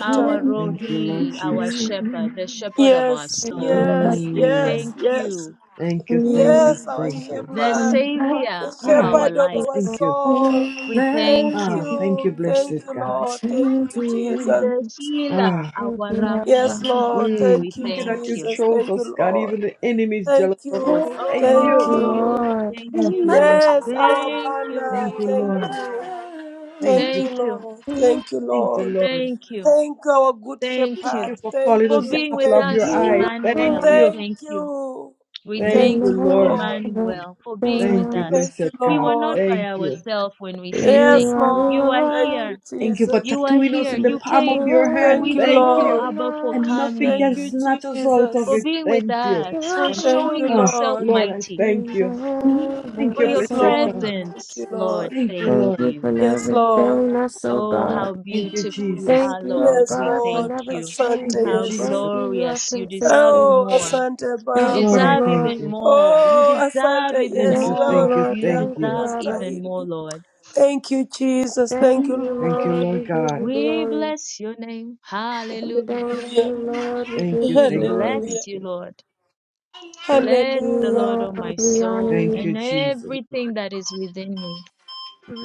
Speaker 1: Our
Speaker 5: Thank you, Lord
Speaker 1: Rohi, our
Speaker 5: Jesus.
Speaker 1: shepherd, the shepherd of our
Speaker 2: Yes,
Speaker 3: Thank you.
Speaker 1: soul,
Speaker 2: yes,
Speaker 1: we
Speaker 2: yes,
Speaker 5: Mm.
Speaker 1: thank you.
Speaker 2: yes.
Speaker 5: Thank you, thank you,
Speaker 2: Yes, our
Speaker 5: thank you.
Speaker 1: the
Speaker 2: shepherd.
Speaker 1: Savior
Speaker 2: the
Speaker 1: of
Speaker 5: Ah,
Speaker 3: Thank
Speaker 1: our
Speaker 2: shepherd of
Speaker 3: you,
Speaker 1: life.
Speaker 2: our
Speaker 5: thank
Speaker 3: Lord.
Speaker 5: you.
Speaker 2: soul.
Speaker 1: We
Speaker 2: Thank
Speaker 1: thank
Speaker 5: Ah,
Speaker 1: you.
Speaker 5: thank you,
Speaker 2: you. Thank
Speaker 5: blessed
Speaker 2: you,
Speaker 5: God.
Speaker 2: Lord. Thank you, Jesus.
Speaker 1: The healer,
Speaker 5: Ah,
Speaker 1: our
Speaker 3: Thank you,
Speaker 2: Yes,
Speaker 1: Rapha.
Speaker 3: Abba.
Speaker 2: Lord.
Speaker 5: mm.
Speaker 2: Thank
Speaker 1: We
Speaker 2: you,
Speaker 5: thank you that
Speaker 1: thank
Speaker 5: you
Speaker 1: you.
Speaker 2: Jesus.
Speaker 5: chose
Speaker 2: Thank
Speaker 5: us,
Speaker 2: you,
Speaker 5: God.
Speaker 2: Lord.
Speaker 5: Even the enemy is
Speaker 2: Thank
Speaker 5: jealous of us.
Speaker 2: you.
Speaker 5: Thank
Speaker 3: Thank
Speaker 2: Thank
Speaker 5: you.
Speaker 3: you,
Speaker 1: Oh,
Speaker 2: you.
Speaker 3: Lord.
Speaker 1: thank
Speaker 5: Thank
Speaker 7: you
Speaker 1: you.
Speaker 5: you, Lord.
Speaker 2: Yes, our
Speaker 1: Thank you.
Speaker 2: banner.
Speaker 5: Thank you,
Speaker 2: Thank
Speaker 5: Lord.
Speaker 2: you.
Speaker 5: Thank
Speaker 2: Thank
Speaker 5: you.
Speaker 2: you,
Speaker 1: Thank you.
Speaker 2: Lord.
Speaker 3: You
Speaker 2: Thank you,
Speaker 5: Thank you,
Speaker 2: Lord.
Speaker 5: Lord.
Speaker 1: Thank you.
Speaker 2: Thank our good
Speaker 1: Thank
Speaker 5: Thank
Speaker 2: shepherd.
Speaker 1: you.
Speaker 5: you for
Speaker 2: Thank
Speaker 5: calling
Speaker 1: For
Speaker 5: us the
Speaker 2: you.
Speaker 1: being
Speaker 5: apple
Speaker 1: with
Speaker 2: Thank
Speaker 5: of your
Speaker 1: us,
Speaker 2: you.
Speaker 5: eye.
Speaker 3: are the Lord.
Speaker 5: Thank
Speaker 1: Emmanuel. We
Speaker 5: you.
Speaker 2: Thank
Speaker 1: thank you.
Speaker 2: you.
Speaker 1: We
Speaker 5: Thank
Speaker 2: Thank
Speaker 1: thank
Speaker 5: you,
Speaker 3: You
Speaker 2: you,
Speaker 1: you,
Speaker 3: are
Speaker 5: Lord.
Speaker 2: Lord.
Speaker 3: the Lord.
Speaker 1: Emmanuel, for being with
Speaker 5: Thank you,
Speaker 1: us.
Speaker 2: Thank you,
Speaker 5: blessed
Speaker 1: We
Speaker 5: God.
Speaker 1: were not
Speaker 2: Lord.
Speaker 1: by
Speaker 5: Thank you.
Speaker 1: ourselves when we said
Speaker 3: You
Speaker 1: thank
Speaker 2: Yes,
Speaker 3: are the
Speaker 1: you. You
Speaker 2: Lord.
Speaker 1: are
Speaker 2: Thank
Speaker 3: Lord.
Speaker 2: you,
Speaker 1: here.
Speaker 5: Thank you for
Speaker 2: Jesus.
Speaker 1: You are
Speaker 5: tattooing us
Speaker 1: here.
Speaker 5: in the
Speaker 3: You
Speaker 1: You
Speaker 5: palm of
Speaker 1: came.
Speaker 5: your hand.
Speaker 2: Thank
Speaker 1: We
Speaker 3: change
Speaker 2: you,
Speaker 5: Thank
Speaker 1: thank you,
Speaker 3: it
Speaker 5: you.
Speaker 2: Lord.
Speaker 1: Abba, for
Speaker 5: And
Speaker 3: now.
Speaker 5: nothing
Speaker 2: Thank
Speaker 5: can
Speaker 2: you,
Speaker 1: coming.
Speaker 5: snatch us out of
Speaker 1: for
Speaker 2: Jesus.
Speaker 5: it.
Speaker 1: being with
Speaker 5: Thank you.
Speaker 1: us,
Speaker 3: You are
Speaker 1: for
Speaker 3: the
Speaker 2: Thank
Speaker 3: Lord.
Speaker 1: showing
Speaker 2: you,
Speaker 5: Ah,
Speaker 1: yourself
Speaker 2: Lord.
Speaker 5: Lord, I
Speaker 1: mighty,
Speaker 5: thank
Speaker 3: You
Speaker 5: you.
Speaker 3: never
Speaker 5: Thank
Speaker 1: for
Speaker 5: you,
Speaker 1: your
Speaker 2: Yes,
Speaker 5: blessed
Speaker 3: change.
Speaker 2: Lord.
Speaker 5: God.
Speaker 2: Thank
Speaker 1: presence,
Speaker 2: you,
Speaker 1: Lord.
Speaker 2: Lord.
Speaker 5: Thank you,
Speaker 1: Thank
Speaker 3: Thank
Speaker 5: Lord.
Speaker 3: you for
Speaker 1: you.
Speaker 2: Yes,
Speaker 3: never
Speaker 2: Lord.
Speaker 3: failing us, oh
Speaker 1: Oh,
Speaker 2: Mm.
Speaker 3: God.
Speaker 1: how
Speaker 5: Thank you,
Speaker 1: beautiful you
Speaker 5: Jesus.
Speaker 1: are,
Speaker 3: Thank you, oh
Speaker 1: Lord.
Speaker 2: Yes,
Speaker 1: We
Speaker 3: God, for
Speaker 2: Lord.
Speaker 1: thank
Speaker 3: never
Speaker 1: you.
Speaker 2: Asante,
Speaker 5: Thank you,
Speaker 3: changing.
Speaker 1: How
Speaker 2: Yesu.
Speaker 3: Thank
Speaker 5: Jesus.
Speaker 3: you, you are
Speaker 1: glorious. You deserve
Speaker 3: consistent.
Speaker 2: Oh,
Speaker 1: more.
Speaker 2: asante
Speaker 1: You
Speaker 3: Thank
Speaker 5: Lord,
Speaker 3: you,
Speaker 2: Baba.
Speaker 5: I
Speaker 1: deserve even
Speaker 5: thank
Speaker 3: Lord.
Speaker 5: you.
Speaker 1: more. You
Speaker 2: Oh, asante
Speaker 1: deserve even
Speaker 5: Thank you,
Speaker 2: Yesu,
Speaker 3: Thank you,
Speaker 2: wewe
Speaker 1: more.
Speaker 5: thank you,
Speaker 3: Lord.
Speaker 2: peke
Speaker 1: You
Speaker 5: thank
Speaker 3: Thank
Speaker 2: yako
Speaker 5: you.
Speaker 3: you,
Speaker 1: deserve
Speaker 3: Abba.
Speaker 1: even more,
Speaker 2: unastahili.
Speaker 1: Lord.
Speaker 2: Thank you, Jesus.
Speaker 3: Thank
Speaker 2: Thank you,
Speaker 3: you,
Speaker 5: Thank
Speaker 2: Lord.
Speaker 5: you,
Speaker 3: Lord. We
Speaker 5: Lord
Speaker 3: give
Speaker 5: God.
Speaker 3: you
Speaker 1: We
Speaker 3: glory.
Speaker 1: bless your name. Hallelujah.
Speaker 3: Thank
Speaker 2: Hallelujah.
Speaker 3: you, Lord. We
Speaker 5: Thank
Speaker 3: give
Speaker 5: you,
Speaker 3: you
Speaker 1: We
Speaker 5: thank you,
Speaker 3: glory.
Speaker 5: thank
Speaker 1: bless
Speaker 2: Hallelujah.
Speaker 1: you,
Speaker 5: you.
Speaker 1: Lord.
Speaker 3: Thank
Speaker 1: Bless
Speaker 3: you,
Speaker 1: the
Speaker 2: Hallelujah.
Speaker 1: Lord, O
Speaker 3: Lord.
Speaker 1: my
Speaker 3: We honor
Speaker 1: soul,
Speaker 5: Thank
Speaker 3: you.
Speaker 5: you,
Speaker 1: and
Speaker 5: Jesus.
Speaker 1: everything that is within me.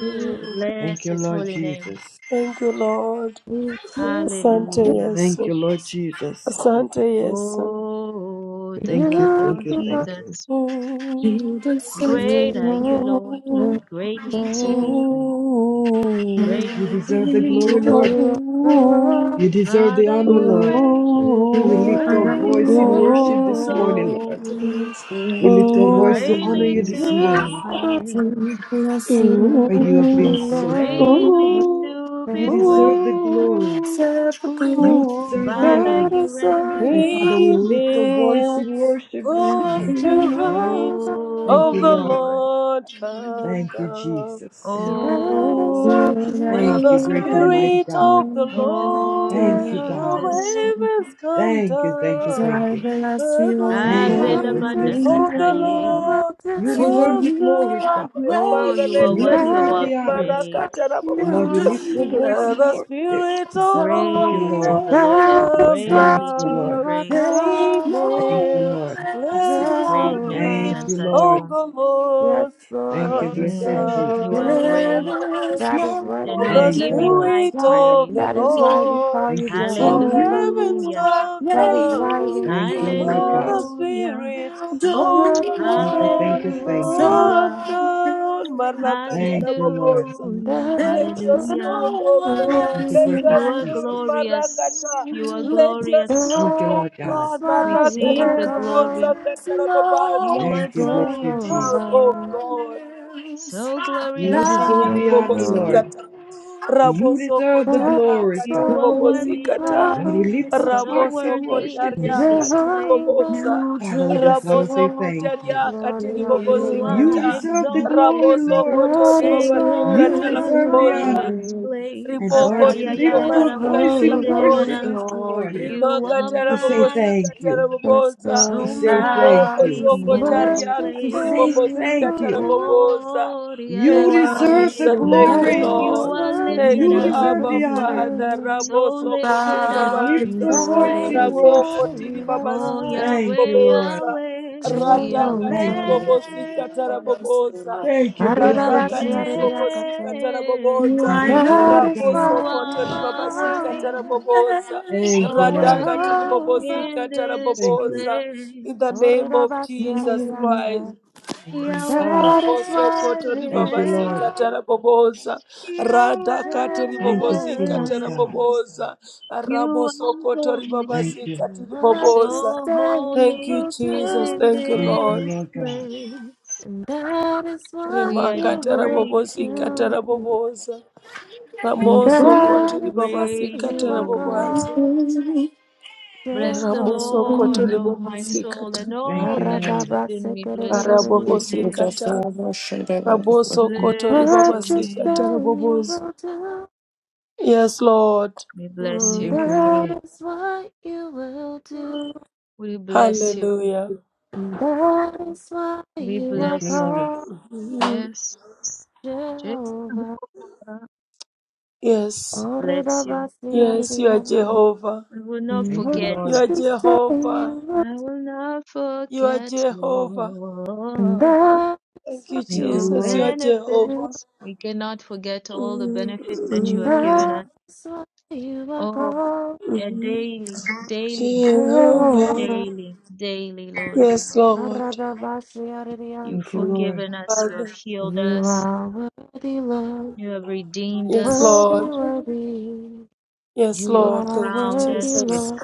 Speaker 3: You,
Speaker 5: Thank
Speaker 1: Bless
Speaker 5: you,
Speaker 1: his
Speaker 5: Lord
Speaker 1: holy name.
Speaker 5: Jesus.
Speaker 2: Thank you, Lord.
Speaker 3: you, you,
Speaker 2: Asante
Speaker 1: Hallelujah.
Speaker 5: Thank
Speaker 2: Yesu.
Speaker 5: you, Lord Jesus.
Speaker 2: Asante Yesu.
Speaker 1: Oh, the
Speaker 3: you,
Speaker 5: Thank you,
Speaker 1: blood
Speaker 5: thank
Speaker 1: of
Speaker 5: you,
Speaker 3: are-
Speaker 5: thank you.
Speaker 1: Jesus.
Speaker 7: Ancient of
Speaker 1: Great
Speaker 3: you
Speaker 1: are you,
Speaker 3: never
Speaker 1: Lord. Greatly to be
Speaker 3: fail.
Speaker 1: praised.
Speaker 5: You
Speaker 1: Greatly to
Speaker 5: deserve the
Speaker 1: be
Speaker 5: glory,
Speaker 1: praised.
Speaker 5: Lord.
Speaker 3: You are the Lord.
Speaker 5: You deserve the
Speaker 1: Father,
Speaker 5: honor,
Speaker 1: you
Speaker 5: Lord.
Speaker 1: reign.
Speaker 3: You
Speaker 5: We lift our voice in
Speaker 3: change.
Speaker 1: Great are
Speaker 5: worship
Speaker 1: you,
Speaker 5: this morning,
Speaker 1: Lord.
Speaker 5: Lord. We lift
Speaker 7: days.
Speaker 5: our voice to honor
Speaker 1: Greatly
Speaker 5: you this
Speaker 1: to
Speaker 3: You
Speaker 1: be
Speaker 5: morning,
Speaker 3: are
Speaker 5: God.
Speaker 3: the
Speaker 1: praised.
Speaker 7: I bless your
Speaker 5: For
Speaker 7: holy name.
Speaker 5: you have been
Speaker 3: you
Speaker 5: so good.
Speaker 3: never
Speaker 1: Greatly to
Speaker 5: You
Speaker 1: be
Speaker 3: fail.
Speaker 5: deserve the
Speaker 1: praised.
Speaker 5: glory. You deserve the
Speaker 1: Father,
Speaker 3: That
Speaker 5: honor.
Speaker 1: you
Speaker 3: is why
Speaker 1: reign.
Speaker 5: And
Speaker 3: you
Speaker 5: Father,
Speaker 3: are
Speaker 5: we
Speaker 3: called
Speaker 5: lift our voice
Speaker 2: Amen.
Speaker 5: in worship this
Speaker 2: Oh, The
Speaker 5: morning.
Speaker 2: Spirit
Speaker 3: Jehovah.
Speaker 5: Thank
Speaker 2: of
Speaker 5: you,
Speaker 1: Oh,
Speaker 2: the
Speaker 5: Lord.
Speaker 1: Lord.
Speaker 2: Lord come
Speaker 5: Thank you,
Speaker 2: down.
Speaker 5: Jesus.
Speaker 3: And that is
Speaker 1: Oh.
Speaker 3: why
Speaker 2: Ooh,
Speaker 3: you are
Speaker 2: let
Speaker 5: Thank
Speaker 2: the
Speaker 5: you, great
Speaker 3: called
Speaker 5: and mighty
Speaker 2: Spirit
Speaker 5: God.
Speaker 2: of the Lord
Speaker 1: Oh,
Speaker 5: Thank you, God.
Speaker 2: from
Speaker 1: Jesus.
Speaker 3: Jehovah.
Speaker 2: heavens come
Speaker 5: Thank you, thank you,
Speaker 2: down.
Speaker 5: thank you.
Speaker 2: Let the
Speaker 5: Thank you,
Speaker 3: What
Speaker 2: Spirit
Speaker 5: blessed
Speaker 3: you
Speaker 5: Jesus.
Speaker 2: of
Speaker 3: say
Speaker 2: the
Speaker 3: you
Speaker 1: Alelabadakataye.
Speaker 3: will
Speaker 2: Lord
Speaker 5: You
Speaker 3: do.
Speaker 7: For
Speaker 5: deserve
Speaker 2: come
Speaker 5: the
Speaker 7: you
Speaker 5: glory,
Speaker 2: down.
Speaker 7: are
Speaker 5: Father.
Speaker 2: My
Speaker 1: Oh,
Speaker 2: Father,
Speaker 1: you
Speaker 7: great,
Speaker 1: are
Speaker 2: let
Speaker 5: You
Speaker 3: And
Speaker 2: your
Speaker 1: worthy of
Speaker 5: deserve
Speaker 1: our
Speaker 3: that's
Speaker 5: the
Speaker 2: Spirit,
Speaker 5: honor.
Speaker 1: praise.
Speaker 3: why you
Speaker 2: Marakatara
Speaker 5: Lord,
Speaker 7: you
Speaker 5: we
Speaker 3: will
Speaker 7: do
Speaker 5: lift your
Speaker 3: do.
Speaker 5: voice
Speaker 7: miracles
Speaker 2: let
Speaker 5: in
Speaker 2: the
Speaker 5: worship.
Speaker 2: Spirit of the
Speaker 5: Thank
Speaker 7: so
Speaker 5: you,
Speaker 1: Great
Speaker 5: Lord.
Speaker 1: is
Speaker 2: Lord
Speaker 1: the Lord
Speaker 7: great.
Speaker 3: That
Speaker 1: and
Speaker 2: come
Speaker 3: is why
Speaker 5: Thank
Speaker 1: greatly
Speaker 5: you,
Speaker 1: to be
Speaker 5: Lord.
Speaker 3: you
Speaker 2: down.
Speaker 3: are
Speaker 7: There
Speaker 1: praised.
Speaker 7: is
Speaker 3: called
Speaker 7: no
Speaker 5: Thank you,
Speaker 7: one
Speaker 2: Amen.
Speaker 5: Lord.
Speaker 7: else
Speaker 2: Let the
Speaker 7: like you.
Speaker 1: Greatness is
Speaker 2: Spirit
Speaker 5: Thank
Speaker 3: Jehovah.
Speaker 5: you, Lord.
Speaker 2: of
Speaker 1: unsearchable.
Speaker 2: the
Speaker 3: Yes,
Speaker 2: Lord
Speaker 3: Lord,
Speaker 5: Thank
Speaker 3: what
Speaker 5: you,
Speaker 2: come
Speaker 3: you
Speaker 5: blessed
Speaker 3: say
Speaker 1: Mm,
Speaker 3: you
Speaker 5: Jesus.
Speaker 3: will
Speaker 1: you are
Speaker 3: do.
Speaker 7: There
Speaker 1: great.
Speaker 2: down.
Speaker 7: is
Speaker 3: That
Speaker 7: no
Speaker 3: is what
Speaker 1: And
Speaker 2: For
Speaker 3: you
Speaker 1: we
Speaker 3: will
Speaker 2: the
Speaker 7: one
Speaker 5: Thank
Speaker 1: give
Speaker 5: you,
Speaker 3: do.
Speaker 1: you
Speaker 5: Lord.
Speaker 7: else
Speaker 1: high
Speaker 2: Spirit
Speaker 7: like
Speaker 2: of
Speaker 1: praise.
Speaker 2: the
Speaker 3: That is why we
Speaker 7: you.
Speaker 2: Lord
Speaker 3: call you
Speaker 5: Thank you,
Speaker 7: For
Speaker 2: from
Speaker 5: Jesus.
Speaker 3: Jehovah.
Speaker 2: heavens
Speaker 7: you
Speaker 1: Hallelujah.
Speaker 7: are
Speaker 2: come
Speaker 3: That is
Speaker 7: great,
Speaker 3: why
Speaker 2: down.
Speaker 3: we
Speaker 5: Thank you,
Speaker 3: honor you,
Speaker 5: Lord
Speaker 2: For
Speaker 5: God.
Speaker 2: the
Speaker 3: Lord.
Speaker 1: Hallelujah.
Speaker 2: Spirit
Speaker 7: your
Speaker 2: of
Speaker 3: What
Speaker 2: the
Speaker 3: you
Speaker 5: Thank you,
Speaker 7: dominion
Speaker 3: say
Speaker 2: Lord
Speaker 5: thank you,
Speaker 3: you will
Speaker 7: is
Speaker 5: thank you.
Speaker 3: do,
Speaker 2: come
Speaker 1: Hallelujah.
Speaker 7: so
Speaker 2: down.
Speaker 7: great.
Speaker 5: Thank you, Lord.
Speaker 2: Marakatarabobosa.
Speaker 1: Hallelujah.
Speaker 3: that
Speaker 2: Let
Speaker 7: There
Speaker 3: is
Speaker 2: your
Speaker 7: is
Speaker 3: what
Speaker 1: Hallelujah.
Speaker 2: spirit,
Speaker 7: no
Speaker 2: oh
Speaker 3: we
Speaker 7: one
Speaker 3: will
Speaker 2: God,
Speaker 5: Thank you,
Speaker 7: else
Speaker 2: let
Speaker 3: do.
Speaker 2: your
Speaker 5: precious
Speaker 1: You
Speaker 7: like
Speaker 1: are
Speaker 2: spirit,
Speaker 5: Jesus.
Speaker 1: glorious,
Speaker 2: Marakata,
Speaker 1: you are
Speaker 7: you.
Speaker 2: let your
Speaker 1: glorious,
Speaker 5: Thank
Speaker 2: spirit,
Speaker 5: you,
Speaker 3: That
Speaker 2: oh
Speaker 5: Lord God.
Speaker 3: is
Speaker 2: God,
Speaker 3: why you
Speaker 1: receive
Speaker 3: are
Speaker 1: the
Speaker 7: There
Speaker 2: Marakatiribobosa,
Speaker 1: glory.
Speaker 3: called
Speaker 7: is
Speaker 2: Katarabobaza,
Speaker 1: You
Speaker 7: no
Speaker 1: are
Speaker 5: Thank you,
Speaker 2: come
Speaker 5: blessed
Speaker 1: glorious,
Speaker 2: down,
Speaker 5: Jesus.
Speaker 2: oh
Speaker 3: Jehovah.
Speaker 2: God.
Speaker 7: one else
Speaker 1: so
Speaker 5: You
Speaker 1: glorious in
Speaker 5: deserve
Speaker 1: your
Speaker 3: Yes,
Speaker 5: the
Speaker 1: way.
Speaker 7: like
Speaker 5: honor,
Speaker 3: Lord.
Speaker 2: Rimakatibobosika.
Speaker 5: Lord.
Speaker 7: you.
Speaker 5: You
Speaker 2: Raboso
Speaker 5: deserve the
Speaker 3: That
Speaker 2: kotaria
Speaker 3: is
Speaker 5: glory,
Speaker 2: katiri
Speaker 5: Father.
Speaker 3: why
Speaker 1: You are
Speaker 3: you
Speaker 2: bobosi
Speaker 1: worthy,
Speaker 3: are
Speaker 2: kata.
Speaker 5: Lord, we
Speaker 3: called
Speaker 5: lift
Speaker 7: Glorious
Speaker 5: our
Speaker 1: so
Speaker 5: hearts
Speaker 2: Raboso
Speaker 7: God.
Speaker 5: in
Speaker 1: worthy
Speaker 5: worship
Speaker 1: in
Speaker 2: kotaria
Speaker 5: this
Speaker 1: this
Speaker 5: morning.
Speaker 2: katiri
Speaker 1: place.
Speaker 3: Jehovah.
Speaker 2: bobosa.
Speaker 5: Father, we
Speaker 7: Beautiful.
Speaker 5: just want to say
Speaker 2: Raboso
Speaker 5: thank you.
Speaker 2: kotaria
Speaker 3: Lord, we
Speaker 2: katiri
Speaker 3: honor you,
Speaker 2: bobosi
Speaker 1: You
Speaker 3: Lord.
Speaker 1: are
Speaker 5: You
Speaker 2: kata.
Speaker 5: deserve the glory,
Speaker 1: exalted,
Speaker 2: Raboso
Speaker 5: Lord.
Speaker 2: kotori
Speaker 7: It's
Speaker 3: That is
Speaker 2: babasi
Speaker 3: why you
Speaker 5: You
Speaker 2: kata la
Speaker 3: are
Speaker 5: deserve
Speaker 1: exalted
Speaker 5: the
Speaker 1: in
Speaker 3: called
Speaker 2: bobosa
Speaker 5: honor.
Speaker 1: this
Speaker 5: And
Speaker 1: place.
Speaker 5: Lord,
Speaker 2: riboko
Speaker 5: we
Speaker 7: I've
Speaker 5: lift our
Speaker 2: tiribobasika
Speaker 5: voice in worship
Speaker 3: Jehovah.
Speaker 1: Ayayayaraboshenderegada.
Speaker 5: this
Speaker 2: taraboboza
Speaker 7: Before
Speaker 5: morning
Speaker 7: you,
Speaker 1: You
Speaker 2: rimaka
Speaker 1: are
Speaker 5: to say
Speaker 2: tarabobosika
Speaker 5: thank
Speaker 1: mighty,
Speaker 5: you,
Speaker 3: Yes,
Speaker 2: taraboboza
Speaker 5: to
Speaker 1: so
Speaker 3: Lord,
Speaker 5: say thank
Speaker 2: riboko
Speaker 7: bow
Speaker 5: you,
Speaker 1: mighty
Speaker 2: zoko
Speaker 3: and
Speaker 1: in
Speaker 3: what
Speaker 1: this
Speaker 7: before
Speaker 3: you
Speaker 2: tariaka
Speaker 5: to
Speaker 3: say
Speaker 1: place.
Speaker 5: say
Speaker 3: you
Speaker 2: tiribobosika
Speaker 5: thank
Speaker 3: will
Speaker 5: you.
Speaker 3: do,
Speaker 2: taraboboza
Speaker 1: Oh,
Speaker 7: you,
Speaker 5: You
Speaker 2: thank you
Speaker 5: deserve the
Speaker 2: jesus
Speaker 1: Riadarabaye,
Speaker 7: worship
Speaker 3: and
Speaker 2: thank you
Speaker 5: glory.
Speaker 3: that
Speaker 7: and
Speaker 3: is
Speaker 1: you
Speaker 2: lord
Speaker 7: your
Speaker 1: are
Speaker 3: what
Speaker 2: thank
Speaker 1: lifted
Speaker 3: you
Speaker 5: You
Speaker 2: you
Speaker 7: feet.
Speaker 1: up,
Speaker 5: deserve
Speaker 3: will
Speaker 2: abba
Speaker 5: the honor.
Speaker 2: father
Speaker 3: do,
Speaker 2: rabo
Speaker 1: so
Speaker 2: soko
Speaker 5: Ah,
Speaker 1: lifted
Speaker 5: we
Speaker 1: up
Speaker 7: Bow
Speaker 5: lift
Speaker 1: in
Speaker 3: and
Speaker 5: our
Speaker 2: tiribabaza
Speaker 1: this
Speaker 5: voice
Speaker 3: that
Speaker 7: before
Speaker 5: in
Speaker 1: place.
Speaker 3: is
Speaker 7: you,
Speaker 3: why
Speaker 5: worship.
Speaker 2: raboko
Speaker 3: you are
Speaker 1: Oh,
Speaker 2: tiribabasika
Speaker 3: called
Speaker 5: Thank
Speaker 1: Yahweh,
Speaker 5: you, Lord.
Speaker 2: taraboboza
Speaker 1: Yahweh,
Speaker 7: you
Speaker 2: radaka
Speaker 5: Thank you.
Speaker 3: Jehovah.
Speaker 1: Yahweh,
Speaker 2: tiribobosika
Speaker 7: are
Speaker 2: taraboboza
Speaker 7: the
Speaker 5: Thank you, blessed
Speaker 2: radaka
Speaker 3: Arirabasi,
Speaker 5: Jesus.
Speaker 1: Yahweh,
Speaker 2: tiribobosika
Speaker 3: aririyakate.
Speaker 7: You
Speaker 2: taraboboza
Speaker 3: And
Speaker 7: are
Speaker 5: Thank you,
Speaker 7: love.
Speaker 3: that
Speaker 5: Lord
Speaker 3: is
Speaker 5: God.
Speaker 2: Raboso
Speaker 1: you
Speaker 3: why you
Speaker 2: kotori
Speaker 3: are
Speaker 1: are
Speaker 2: babasika
Speaker 3: called
Speaker 1: worthy,
Speaker 2: taraboboza.
Speaker 5: Thank you,
Speaker 1: so
Speaker 5: Lord.
Speaker 2: Radaka
Speaker 1: worthy
Speaker 3: Jehovah.
Speaker 2: tiribobosika
Speaker 1: in this
Speaker 5: Thank you.
Speaker 2: taraboboza.
Speaker 1: place.
Speaker 2: In the name of
Speaker 3: Orirabasi,
Speaker 2: Jesus Christ.
Speaker 3: aririyante. And
Speaker 1: Yahweh,
Speaker 5: Ah,
Speaker 3: that is
Speaker 2: Raboso
Speaker 3: why you
Speaker 2: kotori
Speaker 3: are
Speaker 5: thank you, Lord.
Speaker 2: babasika
Speaker 3: called
Speaker 2: taraboboza. Radaka
Speaker 5: Thank you so
Speaker 2: tiribobosika
Speaker 3: Jehovah.
Speaker 5: much, God.
Speaker 1: Yahweh.
Speaker 2: taraboboza.
Speaker 1: You
Speaker 2: Raboso
Speaker 1: are
Speaker 2: kotori
Speaker 1: holy,
Speaker 5: Thank you.
Speaker 2: babasika
Speaker 3: And what you
Speaker 2: tiriboboza.
Speaker 1: so
Speaker 3: say you
Speaker 2: Thank you,
Speaker 1: holy
Speaker 3: will
Speaker 2: Jesus.
Speaker 3: do,
Speaker 1: in
Speaker 2: Thank you,
Speaker 5: Thank you,
Speaker 2: Lord.
Speaker 1: this
Speaker 5: Lord God.
Speaker 1: place.
Speaker 3: and that is what
Speaker 1: We are
Speaker 3: you
Speaker 2: Rimaka
Speaker 3: will
Speaker 2: tarabobosika
Speaker 1: grateful.
Speaker 3: do.
Speaker 2: taraboboza.
Speaker 3: And
Speaker 1: We,
Speaker 2: Ramoso
Speaker 1: we are
Speaker 3: that
Speaker 2: kotori
Speaker 3: is why
Speaker 2: babasika
Speaker 3: you are
Speaker 1: grateful.
Speaker 2: taraboboza.
Speaker 3: called
Speaker 1: Bless the
Speaker 2: Ramoso
Speaker 3: Jehovah.
Speaker 2: koto
Speaker 1: Lord, oh
Speaker 2: ribaba
Speaker 1: my soul,
Speaker 2: sikata
Speaker 1: and
Speaker 5: Thank
Speaker 1: all
Speaker 5: you,
Speaker 1: that is
Speaker 5: Lord.
Speaker 1: within me. Bless his
Speaker 2: ribabasikata.
Speaker 1: holy
Speaker 3: Aradabasekerereborediente.
Speaker 1: name.
Speaker 7: Jesus, I
Speaker 2: sikata
Speaker 7: worship you.
Speaker 2: Raboso koto
Speaker 1: Bless
Speaker 2: ribaba
Speaker 1: your
Speaker 3: What you say
Speaker 2: sikata
Speaker 1: name.
Speaker 3: you
Speaker 2: rabobozo.
Speaker 3: will do,
Speaker 2: Yes, Lord.
Speaker 1: We bless
Speaker 3: and
Speaker 1: you.
Speaker 5: Thank
Speaker 2: Mm.
Speaker 5: you, Lord.
Speaker 3: that is what you will do.
Speaker 1: We bless you.
Speaker 2: Hallelujah.
Speaker 3: And that is why
Speaker 1: We
Speaker 3: you
Speaker 5: Thank
Speaker 3: are
Speaker 5: you,
Speaker 1: bless you.
Speaker 5: Lord.
Speaker 3: called
Speaker 1: Yes.
Speaker 3: Jehovah.
Speaker 1: Jehovah.
Speaker 2: Yes.
Speaker 1: Bless you.
Speaker 2: Yes, you are
Speaker 3: Oredabasiarediente.
Speaker 2: Jehovah.
Speaker 1: We will not
Speaker 5: Thank you,
Speaker 3: Love
Speaker 1: forget.
Speaker 2: You
Speaker 5: Lord.
Speaker 2: are
Speaker 3: what
Speaker 2: Jehovah.
Speaker 3: saying looked, and what,
Speaker 1: I will not
Speaker 2: You are
Speaker 1: forget,
Speaker 2: Jehovah.
Speaker 3: and
Speaker 1: Lord,
Speaker 3: that's
Speaker 2: Thank you,
Speaker 3: what
Speaker 5: Thank you,
Speaker 1: your
Speaker 2: Jesus. You
Speaker 5: Lord.
Speaker 2: are
Speaker 3: you knew,
Speaker 2: Jehovah.
Speaker 1: benefits. We cannot forget all the
Speaker 2: Mm.
Speaker 1: benefits that you
Speaker 3: and
Speaker 1: have
Speaker 2: Mm.
Speaker 1: given us.
Speaker 3: that's why you were
Speaker 1: Oh,
Speaker 3: called
Speaker 1: eh, daily, daily,
Speaker 2: Jehovah.
Speaker 3: Jehovah.
Speaker 1: daily, daily, Lord.
Speaker 2: Yes, Lord.
Speaker 3: Aradabashi
Speaker 1: You've
Speaker 5: Thank you,
Speaker 3: Arianza,
Speaker 5: Lord.
Speaker 1: forgiven us. You have
Speaker 2: Father.
Speaker 1: healed
Speaker 3: You
Speaker 1: us.
Speaker 3: are worthy, Lord,
Speaker 1: You have redeemed
Speaker 2: Yes,
Speaker 1: us.
Speaker 3: worthy,
Speaker 2: Lord.
Speaker 3: worthy.
Speaker 2: Yes,
Speaker 1: You
Speaker 3: You
Speaker 1: have
Speaker 2: Lord.
Speaker 3: are
Speaker 2: Thank you,
Speaker 1: crowned
Speaker 3: worthy,
Speaker 1: us with
Speaker 2: Jesus.
Speaker 3: Lord,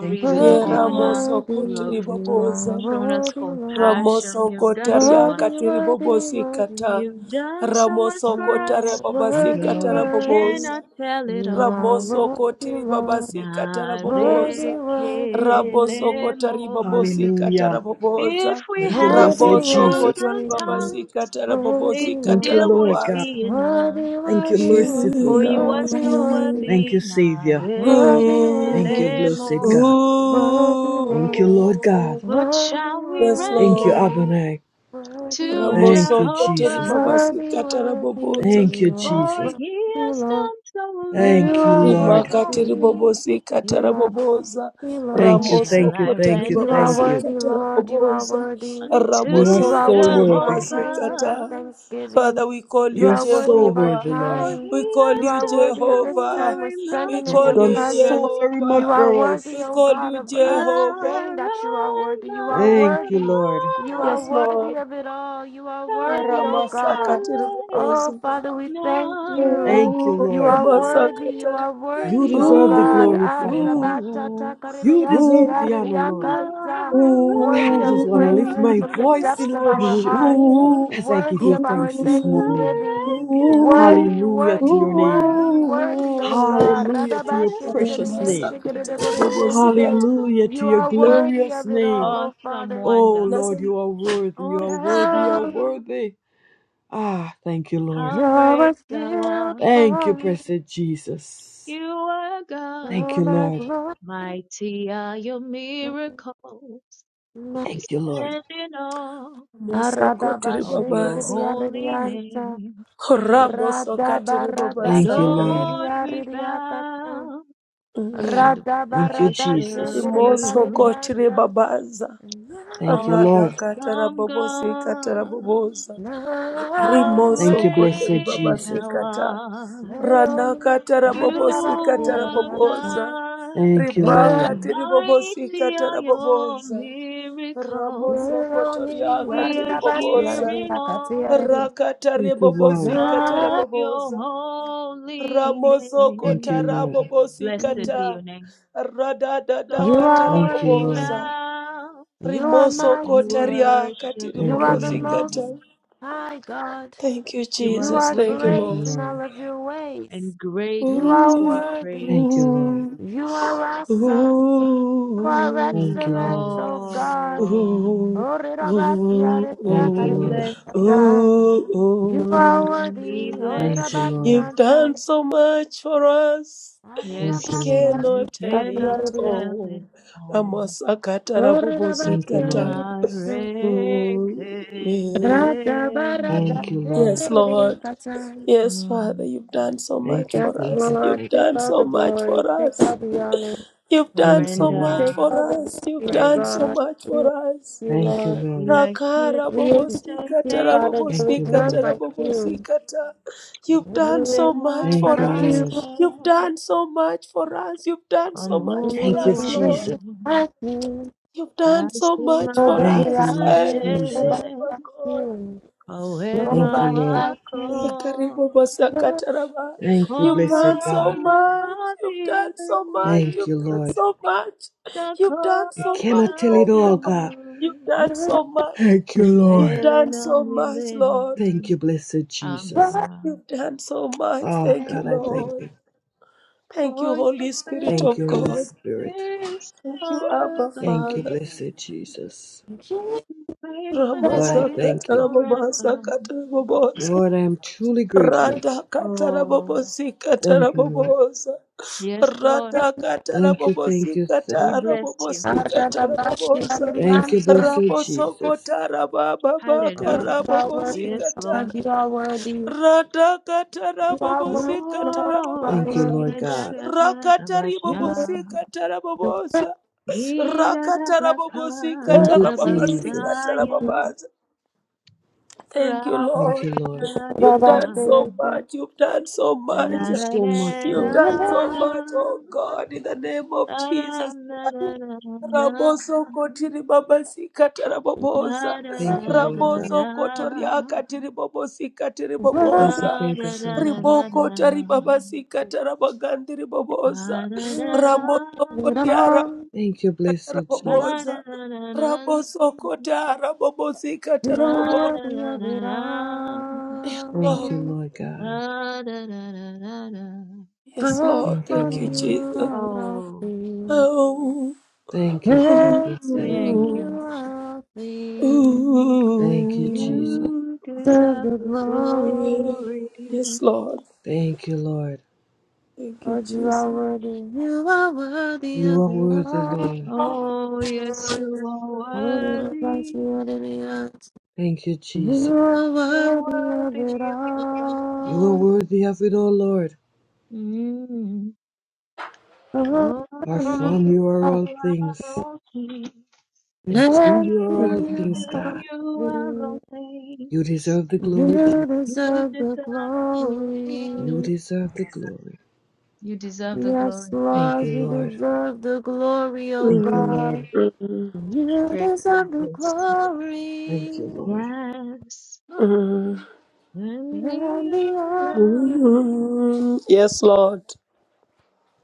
Speaker 5: Thank you,
Speaker 1: with
Speaker 2: Ye
Speaker 3: worthy,
Speaker 5: Lord.
Speaker 1: honor.
Speaker 2: ramoso
Speaker 3: worthy.
Speaker 1: You have
Speaker 3: You
Speaker 2: kotiriboboza.
Speaker 3: are
Speaker 1: shown us
Speaker 3: worthy, Lord,
Speaker 1: compassion.
Speaker 2: Ramoso
Speaker 1: You've done so
Speaker 2: kotaria
Speaker 1: much.
Speaker 3: worthy, worthy,
Speaker 2: katiribobosi kata.
Speaker 3: worthy.
Speaker 1: You've done so much
Speaker 2: Ramoso
Speaker 1: for us.
Speaker 2: kotare
Speaker 3: Oh,
Speaker 5: Thank
Speaker 2: babasi
Speaker 5: you,
Speaker 3: worthy,
Speaker 5: Lord.
Speaker 1: We
Speaker 3: worthy.
Speaker 2: kataraboboza.
Speaker 1: cannot tell it
Speaker 3: You are
Speaker 1: all.
Speaker 2: Ramoso
Speaker 3: worthy,
Speaker 2: kotiri
Speaker 3: Lord,
Speaker 2: babasi
Speaker 1: Narekelemo.
Speaker 3: worthy,
Speaker 2: kataraboboza.
Speaker 3: worthy,
Speaker 2: Raboso
Speaker 3: you
Speaker 2: kotari
Speaker 3: are
Speaker 2: babosi
Speaker 5: Hallelujah.
Speaker 1: If
Speaker 2: kataraboboza.
Speaker 1: we
Speaker 5: Thank you,
Speaker 1: had
Speaker 3: worthy,
Speaker 5: blessed
Speaker 1: 10,000
Speaker 2: Raboso
Speaker 5: Jesus.
Speaker 3: worthy,
Speaker 2: kotori
Speaker 3: you
Speaker 2: babasi
Speaker 1: tongues,
Speaker 3: are worthy,
Speaker 1: it
Speaker 2: katarabobosi
Speaker 5: Thank
Speaker 3: Lord,
Speaker 5: you,
Speaker 1: still
Speaker 5: Lord
Speaker 1: wouldn't
Speaker 5: God.
Speaker 2: katarabobaza.
Speaker 1: be enough.
Speaker 3: worthy,
Speaker 5: Thank you,
Speaker 3: worthy,
Speaker 5: merciful
Speaker 1: For
Speaker 3: worthy,
Speaker 5: God.
Speaker 1: you are
Speaker 3: worthy,
Speaker 1: so
Speaker 5: Thank
Speaker 3: worthy,
Speaker 5: you,
Speaker 1: worthy,
Speaker 5: Savior.
Speaker 3: worthy,
Speaker 5: Thank you,
Speaker 2: Ooh,
Speaker 3: worthy,
Speaker 5: blessed
Speaker 3: you
Speaker 1: Narekelemo.
Speaker 5: God.
Speaker 3: are worthy,
Speaker 2: ooh,
Speaker 5: Thank
Speaker 3: Lord,
Speaker 5: you, Lord God.
Speaker 2: ooh.
Speaker 1: What
Speaker 3: worthy,
Speaker 1: shall we
Speaker 2: Yes,
Speaker 3: worthy,
Speaker 5: Thank you,
Speaker 1: render
Speaker 2: Lord.
Speaker 3: you
Speaker 5: Abane.
Speaker 3: are worthy,
Speaker 1: to
Speaker 3: Lord,
Speaker 5: Thank
Speaker 2: Ramoso
Speaker 5: you,
Speaker 2: kotori
Speaker 5: Jesus.
Speaker 1: Jehovah?
Speaker 2: babasi
Speaker 3: worthy, worthy,
Speaker 2: kataraboboza.
Speaker 5: Thank you,
Speaker 3: you are
Speaker 1: For
Speaker 5: Jesus.
Speaker 1: he
Speaker 3: worthy,
Speaker 1: has
Speaker 3: Lord,
Speaker 1: done so
Speaker 3: you
Speaker 1: very
Speaker 5: Thank you,
Speaker 1: much
Speaker 3: are
Speaker 5: Lord.
Speaker 2: Rimaka
Speaker 1: for
Speaker 3: worthy,
Speaker 1: me.
Speaker 2: tiribobosi
Speaker 3: you are
Speaker 2: kataraboboza.
Speaker 3: worthy,
Speaker 1: What
Speaker 3: Lord.
Speaker 5: Thank you,
Speaker 2: Ramoso
Speaker 1: shall
Speaker 5: thank you,
Speaker 1: I
Speaker 5: thank
Speaker 2: kotori
Speaker 5: you,
Speaker 3: You are
Speaker 1: render?
Speaker 5: thank
Speaker 2: babasi
Speaker 5: you.
Speaker 3: worthy, Lord. You are
Speaker 2: kataraboboza.
Speaker 3: worthy.
Speaker 5: You are
Speaker 3: You
Speaker 2: Ramoso
Speaker 1: unto
Speaker 3: are
Speaker 5: so
Speaker 2: kotori
Speaker 3: worthy of our
Speaker 5: worthy.
Speaker 2: babasi
Speaker 3: praises, our
Speaker 2: kata.
Speaker 1: Jehovah,
Speaker 3: thanksgiving.
Speaker 2: Father, we call
Speaker 3: You
Speaker 2: you
Speaker 5: You are
Speaker 3: are worthy
Speaker 5: so
Speaker 3: of our
Speaker 2: Jehovah.
Speaker 5: worthy, Lord.
Speaker 1: for
Speaker 3: time.
Speaker 2: We
Speaker 1: he
Speaker 2: call
Speaker 3: You
Speaker 1: has
Speaker 2: you
Speaker 3: are
Speaker 1: done
Speaker 3: worthy of this
Speaker 1: so
Speaker 2: Jehovah.
Speaker 3: time we're
Speaker 1: very
Speaker 2: We
Speaker 3: spending
Speaker 5: You
Speaker 1: much
Speaker 3: in
Speaker 5: have
Speaker 1: for
Speaker 2: call
Speaker 3: your
Speaker 5: done
Speaker 2: you
Speaker 5: so
Speaker 3: presence.
Speaker 1: me.
Speaker 5: very much
Speaker 3: You
Speaker 2: Jehovah.
Speaker 3: are
Speaker 5: for
Speaker 3: worthy,
Speaker 2: We
Speaker 5: us.
Speaker 3: O
Speaker 2: call
Speaker 3: God,
Speaker 2: you
Speaker 3: of us
Speaker 2: Jehovah.
Speaker 3: saying
Speaker 1: Nara,
Speaker 3: that you are worthy. You are
Speaker 5: Thank you,
Speaker 1: nara,
Speaker 3: worthy.
Speaker 5: Lord.
Speaker 3: You are
Speaker 2: Yes,
Speaker 3: worthy
Speaker 2: Lord.
Speaker 3: of it all. You are worthy, O
Speaker 2: Ramasaka
Speaker 3: God.
Speaker 1: Narekele,
Speaker 3: Oh,
Speaker 2: tiriboboza.
Speaker 3: Father, we thank
Speaker 1: Narekele,
Speaker 3: you.
Speaker 5: Thank you,
Speaker 2: Ooh,
Speaker 3: You
Speaker 5: Lord.
Speaker 3: are worthy. You
Speaker 2: Ramasakata.
Speaker 3: are
Speaker 5: You
Speaker 3: worthy, O
Speaker 5: deserve the
Speaker 3: God.
Speaker 1: nara,
Speaker 2: Ooh,
Speaker 5: glory, Father.
Speaker 3: Arerabata
Speaker 2: ooh, ooh,
Speaker 5: You
Speaker 3: takaridayanti,
Speaker 2: ooh.
Speaker 5: deserve the honor, Lord.
Speaker 3: arediakanta
Speaker 1: Nara,
Speaker 5: God,
Speaker 3: worthy
Speaker 5: I
Speaker 2: Ooh,
Speaker 3: of
Speaker 5: just want to lift
Speaker 3: praises
Speaker 5: my
Speaker 3: from the
Speaker 5: voice
Speaker 3: depths
Speaker 5: in
Speaker 3: of our
Speaker 2: ooh,
Speaker 5: worship
Speaker 3: hearts,
Speaker 5: as I give
Speaker 3: worthy
Speaker 5: you
Speaker 3: of our
Speaker 5: thanks this
Speaker 2: ooh,
Speaker 5: morning.
Speaker 3: thanksgiving, worthy,
Speaker 5: Hallelujah to
Speaker 3: worthy,
Speaker 5: your name.
Speaker 3: worthy,
Speaker 1: Narekele,
Speaker 3: worthy, O God.
Speaker 2: ooh.
Speaker 5: Hallelujah to your
Speaker 1: Nara,
Speaker 5: precious name.
Speaker 2: Ramasakata,
Speaker 3: Radabashikadidiyente,
Speaker 2: Rabobosikata.
Speaker 5: Hallelujah to
Speaker 3: You
Speaker 5: your
Speaker 3: are
Speaker 2: And
Speaker 3: worthy
Speaker 5: glorious
Speaker 3: of it all,
Speaker 5: name.
Speaker 3: O
Speaker 1: Awesome
Speaker 3: Father.
Speaker 5: Oh
Speaker 1: wonder,
Speaker 5: Lord,
Speaker 2: Listen,
Speaker 5: you are worthy, you are
Speaker 1: awesome
Speaker 5: worthy, you are
Speaker 1: God,
Speaker 3: Thou,
Speaker 5: worthy. Ah, thank you, Lord.
Speaker 1: how
Speaker 3: you're
Speaker 1: great
Speaker 3: a
Speaker 1: thou
Speaker 3: shield
Speaker 1: art.
Speaker 5: Thank you,
Speaker 3: for me,
Speaker 5: blessed Jesus.
Speaker 1: You are God,
Speaker 5: Thank
Speaker 3: you're
Speaker 5: you,
Speaker 3: my
Speaker 5: Lord.
Speaker 3: glory.
Speaker 1: mighty are your miracles. We
Speaker 5: Thank you, Lord.
Speaker 1: stand in awe
Speaker 2: Mosoko
Speaker 1: of your
Speaker 2: Tiribabas,
Speaker 1: holy
Speaker 3: Arababashikadidiyadidiyanta.
Speaker 1: name.
Speaker 3: Rada
Speaker 2: Rabosokata
Speaker 3: barada
Speaker 5: Thank you,
Speaker 2: Ribabasaka.
Speaker 5: Lord.
Speaker 1: Lord,
Speaker 3: sekeriya
Speaker 1: we
Speaker 3: riya kata.
Speaker 1: bow and
Speaker 3: Rada
Speaker 5: Thank you,
Speaker 3: barada
Speaker 5: Jesus.
Speaker 1: worship
Speaker 3: sekeriya
Speaker 2: Rimoso
Speaker 1: you.
Speaker 3: bariya
Speaker 2: kotere
Speaker 3: sa.
Speaker 2: babaza.
Speaker 5: Thank you,
Speaker 2: Rada
Speaker 5: Lord.
Speaker 2: katara
Speaker 1: Awesome
Speaker 2: bobosi katara
Speaker 1: God,
Speaker 2: boboza.
Speaker 3: Na
Speaker 1: how
Speaker 5: Thank
Speaker 2: Rimoso
Speaker 5: you,
Speaker 2: kotere
Speaker 5: blessed
Speaker 1: great
Speaker 5: Jesus.
Speaker 2: babasi
Speaker 1: thou
Speaker 2: kata.
Speaker 1: art.
Speaker 2: Rana
Speaker 3: meloni
Speaker 2: katara
Speaker 3: rada
Speaker 2: bobosi
Speaker 1: You
Speaker 2: katara
Speaker 3: basiya
Speaker 1: are
Speaker 3: riya sa.
Speaker 2: boboza.
Speaker 1: God,
Speaker 5: Thank you,
Speaker 2: Riba
Speaker 3: Na
Speaker 5: Lord.
Speaker 1: and
Speaker 2: katiri bobosi
Speaker 1: mighty are
Speaker 2: katara
Speaker 1: your
Speaker 2: boboza.
Speaker 1: miracles.
Speaker 2: Ramoso
Speaker 3: meloni
Speaker 2: kotoria
Speaker 1: We are
Speaker 2: katiri
Speaker 3: rada basiya
Speaker 2: boboza.
Speaker 1: hearing
Speaker 3: riya katiya
Speaker 1: all
Speaker 3: riya.
Speaker 5: Thank
Speaker 2: Rakatare
Speaker 5: you, Lord.
Speaker 2: bobosi katara
Speaker 3: Na
Speaker 1: of your
Speaker 2: boboza.
Speaker 1: holy
Speaker 2: Ramoso
Speaker 5: Thank
Speaker 1: name.
Speaker 5: you, Lord.
Speaker 2: kotarabobosi
Speaker 1: Blessed be
Speaker 2: kata.
Speaker 1: your name.
Speaker 3: you are
Speaker 1: Lord,
Speaker 5: Thank
Speaker 1: we
Speaker 5: you, Lord.
Speaker 3: worthy.
Speaker 2: Radadadakatarabobosa.
Speaker 1: bow
Speaker 3: You are
Speaker 2: Rimoso
Speaker 1: and
Speaker 3: mighty.
Speaker 2: kotaria
Speaker 1: worship
Speaker 3: You
Speaker 5: Thank
Speaker 3: are
Speaker 5: you,
Speaker 3: the
Speaker 2: katiribobosi
Speaker 1: you.
Speaker 5: Lord.
Speaker 3: most
Speaker 2: kata.
Speaker 3: high God.
Speaker 2: Thank you,
Speaker 1: You
Speaker 3: You
Speaker 1: are
Speaker 2: Jesus.
Speaker 3: are
Speaker 1: great
Speaker 2: Thank you,
Speaker 5: Thank
Speaker 3: great
Speaker 5: you,
Speaker 2: Lord.
Speaker 3: in all
Speaker 5: Lord.
Speaker 3: of your ways.
Speaker 1: and
Speaker 3: You
Speaker 1: greatly
Speaker 3: are
Speaker 1: to
Speaker 2: Ooh,
Speaker 1: be
Speaker 3: worthy.
Speaker 5: Thank you,
Speaker 1: praised.
Speaker 5: Lord.
Speaker 2: ooh,
Speaker 3: You are awesome.
Speaker 2: ooh,
Speaker 3: You are
Speaker 5: Thank you,
Speaker 3: excellent,
Speaker 5: Lord.
Speaker 3: O God.
Speaker 1: Oh,
Speaker 2: ooh,
Speaker 3: O Rirabasya
Speaker 2: ooh,
Speaker 3: Rirya
Speaker 5: Thank you,
Speaker 1: we
Speaker 5: Lord.
Speaker 1: bless you.
Speaker 3: Karibiyakata.
Speaker 2: ooh,
Speaker 3: You
Speaker 2: ooh.
Speaker 3: are
Speaker 1: We
Speaker 3: worthy. O
Speaker 1: bless
Speaker 5: Thank you,
Speaker 1: you.
Speaker 5: Lord.
Speaker 2: You've
Speaker 3: Rirabasya
Speaker 2: done
Speaker 3: Jam.
Speaker 2: so much for us.
Speaker 5: Thank
Speaker 2: We
Speaker 5: you,
Speaker 1: Yes,
Speaker 3: Arirabasya
Speaker 5: Lord.
Speaker 1: we
Speaker 2: cannot tell
Speaker 3: Rirya
Speaker 1: cannot
Speaker 2: it
Speaker 3: Rirya.
Speaker 1: tell
Speaker 2: all.
Speaker 1: it all.
Speaker 2: Ramasakata
Speaker 3: O
Speaker 5: Thank you,
Speaker 3: Rirabasya
Speaker 2: rabobosikata.
Speaker 5: Lord.
Speaker 3: Rirya Kata.
Speaker 2: Mm, mm.
Speaker 3: Rada Barada
Speaker 5: Thank
Speaker 1: Narekeleinu.
Speaker 5: you, Lord.
Speaker 2: Yes,
Speaker 3: Sete
Speaker 2: Lord.
Speaker 3: Rirya Kata.
Speaker 2: Yes, Father,
Speaker 1: Mm.
Speaker 2: you've done so
Speaker 5: Thank
Speaker 2: much
Speaker 5: you,
Speaker 3: Yes,
Speaker 2: for
Speaker 5: thank
Speaker 2: us.
Speaker 5: you,
Speaker 3: Lord,
Speaker 2: You've
Speaker 5: thank you.
Speaker 3: take
Speaker 2: done
Speaker 3: all
Speaker 2: so
Speaker 3: the
Speaker 2: much
Speaker 3: glory,
Speaker 2: for
Speaker 3: take
Speaker 2: us.
Speaker 3: all the honor,
Speaker 2: You've
Speaker 1: We
Speaker 5: Thank
Speaker 2: done
Speaker 5: you,
Speaker 2: so much
Speaker 3: take
Speaker 5: Lord.
Speaker 1: render
Speaker 2: for
Speaker 3: all the
Speaker 2: us. You've
Speaker 3: glory, O
Speaker 2: done
Speaker 1: praise.
Speaker 2: so
Speaker 3: God.
Speaker 2: much
Speaker 3: We
Speaker 2: for
Speaker 3: thank
Speaker 2: us.
Speaker 3: you,
Speaker 5: Thank you,
Speaker 3: Lord.
Speaker 1: We
Speaker 5: Lord.
Speaker 1: are here
Speaker 2: Rakara
Speaker 3: We
Speaker 1: to
Speaker 3: exalt
Speaker 1: say
Speaker 3: you,
Speaker 2: bobosikata
Speaker 1: thank
Speaker 3: Father.
Speaker 1: you.
Speaker 3: There
Speaker 5: Thank
Speaker 3: is
Speaker 5: you,
Speaker 3: none
Speaker 2: rabobosikata
Speaker 5: Lord.
Speaker 3: like you.
Speaker 2: rabobosikata. You've done so
Speaker 1: Nasema
Speaker 2: much
Speaker 5: Thank
Speaker 2: for
Speaker 5: you,
Speaker 3: Like
Speaker 2: us.
Speaker 3: you.
Speaker 5: Lord.
Speaker 1: asante
Speaker 2: You've done so much for us. You've done
Speaker 1: kwa
Speaker 2: so much for
Speaker 5: Thank
Speaker 1: Mungu
Speaker 5: you,
Speaker 2: us, Lord.
Speaker 5: Jesus.
Speaker 1: wangu.
Speaker 3: Like you.
Speaker 2: You've done so
Speaker 1: Nasema
Speaker 2: much for
Speaker 3: Nobody
Speaker 5: Thank you,
Speaker 2: us.
Speaker 3: like
Speaker 5: Lord
Speaker 2: eh,
Speaker 1: asante
Speaker 3: you.
Speaker 5: Jesus.
Speaker 3: Nobody
Speaker 2: Jehovah
Speaker 3: like
Speaker 2: God.
Speaker 3: you.
Speaker 1: kwa
Speaker 5: Thank
Speaker 1: wema
Speaker 5: you,
Speaker 3: Nobody
Speaker 5: Lord.
Speaker 3: like
Speaker 2: Eh,
Speaker 3: you.
Speaker 2: Karibu
Speaker 1: wako.
Speaker 2: Masaka Taraba.
Speaker 5: Thank you,
Speaker 2: You've done
Speaker 5: blessed
Speaker 2: so
Speaker 5: God.
Speaker 1: Comana
Speaker 2: much. You've done so much.
Speaker 5: Thank
Speaker 1: Padiri
Speaker 5: you,
Speaker 2: You've done
Speaker 5: Lord.
Speaker 2: so much.
Speaker 1: da
Speaker 2: You've done
Speaker 5: We
Speaker 2: so
Speaker 5: cannot
Speaker 2: much,
Speaker 5: tell
Speaker 1: Cosa
Speaker 5: it
Speaker 2: oh
Speaker 5: all,
Speaker 2: God.
Speaker 5: God.
Speaker 2: You've
Speaker 1: Deo
Speaker 2: done so
Speaker 3: You're
Speaker 2: much.
Speaker 5: Thank you,
Speaker 2: You've
Speaker 5: Lord.
Speaker 2: done
Speaker 1: Milena
Speaker 2: so much, Lord.
Speaker 5: Thank
Speaker 1: Milete
Speaker 5: you, blessed Jesus.
Speaker 1: Amina
Speaker 2: You've done so much.
Speaker 5: Ah,
Speaker 2: Thank
Speaker 3: worthy,
Speaker 2: you,
Speaker 5: God, I thank
Speaker 2: Lord.
Speaker 5: you.
Speaker 2: Thank you,
Speaker 1: For your
Speaker 2: Holy Spirit
Speaker 5: Thank
Speaker 2: of
Speaker 5: you, Holy
Speaker 1: faithfulness
Speaker 2: God.
Speaker 5: Spirit.
Speaker 1: is
Speaker 2: Thank you, Abba
Speaker 5: Thank you,
Speaker 1: forever
Speaker 2: Father.
Speaker 5: blessed Jesus.
Speaker 3: Jesus.
Speaker 1: Faithfulness
Speaker 5: Lord, I
Speaker 1: is
Speaker 2: Ramasaka
Speaker 5: thank you.
Speaker 1: forever
Speaker 2: Tarababa
Speaker 5: Lord, I am truly grateful.
Speaker 2: Rada katara
Speaker 1: Oh
Speaker 2: bobosi katara
Speaker 5: Thank you, Lord.
Speaker 2: bobosa.
Speaker 1: yes Lord
Speaker 2: Rada katara
Speaker 5: Thank you, thank
Speaker 2: bobosi
Speaker 5: you, thank
Speaker 1: we
Speaker 2: katara
Speaker 1: bless you
Speaker 2: bobosi katara
Speaker 3: Aradabashi,
Speaker 2: bobosa.
Speaker 5: you. Thank you,
Speaker 3: Aradiyansa.
Speaker 5: blessed
Speaker 2: Raboso
Speaker 5: Jesus.
Speaker 2: kotara baba baka
Speaker 3: Oh, you
Speaker 1: Hallelujah
Speaker 3: are
Speaker 2: rabobosi
Speaker 3: worthy,
Speaker 1: Yes
Speaker 2: kata.
Speaker 3: Lord.
Speaker 1: Lord
Speaker 3: You are worthy.
Speaker 2: Rada katara
Speaker 3: You are
Speaker 2: bobosi katara
Speaker 3: worthy,
Speaker 5: Thank
Speaker 1: Oh
Speaker 5: you,
Speaker 2: bobosa.
Speaker 3: Lord.
Speaker 5: Lord
Speaker 1: yeah yeah
Speaker 5: God.
Speaker 1: yeah yeah
Speaker 2: Rakatari
Speaker 3: You are
Speaker 1: Rabasha.
Speaker 2: bobosi katara
Speaker 3: worthy.
Speaker 2: bobosa. Rakatara bobosi
Speaker 5: Thank
Speaker 3: From
Speaker 5: you,
Speaker 2: katara
Speaker 3: from you are all
Speaker 2: bobosi
Speaker 5: Jesus.
Speaker 2: katara
Speaker 1: Irarabakarabataya
Speaker 2: bobosa. Thank you,
Speaker 5: Thank
Speaker 2: Lord.
Speaker 5: you, Lord.
Speaker 2: You've
Speaker 1: radadada
Speaker 2: done
Speaker 3: things,
Speaker 2: so
Speaker 3: and
Speaker 2: much. You've done so
Speaker 5: Thank
Speaker 2: much.
Speaker 5: you
Speaker 1: rararara
Speaker 5: so
Speaker 1: rarararara
Speaker 5: much,
Speaker 3: to you
Speaker 2: You've
Speaker 5: Lord.
Speaker 2: done
Speaker 3: I'll
Speaker 2: so much, oh God, in the name of Jesus.
Speaker 1: rarararara
Speaker 2: Raboso kotiri babasi katara boboza.
Speaker 1: rarararara
Speaker 5: Thank you, Lord God.
Speaker 2: Raboso kotoria katiri bobosi katiri
Speaker 5: Thank you,
Speaker 2: boboza.
Speaker 5: thank you, thank you.
Speaker 2: Riboko tari
Speaker 1: rararara
Speaker 2: babasi katara bagandiri boboza.
Speaker 1: rarararara
Speaker 2: Raboso kotia
Speaker 5: Thank you,
Speaker 2: rabakatara
Speaker 5: blessed Jesus.
Speaker 1: rarararara
Speaker 2: boboza. Raboso kotara bobosi katara boboza.
Speaker 5: Thank
Speaker 2: Oh,
Speaker 5: you, Lord God.
Speaker 1: rarararara
Speaker 2: yes, Lord.
Speaker 5: Thank you,
Speaker 2: Thank you,
Speaker 5: Lord.
Speaker 2: Jesus.
Speaker 1: Oh,
Speaker 2: Oh,
Speaker 5: Thank you, thank
Speaker 2: oh,
Speaker 5: you, thank
Speaker 1: thank
Speaker 5: you.
Speaker 2: oh,
Speaker 1: you.
Speaker 3: things.
Speaker 5: Thank you,
Speaker 2: oh.
Speaker 5: Jesus.
Speaker 1: You
Speaker 3: To
Speaker 1: deserve
Speaker 3: the
Speaker 1: the
Speaker 3: glory,
Speaker 2: Yeah.
Speaker 1: glory.
Speaker 2: Yes, Lord.
Speaker 5: Thank you, Lord.
Speaker 2: Thank you,
Speaker 3: Lord, you
Speaker 2: Jesus.
Speaker 3: are worthy. You are worthy
Speaker 5: You
Speaker 3: of
Speaker 5: are
Speaker 3: it
Speaker 5: worthy, Lord.
Speaker 3: all.
Speaker 1: Oh, yes, you
Speaker 3: Worthy
Speaker 1: are
Speaker 3: to bless
Speaker 1: worthy.
Speaker 3: you,
Speaker 5: Thank you, Jesus.
Speaker 3: You are
Speaker 1: You're
Speaker 3: worthy of
Speaker 1: worthy
Speaker 3: it
Speaker 1: of it all.
Speaker 5: You are
Speaker 3: all.
Speaker 5: worthy of it, O Lord,
Speaker 1: Mm.
Speaker 3: Oh,
Speaker 1: Oh,
Speaker 5: for
Speaker 1: from
Speaker 3: you
Speaker 5: from you are
Speaker 3: are.
Speaker 5: all
Speaker 1: you are
Speaker 5: things,
Speaker 1: all things,
Speaker 5: and to
Speaker 3: Next
Speaker 5: you are all
Speaker 1: and
Speaker 3: you
Speaker 1: to
Speaker 5: things,
Speaker 3: are
Speaker 5: God.
Speaker 1: you are
Speaker 3: you.
Speaker 1: all things.
Speaker 5: You deserve the glory, Jesus.
Speaker 1: You
Speaker 3: deserve the
Speaker 1: deserve the
Speaker 5: You
Speaker 1: glory.
Speaker 3: glory.
Speaker 5: deserve the glory.
Speaker 1: You deserve the
Speaker 3: Yes,
Speaker 1: glory.
Speaker 5: Thank
Speaker 3: Lord, you
Speaker 5: you, Lord.
Speaker 3: deserve the glory, oh
Speaker 5: Thank you,
Speaker 2: Mm,
Speaker 3: God.
Speaker 5: Lord.
Speaker 2: mm,
Speaker 3: You
Speaker 1: Praise.
Speaker 3: deserve the glory.
Speaker 5: Thank you, Lord.
Speaker 1: Yes.
Speaker 2: mm,
Speaker 1: And
Speaker 3: And the earth,
Speaker 1: the
Speaker 2: mm. Yes, Lord.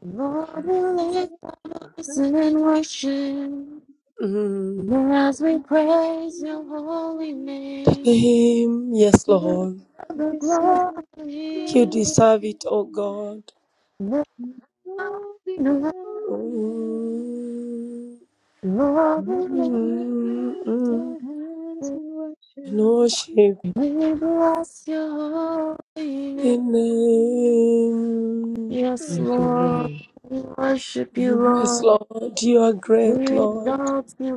Speaker 3: Lord, we lift our voice in
Speaker 1: honor.
Speaker 3: worship.
Speaker 2: Mm.
Speaker 3: As we praise your holy name.
Speaker 2: Name, yes,
Speaker 3: You
Speaker 2: Lord.
Speaker 3: are the
Speaker 1: Receive
Speaker 2: You
Speaker 3: glory.
Speaker 1: glory,
Speaker 2: deserve it, oh God.
Speaker 3: No,
Speaker 1: all the
Speaker 3: no,
Speaker 1: honor.
Speaker 2: Mm,
Speaker 3: Lord, we bless
Speaker 1: we
Speaker 2: mm,
Speaker 1: lift
Speaker 2: mm.
Speaker 1: our hands
Speaker 3: you.
Speaker 1: in
Speaker 2: And
Speaker 1: worship.
Speaker 2: Worship
Speaker 3: We bless your holy name.
Speaker 2: the name.
Speaker 3: Yes,
Speaker 5: Thank you,
Speaker 3: Lord.
Speaker 5: Lord.
Speaker 3: We worship you,
Speaker 2: Yes,
Speaker 3: Lord.
Speaker 2: Lord, you are great,
Speaker 3: We
Speaker 2: Lord.
Speaker 3: exalt you,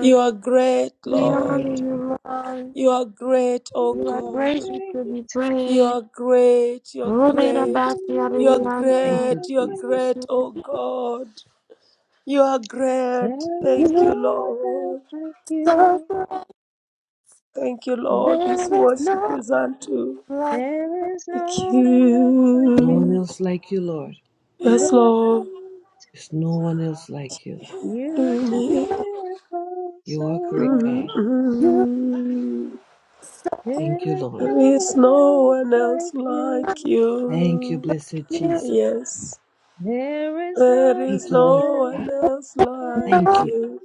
Speaker 2: You are great,
Speaker 3: We
Speaker 5: Thank you,
Speaker 3: honor
Speaker 2: Lord.
Speaker 5: Lord.
Speaker 3: you, Lord.
Speaker 2: You are great, O
Speaker 3: You
Speaker 1: You
Speaker 3: are
Speaker 2: God.
Speaker 1: are
Speaker 3: greatly to
Speaker 1: great.
Speaker 3: be
Speaker 2: You
Speaker 3: praised.
Speaker 2: are great, you are
Speaker 3: Lord,
Speaker 1: You're
Speaker 2: great.
Speaker 3: about you,
Speaker 1: the
Speaker 2: You are
Speaker 3: Adonai.
Speaker 1: miracle
Speaker 5: Thank you,
Speaker 2: great, you are
Speaker 1: company.
Speaker 5: Jesus.
Speaker 2: great, O God. You are great.
Speaker 1: There is
Speaker 2: Thank
Speaker 3: You
Speaker 1: no
Speaker 3: are
Speaker 2: you,
Speaker 1: one else
Speaker 2: Lord.
Speaker 1: like
Speaker 3: so
Speaker 1: you.
Speaker 3: great.
Speaker 2: Thank you, Lord. This
Speaker 3: There is
Speaker 2: worship
Speaker 3: no
Speaker 2: is unto
Speaker 3: like
Speaker 1: There is
Speaker 2: Thank
Speaker 1: no one else like
Speaker 5: No one
Speaker 1: you.
Speaker 2: you.
Speaker 5: else like you, Lord.
Speaker 3: you.
Speaker 2: Yes,
Speaker 1: You are
Speaker 2: Lord.
Speaker 1: great.
Speaker 5: There's no one else like you.
Speaker 1: You're
Speaker 2: Do
Speaker 1: the
Speaker 3: You
Speaker 2: me.
Speaker 1: miracle
Speaker 5: You are
Speaker 1: so
Speaker 5: great, God.
Speaker 1: great.
Speaker 3: you are
Speaker 2: Mm-mm.
Speaker 3: so
Speaker 5: Thank you,
Speaker 1: There is
Speaker 5: Lord.
Speaker 2: There
Speaker 1: no
Speaker 2: is no
Speaker 1: one
Speaker 2: one
Speaker 1: else
Speaker 2: else
Speaker 1: like
Speaker 2: like
Speaker 1: you.
Speaker 5: Thank you,
Speaker 2: you.
Speaker 5: blessed
Speaker 3: you, Lord,
Speaker 5: Jesus.
Speaker 2: Yes,
Speaker 1: There is
Speaker 2: there
Speaker 1: no
Speaker 2: is
Speaker 5: Thank you, Lord
Speaker 2: no
Speaker 1: one else.
Speaker 5: God.
Speaker 2: one else like
Speaker 5: Thank you.
Speaker 3: I
Speaker 2: you.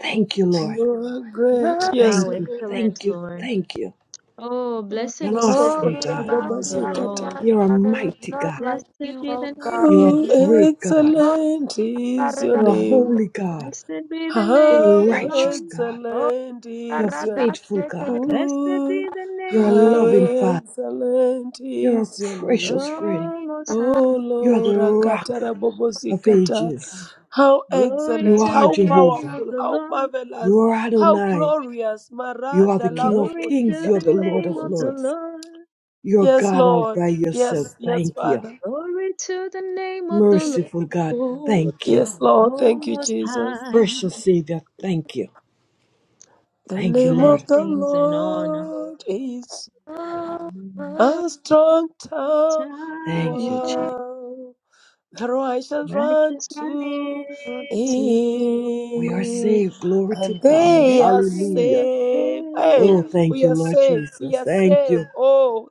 Speaker 5: Thank you, Lord.
Speaker 2: You are great.
Speaker 3: love.
Speaker 2: Yes,
Speaker 1: How
Speaker 5: Thank you.
Speaker 2: Lord.
Speaker 1: excellent,
Speaker 5: Thank you.
Speaker 1: Lord.
Speaker 5: Thank you.
Speaker 1: Oh,
Speaker 5: You're an
Speaker 1: blessed be the
Speaker 3: Oh,
Speaker 5: awesome,
Speaker 2: Ramosokoto
Speaker 5: God.
Speaker 1: name of
Speaker 3: Rabasi,
Speaker 1: the
Speaker 2: ribabasikata.
Speaker 1: Lord.
Speaker 3: Hallelujah.
Speaker 5: You're a
Speaker 3: There is
Speaker 5: mighty
Speaker 3: none
Speaker 5: God.
Speaker 3: like
Speaker 1: Blessed
Speaker 3: you,
Speaker 1: be
Speaker 3: oh
Speaker 1: the
Speaker 3: God.
Speaker 1: name
Speaker 5: You're
Speaker 1: of
Speaker 2: How
Speaker 5: a
Speaker 1: the Lord.
Speaker 5: great God.
Speaker 3: Oh,
Speaker 2: excellent is your
Speaker 5: You're a
Speaker 3: Karadaba,
Speaker 2: name.
Speaker 5: holy God.
Speaker 1: Blessed be the
Speaker 5: You're
Speaker 1: name of
Speaker 2: How
Speaker 5: a
Speaker 1: the Lord.
Speaker 5: righteous God.
Speaker 3: oh,
Speaker 2: excellent
Speaker 5: You're a
Speaker 2: is your name.
Speaker 5: faithful
Speaker 3: Karadashi,
Speaker 5: God.
Speaker 3: Karadaba,
Speaker 1: Blessed
Speaker 2: Ooh,
Speaker 1: be the
Speaker 5: You're a
Speaker 1: name of the
Speaker 2: how
Speaker 5: loving
Speaker 1: Lord.
Speaker 5: Father.
Speaker 2: excellent
Speaker 5: You're a
Speaker 2: is your
Speaker 5: precious
Speaker 2: name.
Speaker 5: friend.
Speaker 1: Oh, Most
Speaker 2: Oh
Speaker 1: High.
Speaker 5: You're
Speaker 2: Lord,
Speaker 5: the rock
Speaker 2: Akatara Bobo
Speaker 5: of
Speaker 2: Zikata.
Speaker 5: ages.
Speaker 2: how
Speaker 1: Glory
Speaker 5: You
Speaker 2: excellent,
Speaker 1: to
Speaker 5: are
Speaker 2: how
Speaker 1: the name
Speaker 5: Jehovah.
Speaker 1: of
Speaker 2: powerful,
Speaker 1: the
Speaker 2: how
Speaker 1: Lord.
Speaker 5: You
Speaker 2: marvelous,
Speaker 5: are
Speaker 2: how
Speaker 5: Adonai.
Speaker 2: glorious.
Speaker 5: You
Speaker 2: Mara
Speaker 5: are the
Speaker 2: Dala
Speaker 5: King of
Speaker 2: Bobo
Speaker 1: Glory
Speaker 5: kings.
Speaker 1: to
Speaker 5: You're
Speaker 1: the
Speaker 5: the
Speaker 2: Zikatara
Speaker 5: Lord
Speaker 1: name
Speaker 5: of
Speaker 1: of the
Speaker 2: Boboza.
Speaker 5: lords.
Speaker 1: Lord.
Speaker 5: You're
Speaker 2: Yes,
Speaker 5: God all
Speaker 2: Lord.
Speaker 5: by
Speaker 2: Yes,
Speaker 5: yourself.
Speaker 2: yes,
Speaker 5: Thank you.
Speaker 2: Father.
Speaker 1: Glory to the name of the Lord.
Speaker 5: Merciful God,
Speaker 2: Lord.
Speaker 5: thank you.
Speaker 2: Yes, Lord.
Speaker 1: Oh,
Speaker 2: Thank you,
Speaker 1: Most
Speaker 2: Jesus.
Speaker 1: High.
Speaker 5: Precious Savior, thank you.
Speaker 2: The
Speaker 5: Thank you,
Speaker 2: name
Speaker 5: Lord.
Speaker 2: of the
Speaker 1: Blessings and honor.
Speaker 2: Lord is
Speaker 3: oh,
Speaker 2: a strong tower.
Speaker 5: Thank you,
Speaker 3: Karadashi.
Speaker 5: Jesus.
Speaker 2: Therefore I shall run
Speaker 1: Righteous run
Speaker 2: to
Speaker 3: Oh,
Speaker 1: into,
Speaker 5: We are
Speaker 2: you,
Speaker 5: saved. Glory to
Speaker 2: and
Speaker 5: God.
Speaker 1: and they
Speaker 2: they are
Speaker 5: Hallelujah.
Speaker 1: have
Speaker 2: safe. Hey,
Speaker 5: Oh, thank
Speaker 1: faith.
Speaker 2: we
Speaker 5: you,
Speaker 2: are
Speaker 5: Lord
Speaker 2: safe. We
Speaker 5: Jesus.
Speaker 2: are
Speaker 5: Thank
Speaker 2: safe.
Speaker 5: you.
Speaker 2: Oh,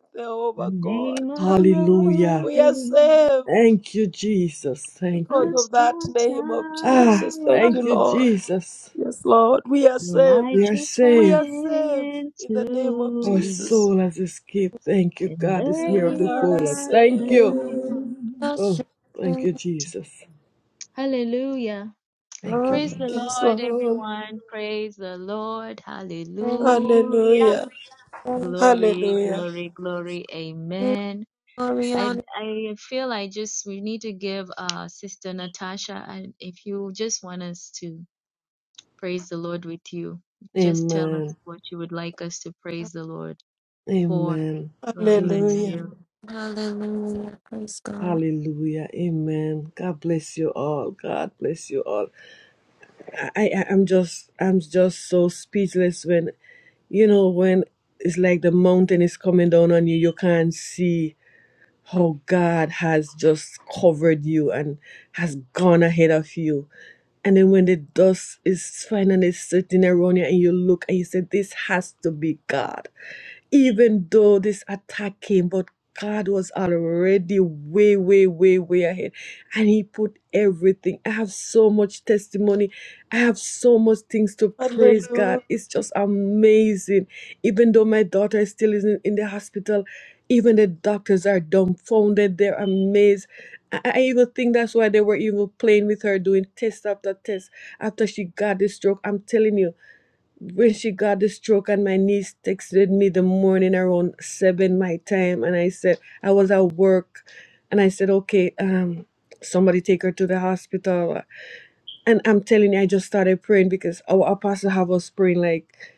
Speaker 1: The
Speaker 2: Jehovah God,
Speaker 1: name of the
Speaker 5: Hallelujah.
Speaker 1: Lord
Speaker 2: we are
Speaker 1: is
Speaker 2: safe
Speaker 5: Thank you, Jesus. Thank
Speaker 1: a
Speaker 2: because
Speaker 5: you.
Speaker 2: of that
Speaker 1: strong
Speaker 2: name of
Speaker 5: Ah,
Speaker 2: Jesus. Thank
Speaker 1: tower.
Speaker 2: you,
Speaker 5: thank you,
Speaker 2: Lord.
Speaker 5: Jesus.
Speaker 2: Yes, Lord, we are
Speaker 1: The
Speaker 2: safe.
Speaker 5: We are
Speaker 1: righteous
Speaker 2: We
Speaker 1: run
Speaker 5: saved.
Speaker 2: are safe in the name of
Speaker 1: into
Speaker 5: Our
Speaker 1: him,
Speaker 2: Jesus.
Speaker 5: soul has escaped. Thank you,
Speaker 1: and
Speaker 5: God. It's
Speaker 2: We
Speaker 5: near of the
Speaker 1: they
Speaker 2: are
Speaker 5: fold.
Speaker 1: are
Speaker 5: Thank you.
Speaker 2: saved.
Speaker 3: oh,
Speaker 1: saved.
Speaker 5: Oh, thank you, Jesus.
Speaker 1: Hallelujah.
Speaker 5: Thank you,
Speaker 3: oh,
Speaker 1: Praise the
Speaker 5: Lord.
Speaker 2: Yes,
Speaker 1: Lord,
Speaker 2: Lord.
Speaker 1: everyone. Praise the Lord.
Speaker 3: thank you,
Speaker 1: Hallelujah.
Speaker 2: Hallelujah.
Speaker 3: thank
Speaker 2: Hallelujah.
Speaker 3: you, glory, honor,
Speaker 5: Amen. Amen.
Speaker 2: Hallelujah.
Speaker 5: Amen.
Speaker 3: hallelujah, praise God.
Speaker 5: Hallelujah. Amen. God bless you all. God bless you all. I, I I'm just I'm just so speechless when you know when it's like the mountain is coming down on you. You can't see how God has just covered you and has gone ahead of you. And then when the dust is finally sitting around you and you look and you say, This has to be God even though this attack came, but God was already way, way, way, way ahead. And He put everything. I have so much testimony. I have so much things to praise God.
Speaker 2: Hallelujah.
Speaker 5: It's just amazing. Even though my daughter is still in, in the hospital, even the doctors are dumbfounded. They're amazed. I, I even think that's why they were even playing with her, doing test after test after she got the stroke. I'm telling you when she got the stroke and my niece texted me the morning around seven my time and i said i was at work and i said okay um somebody take her to the hospital and i'm telling you i just started praying because our apostle have us praying like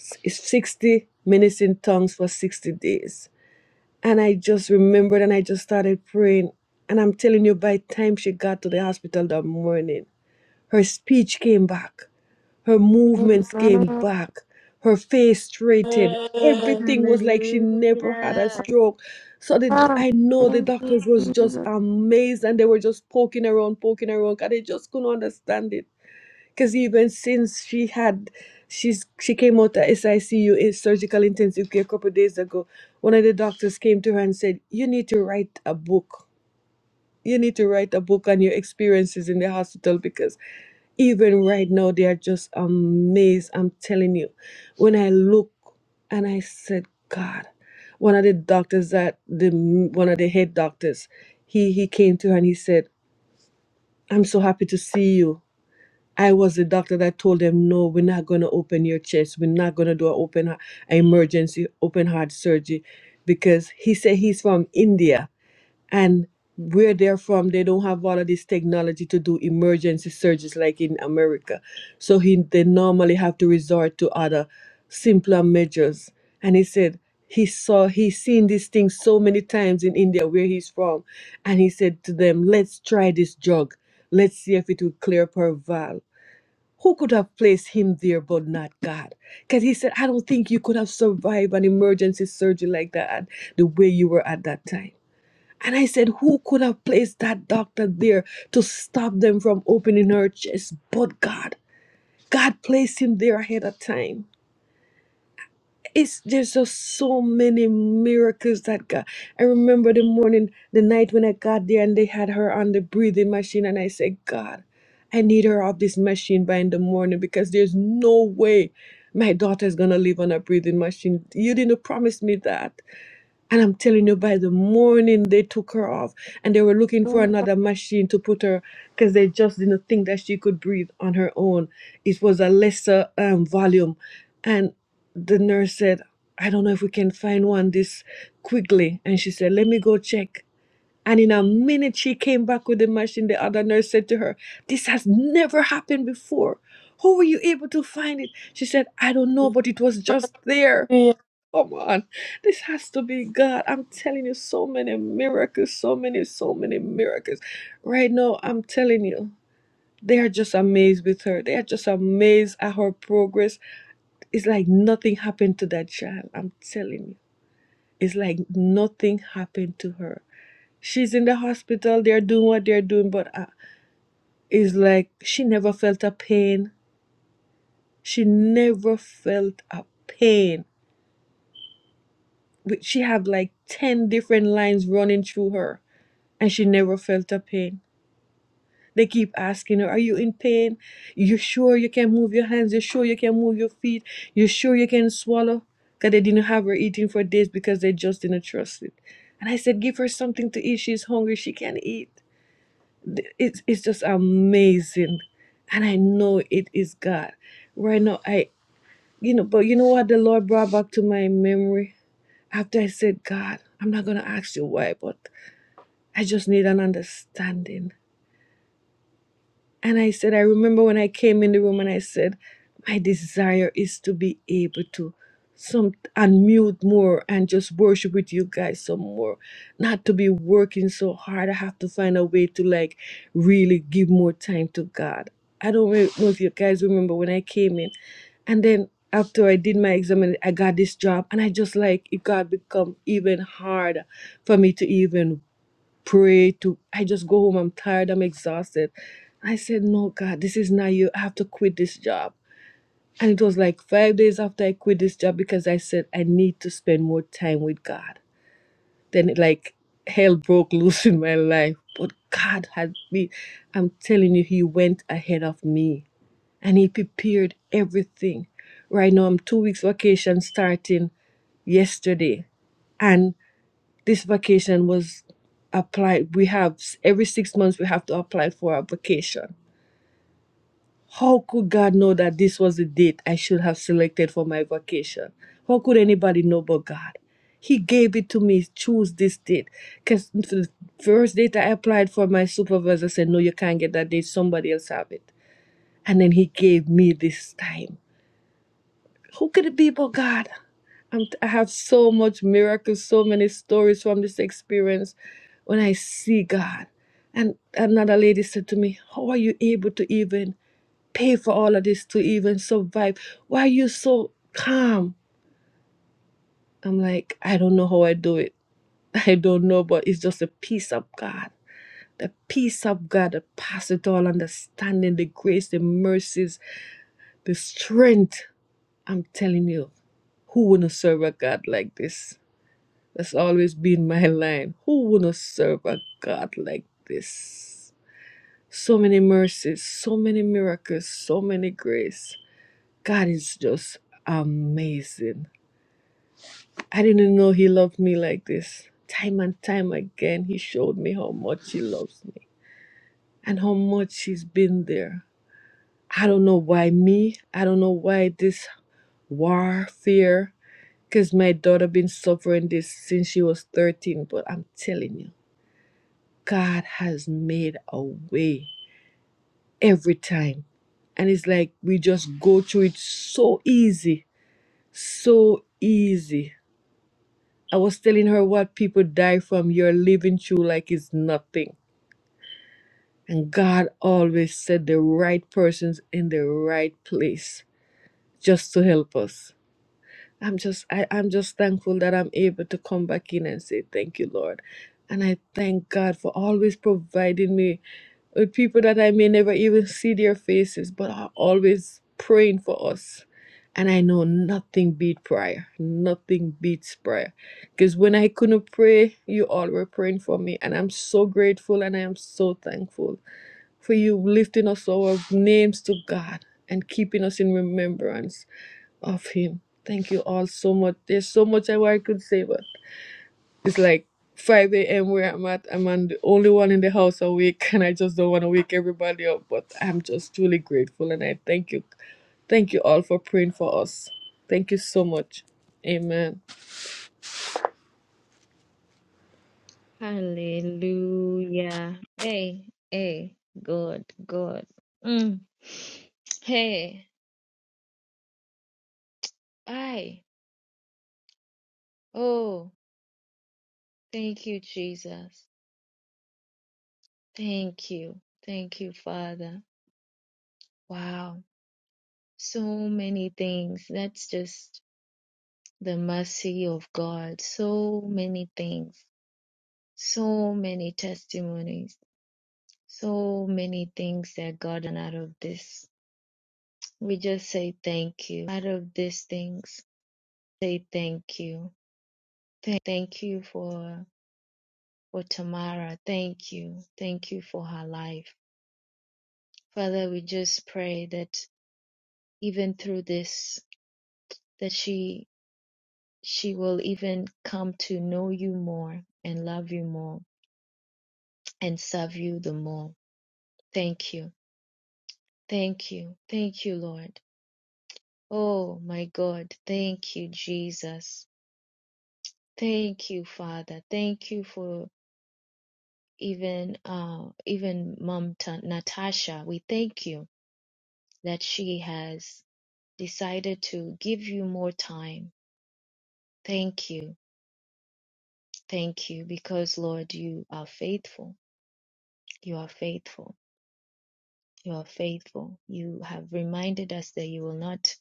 Speaker 5: s- it's 60 minutes in tongues for 60 days and i just remembered and i just started praying and i'm telling you by the time she got to the hospital that morning her speech came back her movements came
Speaker 3: Amen.
Speaker 5: back, her face straightened. Everything was like she never had a
Speaker 1: Hallelujah.
Speaker 5: stroke. So the,
Speaker 3: Ah,
Speaker 5: I know the
Speaker 3: Thank you,
Speaker 5: doctors was just
Speaker 3: Jesus.
Speaker 5: amazed and they were just poking around, poking around, and they just couldn't understand it. Because even since she had, she's she came out at SICU in surgical intensive care a couple of days ago, one of the doctors came to her and said, "You need to write a book. You need to write a book on your experiences in the hospital because." even right now they are just amazed i'm telling you when i look and i said god one of the doctors that the one of the head doctors he he came to her and he said i'm so happy to see you i was the doctor that told them no we're not going to open your chest we're not going to do an open an emergency open heart surgery because he said he's from india and where they're from they don't have all of this technology to do emergency surgeries like in america so he they normally have to resort to other simpler measures and he said he saw he's seen these things so many times in india where he's from and he said to them let's try this drug let's see if it will clear up her who could have placed him there but not god because he said i don't think you could have survived an emergency surgery like that at the way you were at that time and I said, Who could have placed that doctor there to stop them from opening her chest but God? God placed him there ahead of time. It's there's just so many miracles that God. I remember the morning, the night when I got there and they had her on the breathing machine, and I said, God, I need her off this machine by in the morning because there's no way my daughter's gonna live on a breathing machine. You didn't promise me that. And I'm telling you, by the morning they took her off and they were looking for another machine to put her because they just didn't think that she could breathe on her own. It was a lesser um, volume. And the nurse said, I don't know if we can find one this quickly. And she said, Let me go check. And in a minute, she came back with the machine. The other nurse said to her, This has never happened before. How were you able to find it? She said, I don't know, but it was just there.
Speaker 2: Thank
Speaker 5: Come on. This has to be God. I'm telling you, so many miracles, so many, so many miracles. Right now, I'm telling you, they are just amazed with her. They are just amazed at her progress. It's like nothing happened to that child. I'm telling you. It's like nothing happened to her. She's in the hospital. They're doing what they're doing, but uh, it's like she never felt a pain. She never felt a pain. We- She have like 10 different lines running through her and she never felt a pain. They keep asking her, Are you in pain? You sure you can move your hands? You sure you can move your feet? You sure you can swallow? Because they didn't have her eating for days because they just didn't trust it. And I said, Give her something to eat. She's hungry. She can eat. Th- It's, it's just amazing. And I know it is God. Right now, I, you know, but you know what the Lord brought back to my memory after I said, God, I'm not going to ask you why, but I just need an understanding And I said, I remember when I came in the room and I said, my desire is to be able to some unmute more and just worship with you guys some more. Not to be working so hard. I have to find a way to like really give more time to God. I don't re- know if you guys remember when I came in. And then after I did my exam, I got this job and I just like it got become even harder for me to even pray to i just go home i'm tired i'm exhausted i said no god this is not you i have to quit this job and it was like five days after i quit this job because i said i need to spend more time with god then it like hell broke loose in my life but god had me i'm telling you he went ahead of me and he prepared everything right now i'm two weeks vacation starting yesterday this vacation was applied. We have s- every six months we have to apply for our vacation. How could God know that this was the date I should have selected for my vacation? How could anybody know but God? He gave it to me, choose this date. Because the first date I applied for, my supervisor said, No, you can't get that date. Somebody else have it. And then he gave me this time. Who could it be but God? I'm, I have so much miracles, so many stories from this experience when I see God. And another lady said to me, How are you able to even pay for all of this to even survive? Why are you so calm? I'm like, I don't know how I do it. I don't know, but it's just the peace of God. The peace of God that passes all understanding, the grace, the mercies, the strength. I'm telling you, who wouldn't serve a God like this? That's always been my line. Who wouldn't serve a God like this? So many mercies, so many miracles, so many grace. God is just amazing. I didn't know He loved me like this. Time and time again, He showed me how much He loves me and how much He's been there. I don't know why me. I don't know why this warfare. Because my daughter been suffering this since she was 13, but I'm telling you. God has made a way every time. And it's like we just go through it so easy, so easy. I was telling her what people die from, you're living through like it's nothing. And God always said the right persons in the right place just to help us. I'm just I, I'm just thankful that I'm able to come back in and say thank you, Lord. And I thank God for always providing me with people that I may never even see their faces, but are always praying for us. And I know nothing beat prayer. Nothing beats prayer. Because when I couldn't pray, you all were praying for me. And I'm so grateful and I am so thankful for you lifting us our names to God and keeping us in remembrance of Him. Thank you all so much. There's so much I I could say, but it's like 5 a.m. where I'm at. I'm on the only one in the house awake, and I just don't want to wake everybody up. But I'm just truly grateful, and I thank you. Thank you all for praying for us. Thank you so much. Amen.
Speaker 1: Hallelujah. Hey, hey, God, God. Mm. Hey, I. Oh, thank you, Jesus. Thank you. Thank you, Father. Wow. So many things. That's just the mercy of God. So many things. So many testimonies. So many things that gotten out of this. We just say thank you. Out of these things, say thank you. Thank, thank you for for Tamara. Thank you. Thank you for her life. Father, we just pray that even through this that she she will even come to know you more and love you more and serve you the more. Thank you. Thank you. Thank you, Lord. Oh my God. Thank you, Jesus. Thank you, Father. Thank you for even uh even Mom Ta- Natasha. We thank you that she has decided to give you more time. Thank you. Thank you because Lord, you are faithful. You are faithful. You are faithful. You have reminded us that you will not,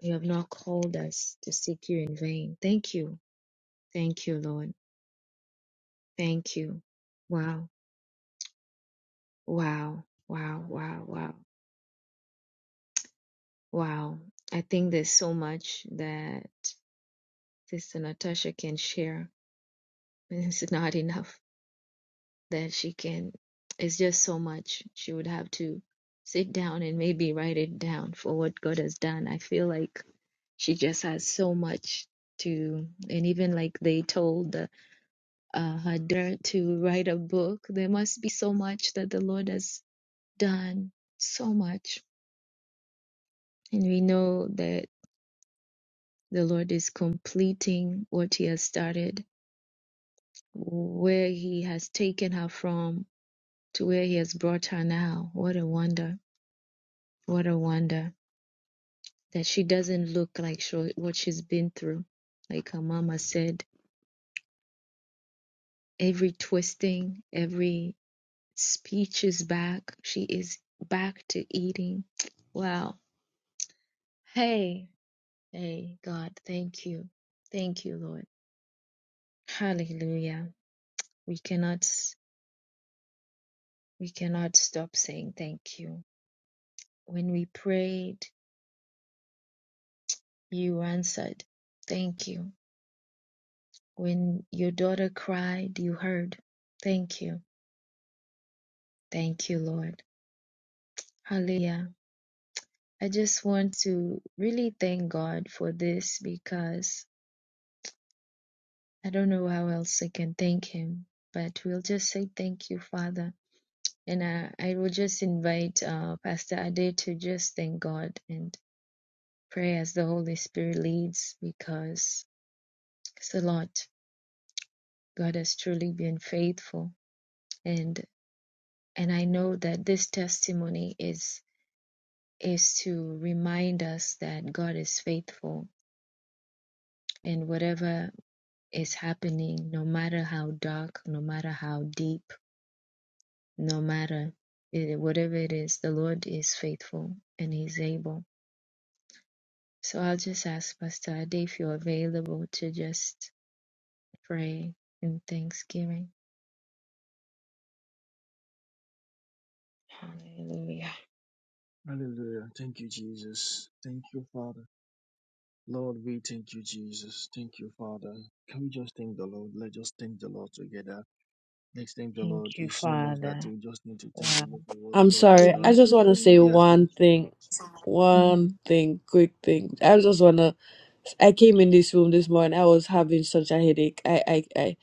Speaker 1: you have not called us to seek you in vain. Thank you. Thank you, Lord. Thank you. Wow. Wow. Wow. Wow. Wow. Wow. I think there's so much that Sister Natasha can share. It's not enough that she can it's just so much she would have to sit down and maybe write it down for what god has done i feel like she just has so much to and even like they told uh, her daughter to write a book there must be so much that the lord has done so much and we know that the lord is completing what he has started where he has taken her from to where he has brought her now what a wonder what a wonder that she doesn't look like she, what she's been through. Like her mama said, every twisting, every speech is back. She is back to eating. Wow. Hey, hey, God, thank you. Thank you, Lord. Hallelujah. We cannot we cannot stop saying thank you. When we prayed, you answered. Thank you. When your daughter cried, you heard. Thank you. Thank you, Lord. Hallelujah. I just want to really thank God for this because I don't know how else I can thank Him, but we'll just say thank you, Father. And I, I will just invite uh, Pastor Ade to just thank God and pray as the Holy Spirit leads because it's a lot. God has truly been faithful. And and I know that this testimony is is to remind us that God is faithful and whatever is happening, no matter how dark, no matter how deep, no matter eh, whatever it is, the Lord is faithful and He's able. So I'll just ask Pastor Ade if you're available to just pray in thanksgiving. Hallelujah.
Speaker 8: Hallelujah. Thank you, Jesus. Thank you, Father. Lord, we thank you, Jesus. Thank you, Father. Can we just thank the Lord? Let's just thank the Lord together. Let's thank the
Speaker 1: Thank
Speaker 8: Lord.
Speaker 1: you,
Speaker 8: It's so much that
Speaker 1: Father.
Speaker 8: we just need to thank the
Speaker 1: Wow.
Speaker 8: Lord for what the
Speaker 5: I'm
Speaker 8: Lord has
Speaker 5: sorry. I
Speaker 8: done.
Speaker 5: just want to say
Speaker 1: You.
Speaker 8: He has
Speaker 5: one
Speaker 8: done so
Speaker 5: thing.
Speaker 8: much.
Speaker 5: One
Speaker 1: hmm
Speaker 5: thing, quick thing. I just wanna. I came in this room this morning. I was having such a headache. I, I, I,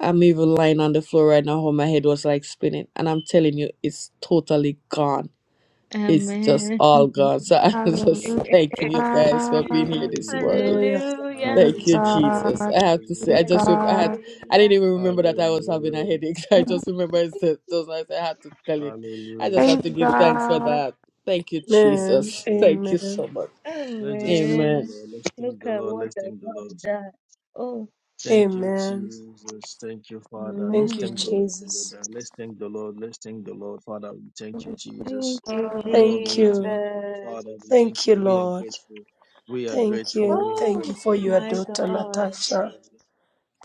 Speaker 5: I'm even lying on the floor right now. How my head was like spinning, and I'm telling you, it's totally gone. it's just
Speaker 1: Amen.
Speaker 5: all gone. So I'm
Speaker 3: Hallelujah.
Speaker 5: just
Speaker 8: Hallelujah.
Speaker 5: thanking you guys for being here this morning.
Speaker 8: Hallelujah.
Speaker 2: Hallelujah.
Speaker 1: Hallelujah.
Speaker 3: Praise
Speaker 5: Thank you, Jesus.
Speaker 3: God.
Speaker 5: I have to say,
Speaker 3: Praise
Speaker 5: I
Speaker 8: Hallelujah.
Speaker 5: just rem- I had
Speaker 3: God.
Speaker 5: I didn't
Speaker 1: Hallelujah.
Speaker 5: even
Speaker 8: Hallelujah.
Speaker 5: remember that I was having a
Speaker 8: Hallelujah.
Speaker 5: headache. I just remember it's the- those nights I had to tell you. I just
Speaker 8: Hallelujah.
Speaker 5: have
Speaker 3: Praise
Speaker 5: to give thanks for
Speaker 3: God.
Speaker 5: that. Thank you,
Speaker 8: Thank you,
Speaker 2: Amen.
Speaker 5: Jesus. Thank you
Speaker 8: Jesus.
Speaker 5: so
Speaker 2: Amen.
Speaker 5: much.
Speaker 8: Let's just thank the
Speaker 5: Amen.
Speaker 1: Amen.
Speaker 8: Lord. Let's thank
Speaker 1: Look
Speaker 8: the
Speaker 1: at
Speaker 8: Lord.
Speaker 1: what
Speaker 8: Let's
Speaker 1: the
Speaker 8: thank the Lord.
Speaker 1: Lord does. Oh.
Speaker 8: Thank you,
Speaker 2: Amen.
Speaker 8: Jesus. Thank you, Father. Let's
Speaker 2: Thank you,
Speaker 8: thank the
Speaker 1: Amen.
Speaker 8: Lord
Speaker 2: Jesus.
Speaker 8: together. Let's thank the Lord. Let's thank the Lord. Father, we thank you,
Speaker 1: Thank
Speaker 8: Jesus.
Speaker 3: Oh
Speaker 1: you,
Speaker 8: Lord,
Speaker 2: Thank
Speaker 8: we thank
Speaker 2: you.
Speaker 8: you.
Speaker 1: Jesus.
Speaker 8: Father, we thank
Speaker 2: Thank
Speaker 8: you.
Speaker 2: you,
Speaker 8: We are
Speaker 2: Lord.
Speaker 8: grateful. We are
Speaker 2: Thank
Speaker 8: grateful.
Speaker 2: you.
Speaker 8: We are
Speaker 2: Thank you
Speaker 1: Oh
Speaker 2: for
Speaker 8: grateful. We are
Speaker 2: your
Speaker 1: my
Speaker 8: grateful.
Speaker 2: daughter,
Speaker 8: We are
Speaker 1: God.
Speaker 8: grateful,
Speaker 2: Natasha.
Speaker 8: Father.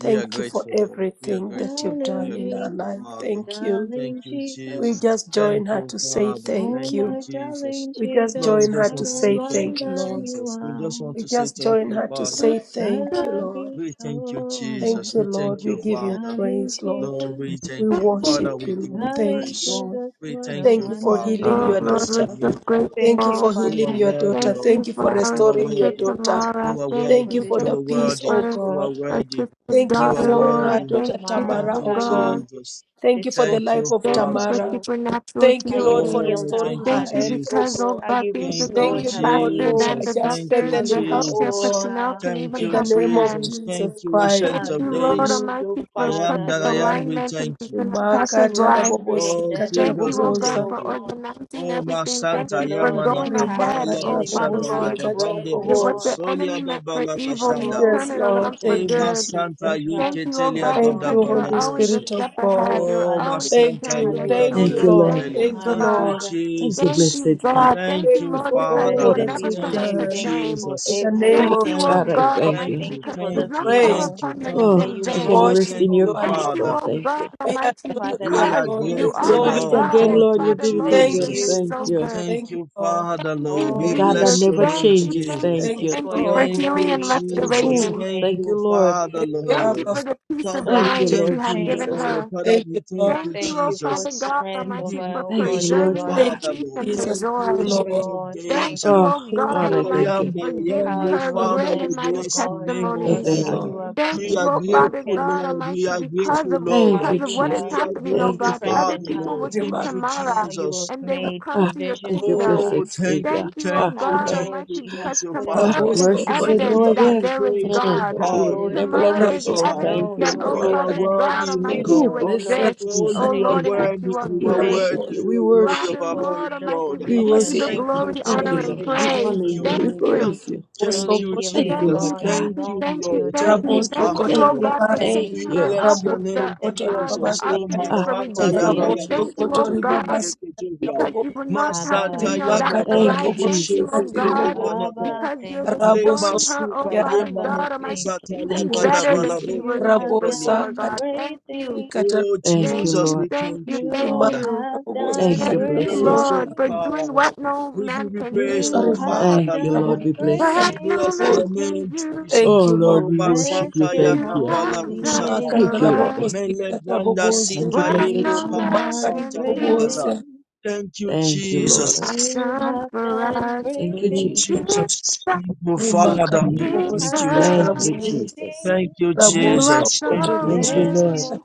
Speaker 8: We are
Speaker 2: you for
Speaker 8: grateful, Lord. We are
Speaker 2: everything that
Speaker 8: grateful.
Speaker 2: you've
Speaker 8: We
Speaker 1: Darling
Speaker 2: done
Speaker 8: are
Speaker 2: in her
Speaker 8: grateful,
Speaker 2: life.
Speaker 1: Jesus.
Speaker 8: Father.
Speaker 2: Thank you.
Speaker 8: Thank
Speaker 1: Darling
Speaker 8: you,
Speaker 2: We
Speaker 8: Jesus.
Speaker 1: Jesus.
Speaker 2: just join
Speaker 8: Thank
Speaker 2: her
Speaker 8: you,
Speaker 2: to say
Speaker 8: Father.
Speaker 2: thank
Speaker 1: Oh
Speaker 8: Thank you,
Speaker 2: you.
Speaker 1: my
Speaker 8: Jesus.
Speaker 1: darling
Speaker 2: We just
Speaker 8: Lord,
Speaker 1: Jesus.
Speaker 8: we
Speaker 2: join her
Speaker 8: just
Speaker 1: What
Speaker 2: to
Speaker 8: want to
Speaker 1: a
Speaker 8: say
Speaker 2: say
Speaker 8: thank
Speaker 2: thank
Speaker 8: you,
Speaker 2: you,
Speaker 1: wonder
Speaker 2: Lord.
Speaker 1: you
Speaker 8: Jesus. We
Speaker 1: are.
Speaker 8: just want
Speaker 2: We
Speaker 8: to say
Speaker 2: just
Speaker 8: thank
Speaker 2: join
Speaker 8: you,
Speaker 2: her to
Speaker 8: Father.
Speaker 2: say
Speaker 1: I
Speaker 2: thank you,
Speaker 1: love
Speaker 2: Lord.
Speaker 1: you
Speaker 8: We thank you,
Speaker 1: so much.
Speaker 2: Thank
Speaker 8: Jesus.
Speaker 2: you,
Speaker 8: We
Speaker 2: Lord.
Speaker 8: thank
Speaker 2: We
Speaker 8: you,
Speaker 2: give you
Speaker 8: Father.
Speaker 1: Darling
Speaker 2: praise, Lord.
Speaker 8: Lord,
Speaker 1: Jesus.
Speaker 8: we
Speaker 2: We
Speaker 8: thank you. Father,
Speaker 2: worship
Speaker 8: we
Speaker 2: you,
Speaker 8: give
Speaker 2: Lord.
Speaker 8: you
Speaker 2: Thank
Speaker 1: Darling
Speaker 2: you,
Speaker 8: praise.
Speaker 2: Lord.
Speaker 1: Jesus.
Speaker 8: We
Speaker 1: What a
Speaker 8: thank
Speaker 2: Thank
Speaker 8: you,
Speaker 2: you for
Speaker 8: Father.
Speaker 1: wonder you
Speaker 2: healing
Speaker 8: We
Speaker 2: your
Speaker 1: are.
Speaker 3: Lord,
Speaker 8: bless
Speaker 2: daughter.
Speaker 3: we're
Speaker 8: your
Speaker 3: so
Speaker 8: name, Father.
Speaker 1: Thank
Speaker 2: Thank you
Speaker 1: you,
Speaker 2: for
Speaker 3: grateful.
Speaker 8: You are
Speaker 2: healing
Speaker 1: Father,
Speaker 2: your
Speaker 8: worthy,
Speaker 2: daughter.
Speaker 3: Thank
Speaker 8: Lord.
Speaker 3: you
Speaker 2: Thank you
Speaker 3: for
Speaker 2: for
Speaker 3: our
Speaker 8: You are
Speaker 2: restoring
Speaker 1: for
Speaker 2: your
Speaker 3: sister
Speaker 1: this
Speaker 8: worthy.
Speaker 2: daughter.
Speaker 3: Tamara.
Speaker 1: touch,
Speaker 8: You are
Speaker 3: Thank
Speaker 2: Thank
Speaker 1: for
Speaker 2: you
Speaker 8: worthy.
Speaker 3: you,
Speaker 2: for
Speaker 1: this
Speaker 8: You
Speaker 2: the
Speaker 3: thank
Speaker 8: are
Speaker 3: you
Speaker 2: peace,
Speaker 1: touch
Speaker 8: worthy.
Speaker 2: oh
Speaker 1: that
Speaker 3: for
Speaker 1: you
Speaker 8: You
Speaker 1: have.
Speaker 8: are
Speaker 2: God.
Speaker 3: our
Speaker 8: worthy.
Speaker 3: sister's
Speaker 2: Thank
Speaker 8: You
Speaker 2: you
Speaker 8: are
Speaker 1: how
Speaker 3: daughter,
Speaker 1: you
Speaker 2: for her
Speaker 3: Lord.
Speaker 1: touch
Speaker 8: worthy.
Speaker 2: daughter
Speaker 3: Thank you,
Speaker 8: Thank
Speaker 2: Tamara,
Speaker 1: Tamara,
Speaker 3: oh
Speaker 8: you,
Speaker 2: oh
Speaker 1: how
Speaker 2: God.
Speaker 1: you
Speaker 3: God.
Speaker 8: Jesus.
Speaker 2: Thank you for the
Speaker 1: destroyed
Speaker 8: Thank
Speaker 1: the
Speaker 2: life
Speaker 8: you,
Speaker 2: of
Speaker 1: spirit
Speaker 3: Thank
Speaker 1: of
Speaker 3: you for
Speaker 8: Father.
Speaker 2: Tamara.
Speaker 1: stroke,
Speaker 3: supernatural
Speaker 2: Thank
Speaker 1: how
Speaker 2: you, Lord,
Speaker 1: you
Speaker 2: for
Speaker 3: healing.
Speaker 1: healed
Speaker 8: Oh,
Speaker 1: her
Speaker 2: restoring
Speaker 8: thank you,
Speaker 2: her
Speaker 3: Thank
Speaker 1: heart,
Speaker 3: you
Speaker 2: health, oh
Speaker 3: because,
Speaker 8: Jesus.
Speaker 3: oh
Speaker 2: God.
Speaker 1: how
Speaker 3: God,
Speaker 1: you
Speaker 3: things are
Speaker 8: Thank you,
Speaker 2: Thank
Speaker 3: going
Speaker 1: restored
Speaker 2: you,
Speaker 1: her
Speaker 2: Lord,
Speaker 3: faster
Speaker 2: for
Speaker 3: than the
Speaker 1: breathing,
Speaker 8: Jesus.
Speaker 2: just
Speaker 8: Thank
Speaker 3: doctors,
Speaker 8: you,
Speaker 1: how
Speaker 3: the
Speaker 2: strengthening
Speaker 1: you
Speaker 2: her, oh
Speaker 3: healthcare
Speaker 8: Jesus.
Speaker 1: restored
Speaker 2: God.
Speaker 3: personnel
Speaker 1: her,
Speaker 3: can
Speaker 8: Thank
Speaker 3: even
Speaker 2: In
Speaker 8: you,
Speaker 2: the name of
Speaker 3: comprehend.
Speaker 8: Jesus.
Speaker 2: Jesus
Speaker 8: Thank you,
Speaker 2: Christ.
Speaker 8: Ancient
Speaker 1: how
Speaker 3: Thank
Speaker 8: of
Speaker 3: you,
Speaker 1: you
Speaker 3: Lord
Speaker 8: Days.
Speaker 1: removed, oh
Speaker 3: Almighty,
Speaker 8: I
Speaker 3: for
Speaker 8: am
Speaker 1: Father,
Speaker 3: perfect
Speaker 8: that I am,
Speaker 1: Lord,
Speaker 8: we
Speaker 3: alignment in
Speaker 8: thank you.
Speaker 3: Sister Natasha's
Speaker 1: destroyed
Speaker 2: Rimakata
Speaker 1: the
Speaker 3: life.
Speaker 1: spirit of
Speaker 8: Oh,
Speaker 1: death,
Speaker 2: rabobosikata
Speaker 3: Thank you,
Speaker 8: Jesus,
Speaker 3: oh
Speaker 8: we
Speaker 1: uprooted,
Speaker 3: God,
Speaker 8: thank
Speaker 2: rabobosa.
Speaker 1: oh
Speaker 3: for
Speaker 8: you.
Speaker 1: God,
Speaker 3: organizing
Speaker 8: Oh, my
Speaker 3: everything. Thank
Speaker 1: Father,
Speaker 8: Santa,
Speaker 3: you for
Speaker 1: Lord,
Speaker 8: Yamana
Speaker 1: the
Speaker 3: going
Speaker 1: attack of
Speaker 3: ahead,
Speaker 8: Kapala
Speaker 1: the
Speaker 2: Rimakata
Speaker 3: oh Father
Speaker 1: enemy,
Speaker 8: Boshada
Speaker 1: how you
Speaker 3: Lord.
Speaker 2: rabobosikata
Speaker 1: broke,
Speaker 8: Yagabande
Speaker 1: oh
Speaker 3: That what
Speaker 2: rabobosa.
Speaker 3: the
Speaker 1: God,
Speaker 8: Bosfosolia
Speaker 3: enemy
Speaker 8: da
Speaker 3: meant for evil, you
Speaker 8: Balakashanda.
Speaker 1: oh
Speaker 3: turn
Speaker 2: Yes,
Speaker 3: it around
Speaker 2: Lord.
Speaker 3: for
Speaker 1: Jesus,
Speaker 8: Eh,
Speaker 2: Thank you,
Speaker 8: my
Speaker 3: good.
Speaker 1: the
Speaker 2: Jesus.
Speaker 8: Santa,
Speaker 3: Thank you,
Speaker 1: traps,
Speaker 3: oh
Speaker 1: oh
Speaker 8: Yiketelia
Speaker 3: God,
Speaker 8: da
Speaker 2: Thank
Speaker 1: God,
Speaker 8: da
Speaker 3: because
Speaker 2: you,
Speaker 3: you
Speaker 1: and
Speaker 3: are
Speaker 1: the,
Speaker 2: Holy
Speaker 3: always
Speaker 8: Balaboshe.
Speaker 3: a
Speaker 2: Spirit of
Speaker 3: step
Speaker 2: God.
Speaker 3: ahead.
Speaker 1: oh
Speaker 3: You're
Speaker 8: Oh, my
Speaker 1: Father,
Speaker 3: always
Speaker 2: Thank
Speaker 8: Santa
Speaker 3: preparing
Speaker 1: how
Speaker 2: you.
Speaker 3: your
Speaker 1: you have
Speaker 2: Thank you,
Speaker 5: Thank
Speaker 8: Yagadia
Speaker 5: you,
Speaker 3: children.
Speaker 1: delivered
Speaker 2: Lord.
Speaker 5: Lord.
Speaker 3: Thank
Speaker 8: Totelia.
Speaker 3: you,
Speaker 2: Thank you,
Speaker 1: Tamara,
Speaker 8: Thank
Speaker 3: God.
Speaker 8: you,
Speaker 2: Lord.
Speaker 1: Father
Speaker 5: Thank you,
Speaker 3: Thank
Speaker 8: Jesus.
Speaker 3: you,
Speaker 5: blessed Father.
Speaker 3: God.
Speaker 8: Thank
Speaker 3: Thank
Speaker 2: Thank
Speaker 3: you,
Speaker 2: you
Speaker 8: you,
Speaker 3: Lord,
Speaker 2: for
Speaker 3: because
Speaker 8: Father,
Speaker 3: you
Speaker 2: all
Speaker 3: will
Speaker 5: Lord, I-
Speaker 1: Blessed
Speaker 2: that
Speaker 8: Lord.
Speaker 1: be
Speaker 3: never
Speaker 2: you've
Speaker 1: your
Speaker 3: put
Speaker 8: Thank
Speaker 3: her
Speaker 1: name.
Speaker 3: to
Speaker 8: you,
Speaker 1: Thank
Speaker 2: done.
Speaker 1: you
Speaker 3: shame.
Speaker 1: for
Speaker 2: In
Speaker 8: Jesus.
Speaker 2: the name
Speaker 5: ah,
Speaker 3: Thank
Speaker 2: of
Speaker 3: you,
Speaker 2: Jesus,
Speaker 3: oh
Speaker 8: Thank
Speaker 1: everything.
Speaker 5: God, I
Speaker 8: you,
Speaker 3: God
Speaker 2: Christ,
Speaker 5: thank
Speaker 3: Almighty,
Speaker 8: thank
Speaker 5: you.
Speaker 1: Thank
Speaker 8: you,
Speaker 1: you
Speaker 3: because
Speaker 1: for
Speaker 3: it
Speaker 8: thank
Speaker 3: does
Speaker 2: you
Speaker 1: the
Speaker 3: not
Speaker 8: you,
Speaker 3: call
Speaker 2: praise,
Speaker 8: thank
Speaker 2: you
Speaker 1: people
Speaker 8: you,
Speaker 3: upon your
Speaker 8: thank
Speaker 3: name
Speaker 5: Oh,
Speaker 1: that
Speaker 8: you,
Speaker 3: in
Speaker 1: you
Speaker 5: I
Speaker 8: thank
Speaker 5: can
Speaker 3: vain.
Speaker 8: you,
Speaker 1: brought,
Speaker 5: rest
Speaker 2: worship
Speaker 5: in
Speaker 8: thank
Speaker 5: your
Speaker 2: you
Speaker 1: oh
Speaker 8: you,
Speaker 5: peace,
Speaker 1: God.
Speaker 3: Thank
Speaker 2: alone.
Speaker 3: you,
Speaker 5: Lord.
Speaker 8: Father.
Speaker 3: O
Speaker 5: Thank
Speaker 3: God
Speaker 5: you.
Speaker 2: We
Speaker 3: Almighty,
Speaker 2: adore you
Speaker 1: Father,
Speaker 8: We
Speaker 1: thank
Speaker 3: because
Speaker 8: are
Speaker 1: you for
Speaker 2: alone.
Speaker 1: the
Speaker 2: We
Speaker 3: you
Speaker 5: You
Speaker 8: grateful,
Speaker 3: are
Speaker 5: did
Speaker 3: her
Speaker 2: exalt
Speaker 5: it
Speaker 2: you
Speaker 1: providers
Speaker 8: Lord.
Speaker 3: God
Speaker 5: again,
Speaker 2: alone.
Speaker 8: Thank
Speaker 3: and
Speaker 5: Lord.
Speaker 8: you,
Speaker 5: You
Speaker 3: Father,
Speaker 5: did it
Speaker 1: that
Speaker 3: Lord,
Speaker 1: you
Speaker 3: you
Speaker 2: Thank
Speaker 5: again.
Speaker 3: have
Speaker 2: you,
Speaker 3: been
Speaker 8: Jesus.
Speaker 1: use.
Speaker 5: Thank
Speaker 3: so
Speaker 2: Jesus.
Speaker 5: you.
Speaker 3: good.
Speaker 8: Thank
Speaker 2: Thank you,
Speaker 8: you,
Speaker 2: Lord.
Speaker 8: Father,
Speaker 3: Thank you,
Speaker 8: Lord.
Speaker 5: The
Speaker 8: We
Speaker 1: All
Speaker 5: God that
Speaker 1: this
Speaker 3: Jesus.
Speaker 8: bless your
Speaker 5: never
Speaker 8: name,
Speaker 3: Thank you,
Speaker 5: changes.
Speaker 3: thank
Speaker 8: Jesus.
Speaker 3: you,
Speaker 5: Thank
Speaker 2: Thank
Speaker 1: is
Speaker 2: you,
Speaker 5: you.
Speaker 3: thank
Speaker 1: for
Speaker 3: you
Speaker 1: your
Speaker 3: for
Speaker 2: Lord.
Speaker 8: Thank
Speaker 2: Thank you,
Speaker 3: healing
Speaker 8: you,
Speaker 3: and
Speaker 1: glory, it's for your
Speaker 8: Jesus.
Speaker 2: Jesus.
Speaker 5: Ooh,
Speaker 3: restoration.
Speaker 8: Thank
Speaker 5: thank
Speaker 1: fame.
Speaker 5: you,
Speaker 8: you,
Speaker 5: Lord.
Speaker 8: Father,
Speaker 2: Thank you,
Speaker 3: Thank you
Speaker 8: Lord.
Speaker 2: Abba.
Speaker 3: for the peace of
Speaker 8: Father,
Speaker 5: Thank
Speaker 8: we
Speaker 5: you,
Speaker 3: mind that you
Speaker 8: thank
Speaker 5: Lord
Speaker 8: you,
Speaker 3: have
Speaker 1: Thank
Speaker 3: given
Speaker 5: Jesus.
Speaker 8: Lord.
Speaker 1: you.
Speaker 3: her.
Speaker 8: Father,
Speaker 2: Thank you,
Speaker 8: we thank
Speaker 2: Lord.
Speaker 8: you,
Speaker 3: Thank
Speaker 1: Thank
Speaker 3: you, O
Speaker 1: you
Speaker 8: Jesus.
Speaker 1: for
Speaker 3: Father God
Speaker 8: We
Speaker 1: strength
Speaker 3: Almighty,
Speaker 1: over,
Speaker 8: give you
Speaker 3: for
Speaker 1: oh
Speaker 5: Thank you,
Speaker 1: God,
Speaker 8: praise,
Speaker 1: your
Speaker 8: oh
Speaker 5: Lord
Speaker 3: preserving her
Speaker 1: daughter.
Speaker 5: God.
Speaker 2: Thank
Speaker 8: Father,
Speaker 2: you,
Speaker 3: peace
Speaker 8: Lord.
Speaker 3: and her
Speaker 8: Thank
Speaker 2: Jesus. Thank
Speaker 8: you,
Speaker 3: joy.
Speaker 2: you,
Speaker 1: Oh
Speaker 2: Lord.
Speaker 8: Ancient of
Speaker 1: God,
Speaker 3: Thank
Speaker 8: Days.
Speaker 1: thank
Speaker 3: you,
Speaker 5: Oh,
Speaker 1: you.
Speaker 3: O
Speaker 8: Thank
Speaker 5: God,
Speaker 3: God
Speaker 8: you,
Speaker 5: I
Speaker 8: I
Speaker 5: thank
Speaker 3: Almighty,
Speaker 8: am
Speaker 5: you.
Speaker 3: for
Speaker 8: that I am,
Speaker 3: giving
Speaker 1: How
Speaker 8: oh
Speaker 3: her
Speaker 1: you have
Speaker 2: Mm.
Speaker 8: Father.
Speaker 3: great and
Speaker 8: We
Speaker 1: blessed, oh
Speaker 3: mighty
Speaker 8: bless the
Speaker 1: God, your
Speaker 8: name of
Speaker 5: I
Speaker 2: Thank
Speaker 3: testimonies.
Speaker 1: daughter,
Speaker 2: you,
Speaker 5: thank
Speaker 1: how
Speaker 5: you.
Speaker 8: God.
Speaker 1: you have
Speaker 2: Lord.
Speaker 3: Thank
Speaker 2: Thank
Speaker 8: We
Speaker 1: keep
Speaker 3: you,
Speaker 8: are
Speaker 2: you,
Speaker 3: oh
Speaker 1: you have
Speaker 2: Lord.
Speaker 3: Father
Speaker 8: grateful,
Speaker 1: kept
Speaker 3: God
Speaker 1: her,
Speaker 8: Lord. We
Speaker 3: Almighty,
Speaker 8: are
Speaker 3: because
Speaker 8: grateful,
Speaker 3: of
Speaker 8: Lord.
Speaker 5: Thank
Speaker 1: how
Speaker 5: you,
Speaker 3: because of
Speaker 1: you
Speaker 3: what
Speaker 5: Jesus.
Speaker 3: is
Speaker 8: We
Speaker 1: have
Speaker 8: are
Speaker 3: happening, oh
Speaker 5: Thank
Speaker 8: grateful,
Speaker 5: you,
Speaker 3: God,
Speaker 5: thank you,
Speaker 3: other
Speaker 8: Father,
Speaker 1: strengthened
Speaker 5: thank you,
Speaker 3: people
Speaker 1: her,
Speaker 8: Lord.
Speaker 3: will
Speaker 5: thank you.
Speaker 3: see
Speaker 8: Thank
Speaker 2: Remark-
Speaker 5: Thank you.
Speaker 8: you,
Speaker 3: tomorrow
Speaker 1: how you have
Speaker 8: Jesus.
Speaker 3: and they will
Speaker 1: made
Speaker 3: come
Speaker 5: Ah,
Speaker 3: to your
Speaker 1: provision
Speaker 5: thank you,
Speaker 1: for
Speaker 3: kingdom.
Speaker 1: her,
Speaker 8: Oh,
Speaker 5: blessed
Speaker 8: thank
Speaker 5: Savior.
Speaker 8: you,
Speaker 3: Thank you, oh
Speaker 8: thank
Speaker 5: Ah,
Speaker 1: how,
Speaker 8: you,
Speaker 3: God
Speaker 8: thank
Speaker 1: Lord,
Speaker 3: Almighty,
Speaker 8: you,
Speaker 1: she
Speaker 8: thank
Speaker 3: because
Speaker 1: has
Speaker 8: you,
Speaker 1: put her
Speaker 5: ah,
Speaker 3: tomorrow
Speaker 8: Father.
Speaker 1: trust
Speaker 3: is
Speaker 2: Raboso,
Speaker 1: in
Speaker 5: mercy said
Speaker 2: Koto,
Speaker 8: We
Speaker 1: you,
Speaker 3: evidence
Speaker 5: no
Speaker 8: give
Speaker 2: Ribaba,
Speaker 3: that
Speaker 8: you
Speaker 5: again.
Speaker 3: there is
Speaker 8: praise,
Speaker 5: Mm,
Speaker 8: oh
Speaker 3: God.
Speaker 2: Sako,
Speaker 1: how,
Speaker 5: he will
Speaker 8: God. We
Speaker 1: Lord
Speaker 5: never
Speaker 8: give you
Speaker 5: let
Speaker 3: Tomorrow
Speaker 5: her
Speaker 3: is
Speaker 1: God,
Speaker 8: praise,
Speaker 5: go.
Speaker 1: she
Speaker 2: Raboso,
Speaker 8: Father.
Speaker 2: Koto,
Speaker 3: evidence
Speaker 5: Thank you,
Speaker 1: knows,
Speaker 3: that,
Speaker 1: oh
Speaker 3: oh
Speaker 2: Ribaba,
Speaker 8: You
Speaker 5: Lord.
Speaker 1: God,
Speaker 8: are
Speaker 3: Father
Speaker 2: Sako,
Speaker 1: that it
Speaker 3: God
Speaker 1: is
Speaker 8: worthy, oh
Speaker 3: Almighty,
Speaker 1: you,
Speaker 5: Ooh,
Speaker 3: you
Speaker 8: God.
Speaker 1: oh Lord,
Speaker 3: exist,
Speaker 5: blessed
Speaker 1: who
Speaker 8: Oh,
Speaker 3: oh
Speaker 5: Jesus.
Speaker 2: Rabakati,
Speaker 8: you are
Speaker 1: sustains
Speaker 3: Lord,
Speaker 5: Thank
Speaker 3: and
Speaker 1: her.
Speaker 3: that
Speaker 5: you.
Speaker 8: worthy,
Speaker 3: you are
Speaker 8: you
Speaker 5: We
Speaker 8: are
Speaker 3: good.
Speaker 1: Thank
Speaker 8: worthy,
Speaker 5: worship
Speaker 2: Rabobo,
Speaker 5: you.
Speaker 1: you
Speaker 5: We
Speaker 8: you are worthy
Speaker 5: worship
Speaker 8: of
Speaker 3: Father,
Speaker 8: our
Speaker 5: you.
Speaker 1: for
Speaker 3: Lord
Speaker 8: praise,
Speaker 1: the
Speaker 3: Almighty,
Speaker 8: Lord.
Speaker 3: we
Speaker 5: We
Speaker 3: give you
Speaker 2: Babasi,
Speaker 1: provision.
Speaker 3: the
Speaker 5: worship
Speaker 8: Thank
Speaker 1: Thank
Speaker 5: you.
Speaker 1: you
Speaker 8: you,
Speaker 3: glory,
Speaker 1: for
Speaker 2: Sako,
Speaker 1: the
Speaker 5: Thank
Speaker 3: honor,
Speaker 5: you,
Speaker 3: and
Speaker 5: Lord.
Speaker 8: Jesus.
Speaker 1: provision
Speaker 5: We
Speaker 1: of
Speaker 3: praise.
Speaker 8: Thank
Speaker 5: honor
Speaker 8: you,
Speaker 5: you.
Speaker 1: healing.
Speaker 5: We
Speaker 3: Thank you.
Speaker 8: Lord.
Speaker 5: praise you.
Speaker 8: Thank
Speaker 2: Riboso,
Speaker 1: Truly,
Speaker 8: you,
Speaker 2: Koto,
Speaker 5: Thank
Speaker 1: healing,
Speaker 5: you,
Speaker 3: Thank
Speaker 8: Jesus.
Speaker 5: Lord
Speaker 3: you,
Speaker 1: God,
Speaker 5: God.
Speaker 3: thank
Speaker 8: Thank
Speaker 3: you,
Speaker 8: you,
Speaker 1: belongs
Speaker 3: thank
Speaker 1: to
Speaker 3: you,
Speaker 1: your
Speaker 8: Lord.
Speaker 3: thank
Speaker 8: Thank
Speaker 3: you,
Speaker 8: you,
Speaker 1: daughter.
Speaker 5: Thank
Speaker 2: Raboso,
Speaker 5: you,
Speaker 3: thank
Speaker 2: Koto,
Speaker 3: you,
Speaker 8: Father,
Speaker 3: oh
Speaker 5: thank you,
Speaker 8: Lord.
Speaker 3: God, for
Speaker 2: Ribaba,
Speaker 1: Thank
Speaker 3: taking
Speaker 5: thank
Speaker 8: We
Speaker 1: you
Speaker 3: her
Speaker 5: you.
Speaker 3: off
Speaker 8: bless your
Speaker 3: of
Speaker 2: Raboso,
Speaker 3: the
Speaker 8: name,
Speaker 1: that
Speaker 2: Koto,
Speaker 1: you have
Speaker 3: um the
Speaker 2: Ribaba,
Speaker 8: Jesus. Oh,
Speaker 1: completed
Speaker 3: oxygen
Speaker 5: Ah,
Speaker 1: the
Speaker 3: for
Speaker 1: work of
Speaker 8: Masata
Speaker 5: thank
Speaker 8: ya
Speaker 5: you,
Speaker 3: reducing
Speaker 5: Lord
Speaker 3: it.
Speaker 2: Raboso
Speaker 1: healing.
Speaker 3: Thank
Speaker 5: Jesus.
Speaker 3: you, oh
Speaker 2: kotori
Speaker 8: balakazonto
Speaker 3: God,
Speaker 2: babasi
Speaker 8: yundekejoya.
Speaker 3: because
Speaker 2: rabobo
Speaker 3: you will not have to
Speaker 8: Masata
Speaker 1: Abba,
Speaker 3: be on
Speaker 8: ya
Speaker 1: thank
Speaker 2: rimaka
Speaker 3: that for
Speaker 1: you.
Speaker 5: Thank
Speaker 3: life.
Speaker 5: you,
Speaker 2: rabobo
Speaker 3: Thank you,
Speaker 5: Jesus.
Speaker 8: babanakusheke
Speaker 3: oh
Speaker 2: katiri
Speaker 8: tele
Speaker 3: God,
Speaker 2: bobo
Speaker 8: banaka.
Speaker 1: Abba,
Speaker 3: because you're
Speaker 1: thank you.
Speaker 8: Lema
Speaker 2: raboso
Speaker 3: restoring her, oh
Speaker 8: suta
Speaker 2: yara
Speaker 3: Father
Speaker 8: yema
Speaker 1: Abba,
Speaker 3: God
Speaker 1: thank
Speaker 3: Almighty,
Speaker 8: nakuza
Speaker 3: to
Speaker 1: you.
Speaker 8: ta ya
Speaker 3: even
Speaker 5: Thank you,
Speaker 2: bos
Speaker 3: better than
Speaker 5: Jesus.
Speaker 3: she was
Speaker 8: gadabalabosha
Speaker 1: You have
Speaker 2: rabosa
Speaker 8: tebelia.
Speaker 3: before,
Speaker 1: done
Speaker 3: God.
Speaker 2: katara
Speaker 1: great
Speaker 3: Thank you,
Speaker 1: things.
Speaker 2: ikatara
Speaker 8: Oh,
Speaker 5: Thank you,
Speaker 3: thank
Speaker 2: bos
Speaker 8: Jesus,
Speaker 3: you,
Speaker 5: Lord.
Speaker 8: we
Speaker 3: thank
Speaker 8: thank
Speaker 3: you,
Speaker 8: you,
Speaker 3: thank
Speaker 1: You
Speaker 8: Father.
Speaker 2: rimaka
Speaker 3: you.
Speaker 1: have
Speaker 2: rabobo
Speaker 8: We
Speaker 5: Thank
Speaker 1: done
Speaker 3: Thank
Speaker 8: give
Speaker 5: you,
Speaker 8: you
Speaker 2: ikatara
Speaker 3: you,
Speaker 1: great
Speaker 5: blessed
Speaker 2: bobo
Speaker 8: praise, oh
Speaker 3: Lord,
Speaker 1: things.
Speaker 3: for
Speaker 5: Jesus.
Speaker 3: doing
Speaker 8: God.
Speaker 3: what no
Speaker 8: We
Speaker 3: man
Speaker 8: give you
Speaker 3: can
Speaker 8: praise,
Speaker 3: do.
Speaker 8: oh
Speaker 1: You
Speaker 2: rimaka
Speaker 1: have
Speaker 8: Father,
Speaker 5: Thank you, Lord.
Speaker 2: rabobo
Speaker 1: done
Speaker 8: Lord.
Speaker 5: We
Speaker 1: great
Speaker 5: bless
Speaker 8: We
Speaker 3: What
Speaker 5: you.
Speaker 2: ikatara
Speaker 1: things.
Speaker 3: no
Speaker 8: bless
Speaker 2: bos
Speaker 8: your
Speaker 3: man can
Speaker 8: name,
Speaker 3: do.
Speaker 8: Jesus.
Speaker 2: thank
Speaker 5: Oh,
Speaker 2: you lord
Speaker 5: Lord,
Speaker 8: Oh,
Speaker 5: we
Speaker 8: my
Speaker 5: worship
Speaker 1: Bless
Speaker 5: you.
Speaker 8: Santa
Speaker 1: your
Speaker 5: Thank
Speaker 3: You
Speaker 5: you.
Speaker 3: have
Speaker 8: Yakapala
Speaker 1: holy
Speaker 3: done
Speaker 2: rimaka
Speaker 8: Rushataya.
Speaker 5: Thank
Speaker 3: for
Speaker 5: you,
Speaker 1: name.
Speaker 2: rabobo
Speaker 3: us
Speaker 5: Lord.
Speaker 8: Mele
Speaker 2: ikatara
Speaker 8: Banda
Speaker 2: bobo
Speaker 5: Thank you,
Speaker 8: Sita
Speaker 3: what
Speaker 5: blessed
Speaker 1: You
Speaker 8: Yeko
Speaker 3: no
Speaker 5: Jesus.
Speaker 1: have
Speaker 8: Pama
Speaker 3: man
Speaker 2: rimaka
Speaker 1: done
Speaker 3: can
Speaker 8: Santa
Speaker 1: great
Speaker 2: rabobo
Speaker 8: Yakata.
Speaker 3: do.
Speaker 1: things.
Speaker 8: Thank you,
Speaker 5: Thank you,
Speaker 3: You
Speaker 5: Lord.
Speaker 3: have
Speaker 8: Jesus.
Speaker 1: You
Speaker 3: done
Speaker 1: have
Speaker 3: for
Speaker 1: done
Speaker 3: us.
Speaker 1: great
Speaker 5: Thank you,
Speaker 8: Oh,
Speaker 1: things.
Speaker 5: Jesus.
Speaker 3: Give
Speaker 8: Jesus.
Speaker 3: us
Speaker 8: Thank you, Father.
Speaker 2: rimaka
Speaker 8: Thank
Speaker 1: You
Speaker 3: Jesus.
Speaker 2: rabobo
Speaker 8: you,
Speaker 1: have
Speaker 2: ikatara
Speaker 5: Thank
Speaker 1: done
Speaker 8: Jesus.
Speaker 5: you,
Speaker 1: great
Speaker 2: bobo
Speaker 5: Jesus.
Speaker 1: things.
Speaker 8: Thank you,
Speaker 3: You
Speaker 2: Ramoso
Speaker 3: are
Speaker 8: Jesus.
Speaker 2: koto
Speaker 8: Thank you,
Speaker 3: so
Speaker 5: Thank you,
Speaker 2: ribabaza
Speaker 1: Bless
Speaker 8: Jesus.
Speaker 5: Lord.
Speaker 1: your
Speaker 3: good.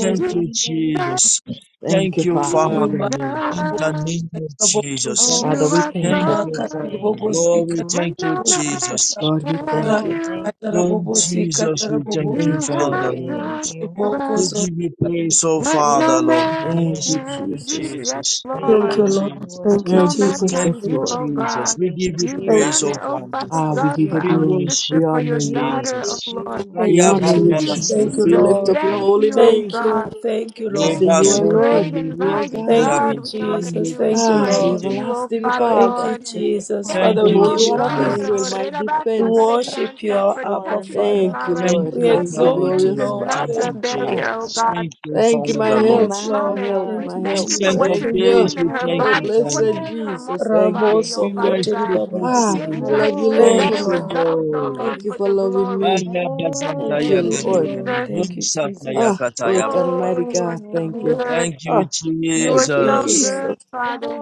Speaker 8: Thank
Speaker 3: Give
Speaker 8: you,
Speaker 1: name.
Speaker 3: us
Speaker 8: Jesus.
Speaker 5: Thank
Speaker 8: Thank
Speaker 5: you,
Speaker 8: you, Father,
Speaker 5: Father.
Speaker 2: rimaka
Speaker 8: Lord, in the
Speaker 3: Jesus.
Speaker 8: name of
Speaker 2: kataraboboza
Speaker 8: Jesus.
Speaker 3: You
Speaker 5: Father, we
Speaker 1: Oh,
Speaker 3: are
Speaker 5: thank
Speaker 8: Thank
Speaker 5: you.
Speaker 3: so
Speaker 8: you,
Speaker 2: rimaka
Speaker 8: Father.
Speaker 3: good.
Speaker 1: thank you.
Speaker 2: tiribobosi
Speaker 8: Lord, we
Speaker 3: What
Speaker 8: thank you,
Speaker 3: no
Speaker 2: katarabobosi
Speaker 3: man
Speaker 8: Jesus.
Speaker 2: kata
Speaker 5: Lord, we
Speaker 3: can
Speaker 5: thank
Speaker 2: rata
Speaker 1: Oh,
Speaker 5: you.
Speaker 3: do.
Speaker 1: thank you.
Speaker 8: Lord
Speaker 2: katarabobosi
Speaker 8: Jesus, we
Speaker 2: katarabobozi
Speaker 8: thank you,
Speaker 3: You
Speaker 5: Thank you,
Speaker 8: Father,
Speaker 3: have
Speaker 5: Lord.
Speaker 1: Thank
Speaker 8: Lord.
Speaker 3: done
Speaker 1: you.
Speaker 3: for
Speaker 8: We
Speaker 3: us
Speaker 2: mokozo
Speaker 8: give you
Speaker 2: ribabasi
Speaker 8: praise, oh
Speaker 3: what no
Speaker 8: Father,
Speaker 1: This
Speaker 8: Lord.
Speaker 1: is
Speaker 8: In the
Speaker 3: man
Speaker 8: name of
Speaker 5: Thank
Speaker 1: you.
Speaker 5: you,
Speaker 3: can
Speaker 5: Jesus.
Speaker 3: do. Yes,
Speaker 8: Jesus. Thank
Speaker 3: Lord.
Speaker 2: Thank
Speaker 8: you,
Speaker 2: you,
Speaker 1: This
Speaker 2: Lord.
Speaker 1: is what
Speaker 8: Jesus.
Speaker 2: Thank
Speaker 1: you
Speaker 2: you,
Speaker 3: No,
Speaker 1: are.
Speaker 5: Thank you,
Speaker 3: not
Speaker 2: Jesus.
Speaker 5: Prince of
Speaker 8: Thank
Speaker 3: times
Speaker 2: Thank
Speaker 8: you,
Speaker 3: you,
Speaker 2: you,
Speaker 5: Lord.
Speaker 3: oh
Speaker 8: Jesus.
Speaker 3: God.
Speaker 8: We
Speaker 1: It
Speaker 8: give
Speaker 1: is
Speaker 8: you
Speaker 3: You've
Speaker 2: Thank
Speaker 8: praise,
Speaker 3: done
Speaker 8: oh
Speaker 2: you,
Speaker 3: it,
Speaker 1: you.
Speaker 3: oh
Speaker 8: Father.
Speaker 3: Father
Speaker 2: Jesus.
Speaker 5: Ah,
Speaker 2: Thank
Speaker 5: we
Speaker 3: God,
Speaker 5: give
Speaker 3: for
Speaker 5: you
Speaker 2: you, Lord.
Speaker 8: We
Speaker 3: our
Speaker 5: glory.
Speaker 3: sister,
Speaker 5: We
Speaker 8: worship
Speaker 3: for your
Speaker 5: honor you.
Speaker 1: It
Speaker 3: daughter, oh
Speaker 1: is
Speaker 8: Jesus.
Speaker 3: Lord.
Speaker 1: you.
Speaker 8: I
Speaker 5: We
Speaker 2: Thank you,
Speaker 8: have
Speaker 5: honor
Speaker 3: Thank
Speaker 5: you,
Speaker 3: you,
Speaker 8: been
Speaker 2: Jesus. Thank
Speaker 5: Jesus.
Speaker 2: you,
Speaker 5: We
Speaker 3: Jesus.
Speaker 5: lift
Speaker 2: Lord.
Speaker 5: up your
Speaker 3: Thank
Speaker 5: holy
Speaker 3: you, oh
Speaker 5: name.
Speaker 2: Thank
Speaker 3: God.
Speaker 2: you. Thank you,
Speaker 5: We say,
Speaker 2: Lord.
Speaker 3: Thank
Speaker 5: You
Speaker 3: you,
Speaker 5: are
Speaker 2: Thank
Speaker 8: Lebazonto
Speaker 2: you.
Speaker 3: great
Speaker 5: Lord.
Speaker 3: and
Speaker 5: You are
Speaker 8: yekete
Speaker 3: mighty
Speaker 5: God.
Speaker 2: Thank you,
Speaker 3: God. We honor
Speaker 8: yabetrande
Speaker 2: Jesus.
Speaker 3: you. We
Speaker 2: Thank you,
Speaker 5: Ah, the
Speaker 2: Lord.
Speaker 3: praise
Speaker 8: disekete
Speaker 3: you, oh
Speaker 5: everlasting
Speaker 3: Father
Speaker 8: yabetai.
Speaker 2: Thank
Speaker 5: Father.
Speaker 2: you,
Speaker 3: Lord.
Speaker 2: Jesus.
Speaker 3: Thank
Speaker 8: Thank
Speaker 2: Father,
Speaker 5: The
Speaker 2: we
Speaker 3: you,
Speaker 8: you,
Speaker 3: oh
Speaker 5: Holy
Speaker 2: give
Speaker 1: Wonderful
Speaker 5: One
Speaker 2: you
Speaker 5: of
Speaker 3: God,
Speaker 1: God.
Speaker 5: Israel,
Speaker 8: Jesus.
Speaker 3: oh
Speaker 2: praise.
Speaker 5: my
Speaker 2: We
Speaker 5: defense.
Speaker 2: worship you,
Speaker 3: Rirabasakaribianta,
Speaker 2: our
Speaker 3: for
Speaker 2: Abba
Speaker 3: touching
Speaker 1: Wonderful
Speaker 2: Father.
Speaker 5: Thank you,
Speaker 3: Tamara
Speaker 1: God.
Speaker 8: Thank
Speaker 5: Lord.
Speaker 2: We
Speaker 8: you,
Speaker 3: because
Speaker 5: Thank you,
Speaker 8: Father.
Speaker 2: exalt
Speaker 3: distance
Speaker 2: you,
Speaker 5: glorious
Speaker 3: is
Speaker 2: Lord.
Speaker 8: Thank
Speaker 3: not a
Speaker 2: Thank
Speaker 8: you,
Speaker 5: Father.
Speaker 2: you.
Speaker 5: Ah,
Speaker 3: barrier,
Speaker 8: Jesus.
Speaker 3: oh God.
Speaker 8: Thank you,
Speaker 5: thank you,
Speaker 8: Father,
Speaker 5: my
Speaker 3: Even
Speaker 8: the
Speaker 3: at this
Speaker 8: Lord.
Speaker 5: help,
Speaker 2: Yes,
Speaker 5: my
Speaker 1: My
Speaker 2: Lord.
Speaker 3: moment,
Speaker 5: help,
Speaker 3: we
Speaker 1: God.
Speaker 2: Thank
Speaker 5: my
Speaker 2: you,
Speaker 3: thank
Speaker 5: help.
Speaker 3: you for
Speaker 8: Ancient
Speaker 2: Jesus.
Speaker 3: what
Speaker 8: of
Speaker 3: you're
Speaker 5: Thank
Speaker 2: Thank
Speaker 8: days,
Speaker 5: you.
Speaker 2: you.
Speaker 3: doing in
Speaker 8: we
Speaker 3: her
Speaker 8: thank
Speaker 5: Oh,
Speaker 8: you,
Speaker 1: Holy
Speaker 3: body,
Speaker 5: blessed
Speaker 8: Father.
Speaker 3: quickening
Speaker 1: forever.
Speaker 3: her
Speaker 5: Jesus.
Speaker 3: mortal
Speaker 5: Thank you.
Speaker 3: body,
Speaker 2: Ramos
Speaker 3: oh
Speaker 8: We
Speaker 3: Father
Speaker 2: Okotiri
Speaker 3: God,
Speaker 8: worship you,
Speaker 5: Ah,
Speaker 2: Babaza.
Speaker 5: I
Speaker 3: giving her
Speaker 5: love you,
Speaker 8: Jesus.
Speaker 3: even
Speaker 2: Thank
Speaker 8: Thank
Speaker 2: you,
Speaker 5: Lord.
Speaker 3: better
Speaker 1: Oh,
Speaker 8: you,
Speaker 2: Lord.
Speaker 3: results, oh
Speaker 8: Lord.
Speaker 3: Lord,
Speaker 5: Thank you
Speaker 3: for
Speaker 5: for
Speaker 3: the
Speaker 2: Thank
Speaker 5: loving
Speaker 3: glory.
Speaker 5: me.
Speaker 1: oh,
Speaker 3: Thank
Speaker 8: Balabazanta
Speaker 5: Thank
Speaker 3: you,
Speaker 5: you,
Speaker 2: you,
Speaker 5: Lord.
Speaker 2: Lord.
Speaker 3: Jesus.
Speaker 8: yagabababa,
Speaker 2: Thank you, Jesus.
Speaker 5: Ah,
Speaker 8: Satayakata
Speaker 1: oh,
Speaker 5: great and
Speaker 8: yababa.
Speaker 3: Oh,
Speaker 5: mighty
Speaker 3: you are
Speaker 5: God,
Speaker 3: so
Speaker 5: thank you.
Speaker 1: oh,
Speaker 3: good.
Speaker 8: Thank you,
Speaker 5: Ah,
Speaker 3: You
Speaker 5: thank
Speaker 3: are
Speaker 5: you,
Speaker 3: so
Speaker 2: Thank you,
Speaker 8: Jesus.
Speaker 2: Lord.
Speaker 3: good,
Speaker 5: Jesus.
Speaker 3: Father.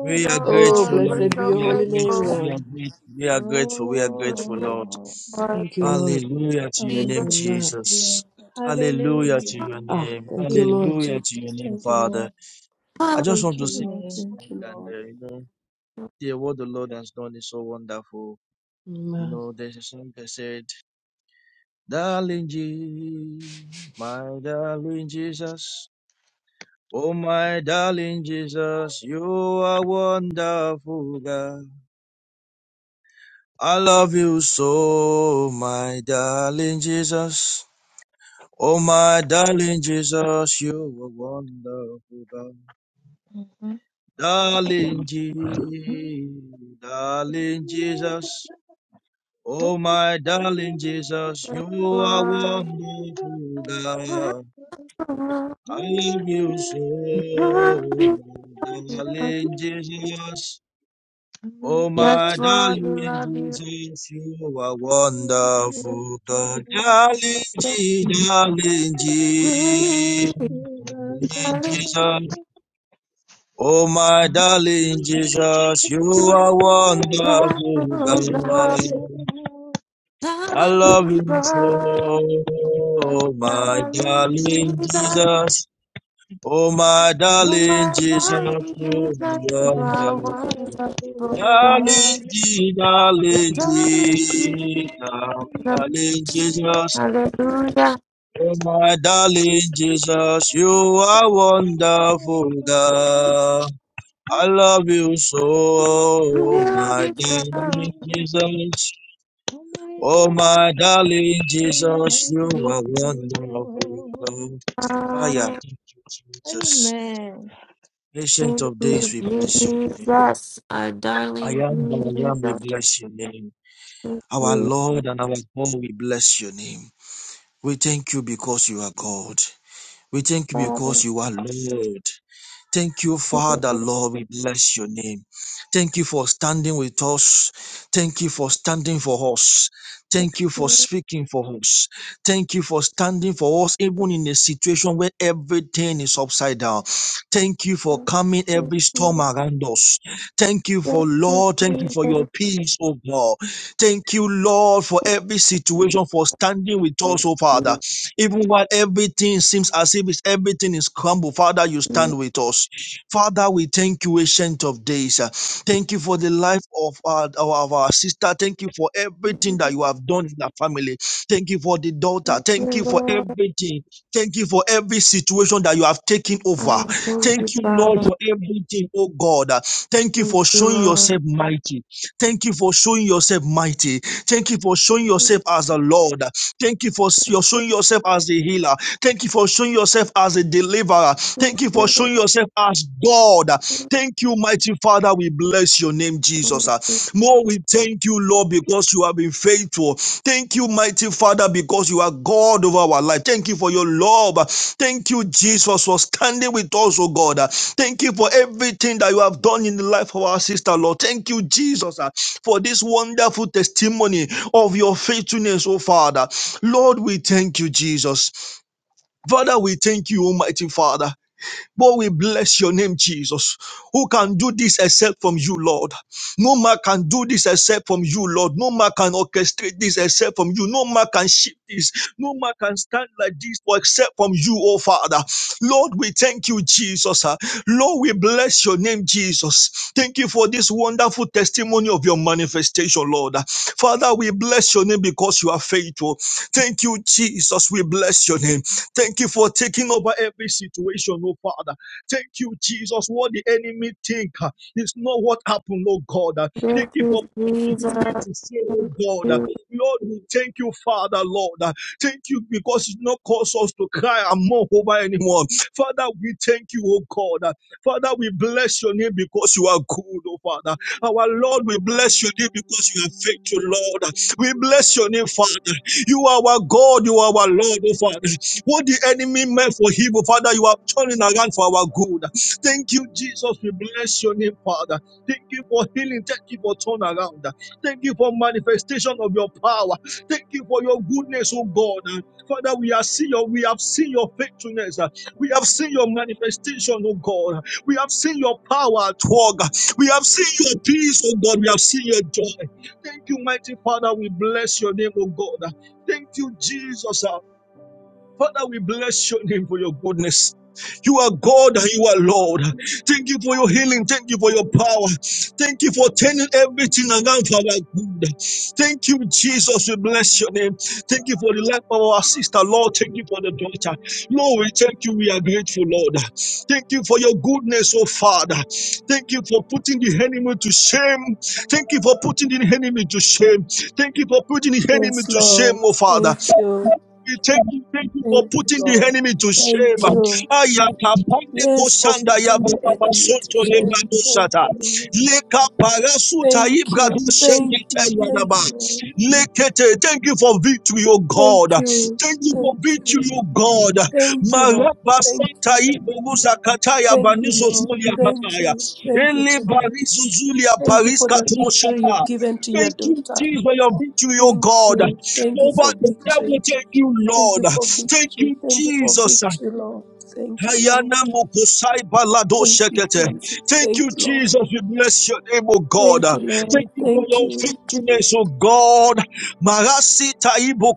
Speaker 8: We are
Speaker 3: Oh
Speaker 5: Oh,
Speaker 2: Thank you,
Speaker 8: grateful,
Speaker 3: Lord, we're
Speaker 5: blessed
Speaker 8: Lord.
Speaker 2: Lord.
Speaker 5: be
Speaker 3: so
Speaker 8: We
Speaker 5: your
Speaker 8: are
Speaker 5: holy name,
Speaker 8: grateful.
Speaker 3: grateful.
Speaker 8: We
Speaker 5: Lord.
Speaker 8: are grateful. We are
Speaker 1: oh.
Speaker 8: grateful. We are
Speaker 3: We're
Speaker 8: grateful,
Speaker 3: grateful.
Speaker 8: Lord.
Speaker 5: Thank you,
Speaker 3: Thank
Speaker 5: Lord.
Speaker 8: Hallelujah to your
Speaker 3: you,
Speaker 2: Ramos
Speaker 8: name,
Speaker 3: Jesus.
Speaker 5: Amen.
Speaker 2: Okotiri
Speaker 8: Jesus. Hallelujah to
Speaker 2: Babaza.
Speaker 1: Hallelujah.
Speaker 8: your
Speaker 5: Ah,
Speaker 8: name.
Speaker 5: thank you,
Speaker 2: Thank you,
Speaker 5: Lord.
Speaker 8: Hallelujah to your
Speaker 2: Jesus.
Speaker 8: name,
Speaker 2: Thank you,
Speaker 8: Father.
Speaker 2: Lord.
Speaker 8: I
Speaker 3: Oh,
Speaker 8: just want
Speaker 2: Thank you,
Speaker 8: to sing
Speaker 2: Lord.
Speaker 8: this song
Speaker 2: Thank you,
Speaker 8: and
Speaker 2: Lord.
Speaker 8: uh, you know, dear, what the Lord has done is so wonderful. You
Speaker 5: Amen.
Speaker 8: know, there's a song that said, "Darling Jesus, my darling Jesus, oh my darling Jesus, you are wonderful God." I love you so, my darling Jesus. Oh, my darling Jesus, you are wonderful God. Darling Jesus, darling Jesus. Oh, my darling Jesus,
Speaker 3: yes,
Speaker 8: you are
Speaker 3: Lord.
Speaker 8: wonderful
Speaker 3: Yes,
Speaker 1: Hey.
Speaker 8: God.
Speaker 3: Lord.
Speaker 8: I love you so,
Speaker 3: Love you.
Speaker 8: my
Speaker 3: so much.
Speaker 8: darling Jesus. Oh, my
Speaker 3: Yes, Lord, we
Speaker 8: darling
Speaker 3: love you.
Speaker 8: Jesus, you are wonderful. God, darling
Speaker 3: No,
Speaker 8: G, darling G,
Speaker 3: my darling Jesus,
Speaker 8: darling Jesus. Oh, my darling Jesus, you
Speaker 3: you
Speaker 8: are
Speaker 3: are
Speaker 8: wonderful.
Speaker 3: wonderful
Speaker 8: God, I love you so. Oh, my darling Jesus. Oh, my darling Jesus, you are wonderful.
Speaker 3: God.
Speaker 8: Darling, darling,
Speaker 3: Darling Jesus,
Speaker 8: darling Jesus.
Speaker 1: Thank you.
Speaker 3: hallelujah.
Speaker 8: Oh, my darling Jesus, you are wonderful God. I love you
Speaker 3: We
Speaker 8: so,
Speaker 3: love
Speaker 8: my
Speaker 3: you, so.
Speaker 8: darling Jesus. Oh, my darling Jesus, you
Speaker 3: You
Speaker 8: are wonderful God. I am
Speaker 3: are
Speaker 8: thank you, Jesus.
Speaker 1: Amen.
Speaker 8: Ancient
Speaker 3: thank
Speaker 8: of days,
Speaker 3: you,
Speaker 8: we bless you.
Speaker 3: Jesus, our
Speaker 8: I
Speaker 3: darling
Speaker 8: am the I am, we
Speaker 3: Jesus.
Speaker 8: bless your name.
Speaker 3: Thank
Speaker 8: Our
Speaker 3: you,
Speaker 8: Lord and our God, we bless your name. We thank you because you are God. We thank you because
Speaker 3: Father.
Speaker 8: you are Lord. Thank you, Father, Lord. We bless your name. Thank you for standing with us. Thank you for standing for us. Thank you for speaking for us. Thank you for standing for us, even in a situation where everything is upside down. Thank you for calming
Speaker 3: Thank
Speaker 8: every storm
Speaker 3: you,
Speaker 8: around us. Thank you
Speaker 3: thank
Speaker 8: for,
Speaker 3: you,
Speaker 8: Lord. Thank you for your
Speaker 3: Jesus.
Speaker 8: peace, oh God. Thank you, Lord, for every situation, for standing with
Speaker 3: Thank
Speaker 8: us, oh Father.
Speaker 3: you,
Speaker 8: Even while everything seems as if it's, everything is crumbled, Father, you
Speaker 3: Jesus.
Speaker 8: stand with us. Father, we thank you, Ancient of Days. Uh, Thank you for the life of our, our of our sister. Thank you for everything that you have done in her family. Thank you for the daughter.
Speaker 3: Thank you,
Speaker 8: Thank you for
Speaker 3: Lord.
Speaker 8: everything. Thank you for every situation that you have taken over.
Speaker 3: Um, thank you,
Speaker 8: Thank you, Lord,
Speaker 3: Father. Thank
Speaker 8: for everything, oh God. Uh, Thank you for
Speaker 3: you,
Speaker 8: showing
Speaker 3: Lord.
Speaker 8: yourself mighty. Thank you for showing yourself mighty. Thank you for showing yourself as a Lord. Thank you for your showing yourself as a healer. Thank you for showing yourself as a deliverer.
Speaker 3: Thank
Speaker 8: Thank you for
Speaker 3: you,
Speaker 8: showing yourself as God. Thank you, mighty Father. We bless your name, Jesus.
Speaker 3: Thank
Speaker 8: Ah, More, we thank you, Lord, because you have been faithful. Thank you, mighty Father, because you are God over our life. Thank you for your love. Thank you, Jesus, for standing with us, oh God. Ah, Thank you for everything that you have done in the life of our sister, Lord. Thank you, Jesus, ah, for this wonderful testimony of your faithfulness, oh Father. Lord, we thank you, Jesus. Father, we thank you, Almighty Father. But we bless your name, Jesus. Who can do this except from you, Lord? No man can do this except from you, Lord. No man can orchestrate this except from you. No man can shift this. No man can stand like this or except from you, oh Father. Lord, we thank you, Jesus. ah. Lord, we bless your name, Jesus. Thank you for this wonderful testimony of your manifestation, Lord. Ah, Father, we bless your name because you are faithful. Thank you, Jesus. We bless your name. Thank you for taking over every situation, oh Father. Thank you, Jesus. What the enemy think uh, is not what happened, oh God. Uh, Thank you for
Speaker 3: you,
Speaker 8: being here to say, oh
Speaker 3: Thank
Speaker 8: God, uh,
Speaker 3: you,
Speaker 8: Lord, we thank you, Father, Lord. Uh, Thank you because it's not cause us to cry and mourn over anyone. Father, we thank you, oh God. Uh, Father, we bless your name because you are good, oh Father. Our Lord, we bless your name because you are faithful, Lord. We bless your name, Father. You are our God, you are our Lord, oh Father. What the enemy meant for evil, Father, you are turning around for our good. Thank you, Jesus. We bless your name, Father. Thank you for healing. Thank you for turnaround. Thank you for manifestation of your power. Thank you for your goodness, oh God. Father, we have seen your we have seen your faithfulness. We have seen your manifestation, oh God. We have seen your power at work. We have seen your peace, oh God. We have seen your joy. Thank you, mighty Father. We bless your name, oh God. Thank you, Jesus. Father, we bless your name for your goodness. You are God and you are Lord. Thank you for your healing. Thank you for your power. Thank you for turning everything around for our good. Thank you, Jesus. We bless your name. Thank you for the life of our sister, Lord. Thank you for the daughter. Lord, we thank you. We are grateful, Lord. Thank you for your goodness, oh Father. Thank you for putting the enemy to shame. Thank you for putting the enemy to shame. Thank you for putting the enemy
Speaker 2: Yes,
Speaker 8: to shame,
Speaker 2: Lord.
Speaker 8: oh Father.
Speaker 2: Thank you.
Speaker 8: We thank you, thank you for
Speaker 2: Thank you,
Speaker 8: putting the
Speaker 2: Lord.
Speaker 8: enemy to shame.
Speaker 2: Thank you.
Speaker 8: Ayakapande
Speaker 2: Yes, for
Speaker 8: kosanda ya
Speaker 2: putting the
Speaker 8: baba
Speaker 2: enemy to
Speaker 8: soto le
Speaker 2: shame.
Speaker 8: babo
Speaker 2: Thank
Speaker 8: sata.
Speaker 2: you, Lord.
Speaker 8: Leka parasuta
Speaker 2: Thank
Speaker 8: ibra
Speaker 2: you.
Speaker 8: do
Speaker 2: Thank you.
Speaker 8: shekete ya
Speaker 2: Thank
Speaker 8: daba.
Speaker 2: you, Lord.
Speaker 8: Lekete. Thank you for victory, O
Speaker 2: Thank
Speaker 8: God.
Speaker 2: you.
Speaker 8: Thank you for
Speaker 2: Thank
Speaker 8: victory,
Speaker 2: you.
Speaker 8: O God.
Speaker 2: Thank you, Lord.
Speaker 8: Maraba
Speaker 2: Thank
Speaker 8: sata
Speaker 2: you.
Speaker 8: ibogusa kataya
Speaker 2: Thank you,
Speaker 8: banizo
Speaker 2: Lord.
Speaker 8: zulia
Speaker 2: Thank
Speaker 8: bataya.
Speaker 2: you. Thank you,
Speaker 8: Ele
Speaker 2: Papa.
Speaker 8: barizo zulia
Speaker 2: Thank you
Speaker 8: paris
Speaker 2: for the
Speaker 8: katumo
Speaker 2: victory you've
Speaker 8: shata.
Speaker 2: given to your
Speaker 8: Thank you,
Speaker 2: daughter.
Speaker 8: Jesus, for your victory, O
Speaker 2: Thank
Speaker 8: God
Speaker 2: you. Thank you
Speaker 8: over
Speaker 2: for
Speaker 8: the devil.
Speaker 2: victory.
Speaker 8: Thank you,
Speaker 2: Thank you
Speaker 8: Lord.
Speaker 2: for
Speaker 8: Thank
Speaker 2: victory.
Speaker 8: you,
Speaker 2: Thank you for
Speaker 8: Jesus.
Speaker 2: victory, Lord. Thank you, Lord.
Speaker 8: Ayana mokosai balado
Speaker 2: Thank you,
Speaker 8: shekete.
Speaker 2: Jesus.
Speaker 8: Thank
Speaker 2: Thank
Speaker 8: you,
Speaker 2: you, Lord.
Speaker 8: Jesus. We bless your name, O God.
Speaker 2: Thank you, Lord.
Speaker 8: Thank you for
Speaker 2: Thank
Speaker 8: your
Speaker 2: you. Thank
Speaker 8: faithfulness, O God. Marasi taibo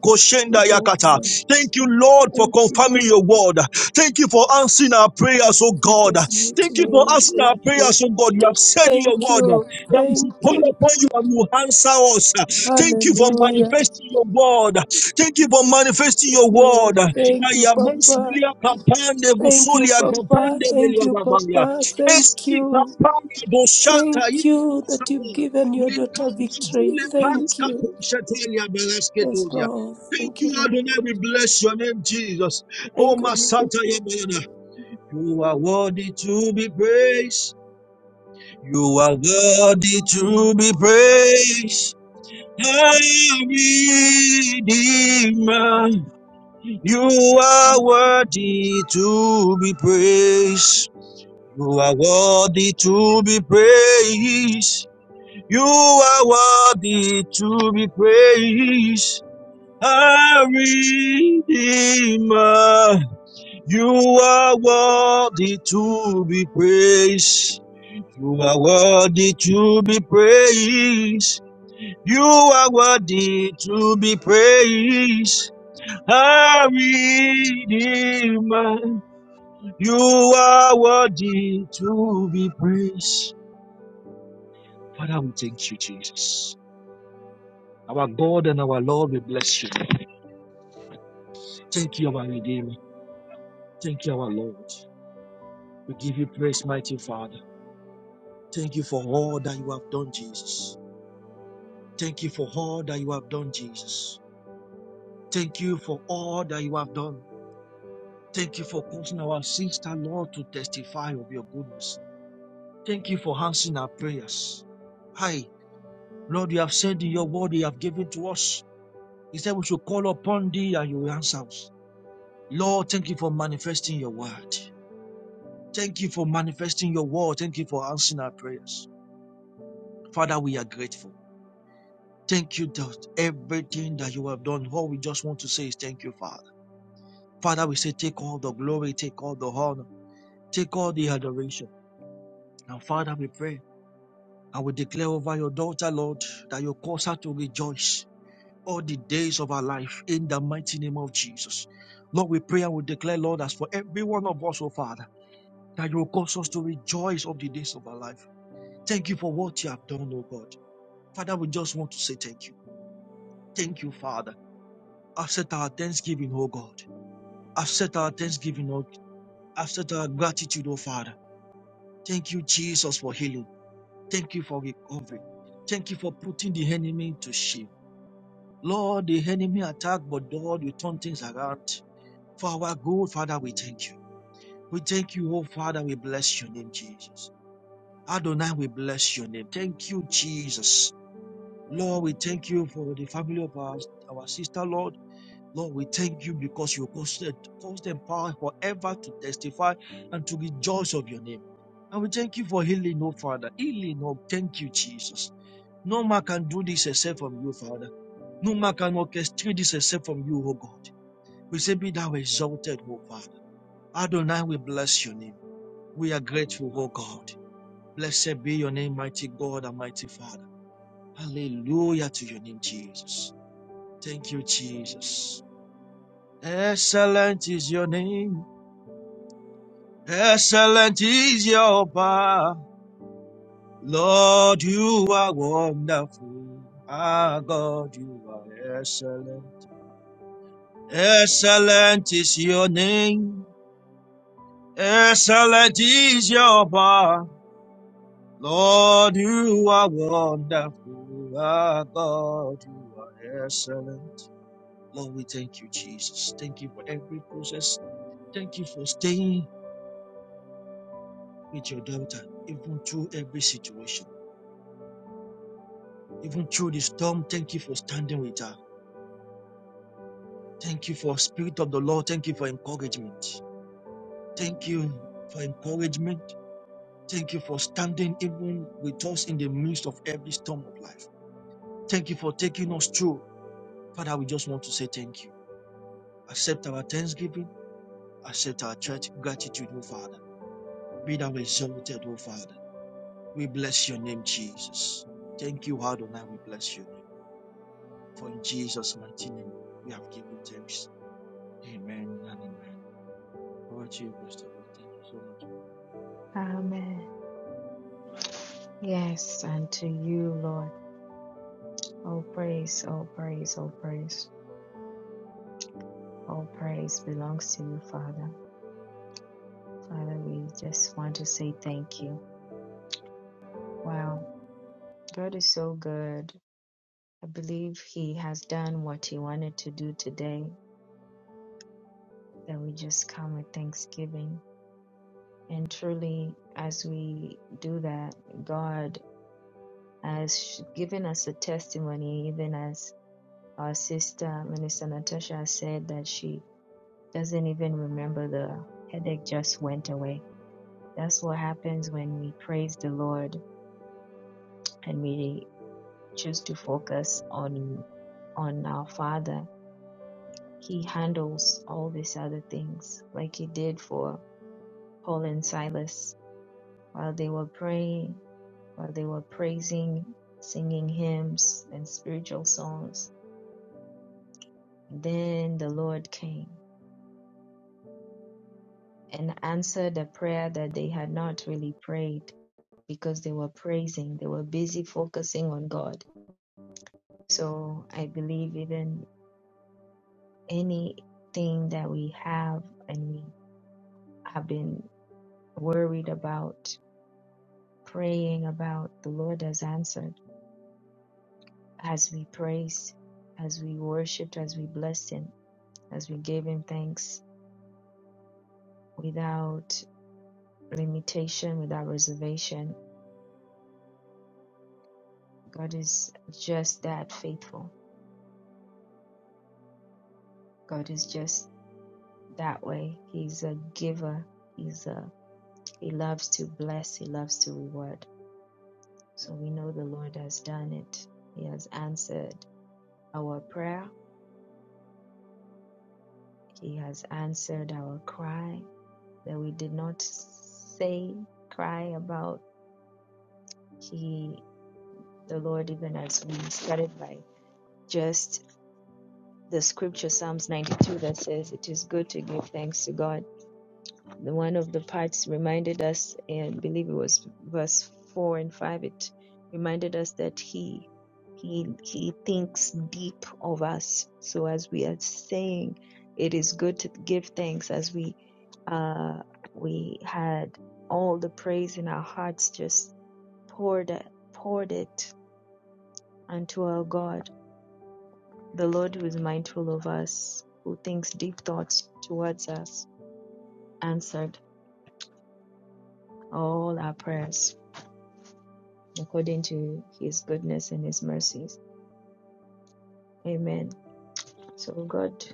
Speaker 2: you,
Speaker 8: koshenda yakata.
Speaker 2: Bosa.
Speaker 8: Thank you, Lord, for
Speaker 2: Thank you,
Speaker 8: confirming your word. Thank you for answering our prayers, O God.
Speaker 2: Jesus. Mighty
Speaker 8: Thank you for
Speaker 2: name.
Speaker 8: answering
Speaker 2: Thank
Speaker 8: our
Speaker 2: you.
Speaker 8: prayers, O God. You have said in your
Speaker 2: Thank
Speaker 8: word
Speaker 2: you.
Speaker 8: that we should
Speaker 2: Thank
Speaker 8: call
Speaker 2: you.
Speaker 8: upon you and you answer us. Thank you for
Speaker 2: Hallelujah.
Speaker 8: manifesting your word. Thank you for manifesting your
Speaker 2: Jesus' name.
Speaker 8: word.
Speaker 2: Thank you, Papa.
Speaker 8: Ayamansilia kapande
Speaker 2: Thank you,
Speaker 8: busulia
Speaker 2: Papa.
Speaker 8: kapande
Speaker 2: Thank
Speaker 8: belia
Speaker 2: you,
Speaker 8: babaya.
Speaker 2: Papa. Thank
Speaker 8: Esti
Speaker 2: you.
Speaker 8: kapande boshata
Speaker 2: Thank you that you've
Speaker 8: ibisata.
Speaker 2: given your daughter victory.
Speaker 8: Yekabazule
Speaker 2: Thank
Speaker 8: panska
Speaker 2: you.
Speaker 8: kushetelia
Speaker 2: Yes,
Speaker 8: belesketosia.
Speaker 2: Lord.
Speaker 8: Thank
Speaker 2: Thank you,
Speaker 8: you,
Speaker 2: Lord.
Speaker 8: Adonai. We bless your name, Jesus. Oh,
Speaker 2: Thank you,
Speaker 8: Masata Yabana. You are worthy to be praised. You are worthy to be praised. Our Redeemer. You are worthy to be praised. You are worthy to be praised. You are worthy to be praised. Our Redeemer, you are worthy to be praised. You are worthy to be praised. You are worthy to be praised. Our Redeemer. You are worthy to be praised. Father, we thank you, Jesus. Our God and our Lord, we bless you. Thank you, our Redeemer. Thank you, our Lord. We give you praise, mighty Father. Thank you for all that you have done, Jesus. Thank you for all that you have done, Jesus. Thank you for all that you have done. Thank you for causing our sister, Lord, to testify of your goodness. Thank you for answering our prayers. Hi, Lord, you have said in your word you have given to us. He said, We should call upon thee and you will answer us. Lord, thank you for manifesting your word. Thank you for manifesting your word. Thank you for answering our prayers. Father, we are grateful. Thank you, God. Everything that you have done, all we just want to say is thank you, Father. Father, we say, take all the glory, take all the honor, take all the adoration. And Father, we pray. I will declare over your daughter, Lord, that you cause her to rejoice all the days of her life in the mighty name of Jesus. Lord, we pray and we declare, Lord, as for every one of us, oh Father. that you will cause us to rejoice of the days of our life. Thank you for what you have done, O God. Father, we just want to say thank you. Thank you, Father. Accept our thanksgiving, O God. Accept our thanksgiving, O God. Accept our gratitude, O Father. Thank you, Jesus, for healing. Thank you for recovery. Thank you for putting the enemy to shame. Lord, the enemy attacked, but Lord, you turn things around. For our good, Father, we thank you. We thank you, O Father. We bless your name, Jesus. Adonai, we bless your name. Thank you, Jesus. Lord, we thank you for the family of our, our sister, Lord. Lord, we thank you because you caused them, caused them power forever to testify and to rejoice of your name. And we thank you for healing, oh Father. Healing, oh, thank you, Jesus. No man can do this except from you, Father. No man can orchestrate this except from you, O God. We say, Be thou exalted, O Father. Adonai, we bless your name. We are grateful, O God. Blessed be your name, mighty God and mighty Father. Hallelujah to your name, Jesus. Thank you, Jesus. Excellent is your name. Excellent is your power. Lord, you are wonderful. Our God, you are excellent. Excellent is your name. Excellent is your power. Lord, you are wonderful. Our God, you are excellent. Lord, we thank you, Jesus. Thank you for every process. Thank you for staying with your daughter, even through every situation, even through the storm. Thank you for standing with her. Thank you for Spirit of the Lord. Thank you for encouragement. Thank you for encouragement. Thank you for standing even with us in the midst of every storm of life. Thank you for taking us through. Father, we just want to say thank you. Accept our thanksgiving. Accept our church gratitude, O Father. Be thou exalted, O Father. We bless your name, Jesus. Thank you, Adonai. We bless your name. For in Jesus' mighty name, we have given thanks. Amen and amen. Over to you, Pastor. Bill. Thank you so much.
Speaker 1: Amen. Yes, and to you, Lord. All praise, all praise, all praise, all praise belongs to you, Father. Father, we just want to say thank you. Wow, God is so good. I believe He has done what He wanted to do today, that we just come with thanksgiving. And truly, as we do that, God has given us a testimony, even as our sister, Minister Natasha, has said that she doesn't even remember the headache just went away. That's what happens when we praise the Lord and we choose to focus on on our Father. He handles all these other things like He did for Paul and Silas while they were praying, while they were praising, singing hymns and spiritual songs. Then the Lord came and answered a prayer that they had not really prayed because they were praising, they were busy focusing on God. So I believe even anything that we have and we have been worried about, praying about, the Lord has answered as we praised, as we worshiped, as we blessed Him, as we gave Him thanks without limitation, without reservation. God is just that faithful. God is just that way. He's a giver. He's a He loves to bless. He loves to reward. So we know the Lord has done it. He has answered our prayer. He has answered our cry that we did not say cry about. He the Lord, even as we started by just the scripture, Psalms 92, that says, It is good to give thanks to God. The one of the parts reminded us, and I believe it was verse 4 and 5, it reminded us that He he, he thinks deep of us. So as we are saying, it is good to give thanks. As we uh, we had all the praise in our hearts, just poured poured it unto our God The Lord who is mindful of us, who thinks deep thoughts to us, answered all our prayers according to his goodness and his mercies. Amen. So God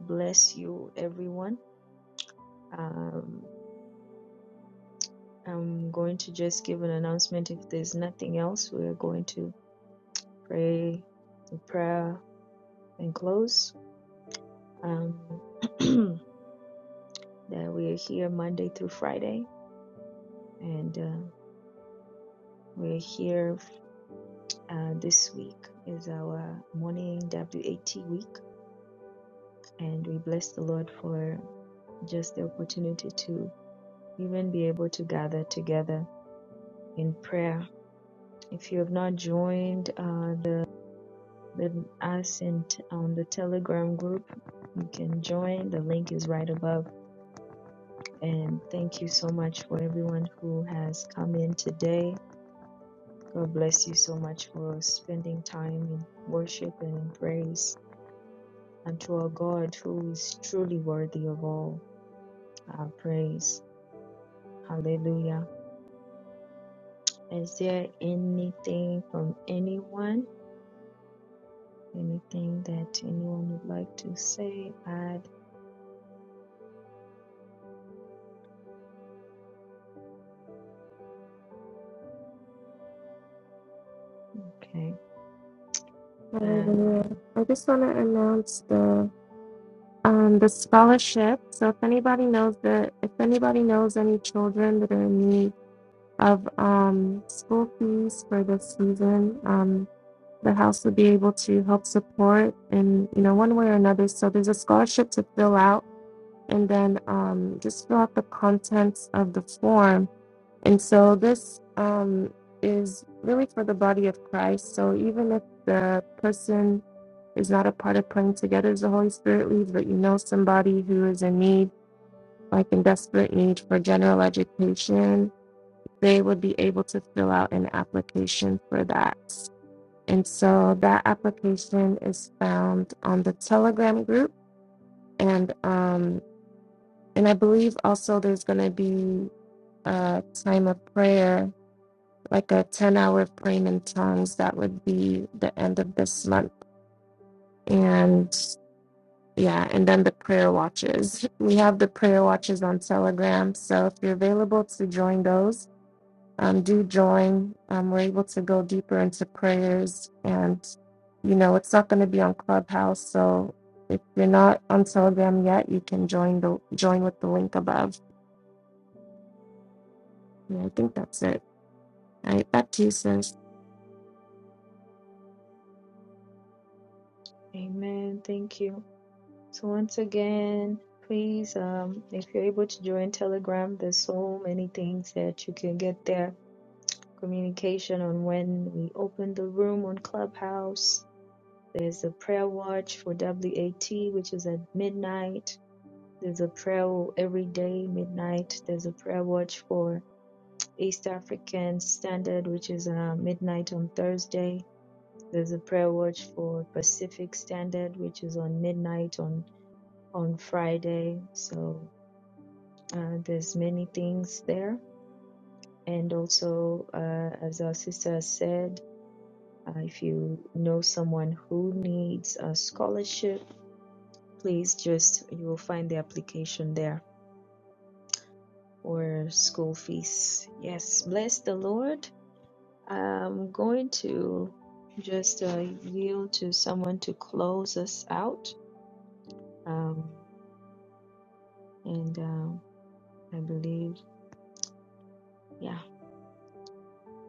Speaker 1: bless you everyone. Um, I'm going to just give an announcement. If there's nothing else, we're going to pray the prayer and close. Um, that we are here Monday through Friday, and uh, we're here Uh, this week is our morning WAT week, and we bless the Lord for just the opportunity to even be able to gather. And If you have not joined the group love and for everyone, today, God bless you so much for spending in worship and in praise unto our God who is truly worthy of all our praise. Hallelujah. Is there anything from anyone? Anything that anyone would like to say, add? Okay. um,
Speaker 3: I just want to announce the um the scholarship. So if anybody knows that, if anybody knows any children that are in need of um school fees for this season, um the house would be able to help support in you know one way or another so there's a scholarship to fill out and then um, just fill out the contents of the form and so this um, is really for the body of christ so even if the person is not a part of praying together as the holy spirit leads but you know somebody who is in need like in desperate need for general education they would be able to fill out an application for that and so that application is found on the Telegram group, and um, and I believe also there's going to be a time of prayer, like a ten-hour praying in tongues. That would be the end of this month, and yeah, and then the prayer watches. We have the prayer watches on Telegram, so if you're available to join those, um, do join. Um, we're able to go deeper into prayers, and you know it's not going to be on Clubhouse. So if you're not on Telegram yet, you can join the join with the link above. And I think that's it. All right, back to you, sis.
Speaker 1: AT, which is at midnight. There's a prayer every day, midnight. There's a prayer watch for East African Standard, which is uh, midnight on Thursday. There's a prayer watch for Pacific Standard, which is on midnight on on Friday. So uh, there's many things there, and also uh, as our sister has said, uh, if you know someone who needs a scholarship please just you will find the application there for school fees yes bless the lord i'm going to just uh, yield to someone to close us out um, and um, i believe yeah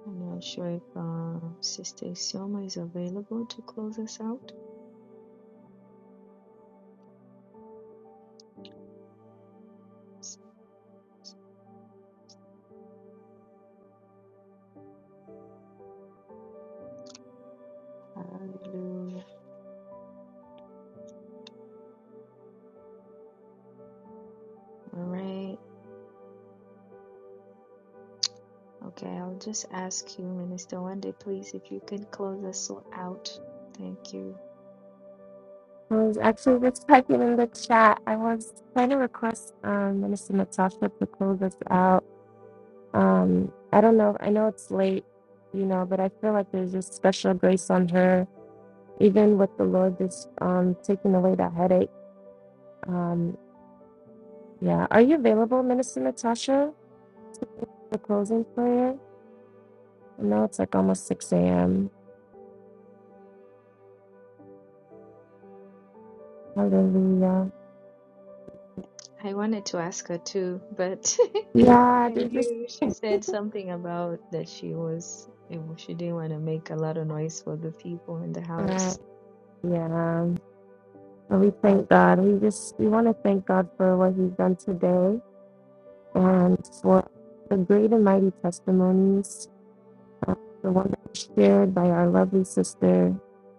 Speaker 1: i'm not sure if uh, sister Sioma is available to close us out hallelujah all right okay i'll just ask you minister one please if you can close us all out thank you
Speaker 3: I was actually just typing in the chat. I was trying to request um, Minister Natasha to close us out. Um, I don't know. I know it's late, you know, but I feel like there's just special grace on her even with the Lord just um, taking away that headache Um, yeah. Are you available, Minister Natasha, for closing prayer? I know it's like almost 6 a.m. Hallelujah.
Speaker 1: I wanted to ask her too, but
Speaker 3: Yeah,
Speaker 1: I
Speaker 3: they just,
Speaker 1: knew she said something about that she was she didn't want to make a lot of noise for the people in the
Speaker 3: uh,
Speaker 1: house.
Speaker 3: yeah. But we thank God. We just, we want to thank God for what He's done today and for the great and mighty testimonies, uh, the one that was shared by our lovely sister,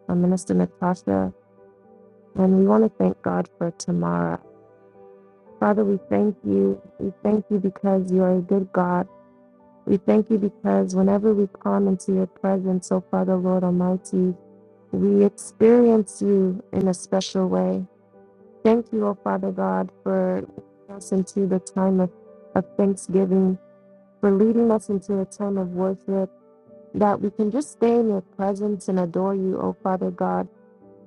Speaker 3: uh, Minister Natasha. And we want to thank God for Tamara. Father, we thank you. We thank you because you are a good God. We thank you because whenever we come into your presence, oh Father, Lord Almighty, we experience you in a special way. Thank you, oh Father God, for leading us into the time of, of thanksgiving, for leading us into a time of worship, that we can just stay in your presence and adore you, oh Father God.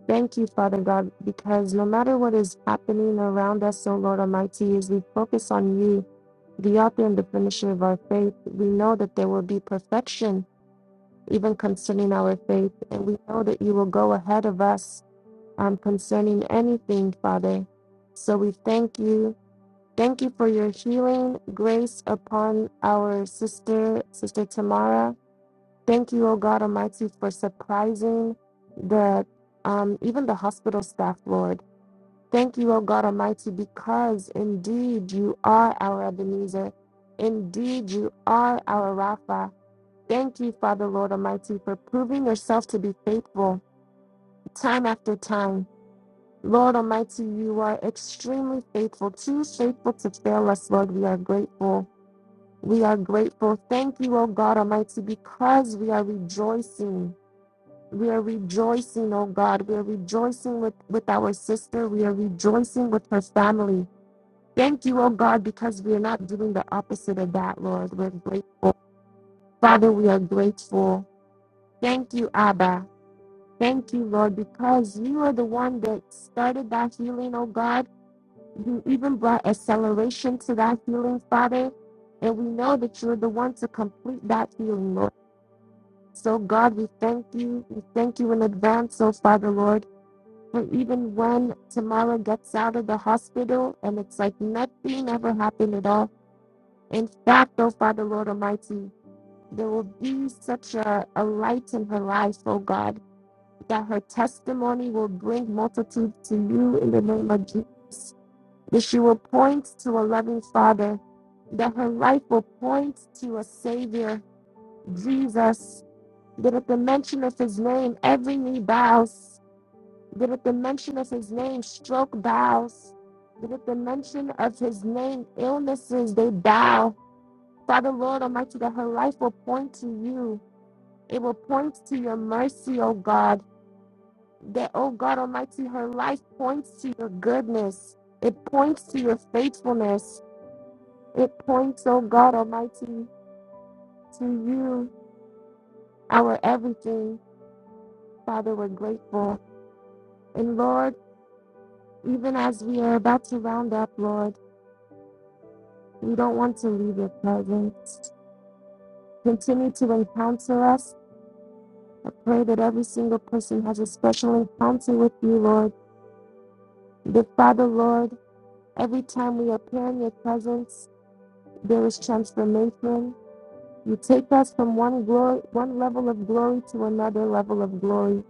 Speaker 3: Thank you, Father God, because no matter what is happening around us, oh Lord Almighty, as we focus on you, the author and the finisher of our faith, we know that there will be perfection even concerning our faith. And we know that you will go ahead of us um, concerning anything, Father. So we thank you. Thank you for your healing grace upon our sister, Sister Tamara. Thank you, O God Almighty, for surprising the um, even the hospital staff, Lord. Thank you, O God Almighty, because indeed you are our Ebenezer. Indeed, you are our Rapha. Thank you, Father, Lord Almighty, for proving yourself to be faithful time after time. Lord Almighty, you are extremely faithful, too faithful to fail us, Lord. We are grateful. We are grateful. Thank you, O God Almighty, because we are rejoicing. We are rejoicing, O God. We are rejoicing with, with our sister. We are rejoicing with her family. Thank you, O God, because we are not doing the opposite of that, Lord. We're grateful. Father, we are grateful. Thank you, Abba. Thank you, Lord, because you are the one that started that healing, oh God. You even brought acceleration to that healing, Father. And we know that you're the one to complete that healing, Lord. So, God, we thank you. We thank you in advance, oh Father, Lord, for even when Tamara gets out of the hospital and it's like nothing ever happened at all. In fact, oh Father, Lord Almighty, there will be such a, a light in her life, oh God that her testimony will bring multitudes to you in the name of Jesus, that she will point to a loving Father, that her life will point to a Savior, Jesus, that at the mention of his name, every knee bows, that at the mention of his name, stroke bows, that at the mention of his name, illnesses, they bow. Father, Lord Almighty, that her life will point to you. It will point to your mercy, O God. that, oh God Almighty, her life points to your goodness. It points to your faithfulness. It points, oh God Almighty, to you, our everything. Father, we're grateful. And Lord, even as we are about to round up, Lord, we don't want to leave your presence. Continue to encounter us. I pray that every single person has a special encounter with you, Lord. That Father, Lord, every time we appear in your presence, there is transformation You take us from one glory, one level of glory to another level of glory.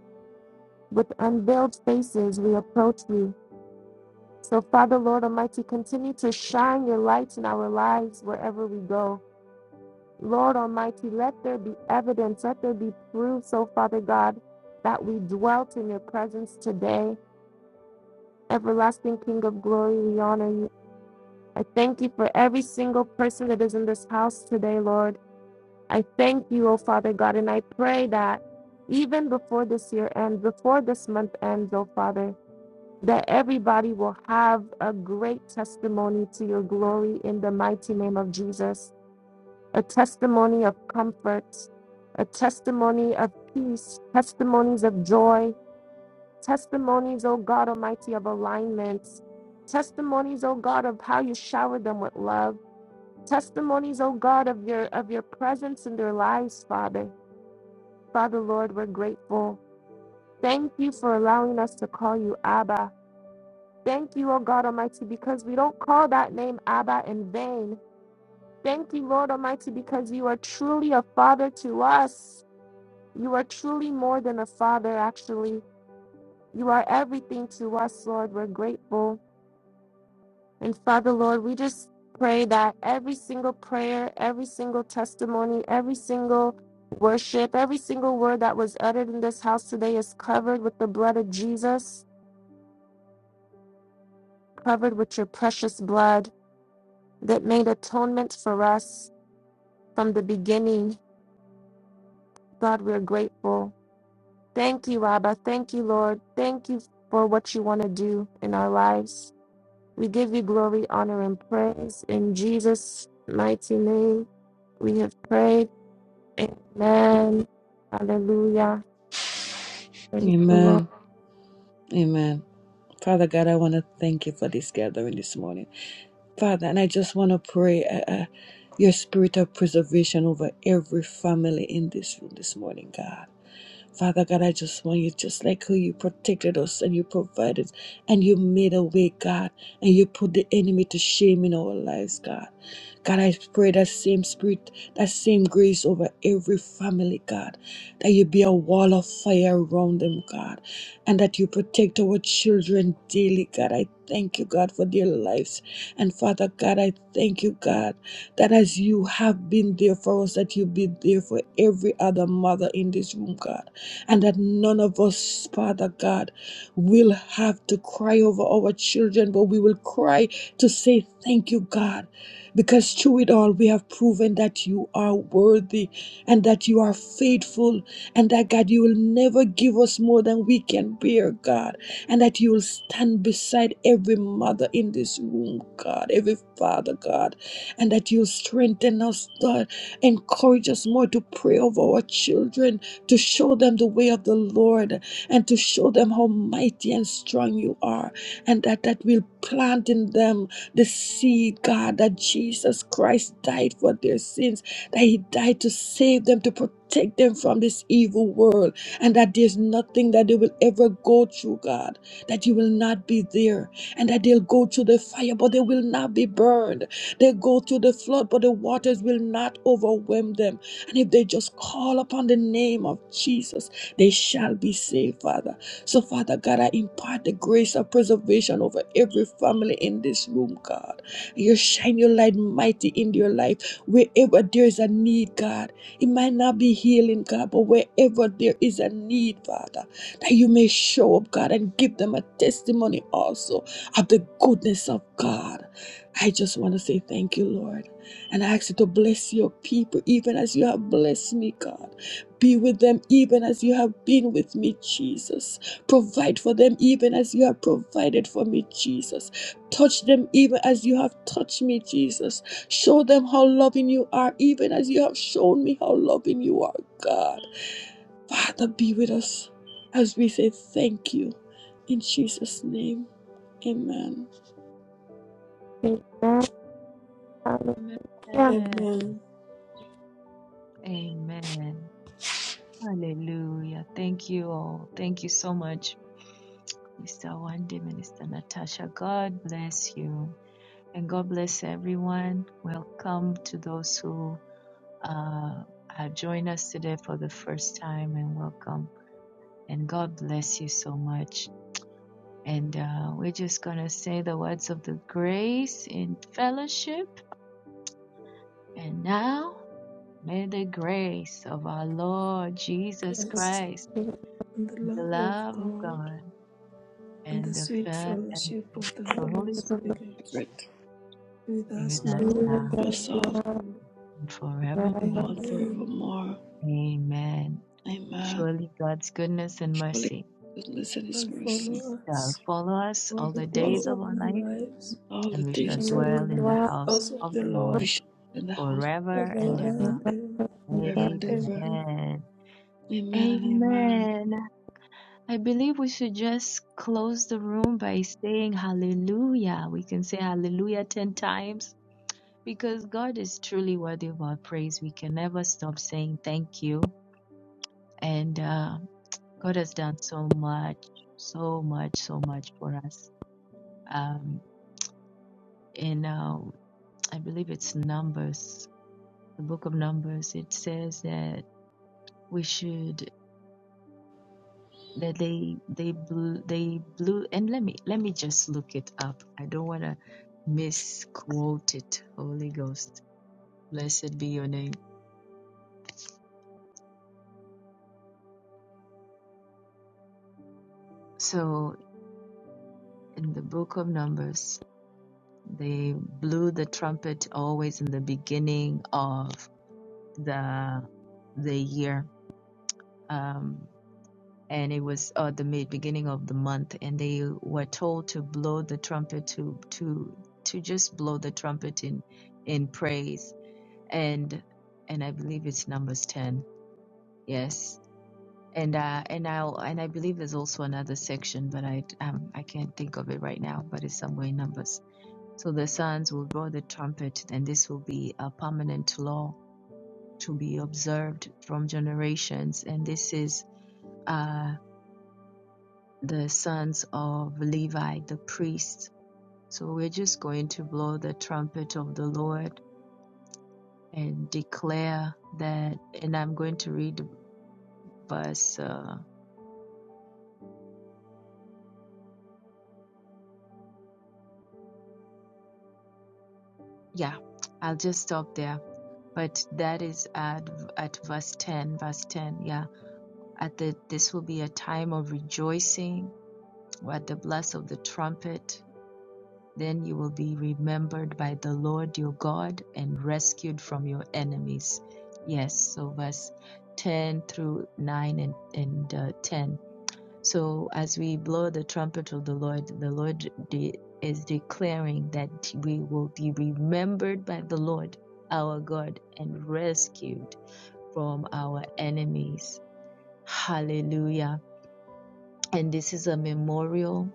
Speaker 3: With unveiled faces, we approach you. So, Father, Lord Almighty, continue to shine your light in our lives wherever we go. Lord Almighty, let there be evidence, let there be proof, so Father God, that we dwelt in your presence today. Everlasting King of glory, we honor you. I thank you for every single person that is in this house today, Lord. I thank you, oh Father God, and I pray that even before this year ends, before this month ends, oh Father, that everybody will have a great testimony to your glory in the mighty name of Jesus, a testimony of comfort, a testimony of peace, testimonies of joy, testimonies, oh God Almighty, of alignments, testimonies, oh God, of how you shower them with love, testimonies, oh God, of your of your presence in their lives, Father. Father, Lord, we're grateful. Thank you for allowing us to call you Abba. Thank you, O God Almighty, because we don't call that name Abba in vain. Thank you, Lord Almighty, because you are truly a father to us. You are truly more than a father, actually. You are everything to us, Lord. We're grateful. And Father, Lord, we just pray that every single prayer, every single testimony, every single worship, every single word that was uttered in this house today is covered with the blood of Jesus, covered with your precious blood that made atonement for us from the beginning. God, we're grateful. Thank you, Abba. Thank you, Lord. Thank you for what you want to do in our lives. We give you glory, honor, and praise. In Jesus' mighty name, we have prayed. Amen. Hallelujah. Praise the Lord.
Speaker 5: Amen. Amen. Father God, I want to thank you for this gathering this morning. Father, and I just want to pray uh, uh, your spirit of preservation over every family in this room this morning, God. Father God, I just want you, just like how you protected us and you provided and you made a way, God, and you put the enemy to shame in our lives, God. God, I pray that same spirit, that same grace over every family, God, that you be a wall of fire around them, God, and that you protect our children daily, God. I thank you, God, for their lives. And Father God, I thank you, God, that as you have been there for us, that you be there for every other mother in this room, God and that none of us, Father God, will have to cry over our children, but we will cry to say thank you, God, because through it all we have proven that you are worthy and that you are faithful and that God, you will never give us more than we can bear, God, and that you will stand beside every mother in this room, God, every father, God, and that you'll strengthen us, God, encourage us more to pray over our children to show them the way of the Lord and to show them how mighty and strong you are, and that that will plant in them the seed, God, that Jesus Christ died for their sins, that He died to save them, to protect them from this evil world, and that there's nothing that they will ever go through, God, that you will not be there, and that they'll go through the fire, but they will not be burned. They go through the flood, but the waters will not overwhelm them and if they just call upon the name of Jesus, they shall be saved, Father. So, Father God, I impart the grace of preservation over every family in this room, God. You shine your light mighty in your life wherever there is a need, God. It might not be healing, God, but wherever there is a need, Father, that you may show up, God, and give them a testimony also of the goodness of God. I just want to say thank you, Lord. And I ask you to bless your people, even as you have blessed me, God. Be with them, even as you have been with me, Jesus. Provide for them, even as you have provided for me, Jesus. Touch them, even as you have touched me, Jesus. Show them how loving you are, even as you have shown me how loving you are, God. Father, be with us as we say thank you. In Jesus' name, amen.
Speaker 3: Amen. Hallelujah.
Speaker 2: Lord.
Speaker 1: Amen.
Speaker 2: Amen.
Speaker 1: Amen. Hallelujah. Thank you all. Thank you so much, Mr. Wande, Minister Natasha. God bless you. And God bless everyone. Welcome to those who uh, have joined us today for the first time and welcome. And God bless you so much. And uh, we're just going to say the words of the grace in fellowship. And now, the grace of our Lord Jesus
Speaker 2: Yes.
Speaker 1: Christ,
Speaker 3: Jesus
Speaker 2: and the
Speaker 1: the
Speaker 2: love of
Speaker 1: love of
Speaker 2: God.
Speaker 1: God,
Speaker 2: and the sweet
Speaker 1: and
Speaker 2: fellowship of the
Speaker 1: the
Speaker 2: Holy
Speaker 1: Holy
Speaker 3: is the
Speaker 8: Thank you,
Speaker 2: Spirit
Speaker 8: sir.
Speaker 5: Right
Speaker 2: with
Speaker 8: Let
Speaker 2: us
Speaker 8: us now
Speaker 2: now
Speaker 1: Spirit,
Speaker 2: and
Speaker 5: with us all
Speaker 3: Lord.
Speaker 2: forevermore.
Speaker 3: Amen.
Speaker 5: now
Speaker 1: forevermore.
Speaker 5: and
Speaker 2: Amen.
Speaker 5: forevermore.
Speaker 1: Amen.
Speaker 5: Amen.
Speaker 1: Surely God's goodness and
Speaker 5: Surely
Speaker 1: mercy
Speaker 5: God's goodness and
Speaker 2: Shall
Speaker 5: his
Speaker 2: follow
Speaker 5: mercy
Speaker 8: commence
Speaker 2: us
Speaker 1: shall follow us
Speaker 8: all
Speaker 2: all
Speaker 1: all
Speaker 8: the
Speaker 2: the
Speaker 1: the
Speaker 5: follow
Speaker 2: days
Speaker 1: days
Speaker 2: of
Speaker 1: of our
Speaker 2: our
Speaker 1: life,
Speaker 2: lives.
Speaker 5: all the
Speaker 1: and we
Speaker 5: days
Speaker 2: We
Speaker 5: of
Speaker 1: shall
Speaker 5: the
Speaker 2: shall
Speaker 1: dwell
Speaker 2: dwell
Speaker 1: in the
Speaker 2: in
Speaker 3: Hallelujah.
Speaker 2: the
Speaker 1: house
Speaker 2: house of
Speaker 1: of
Speaker 2: the
Speaker 1: the Lord
Speaker 2: Lord
Speaker 5: Bishop in the house of
Speaker 1: forever
Speaker 5: the
Speaker 1: and
Speaker 5: Lord
Speaker 2: forever
Speaker 1: ever.
Speaker 2: and ever.
Speaker 5: forever and ever.
Speaker 2: Amen.
Speaker 1: Amen.
Speaker 5: Amen and amen.
Speaker 1: Amen. I believe we should just close the room by saying hallelujah. We can say hallelujah 10 times because God is truly worthy of our praise. We can never stop saying thank you. And uh, God has done so much, so much, so much for us. Um, in, uh, I believe it's Numbers, the book of Numbers, it says that we should. that they they blew they blew and let me let me just look it up i don't want to misquote it holy ghost blessed be your name so in the book of numbers they blew the trumpet always in the beginning of the the year um and it was uh, the mid beginning of the month and they were told to blow the trumpet to to to just blow the trumpet in in praise and and I believe it's numbers 10. Yes. And uh and I'll and I believe there's also another section, but I um I can't think of it right now, but it's somewhere in numbers. So the sons will blow the trumpet, and this will be a permanent law to be observed from generations. And this is uh the sons of Levi, the priests. So we're just going to blow the trumpet of the Lord and declare that and I'm going to read verse uh yeah, I'll just stop there. But that is at at verse ten, verse ten. Yeah, at the this will be a time of rejoicing. At the blast of the trumpet, then you will be remembered by the Lord your God and rescued from your enemies. Yes. So verse ten through nine and and uh, ten so as we blow the trumpet of the Lord, the Lord de- is declaring that we will be remembered by the Lord, our God, and rescued from our enemies. Hallelujah. And this is a memorial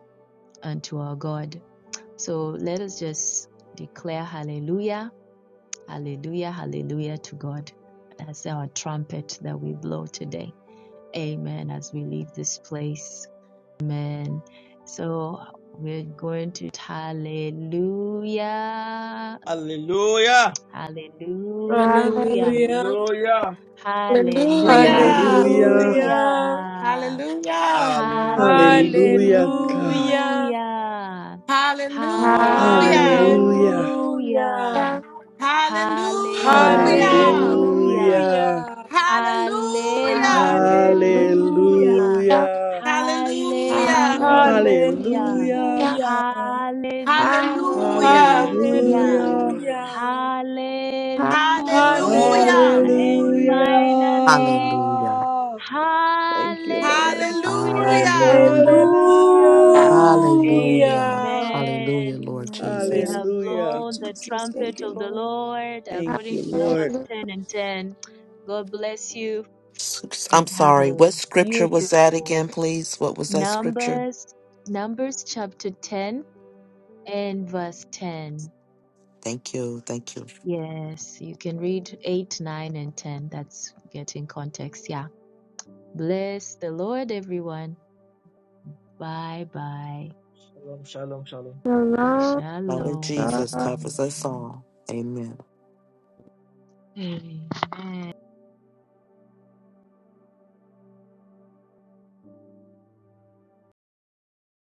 Speaker 1: unto our God. So let us just declare hallelujah, hallelujah, hallelujah to God. That's our trumpet that we blow today. Amen. As we leave this place. Amen. So we're going to hallelujah,
Speaker 8: Hallelujah!
Speaker 1: hallelujah,
Speaker 3: Hallelujah.
Speaker 2: Hallelujah.
Speaker 8: Hallelujah!
Speaker 3: Hallelujah.
Speaker 7: Hallelujah.
Speaker 8: Hallelujah!
Speaker 2: Hallelujah.
Speaker 1: hallelujah,
Speaker 7: Hallelujah.
Speaker 3: Hallelujah.
Speaker 8: Hallelujah!
Speaker 5: Hallelujah, God.
Speaker 2: Hallelujah.
Speaker 1: hallelujah,
Speaker 8: Hallelujah!
Speaker 7: Hallelujah.
Speaker 5: Hallelujah.
Speaker 2: Hallelujah.
Speaker 1: hallelujah,
Speaker 5: Hallelujah.
Speaker 7: Hallelujah.
Speaker 3: Hallelujah.
Speaker 8: Hallelujah!
Speaker 1: hallelujah.
Speaker 7: Hallelujah.
Speaker 2: Hallelujah.
Speaker 7: Hallelujah.
Speaker 8: Hallelujah!
Speaker 1: Hallelujah.
Speaker 2: Hallelujah.
Speaker 5: Hallelujah.
Speaker 7: Hallelujah.
Speaker 1: Hallelujah.
Speaker 8: Hallelujah!
Speaker 5: Hallelujah.
Speaker 2: Hallelujah.
Speaker 7: Hallelujah.
Speaker 3: Hallelujah.
Speaker 1: Hallelujah.
Speaker 5: Hallelujah.
Speaker 8: Hallelujah.
Speaker 2: Hallelujah.
Speaker 3: Hallelujah.
Speaker 1: Hallelujah. And
Speaker 5: Hallelujah.
Speaker 8: Hallelujah.
Speaker 2: Hallelujah.
Speaker 1: finally,
Speaker 9: Hallelujah.
Speaker 5: Thank you, Lord.
Speaker 7: Hallelujah.
Speaker 9: Hallelujah.
Speaker 5: Hallelujah.
Speaker 1: Hallelujah.
Speaker 9: Hallelujah.
Speaker 2: Hallelujah.
Speaker 9: Hallelujah,
Speaker 1: Amen.
Speaker 9: Lord
Speaker 1: We
Speaker 9: Jesus.
Speaker 2: Amen.
Speaker 1: have
Speaker 2: Thank
Speaker 5: Hallelujah.
Speaker 2: you,
Speaker 1: blown the
Speaker 2: Jesus. Thank
Speaker 1: trumpet
Speaker 2: you,
Speaker 1: of the
Speaker 2: Lord.
Speaker 1: Lord
Speaker 5: Thank
Speaker 1: according
Speaker 5: you,
Speaker 1: to
Speaker 5: Lord.
Speaker 1: Numbers
Speaker 3: Hallelujah.
Speaker 1: 10 and 10. God bless you
Speaker 9: Oops, I'm
Speaker 1: and have
Speaker 9: sorry.
Speaker 1: a
Speaker 9: What scripture was that again,
Speaker 1: beautiful
Speaker 9: please? What was that scripture?
Speaker 1: numbers numbers chapter 10 and verse 10
Speaker 9: Thank you. Thank you.
Speaker 1: yes you can read 8 9 and 10 that's getting context yeah bless the lord everyone bye bye
Speaker 8: Shalom, shalom, shalom.
Speaker 3: Shalom.
Speaker 9: Lord of
Speaker 1: shalom
Speaker 9: Jesus
Speaker 3: Shalom.
Speaker 9: covers us all. Amen.
Speaker 1: Amen.